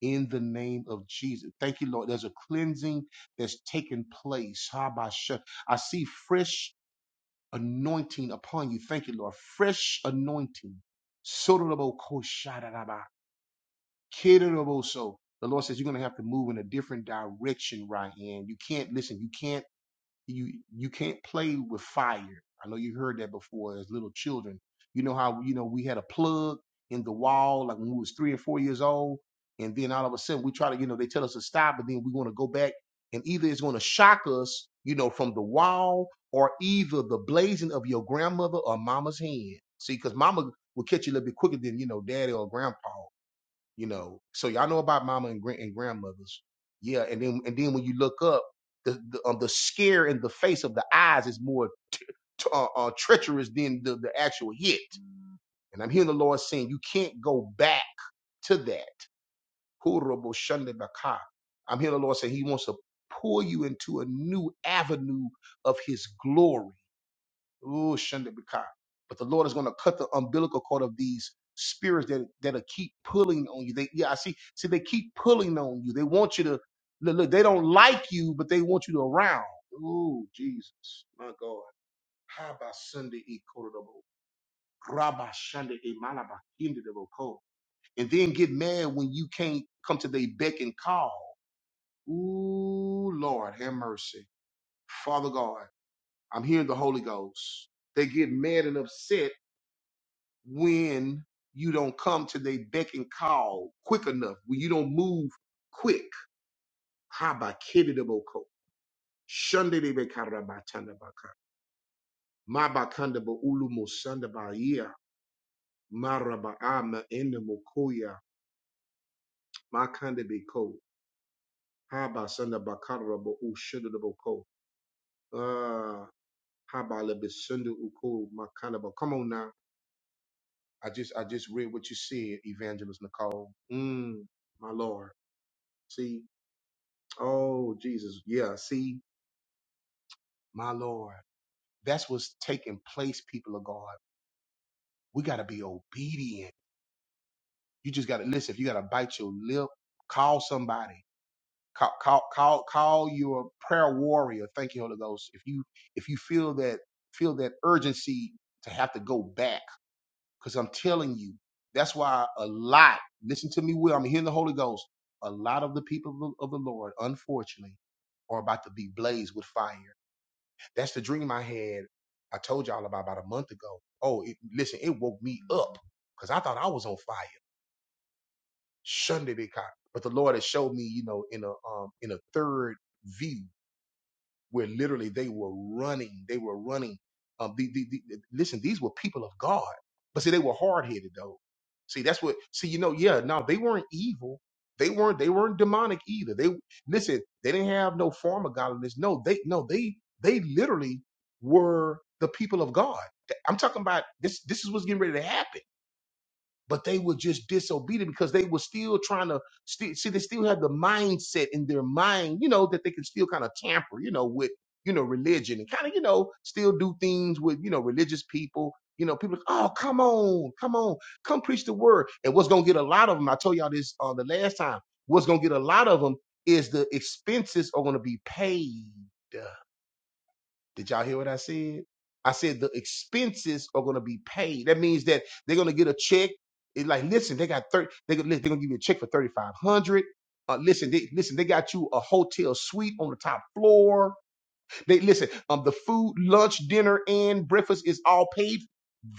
In the name of Jesus. Thank you, Lord. There's a cleansing that's taking place. Rabba Shun- I see fresh anointing upon you. Thank you, Lord. Fresh anointing. Sodorobo Koshadaraba. Kedorobo so. The Lord says you're going to have to move in a different direction, Ryan. You can't, listen, you can't you you can't play with fire. I know you heard that before as little children. You know how you know we had a plug in the wall like when we was three and four years old, and then all of a sudden we try to you know they tell us to stop, but then we want to go back, and either it's going to shock us, you know, from the wall, or either the blazing of your grandmother or mama's hand. See, because mama will catch you a little bit quicker than you know daddy or grandpa you know. So y'all know about mama and grand and grandmothers, yeah. And then and then when you look up, the the, um, the scare in the face of the eyes is more t- uh, uh, treacherous than the, the actual hit. And I'm hearing the Lord saying you can't go back to that. Horrible shunde baka. I'm hearing the Lord saying He wants to pull you into a new avenue of His glory. Ooh, Shandabika. But the Lord is going to cut the umbilical cord of these spirits that that'll keep pulling on you. They yeah, I see. See, they keep pulling on you. They want you to look, look, they don't like you, but they want you to around. Ooh, Jesus, my God. How about Sunday e Korodabo? Rabba Sunday e Malaba Kindabo Ko. And then get mad when you can't come to their beck and call. Ooh, Lord, have mercy. Father God, I'm hearing the Holy Ghost. They get mad and upset when you don't come to their beck and call quick enough, when you don't move quick. Habakididaboko, shandidibekarabatanabaka, mabakandaba ulumo sandabaya, maraba ama endamokoya, makandabeko, habasandabakaraba ushididaboko, uh, habalabisundu uko makanaba. Come on now. I just I just read what you said, Evangelist Nicole. Mm, my Lord. See, Oh, Jesus. Yeah. See, my Lord. That's what's taking place, people of God. We got to be obedient. You just got to listen. If you got to bite your lip, call somebody. Call, call, call, call your prayer warrior. Thank you, Holy Ghost. If you, if you feel that, feel that urgency to have to go back, because I'm telling you, that's why a lot, listen to me, Will, I'm hearing the Holy Ghost. A lot of the people of the of the Lord, unfortunately, are about to be blazed with fire That's the dream I had. I told y'all about about a month ago. Oh, it, listen, it woke me up because I thought I was on fire. Shunde caught, But the Lord has showed me, you know, in a um in a third view where literally they were running. They were running. Um, the, the, the, listen, these were people of God, but see, they were hard headed though. See, that's what. See, you know, yeah, no, they weren't evil. They weren't. They weren't demonic either. They listen. They didn't have no form of godliness. No, they no they they literally were the people of God. I'm talking about this. This is what's getting ready to happen but they were just disobedient because they were still trying to sti- see they still had the mindset in their mind you know that they can still kind of tamper you know with you know religion and kind of you know still do things with you know religious people you know people oh come on come on come preach the word and what's gonna get a lot of them i told y'all this uh, the last time what's gonna get a lot of them is the expenses are gonna be paid did y'all hear what I said? I said the expenses are going to be paid. That means that they're going to get a check. It's like, listen, they got thirty. They, they're going to give you a check for thirty five hundred. Uh, listen, they, listen, they got you a hotel suite on the top floor. They listen. Um, the food, lunch, dinner, and breakfast is all paid.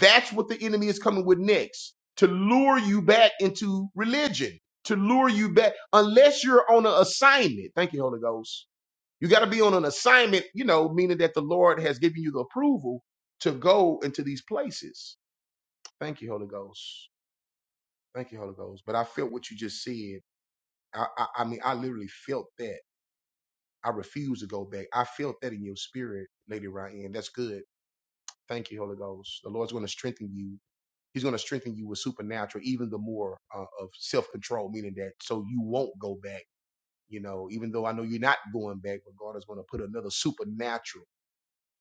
That's what the enemy is coming with next to lure you back into religion, to lure you back, unless you're on an assignment. Thank you, Holy Ghost you got to be on an assignment, you know, meaning that the Lord has given you the approval to go into these places. Thank you, Holy Ghost. Thank you, Holy Ghost. But I felt what you just said. I, I, I mean, I literally felt that. I refuse to go back. I felt that in your spirit, Lady Ryan. That's good. Thank you, Holy Ghost. The Lord's going to strengthen you. He's going to strengthen you with supernatural, even the more uh, of self control, meaning that so you won't go back. You know, even though I know you're not going back, but God is going to put another supernatural.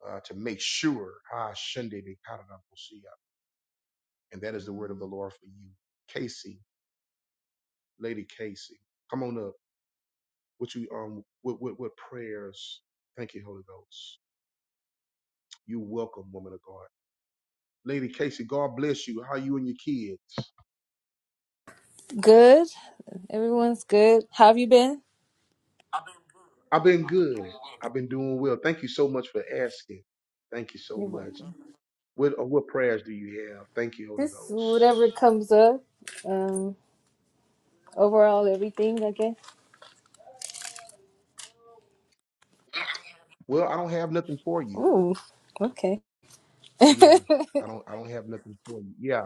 uh, to make sure. Ah, Shunde de Karadabosia. And that is the word of the Lord for you. Casey, Lady Casey, come on up. What you um what what, what prayers? Thank you, Holy Ghost. You welcome, woman of God. Lady Casey, God bless you. How are you and your kids?
Good. Everyone's good. How have you been?
I've been good. I've been doing well. Thank you so much for asking. Thank you so
You're
much.
welcome.
What uh, what prayers do you have? Thank you, Holy
Just
Ghost.
whatever comes up. Um, overall, everything, I guess.
Well, I don't have nothing for you.
Ooh, okay.
Yeah,
uh
I don't I don't have nothing for you. Yeah,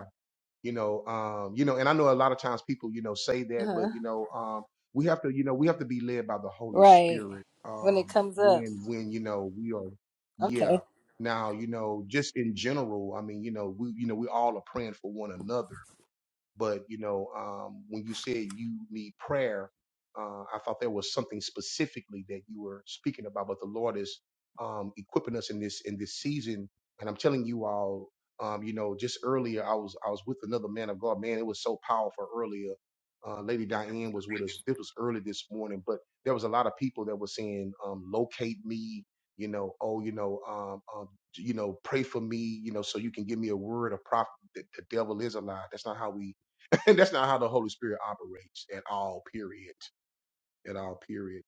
you know um you know and i know a lot of times people you know say that but you know um we have to you know we have to be led by the holy
Right.
spirit
When it
um
comes up.
when when you know we are yeah
Okay.
now you know just in general i mean you know we you know we all are praying for one another but you know, um, when you said you need prayer, uh, I thought there was something specifically that you were speaking about. But the Lord is um, equipping us in this in this season, and I'm telling you all, um, you know, just earlier I was I was with another man of God. Man, it was so powerful earlier. Uh, Lady Diane was with us. This was early this morning, but there was a lot of people that were saying, um, "Locate me," you know, "Oh, you know, um, um, you know, pray for me," you know, so you can give me a word of prophet. The, the devil is a lie. That's not how we and that's not how the Holy Spirit operates at all. Period. At all. Period.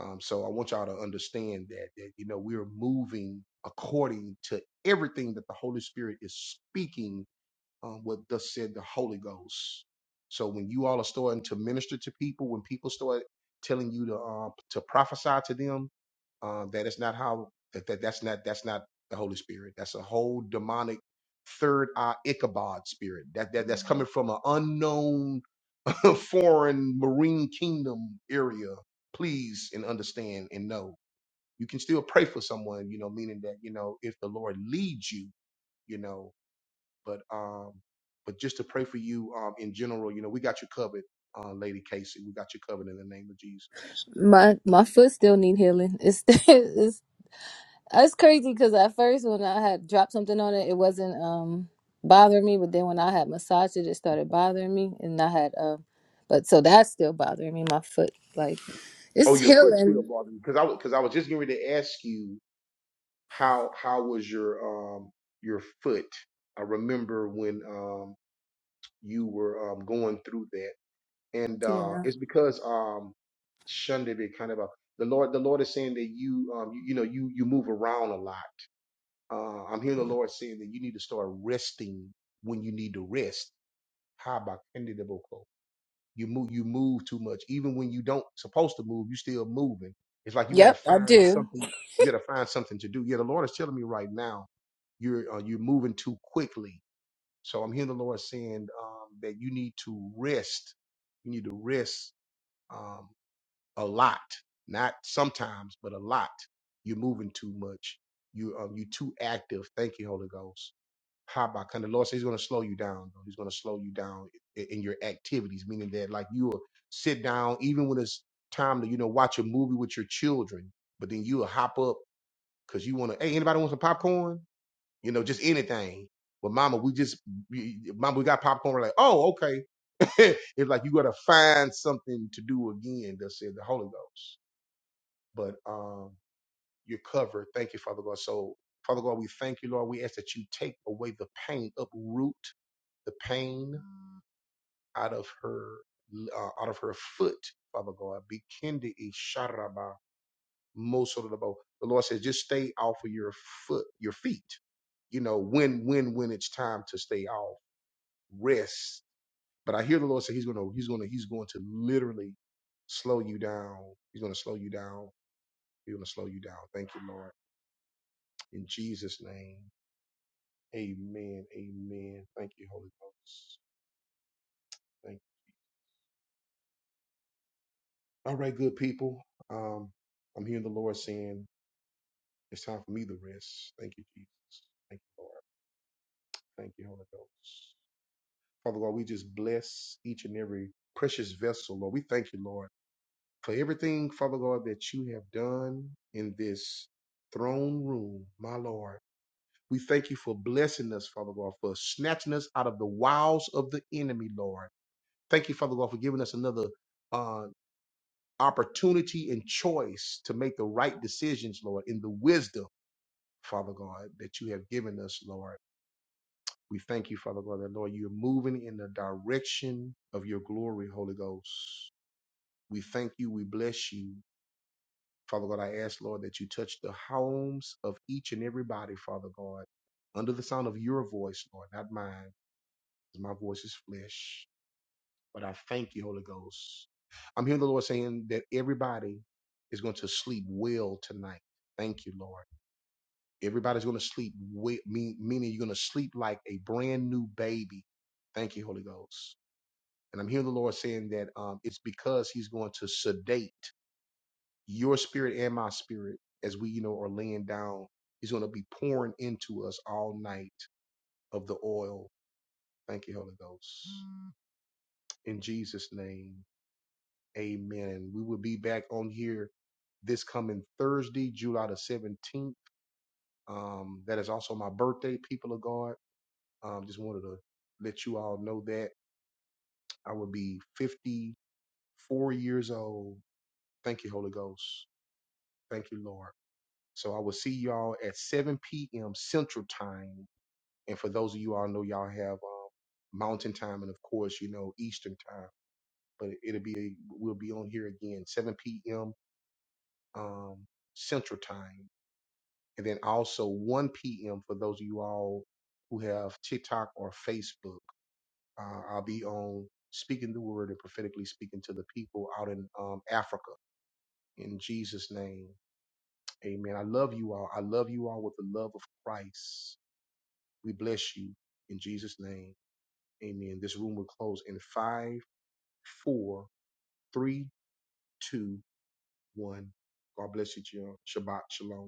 Um, so I want y'all to understand that that you know we're moving according to everything that the Holy Spirit is speaking. Um, what thus said the Holy Ghost. So when you all are starting to minister to people, when people start telling you to uh, to prophesy to them, uh, that is not how that, that that's not that's not the Holy Spirit. That's a whole demonic third eye Ichabod spirit. That, that that's coming from an unknown foreign marine kingdom area please and understand and know you can still pray for someone you know meaning that you know if the lord leads you you know but um but just to pray for you um in general you know we got you covered uh lady casey we got you covered in the name of jesus
My my foot still need healing. It's it's it's crazy because at first when I had dropped something on it, it wasn't um bothering me, but then when I had massaged it, it started bothering me, and I had um, but so that's still bothering me. My foot, like,
oh
it's
your foot still
healing.
bothering you, because i because i was just getting ready to ask you how how was your um your foot i remember when um you were um going through that and uh,
Yeah.
it's because um, shunned be kind of a the Lord. The Lord is saying that you, um, you, you know, you you move around a lot. Uh, I'm hearing the Lord saying that you need to start resting when you need to rest. How about Kendidaboko? You move, you move too much. Even when you don't supposed to move, you still moving. It's like you got to
Yep, I
find
do.
something. You got to find something to do. Yeah, the Lord is telling me right now, you're uh, you're moving too quickly. So I'm hearing the Lord saying um, that you need to rest. You need to rest um, a lot, not sometimes, but a lot. You're moving too much. You um, you are too active. Thank you, Holy Ghost. How about kind of Lord says He's going to slow you down. Though. He's going to slow you down in, in your activities, meaning that like you will sit down even when it's time to you know watch a movie with your children, but then you'll hop up because you want to. Hey, anybody want some popcorn? you know, just anything. But mama, we just, we, mama, we got popcorn. We're like, oh, okay. it's like you got to find something to do again, thus said the Holy Ghost. But um, you're covered. Thank you, Father God. So, Father God, we thank you, Lord. We ask that you take away the pain, uproot the pain out of her, uh, out of her foot, Father God. Be kindi isharaba mosorabo. The Lord says, just stay off of your foot, your feet. You know when, when, when it's time to stay off. rest. But I hear the Lord say He's gonna He's gonna He's going to literally slow you down. He's gonna slow you down. He's gonna slow you down. Thank you, Lord. In Jesus' name. Amen. Amen. Thank you, Holy Ghost. Thank you. All right, good people. Um, I'm hearing the Lord saying it's time for me to rest. Thank you, Jesus. Thank you, Lord. Thank you, Holy Ghost. Father God, we just bless each and every precious vessel, Lord. We thank you, Lord for everything, Father God, that you have done in this throne room, my Lord. We thank you for blessing us, Father God, for snatching us out of the wiles of the enemy, Lord. Thank you, Father God, for giving us another uh, opportunity and choice to make the right decisions, Lord, in the wisdom, Father God, that you have given us, Lord. We thank you, Father God, that, Lord, you're moving in the direction of your glory, Holy Ghost. We thank you. We bless you. Father God, I ask, Lord, that you touch the homes of each and everybody, Father God, under the sound of your voice, Lord, not mine, because my voice is flesh. But I thank you, Holy Ghost. I'm hearing the Lord saying that everybody is going to sleep well tonight. Thank you, Lord. Everybody's going to sleep well, meaning you're going to sleep like a brand new baby. Thank you, Holy Ghost. And I'm hearing the Lord saying that um, it's because He's going to sedate. your spirit and my spirit, as we, you know, are laying down, he's going to be pouring into us all night of the oil. Thank you, Holy Ghost. In Jesus' name, amen. And we will be back on here this coming Thursday, July the 17th. Um, that is also my birthday, people of God. Um, just wanted to let you all know that I will be 54 years old. Thank you, Holy Ghost. Thank you, Lord. So I will see y'all at 7 p.m. Central Time And for those of you all know, y'all have um, Mountain Time, and of course, you know Eastern Time. But it'll be we'll be on here again 7 p.m. Um, Central Time, and then also 1 p.m. for those of you all who have TikTok or Facebook. Uh, I'll be on speaking the word and prophetically speaking to the people out in um, Africa. In Jesus' name, Amen. I love you all. I love you all with the love of Christ. We bless you in Jesus' name. Amen. This room will close in five, four, three, two, one. God bless you, Jill. Shabbat Shalom.